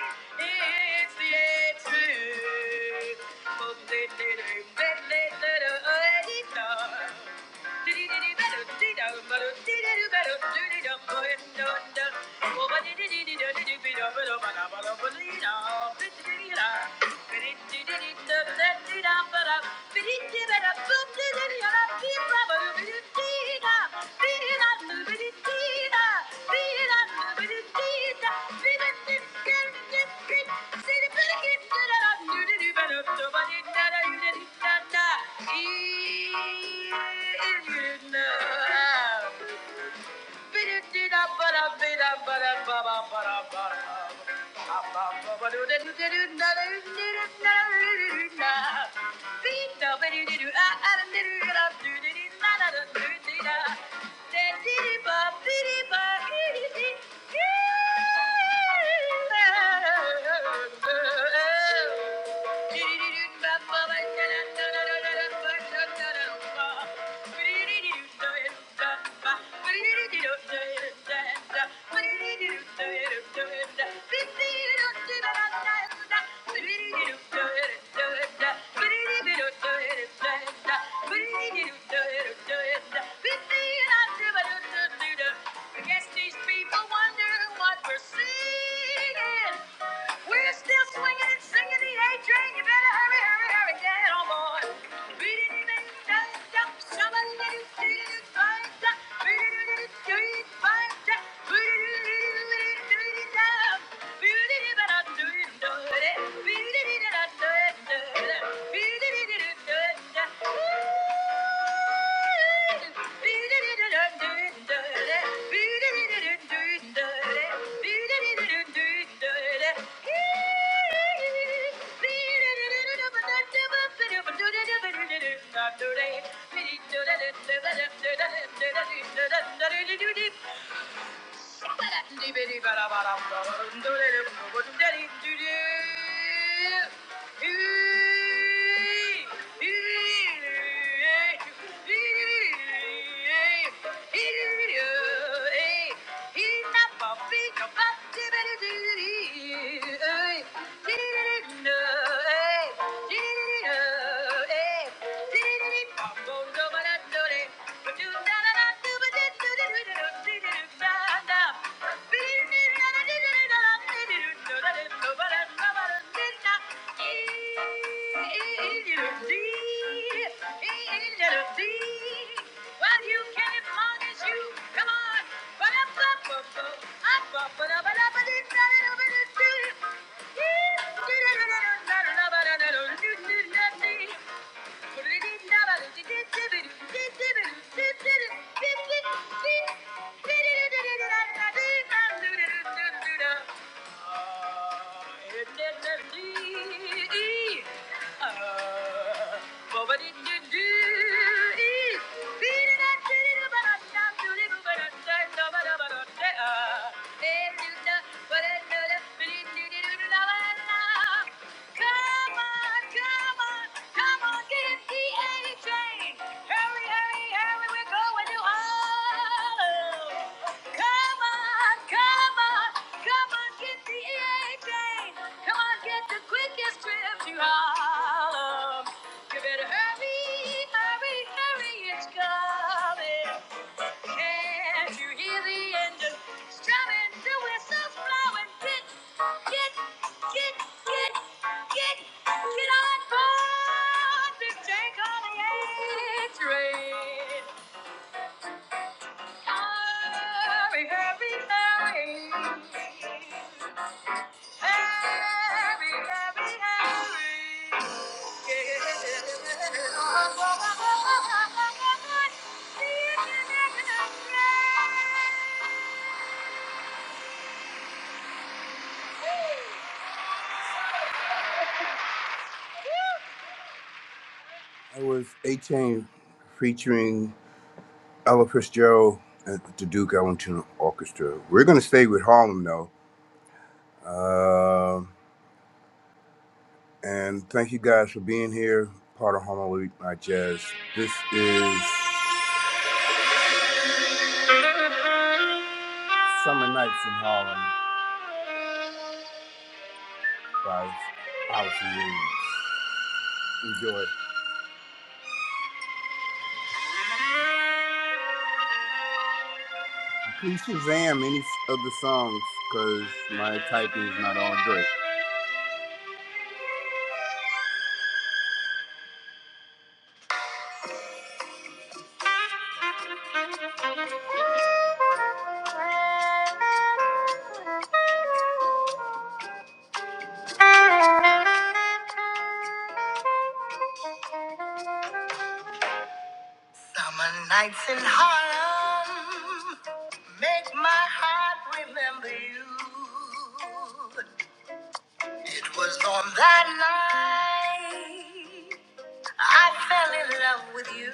It's the A-Train. Oh, they, they, they, they, they, they, they, they, they, they. Thank you. Yeah. Did Thank you. I guess these people wonder what we're singing. We're still swinging and singing the A train. You better hurry, hurry, hurry, get on board. Hey! Well, you can as long as you come on. Uh, Come on, come on, come on, get in the A train. Hurry, hurry, hurry, we're going to Harlem. Come on, come on, come on, get the A train. Come on, get the quickest trip to Harlem. You better hurry, hurry, hurry, it's coming. Can't you hear the engine strumming, the whistle's blowing? Get, get, get, get, get, get on board big Jake on the Jacobia train. Hurry, hurry, hurry. I was 18 featuring Ella Fitzgerald at the Duke Ellington Orchestra. We're going to stay with Harlem though. Uh, And thank you guys for being here, part of Harlem Week Night Jazz. This is Summer Nights in Harlem by Alice Williams. Enjoy. Please Shazam any of the songs because my typing is not all great. Summer nights in Harlem make my heart remember you. It was on that night. I fell in love with you,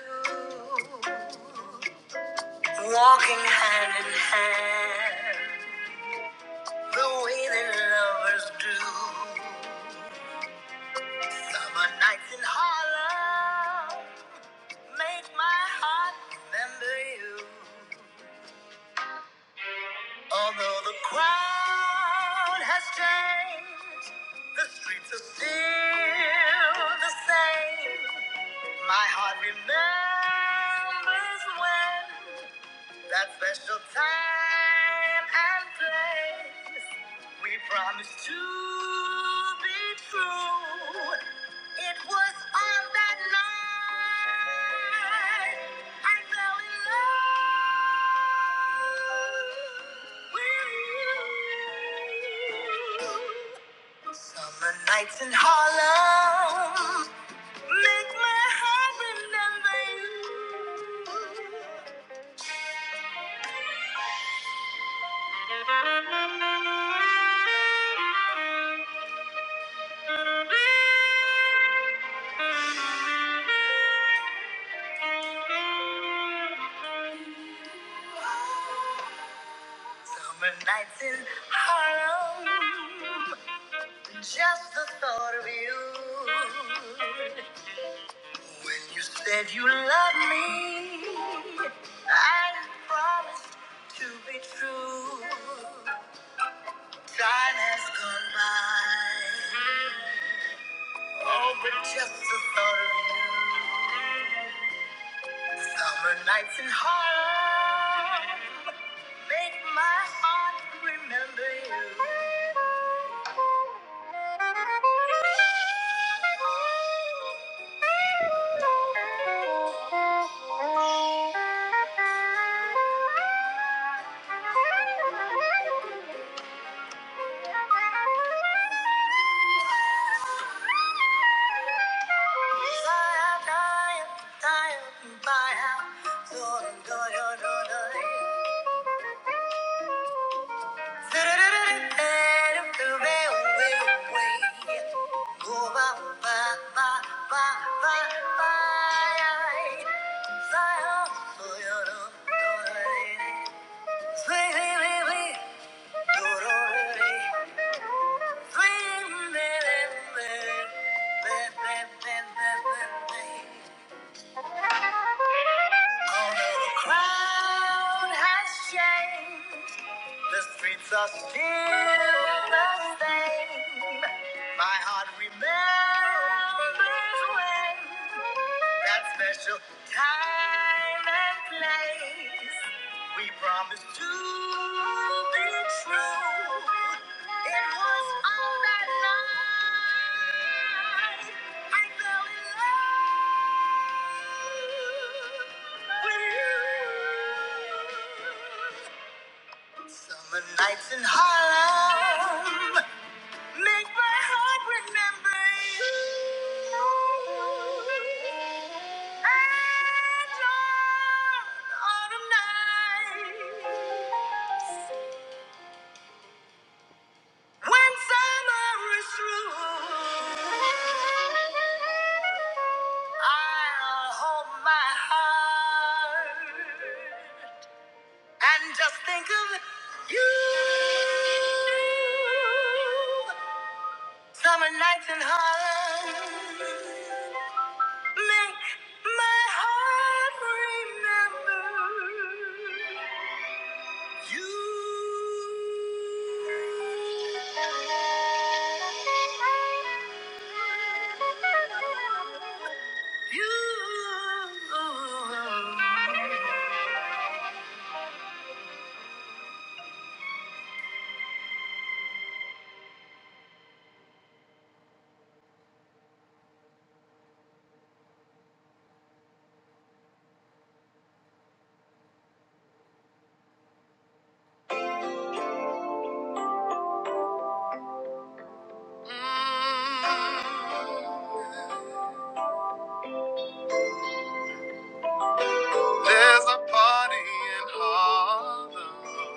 walking hand in hand, the way that lovers do. Summer nights in Harlem make my heart remember you. Although the crowd has changed, the streets are still the same. My heart remembers when. That special time and place we promised to be true. It was on that night I fell in love with you. Summer nights in Harlem make my heart remember you. Summer nights in Harlem, just the thought of you. When you said you loved me, I promised to be true. Time has gone by, oh, but just the thought of you. Summer nights in Harlem. Make my heart remember you. Bye. bye, bye, bye, Although the crowd has changed. The streets are still the same. My heart remembers when that special time and place we promised to be true. It was on that night I fell in love with you. Summer nights in Harlem make my heart remember you. And on autumn nights when summer is through, I'll hold my heart and just think of you. Summer nights in Harlem make my heart remember you. You. Mm. There's a party in Harlem.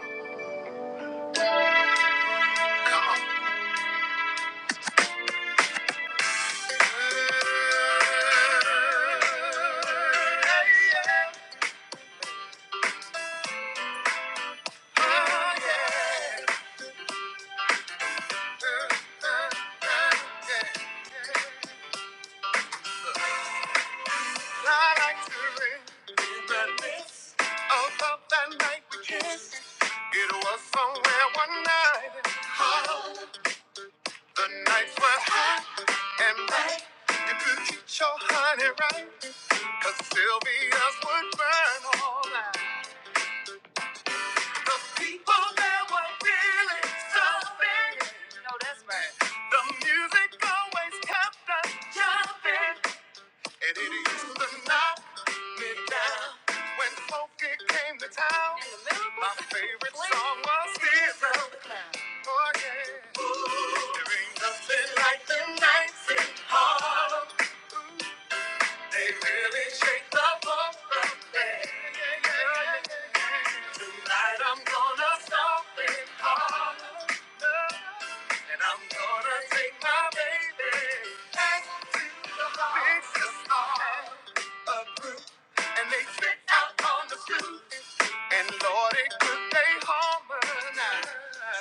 It was somewhere one night. The nights were hot and bright. You could eat your honey right, 'cause Sylvia's would burn. The people that were feeling so bad. No, that's right. The music always kept us jumping. And it used to knock me down. When funky came to town, In the middle my favorite song was Zero. Oh, yeah. There ain't nothing like the nights in Harlem. They really shake the bump right there. Tonight I'm gonna stop it holler. And I'm gonna take my baby back to the bar. This is our a group. And they sit out on the stoop. And Lord, it could they harmonize.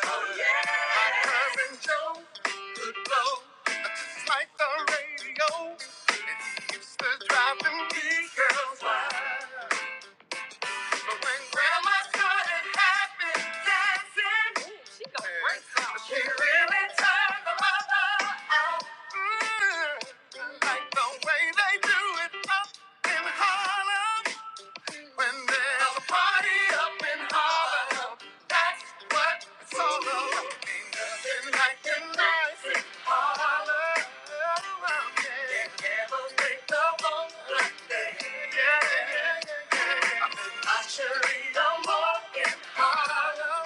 Oh, yeah. My curve Joe could blow just like the radio. It keeps the driving me girls wild. But when Grandma started having dancing, she got great sound. she really turned them on. Mm, I like the way they do it up in Harlem. When there's a party up in Harlem, that's what it's all about. Ain't nothing like the nice in Harlem. Yeah, yeah, yeah, yeah. yeah. I should read no more in Harlem.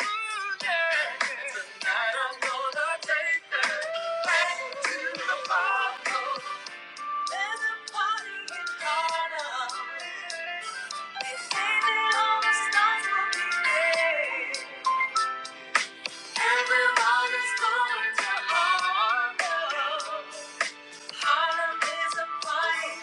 Yeah, tonight I'm gonna dance to my- There's a party in Harlem. They say that all the stars will be there. Everybody's going to Harlem. Harlem is a party.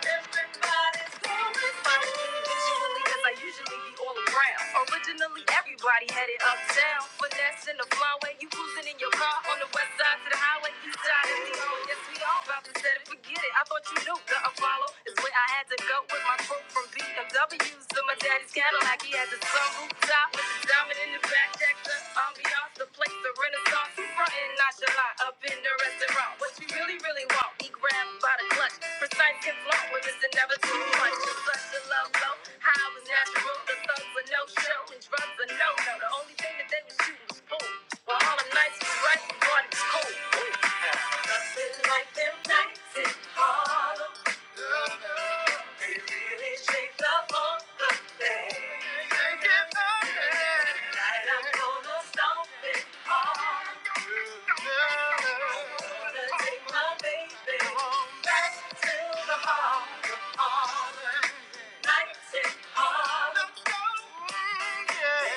Everybody's going to Harlem. Visually, 'cause I usually be all around. Originally, everybody headed uptown. Finesse in the flyway, you cruising in your car on the west side to the highway, east side of the road. Yes, we all about to set it, forget it. I thought you knew the Apollo is where I had to go with my crew from BMWs to my daddy's Cadillac. He had the sunroof with the diamond in the back, check the ambiance, the place, the renaissance, frontin' nonchalant, up in the restaurant. What you really, really want, we grab by the clutch, precise and blunt, women's and never too much. It's such a love low, high was natural, the thugs were no show, and drugs are no no. The only thing that they was shooting was food. While all them nights was right, we thought it was cool. Yeah.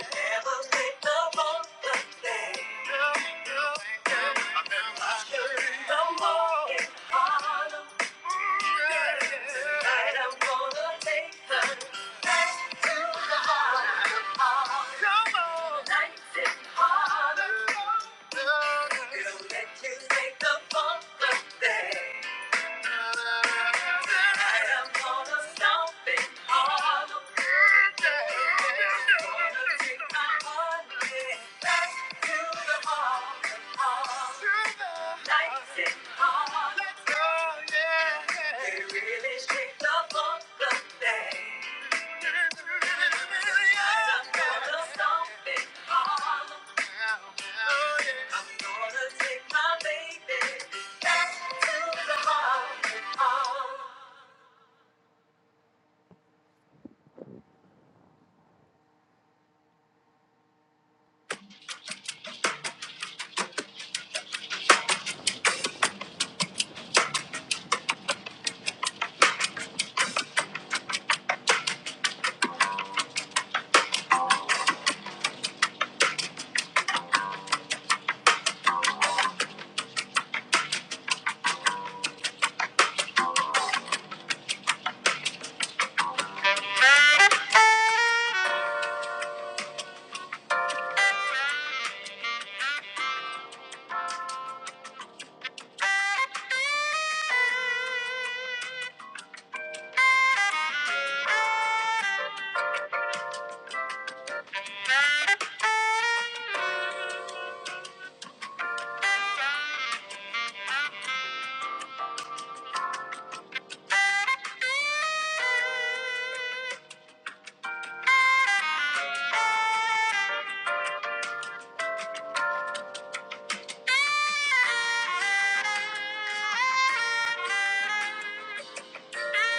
Thank you.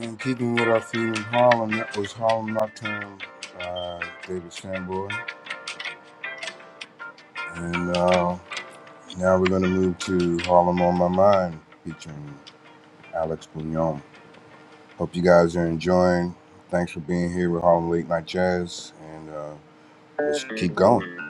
In keeping what I feel in Harlem, that was Harlem Nocturne by David Sanborn. And uh, now we're going to move to Harlem on My Mind featuring Alex Bouillon. Hope you guys are enjoying. Thanks for being here with Harlem Late Night Jazz. And uh, let's keep going.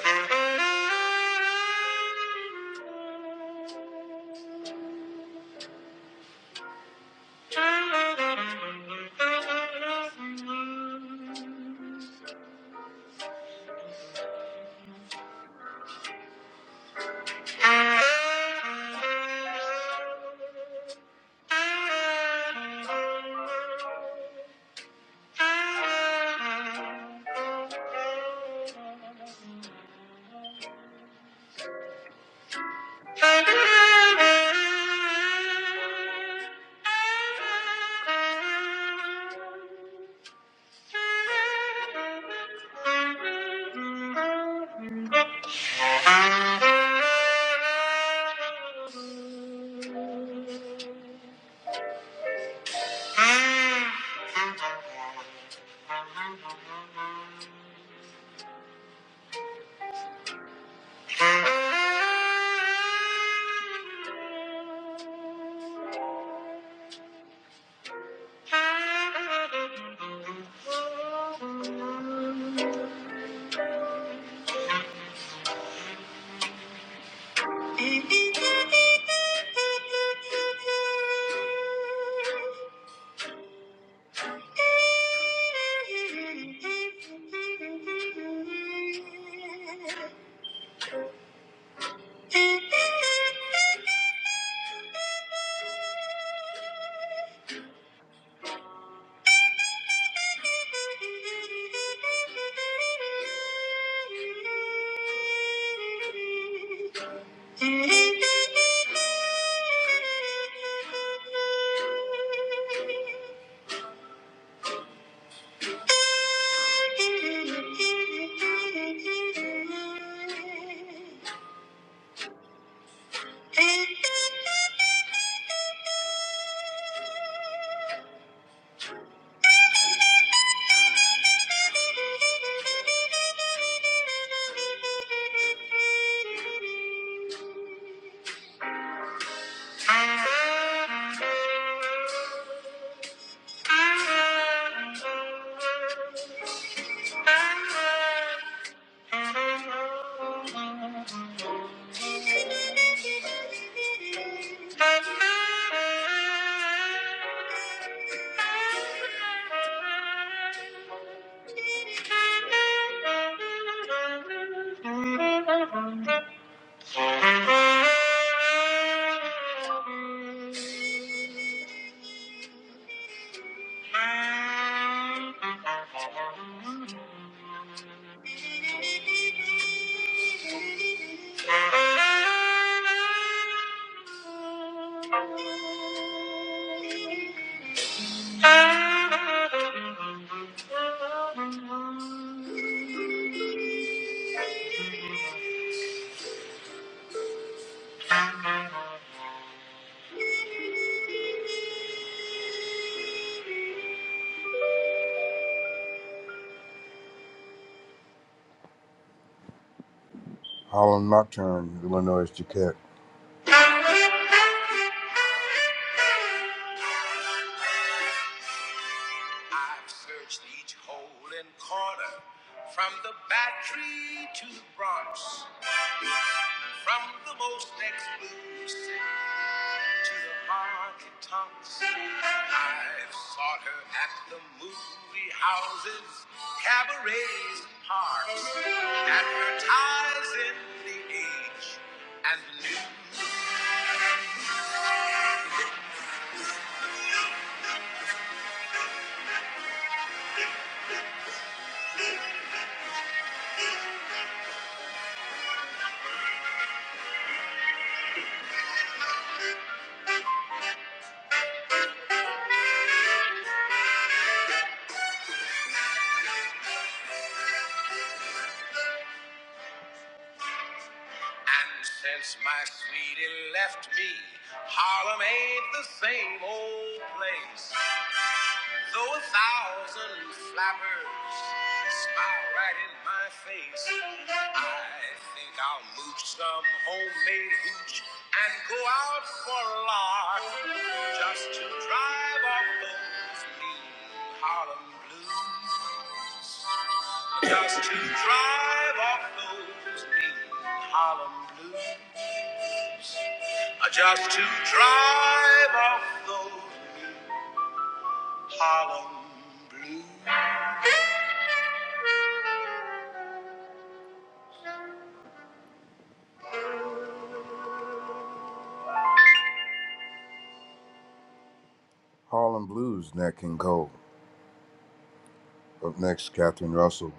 Thank you. Thank you. Thank you. Thank you. Thank you. Harlem Nocturne, Illinois Duquette. I've searched each hole and corner, from the Battery to the Bronx, from the most exclusive to the honky tonks. I've sought her at the movie houses, cabarets, and parks, at her ties in the age and the new. And since my sweetie left me, Harlem ain't the same old place. Though a thousand flappers smile right in my face, I think I'll move some homemade hooch and go out for a lark just to drive off those mean Harlem blues. Just to drive off those mean Harlem blues. Just to drive off those Harlem blues. Harlem blues, Nat King Cole. Up next, Catherine Russell.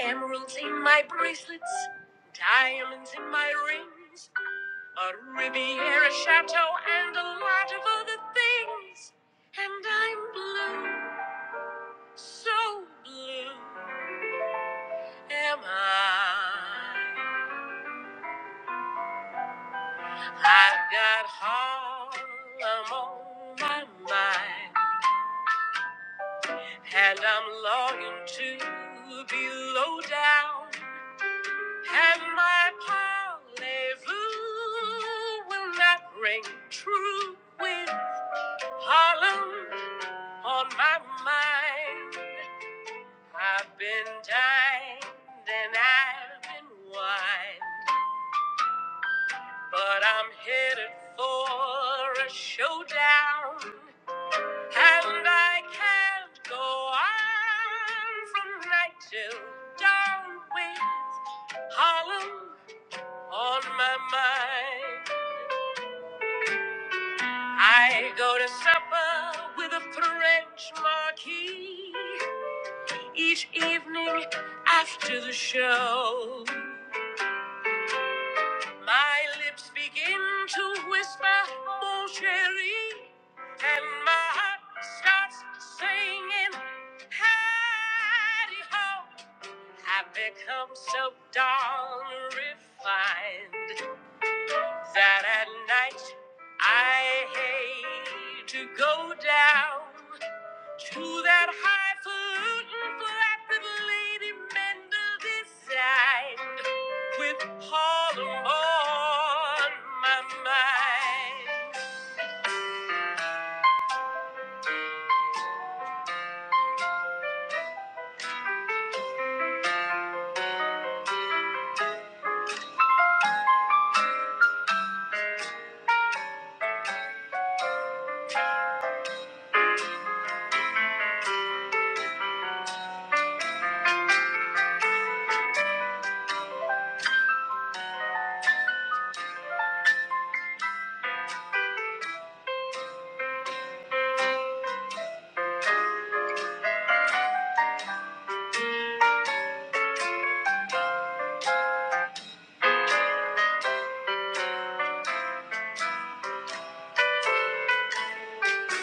Emeralds in my bracelets, diamonds in my rings, a Riviera chateau, and a lot of other things. And I'm blue, so blue am I. I've got Harlem on my mind. And I'm longing to be low down. And my parlez-vous will not ring true with Harlem on my mind. I've been dined and I've been wined. But I'm headed for a showdown. And I can't go on from night till dawn with Harlem on my mind. I go to supper with a French marquis each evening after the show. My lips begin to whisper, mon chéri, and my heart starts singing, hidey ho. I've become so darn refined that at night I hate to go down to that highfalutin flat Lady Mendel designed with Harlem on my mind.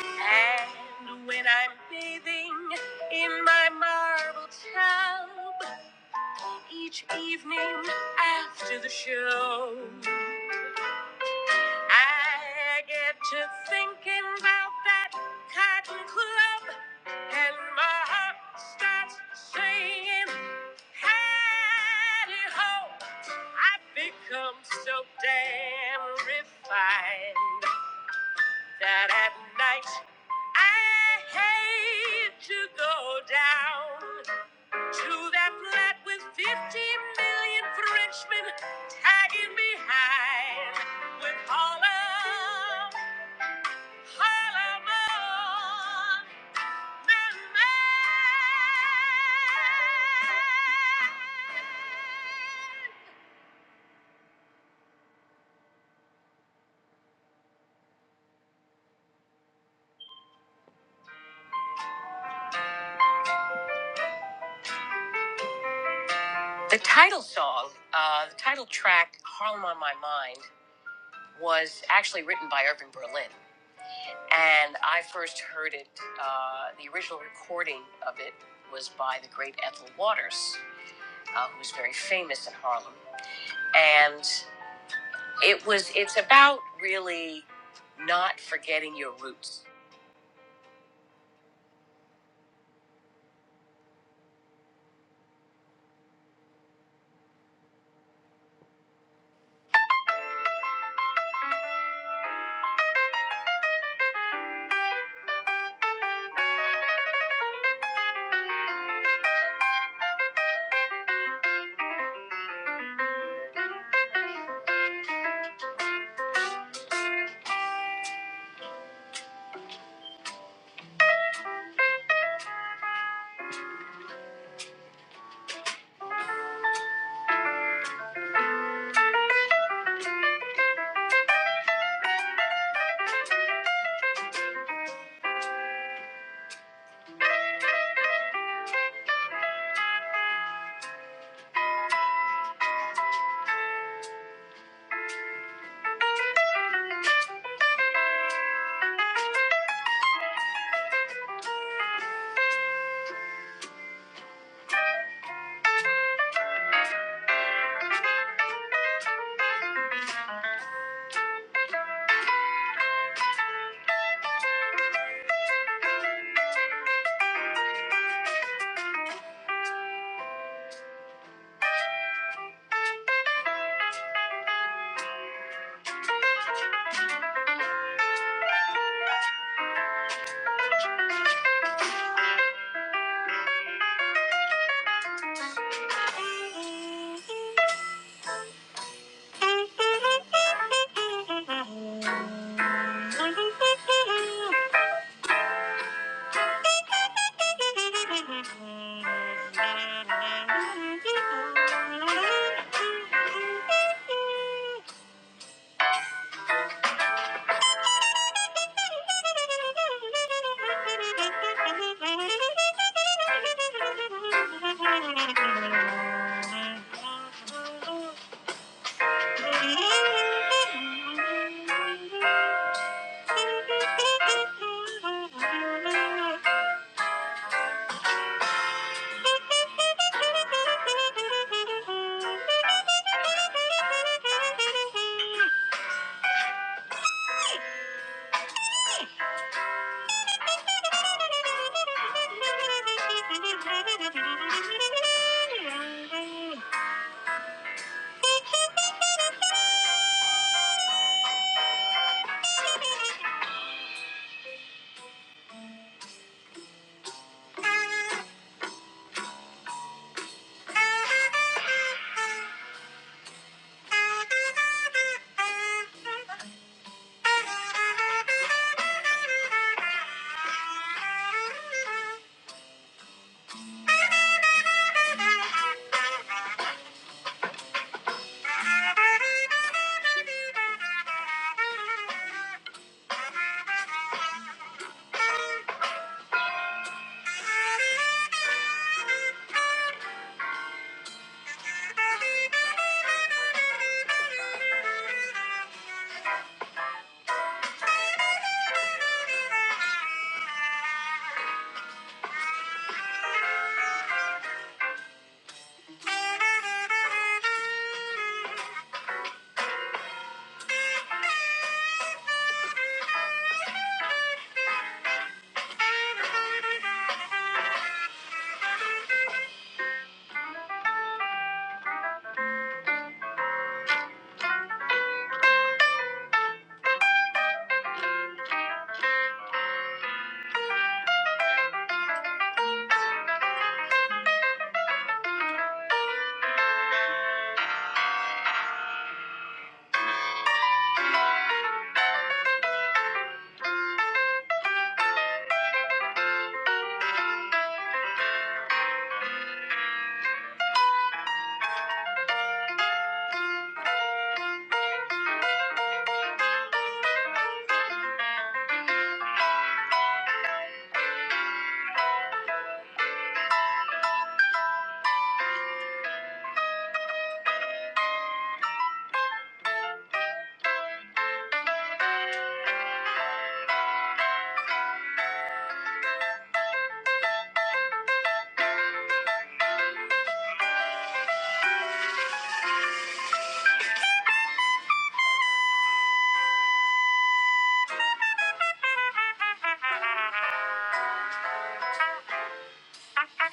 And when I'm bathing in my marble tub, Each evening after the show, I get to thinking about that cotton club, and my heart starts singing. Hattie ho! I've become so damn refined that at night I hate to go down. To that flat with 50 million Frenchmen tagging behind with all of Harlem on their mind. The title song, uh, the title track, Harlem on My Mind, was actually written by Irving Berlin. And I first heard it, uh, the original recording of it was by the great Ethel Waters, uh, who was very famous in Harlem. and it was it's about really not forgetting your roots Thank you. Thank you. Thank you. Thank you.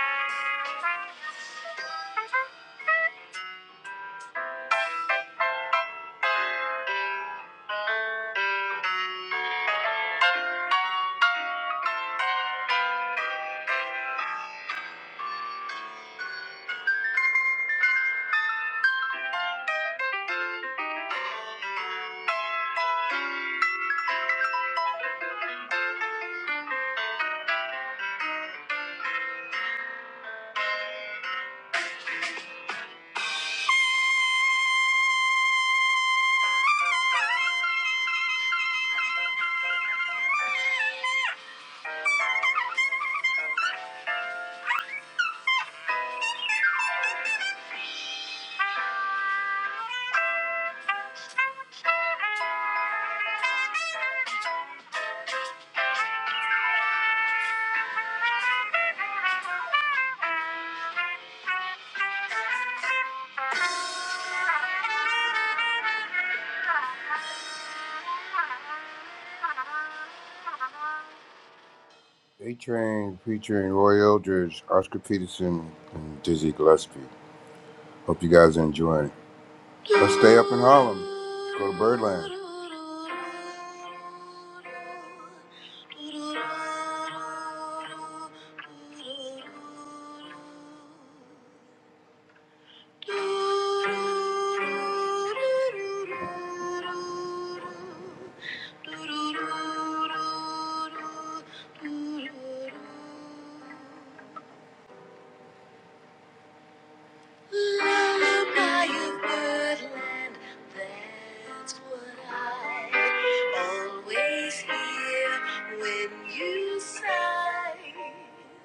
Thank you. A Train featuring Roy Eldridge, Oscar Peterson, and Dizzy Gillespie. Hope you guys are enjoying it. Let's stay up in Harlem. Let's go to Birdland. Lullaby of birdland, that's what I always hear when you sigh.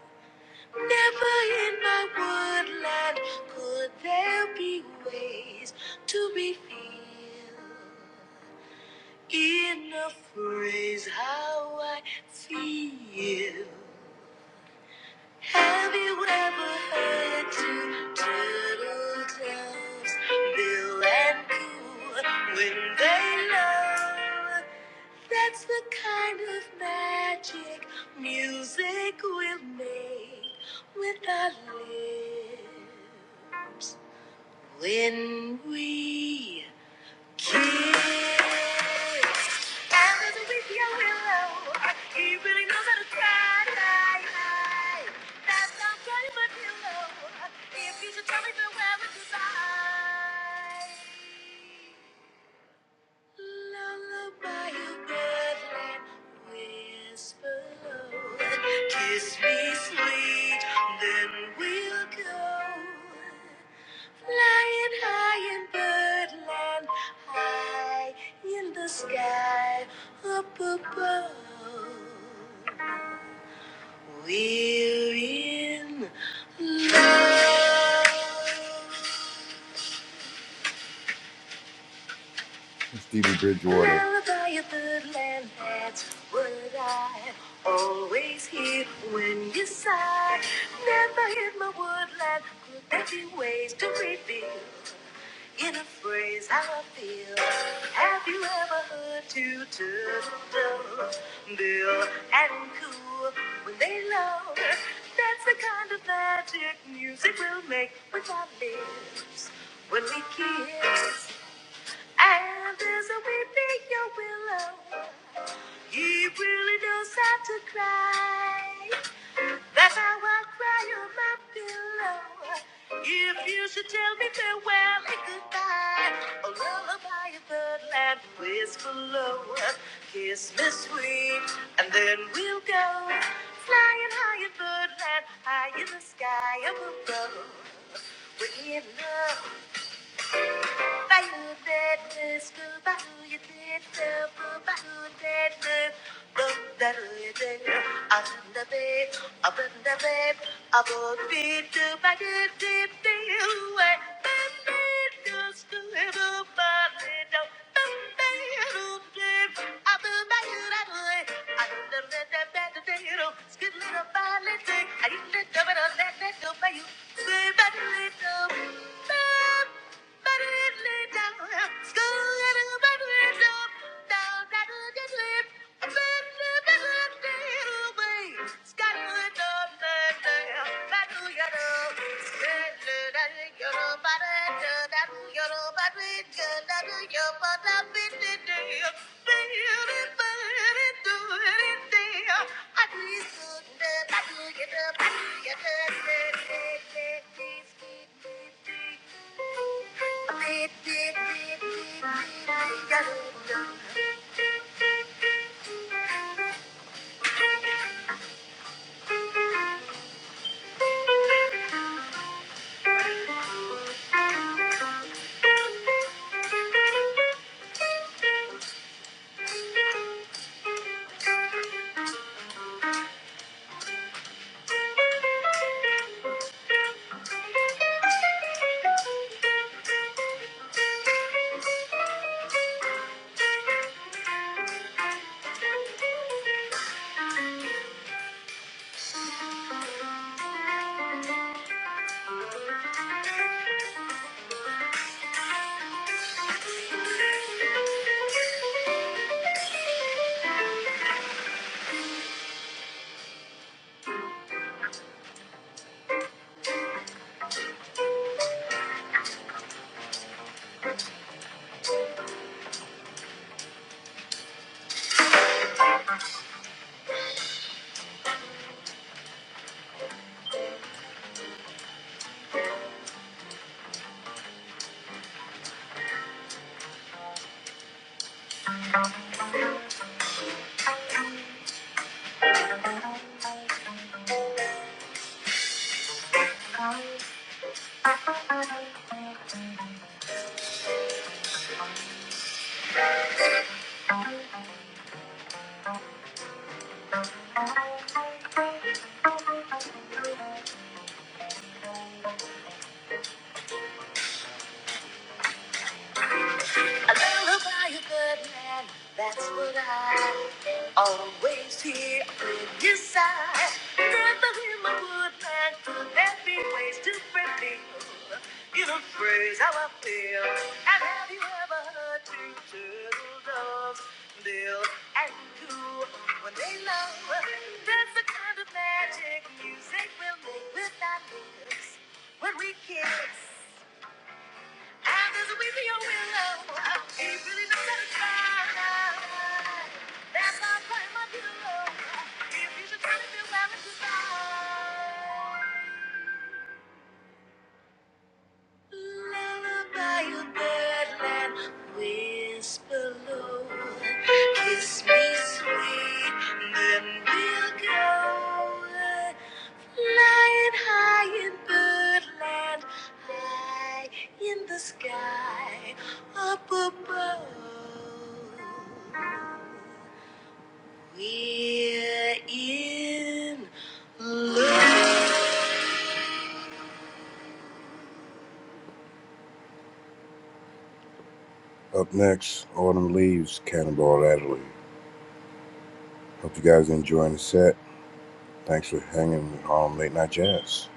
Never in my woodland could there be ways to be filled. In a phrase, how I feel. Have you ever heard two turtle doves, Bill and Coo, when they love? That's the kind of magic music will make with our lips when we kiss. And as with your willow, he really knows how to cry. That's not kind of pillow. If you should tell me the where it's Lullaby, you bedlam, whisper low. Kiss me sweet, then we'll go. Flying high in birdland, high in the sky, up above. We're in love. Stevie Bridgewater. always hear when you sigh. Never hit my woodland, could there be ways to reveal in a phrase how I feel? Have you ever heard two turtles, Bill and Coo, when they love? That's the kind of magic music will make with our lips when we kiss. And there's a weeping young willow. He really knows how to cry. That's how I cry on my pillow. If you should tell me farewell and goodbye, a lullaby in the land whisper low. Kiss me sweet, and then we'll go flying high in birdland, high in the sky above. We're in love. I Thank you. Beep, beep, beep, beep, beep, beep, beep, beep, beep. A lullaby, a good man, that's what I always hear inside. Never hear my good man could there be ways to reveal. You don't phrase how I feel. And have you ever heard two turtle doves, Bill and Coo, when they love? That's the kind of magic music will make with our lips when we kiss. I just weep in your window. It really don't satisfy. That's why I play my pillow. If you should try to feel bad with goodbye. Lullaby of birdland, whisper low. Kiss me sweet, then we'll go. Flying high in birdland, high in the sky, up above. We're in love. Up next, Autumn Leaves, Cannonball Adderley. Hope you guys are enjoying the set. Thanks for hanging with um, Late Night Jazz.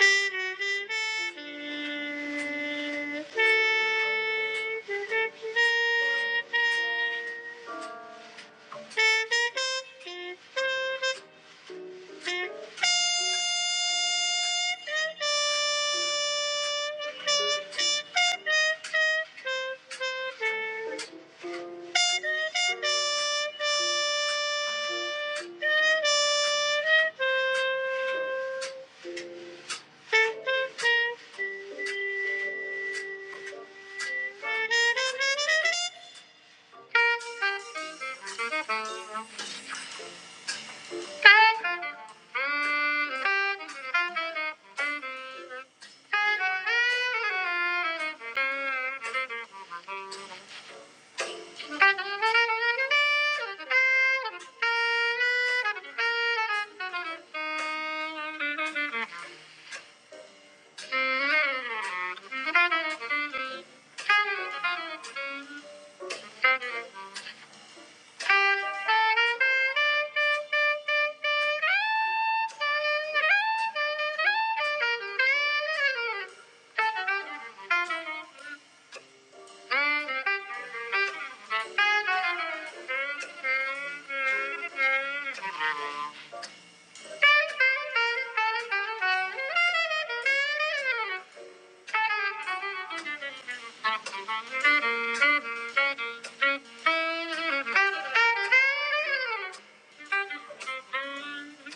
Thank you. Thank you. Thank you.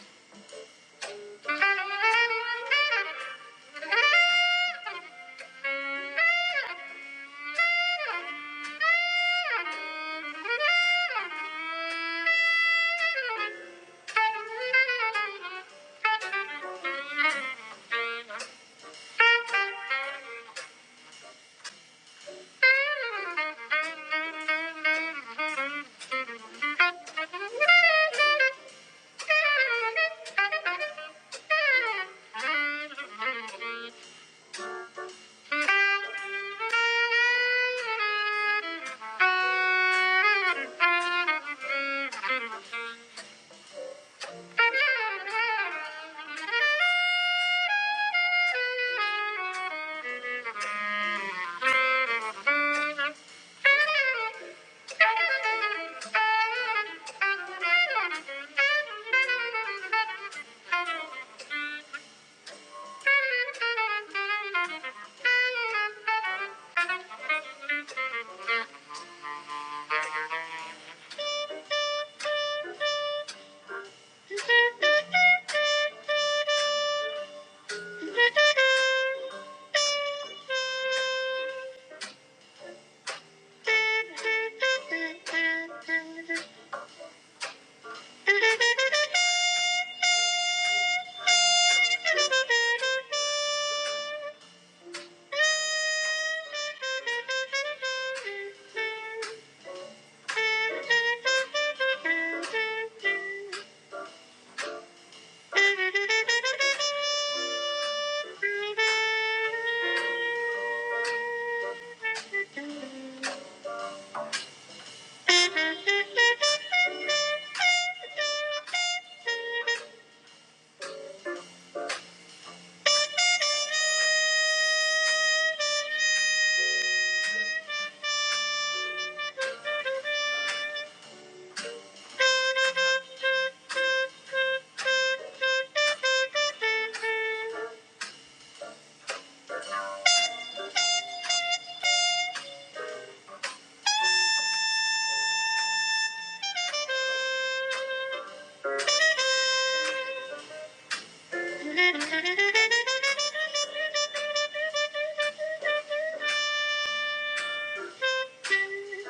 Thank you. Thank you. Thank you. Thank you.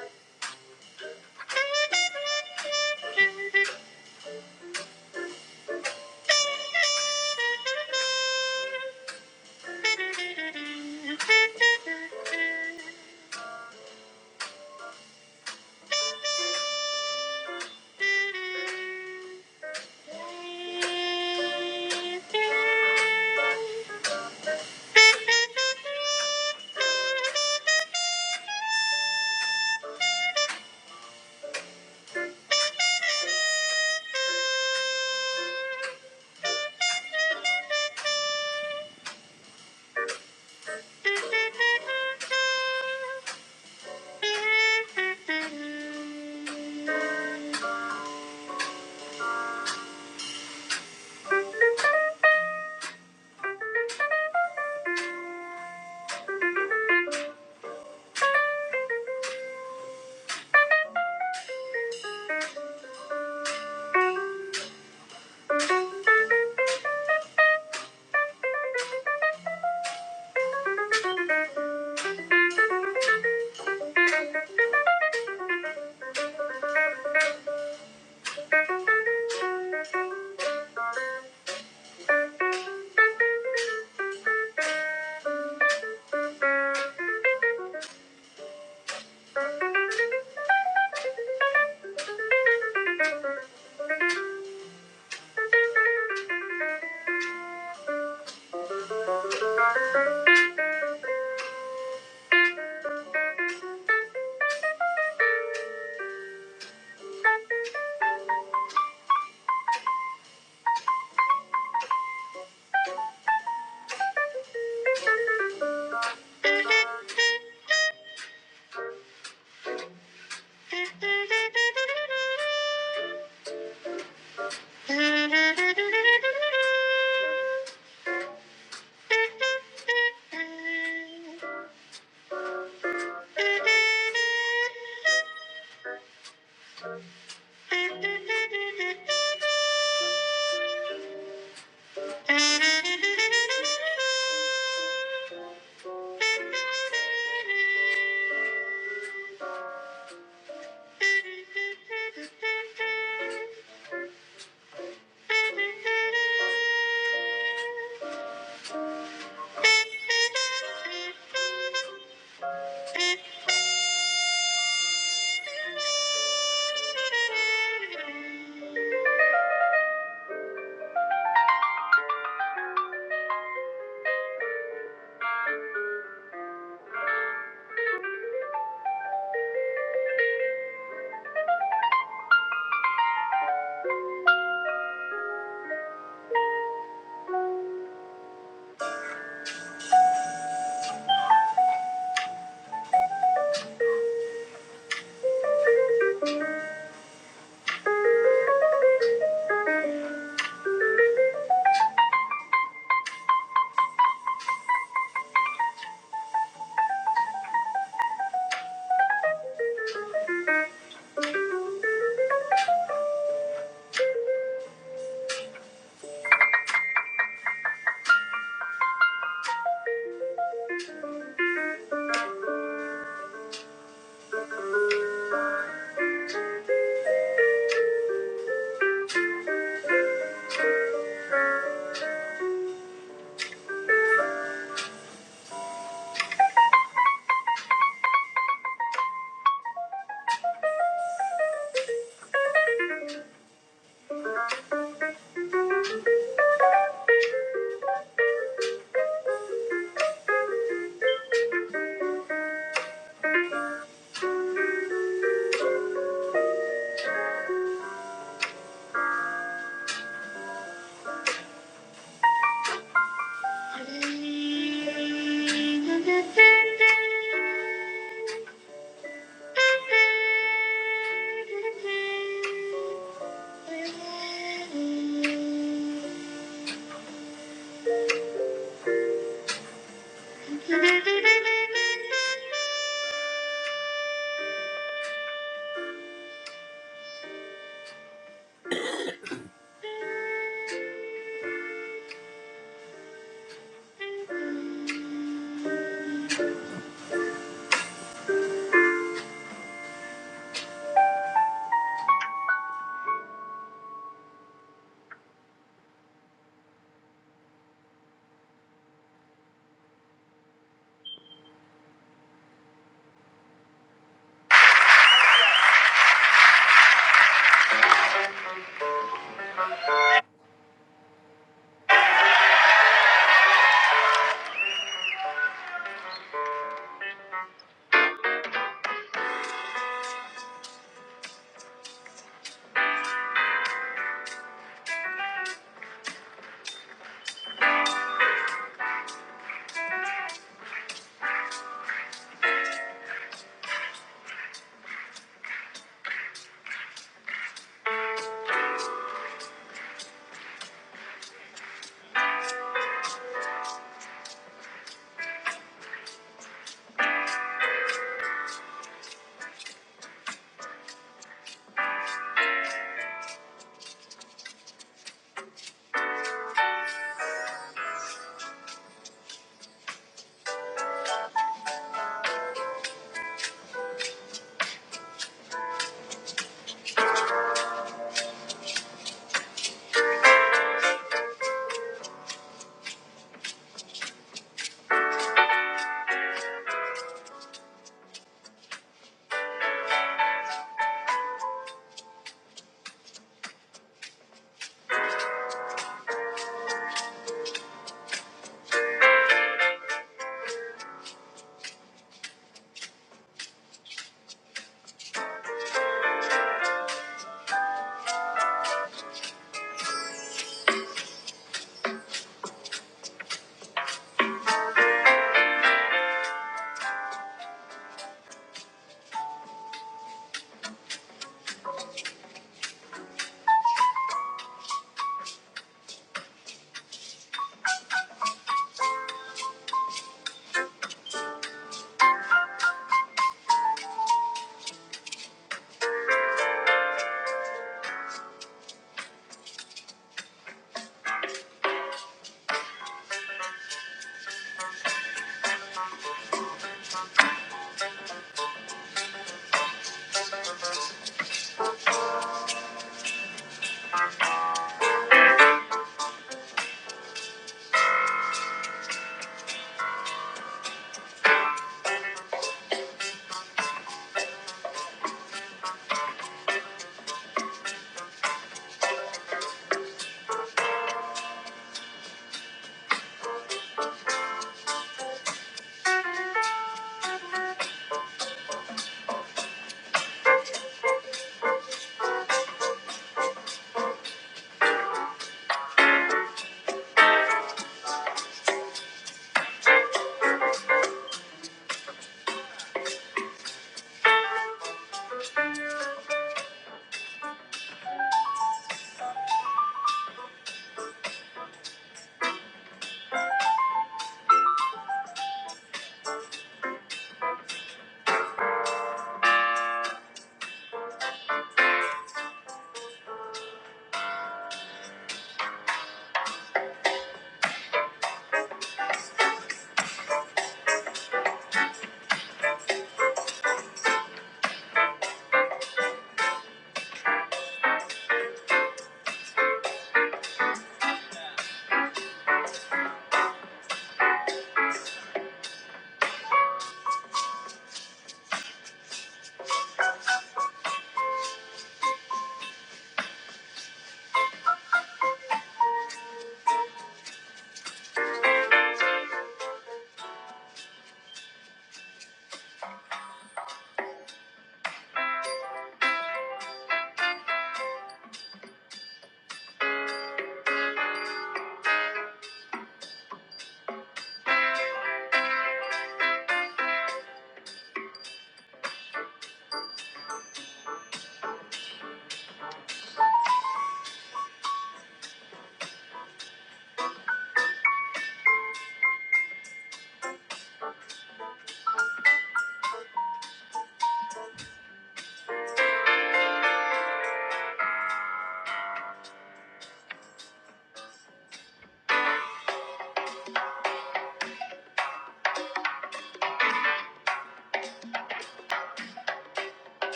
Thank you. Thank you. Skyline,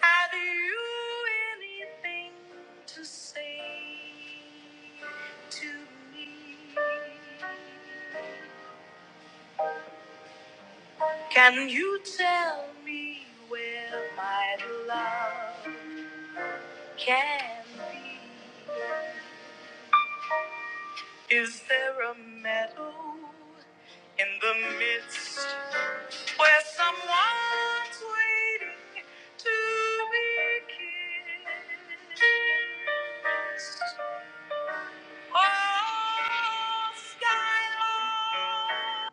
have you anything to say to me? Can you tell me where my love can be? Is there a meadow in the midst where someone's waiting to be kissed? Oh, skylark.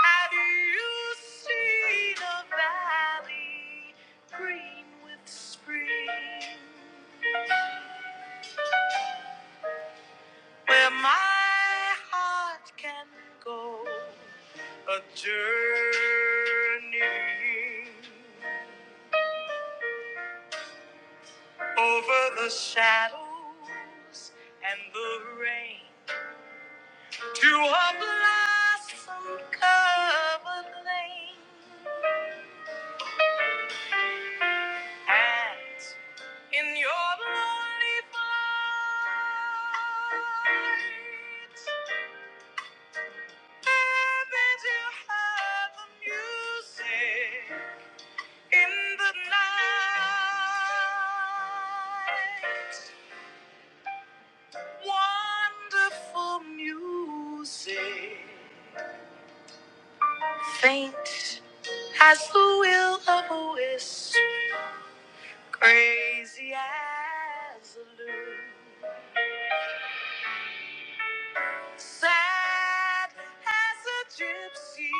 Have you seen a valley green with spring where my heart can go a journey over the shadows and the rain to a blossom covered lane? And In your lonely flight, heavens you have the music in the night. Wonderful music, faint as the will of a wisp, crazy as a loon. Sad as a gypsy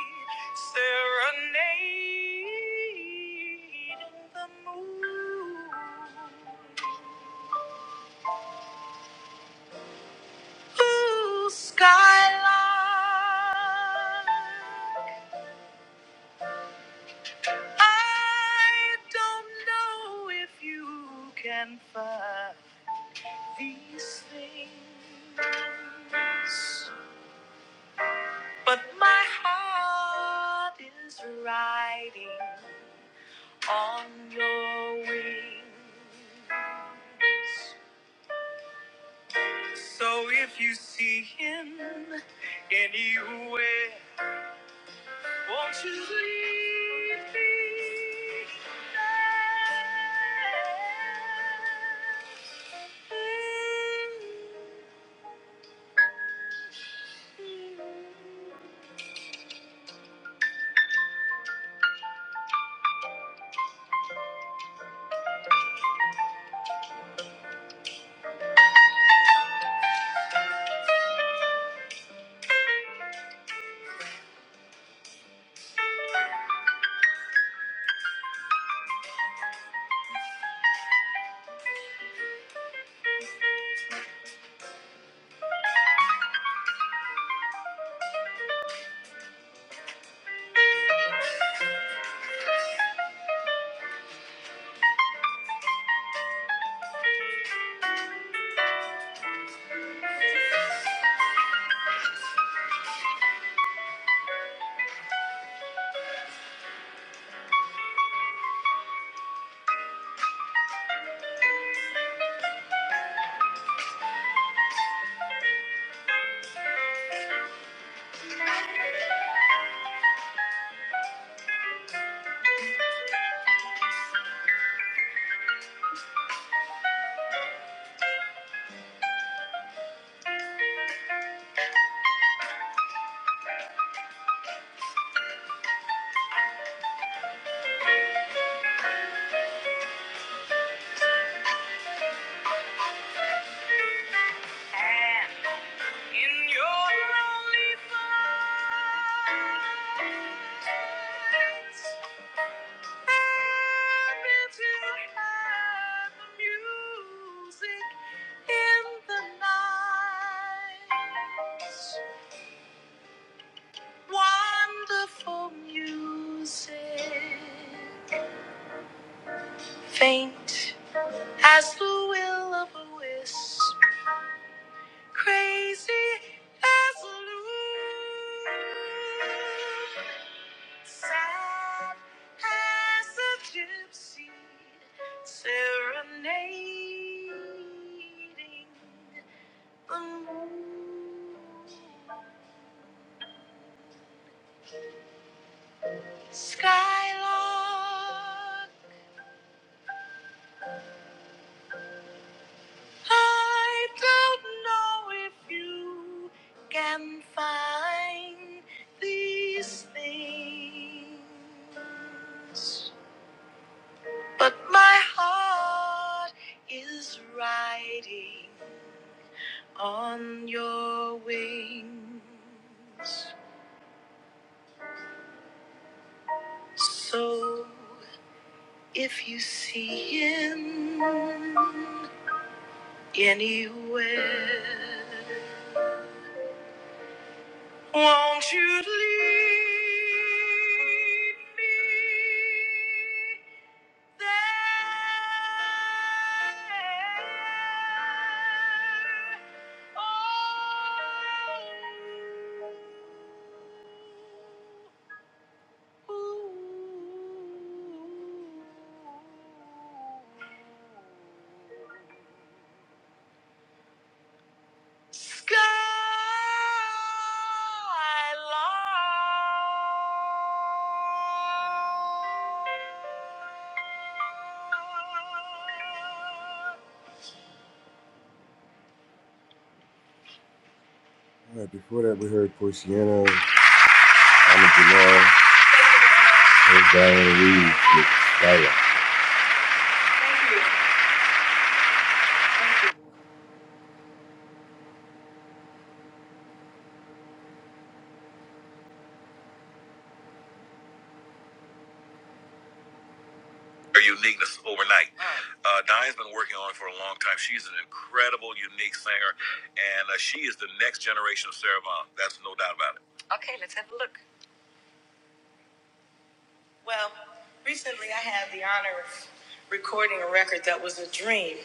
serenade in the moon. So if you see anywhere in your lonely flights, happy to have the music in the night. Wonderful music, faint as the will of a wisp, crazy as a loon, sad as a gypsy serenading the moon, skylark. I don't know if you can find these things, but my heart is riding on your wings. So if you see him anywhere, Won't you lead me there? Oh, ooh. All right, before that, we heard Porciano, Anna Jamal, and Diana Reeves with Skylark. Her uniqueness overnight. Uh, Diane's been working on it for a long time. She's an incredible, unique singer, and uh, she is the next generation of Sarah Vaughan. That's no doubt about it. Okay, let's have a look. Well, recently I had the honor of recording a record that was a dream.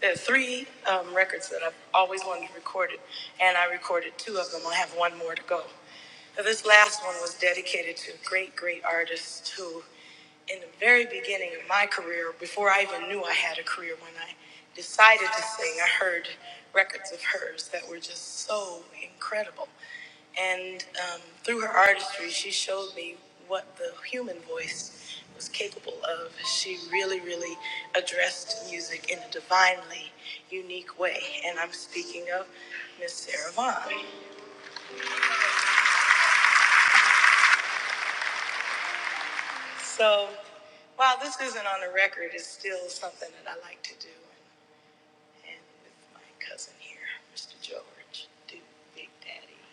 There are three um, records that I've always wanted to record, it, and I recorded two of them. I have one more to go. Now, this last one was dedicated to a great, great artist who in the very beginning of my career, before I even knew I had a career, when I decided to sing, I heard records of hers that were just so incredible. And um, through her artistry, she showed me what the human voice was capable of. She really, really addressed music in a divinely unique way. And I'm speaking of Miss Sarah Vaughan. So while this isn't on the record, it's still something that I like to do. and with my cousin here, Mr. George, do Big Daddy.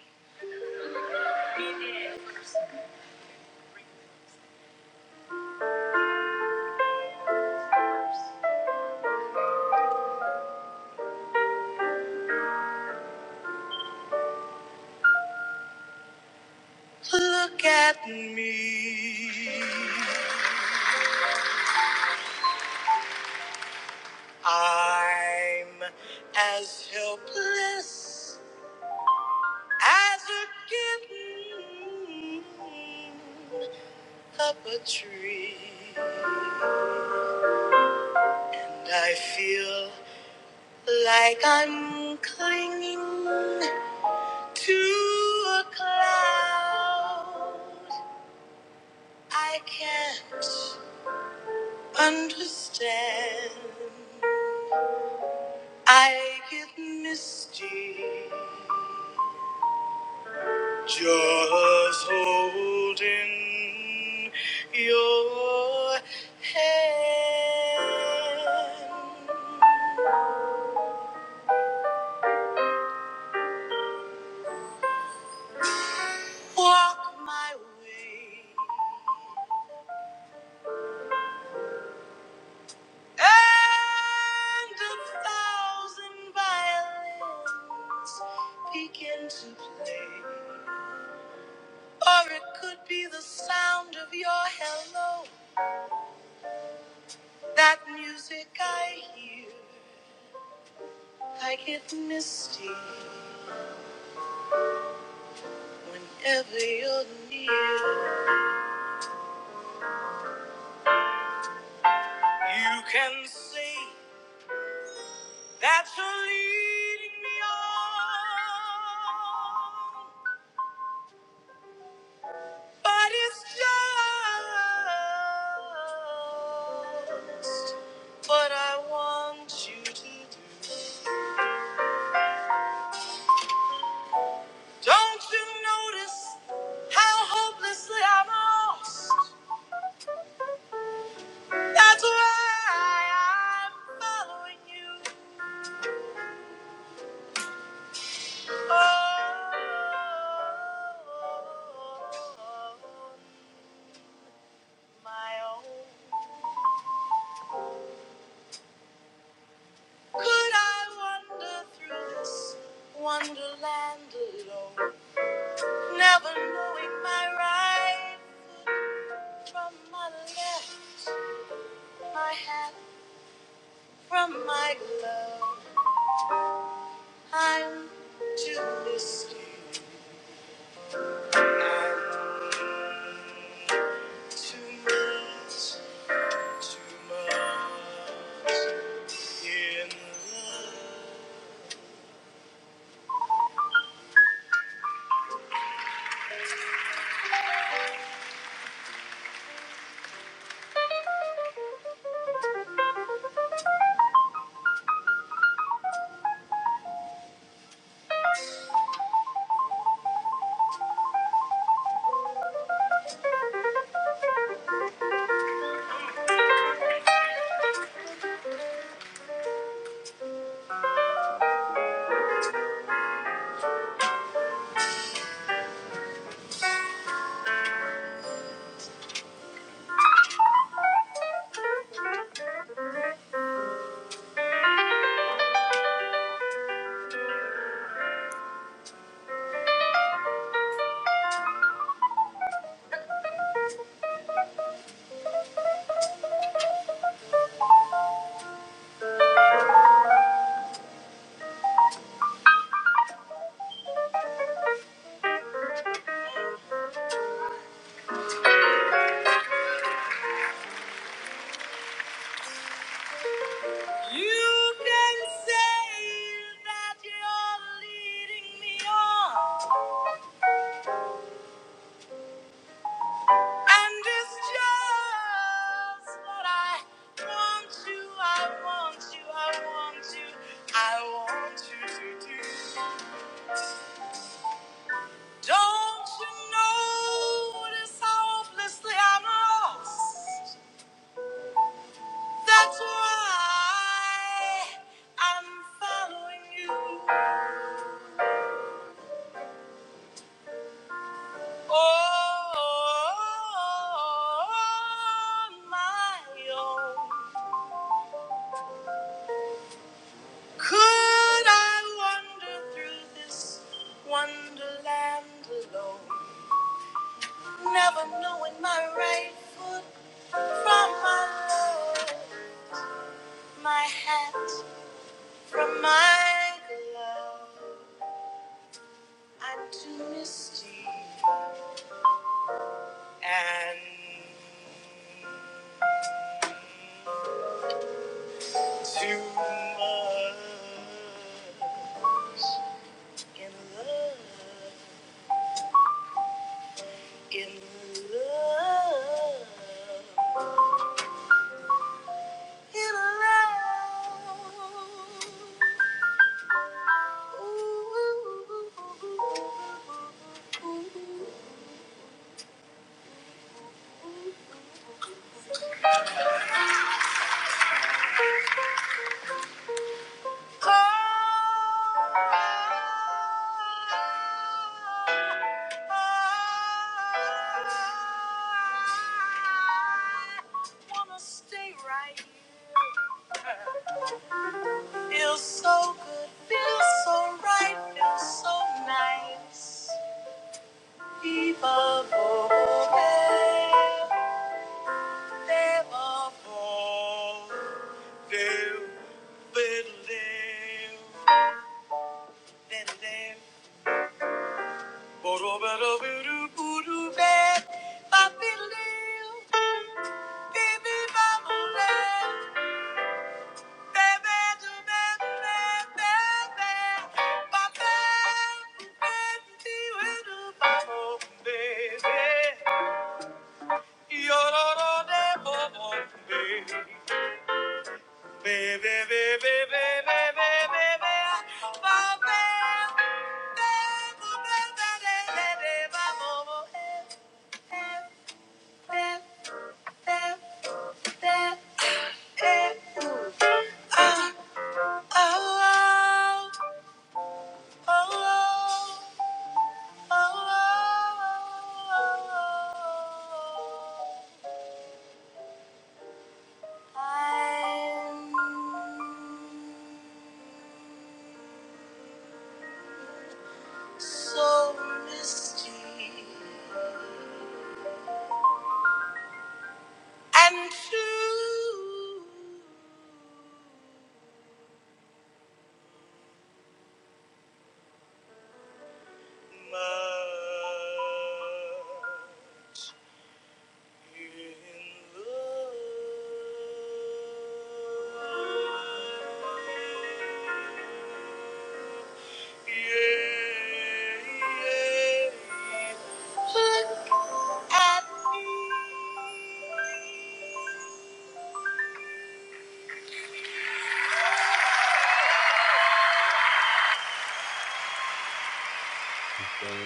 At me, I'm as helpless as a kitten up a tree. And I feel like I'm clinging to a cloud. I can't. Understand, I get misty just holding your hand. Walk my way and a thousand violins begin to play. Or it could be the sound of your hello That music I hear, I get misty whenever you're near. You can see that you're leading me on, but it's just what I want you to do. Don't you notice how hopelessly I'm lost? That's why I'm following you. Oh, my own. Could I wander through this wonderland alone, never knowing my right from my left, my hand from my glove? I'm too risky, too much, too much. You can say that you're leading me on, and it's just what I want you, I want you, I want you, I want you to do. Don't you notice how hopelessly I'm lost? That's why I'm following you. on my own. Could I wander through this wonderland alone? Never knowing my right foot from my left, my hat from my glove. I'm too misty and too much. in love. I wanna stay right here. Feels so good, feels so right, feels so nice. Viva Vogue, Viva Vogue, Viva Vogue. Baby, baby, baby, baby, baby, baby, baby, I'm so misty and true.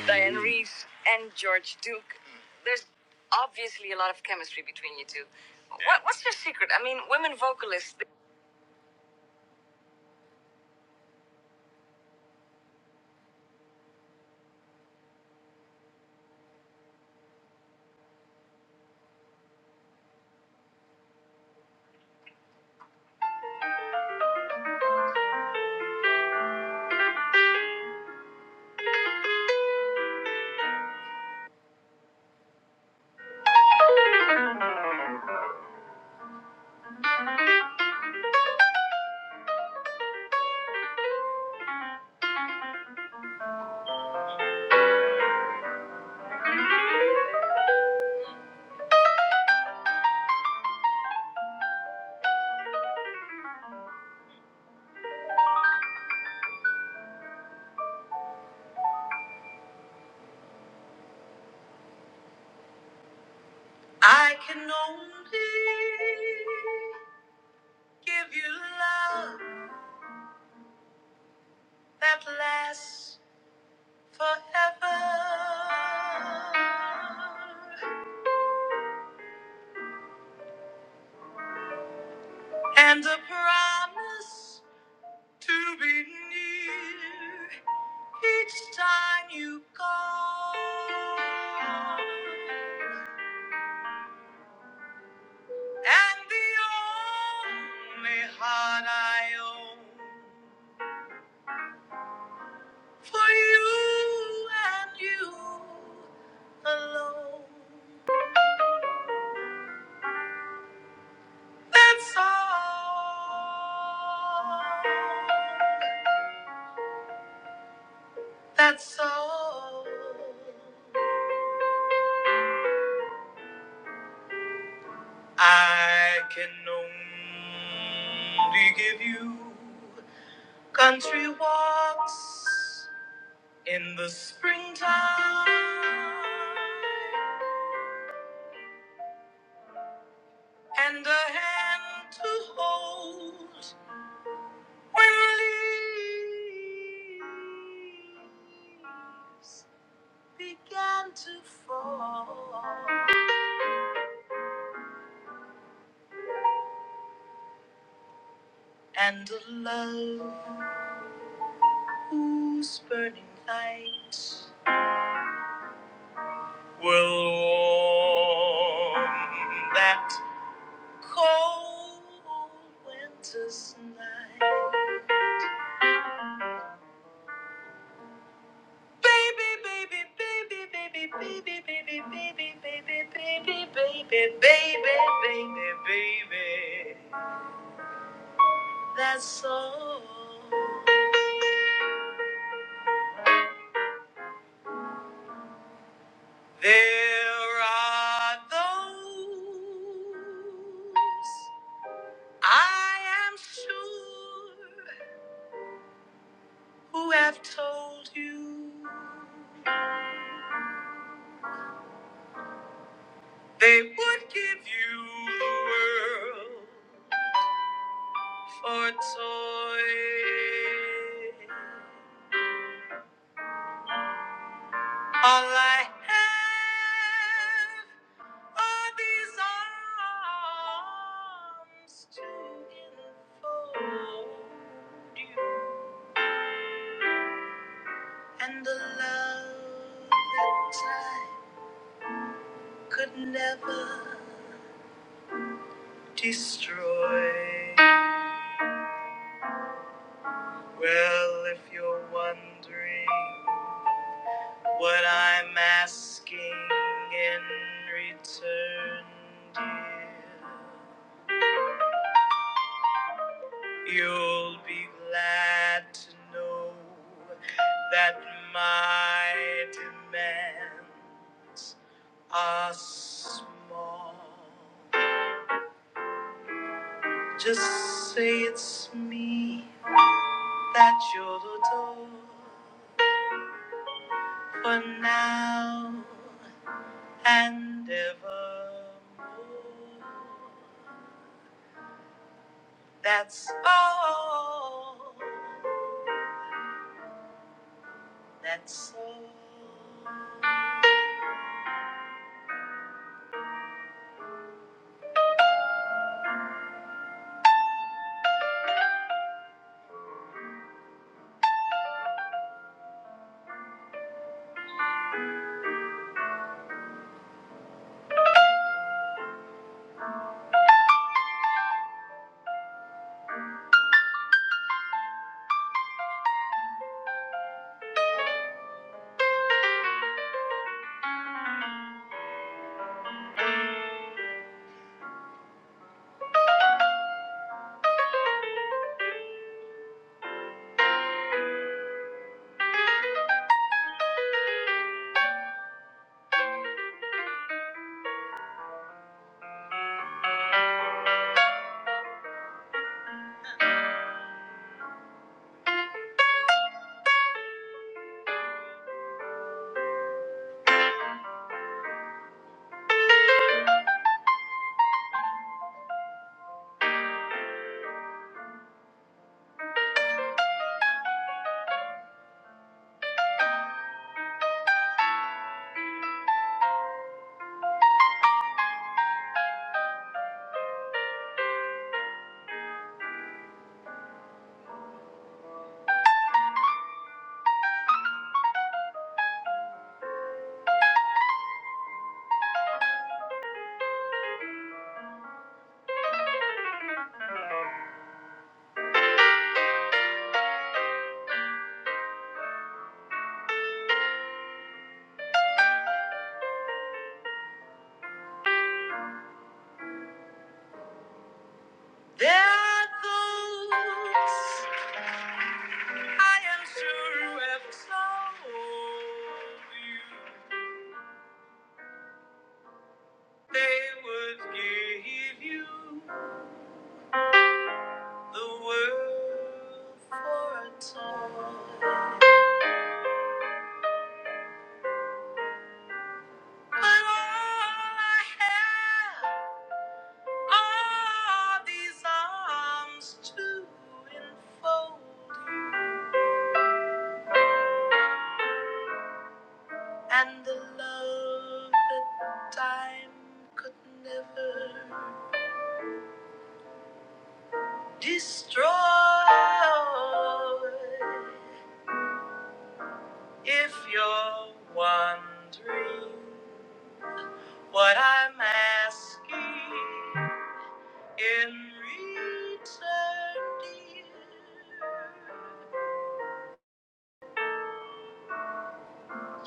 Diane Reeves and George Duke. There's obviously a lot of chemistry between you two. What, what's your secret? I mean, women vocalists. I can only give you love that lasts. forever and a promise to be near each time you call. And the only heart I own for you and you alone. That's all. That's all. I can only give you country walks in the springtime and a hand to hold when leaves began to fall and a love whose burning light will warm that cold winter's night. Baby, baby, baby, baby, baby, baby, baby, baby, baby, baby, baby, baby, baby. I am sure who have told you they knew the world for a toy. All I have are these arms to enfold, and the love that time could never destroy. Well, if you're wondering what I'm asking in return, dear. You'll be glad to know that my demands are small. Just say it's me that you'll adore for now and evermore. That's all. That's all. But all I have. Are these arms to enfold you and the love that time could never destroy? If you're wondering what I'm asking in return, dear,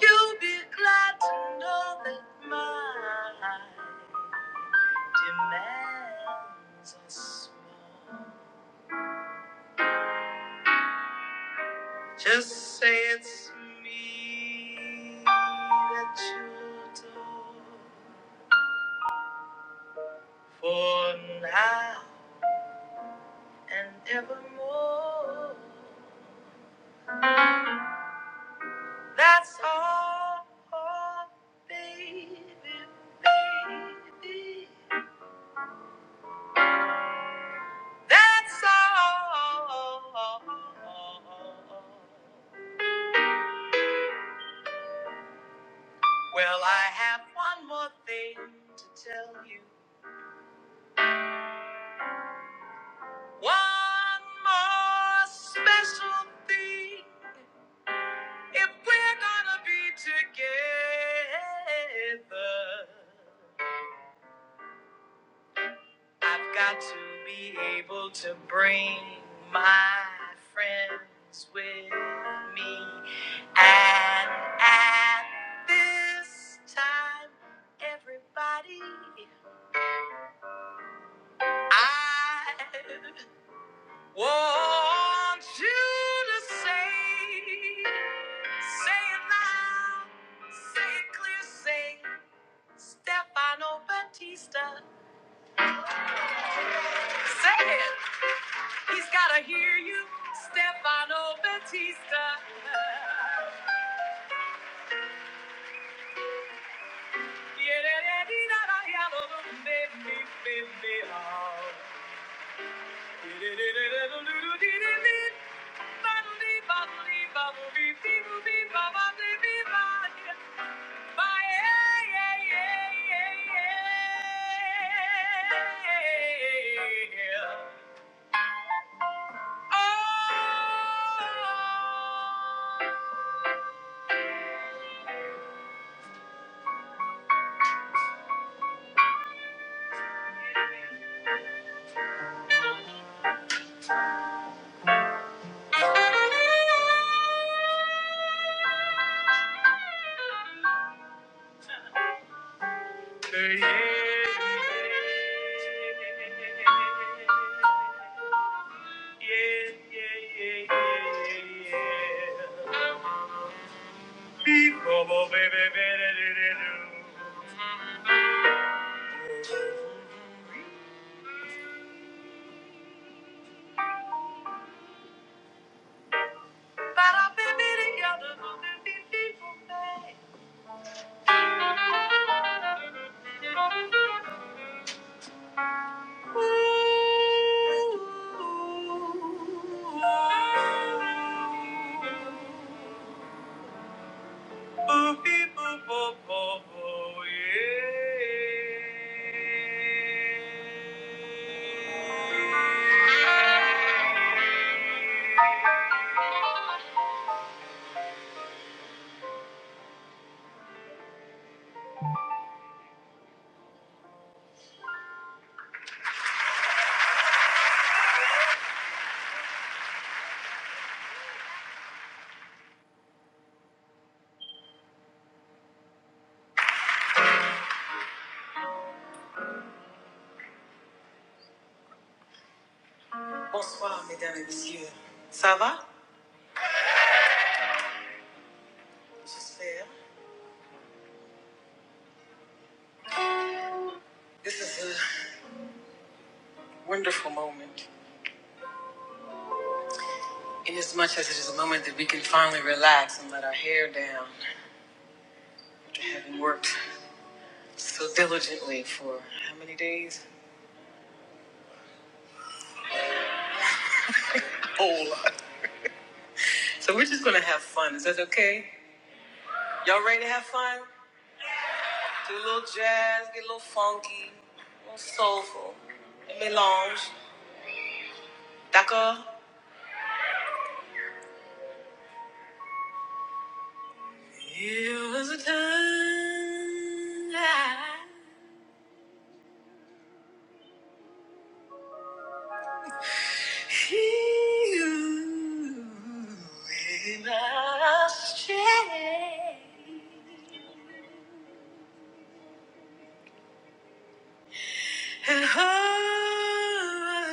you'll be glad to know that mine. demands a smile. Just say it's me that you adore for now and evermore. That's all, oh, baby, baby. That's all. Well, I have one more thing to tell you. One more special thing if we're gonna be together. I've got to be able to bring my friends with me. And at this time, everybody, I Want you to say, say it loud, say it clear, say Stefano Batista. Say it. He's gotta hear you, Stefano Batista. Bonsoir, mesdames et messieurs. Ça va? J'espère. This is a wonderful moment. In as much as it is a moment that we can finally relax and let our hair down after having worked so diligently for how many days? Oh, so we're just gonna have fun. Is that okay? Y'all ready to have fun? Do a little jazz, get a little funky, a little soulful, a melange. D'accord? It was a time I you in our shade. And hold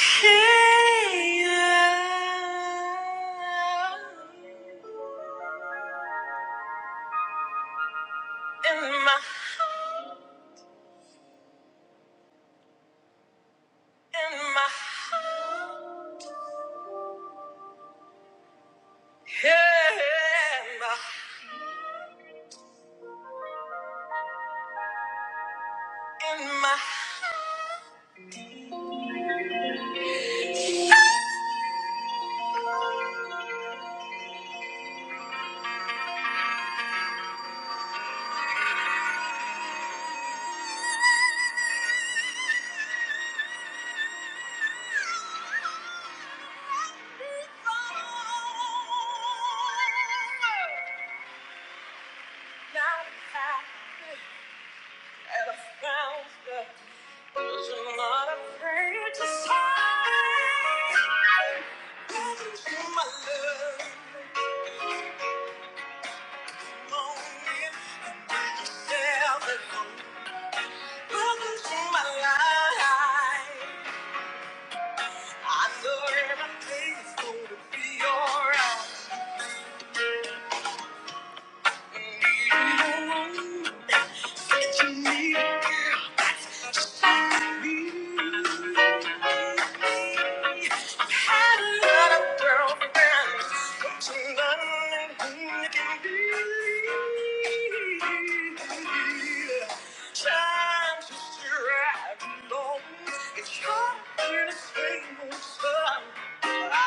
Hey, uh, in my, in my, yeah, in my, in Now I have found the- was not afraid to say, my love, own it, and I can Welcome to my life. I know everything's gonna be alright. Time to strive alone. It's hard when it's painful. Come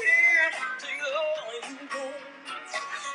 here, take the only you go. Thank you.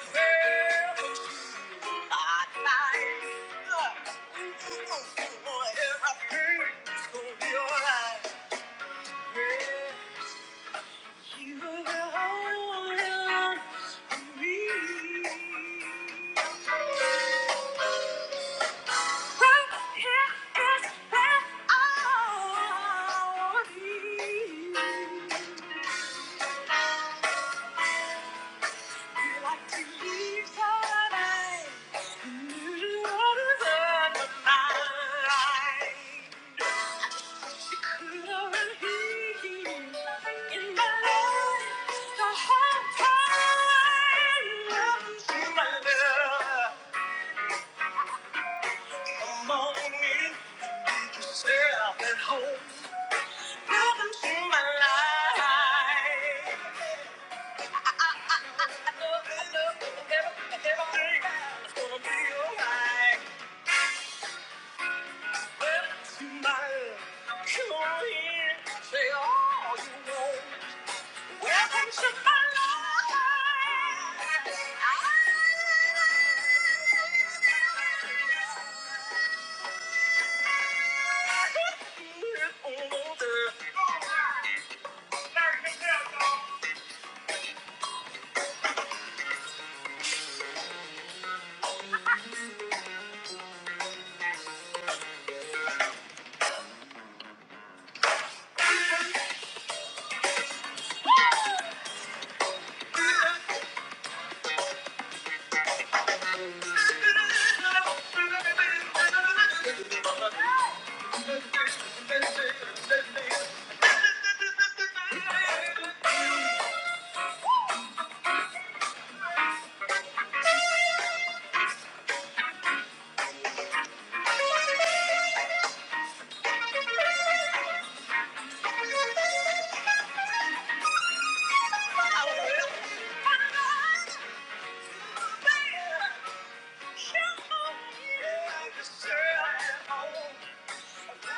Girl. Can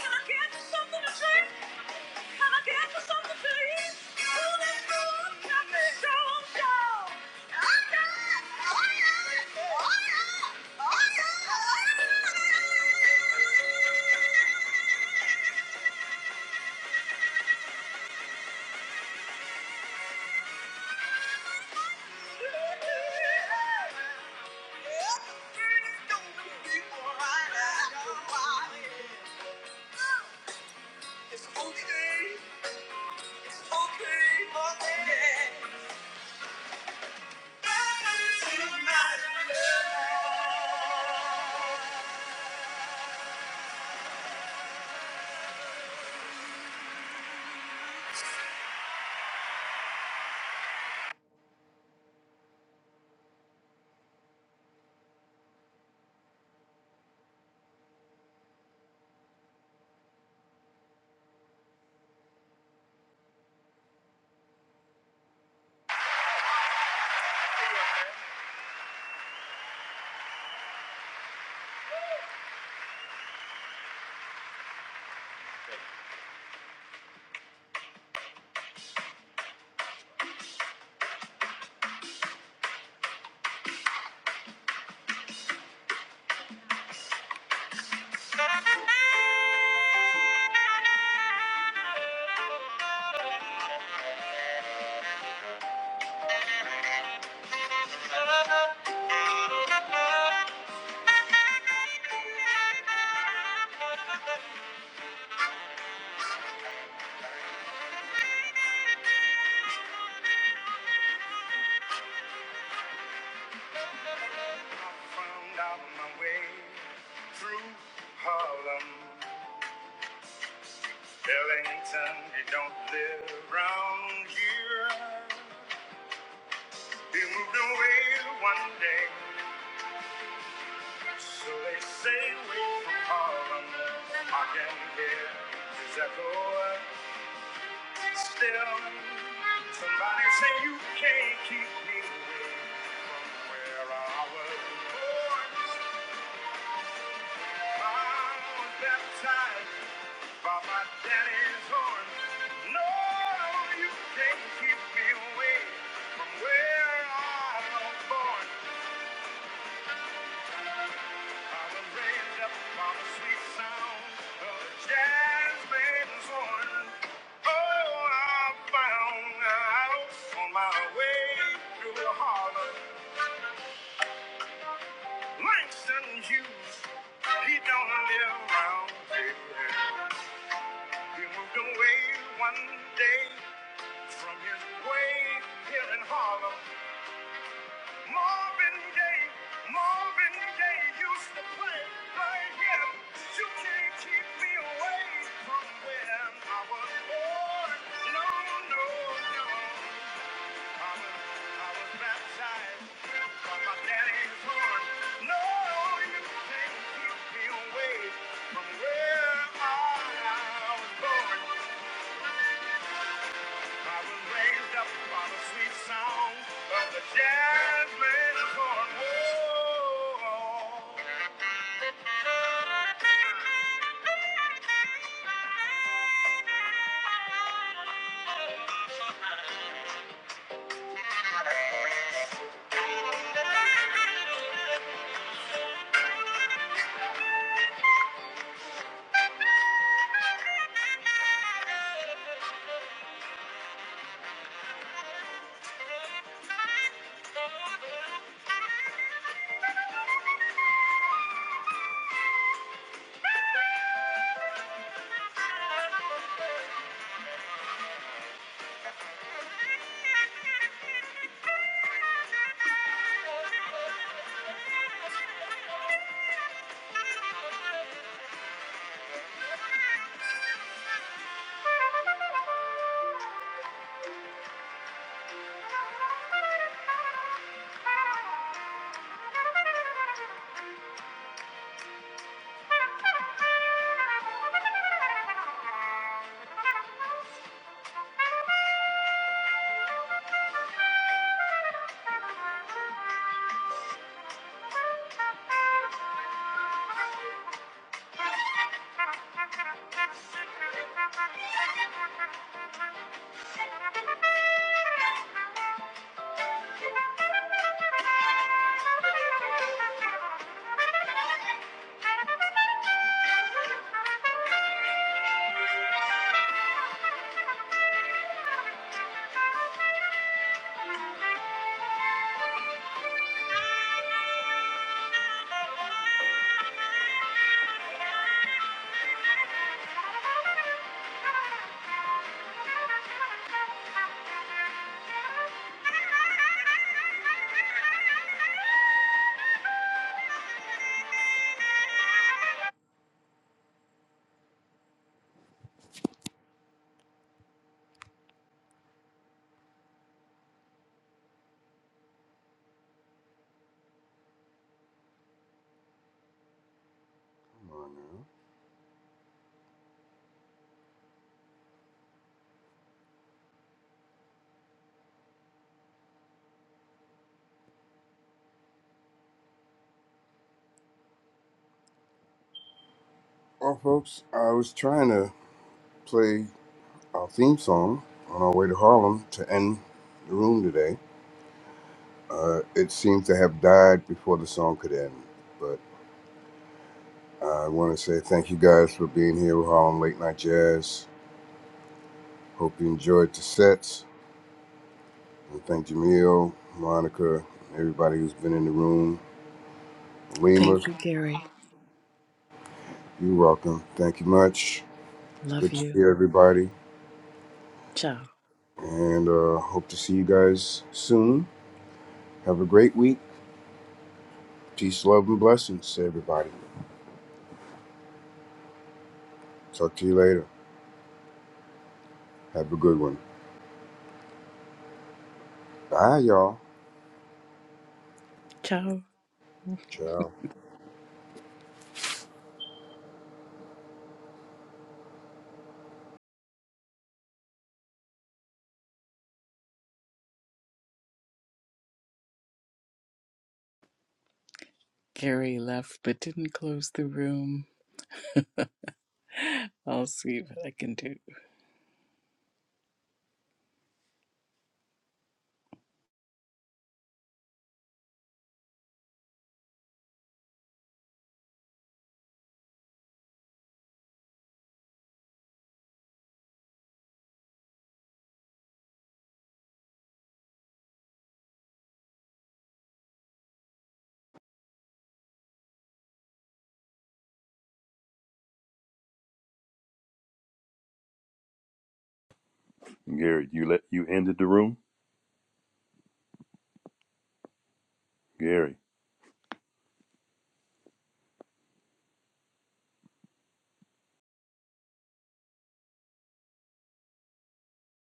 I get something to drink? It's okay, okay, okay. Tonight, I found out my way through Harlem. Ellington, he don't live round here. He moved away one day, so they say way from Harlem. I can hear his echo still. Somebody say you can't keep me away from where I was born. I was baptized By my daddy's horn, no, you can't keep me away from where I was born. I was raised up by the sweet sound of a jazz bands horn. Oh, I found out on my way through the Harlem. Langston Hughes, he don't live around here. He moved away one day. From his grave here in Harlem, Marvin Gaye, Marvin Gaye used to play right here. You can't keep me away from where I was born. No, no, no. I was, I was baptized by my daddy's horn. No, you can't keep me away from where I was born. I was raised sweet sound. Thank you. Come Well, folks, I was trying to play our theme song on our way to Harlem to end the room today. Uh, it seems to have died before the song could end, but I want to say thank you guys for being here with Harlem Late Night Jazz. Hope you enjoyed the sets, and thank Jamil, Monica, everybody who's been in the room. Lima,
thank you, Gary.
you're welcome. Thank you much.
Love
Good to
you.
see everybody,
Ciao.
and uh, hope to see you guys soon. Have a great week Peace, love, and blessings to everybody. Talk to you later. Have a good one. Bye, y'all.
Ciao.
Ciao.
Gary left but didn't close the room. I'll see what I can do.
Gary, you let you ended the room? Gary.